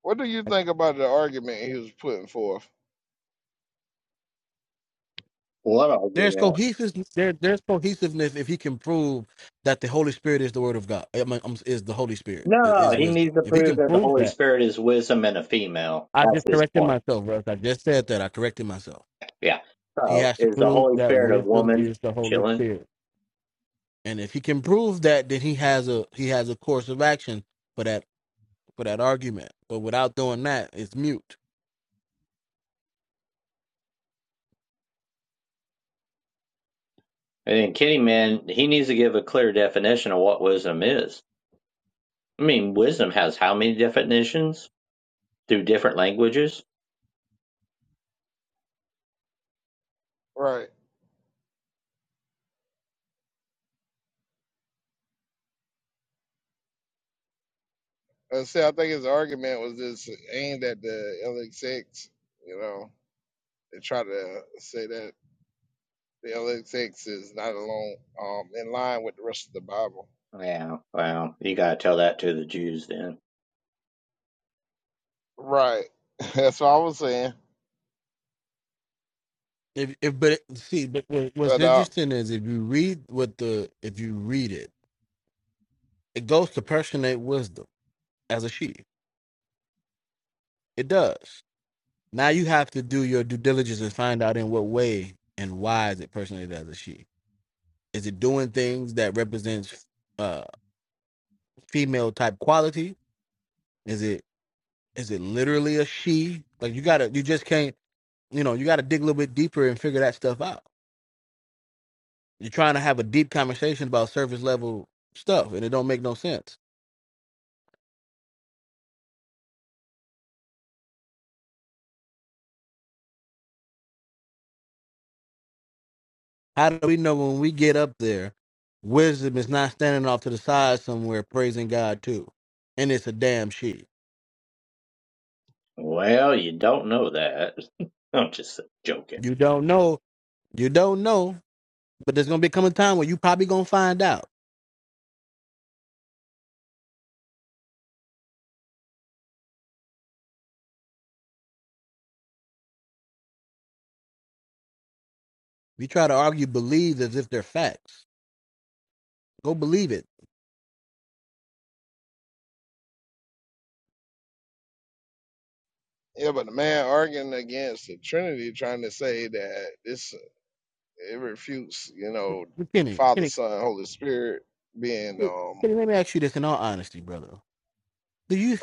C: What do you think about the argument he was putting forth?
P: What argument? No, he needs to prove that the
D: Prove
P: Holy
D: that.
P: Spirit is wisdom and a female.
D: I
P: That's
D: just
P: his
D: corrected
P: point.
D: myself, Russ. I just
P: Yeah. So is the Holy Spirit a woman chilling?
D: did.
P: And then Kitty Man, he needs to give a clear definition of what wisdom is. I mean, wisdom has how many definitions through different languages?
C: Right. Uh, see, I think his argument was just aimed at the LXX, you know, they try to say that the LXX is not alone, um, in line with the rest of the Bible.
P: Yeah, well, you gotta tell that to the Jews then.
C: Right. That's what I was saying. But, uh,
P: Well, you don't know that. I'm just joking.
C: yeah, but the man arguing against the Trinity, trying to say that this it refutes, you know, Father, Son, Holy Spirit being um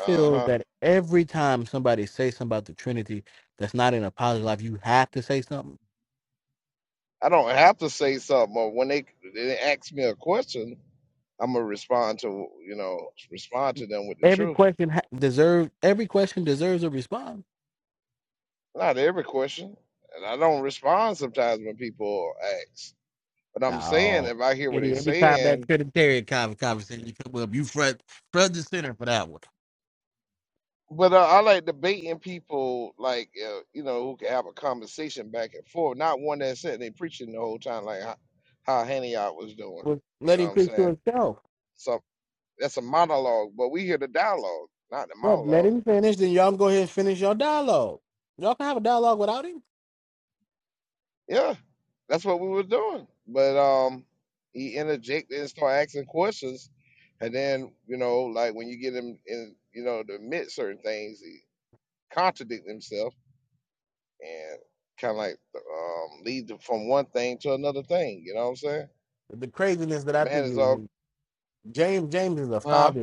C: uh huh. I don't have to say something, or when they they ask me a question, I'm gonna respond to you know respond to them with the
D: Every
C: truth.
D: question ha-
C: Not every question, and I don't respond sometimes when people ask. But I'm saying if I hear what they're saying But uh, I like debating people, like uh, you know, who can have a conversation back and forth, not one that said they preaching the whole time, like how, how Haniot was doing. You know what I'm saying? So that's a monologue, but we hear the dialogue, not the monologue. Yeah, that's what we were doing. But um, he interjected and started asking questions, and then you know, like when you get him in, you know, to admit certain things, he contradict himself and kind of like um, lead them from one thing to another thing. You know what I'm saying? The man is all, huh?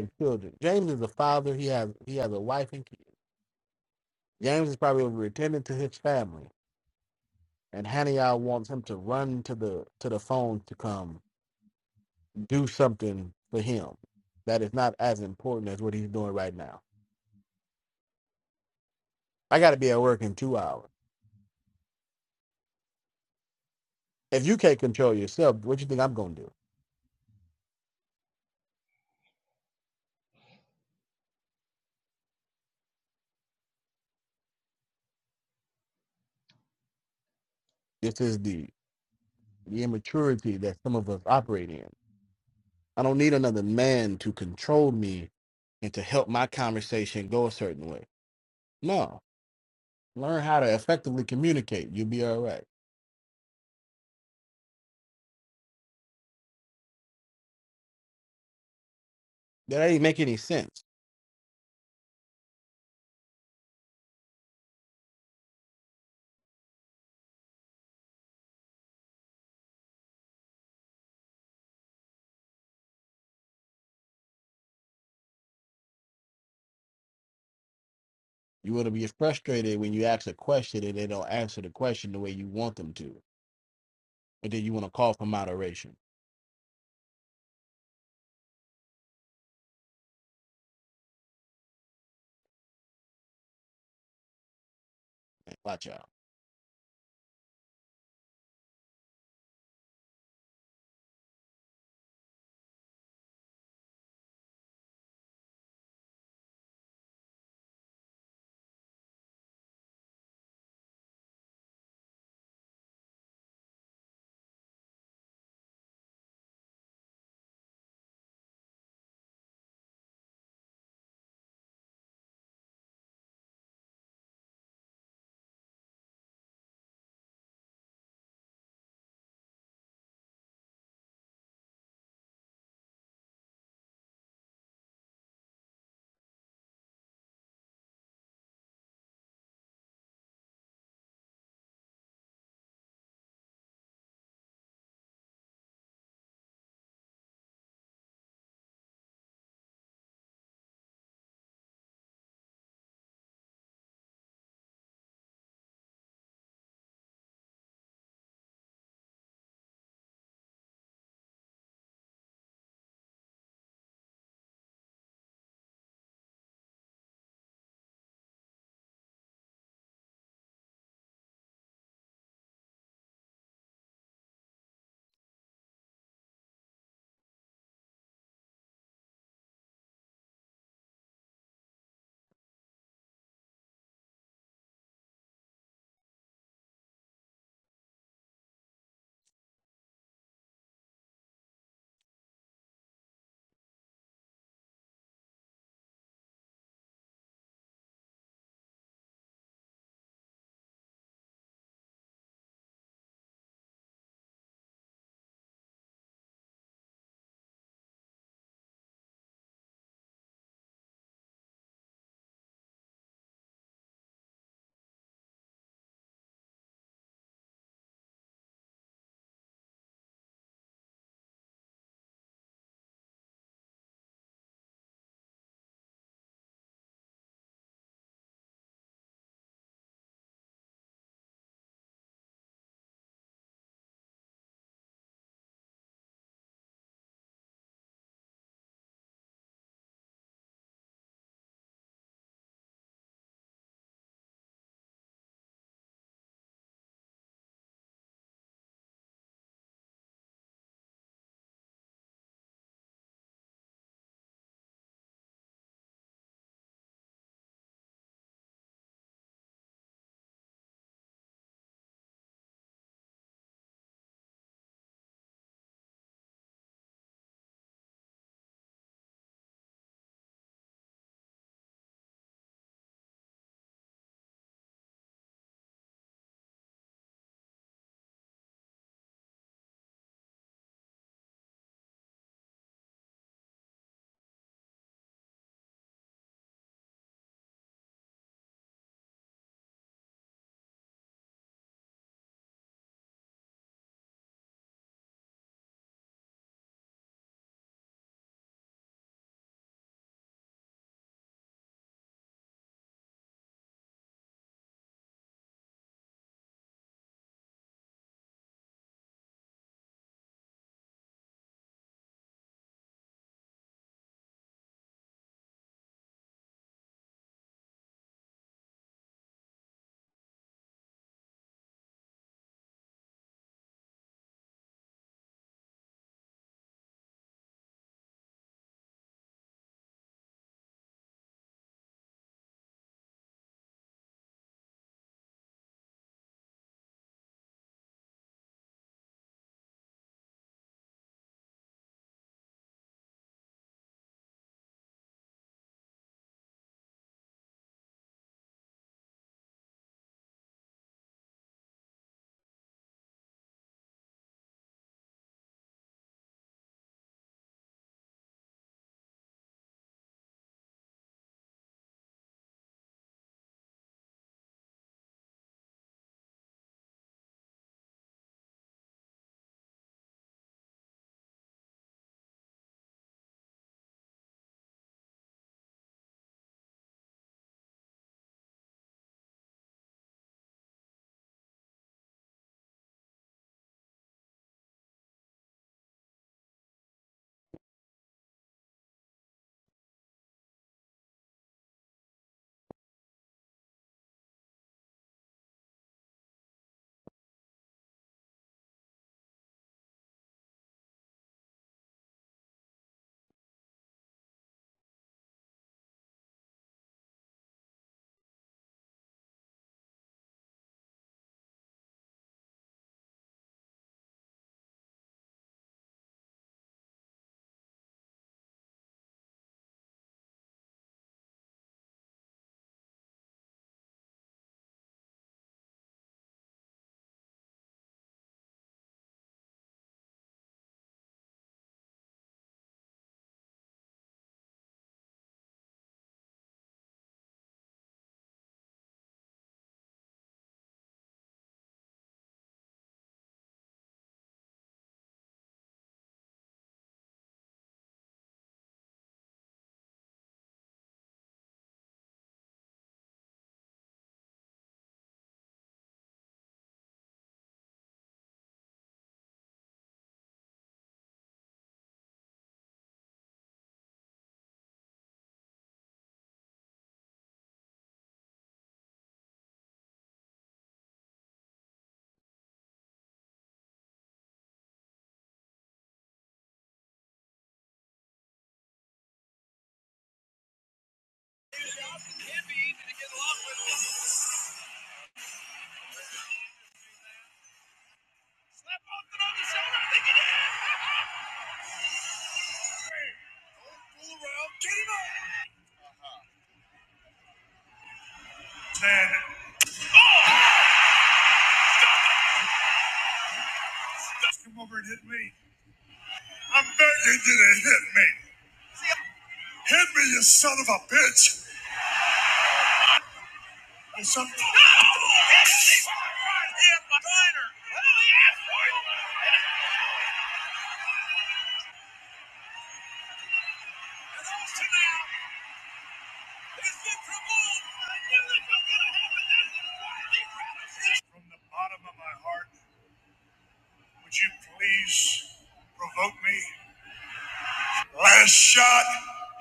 D: Last shot,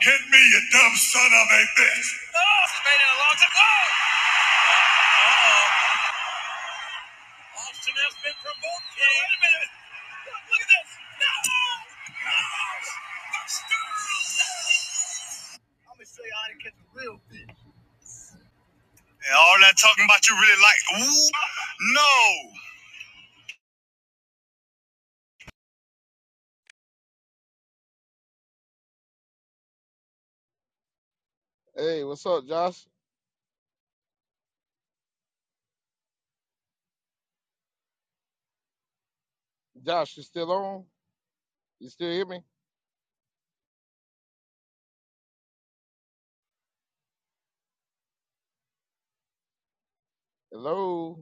D: hit me, you dumb son of a bitch.
C: Hey, what's up, Josh? Josh, you still on? You still hear me? Hello?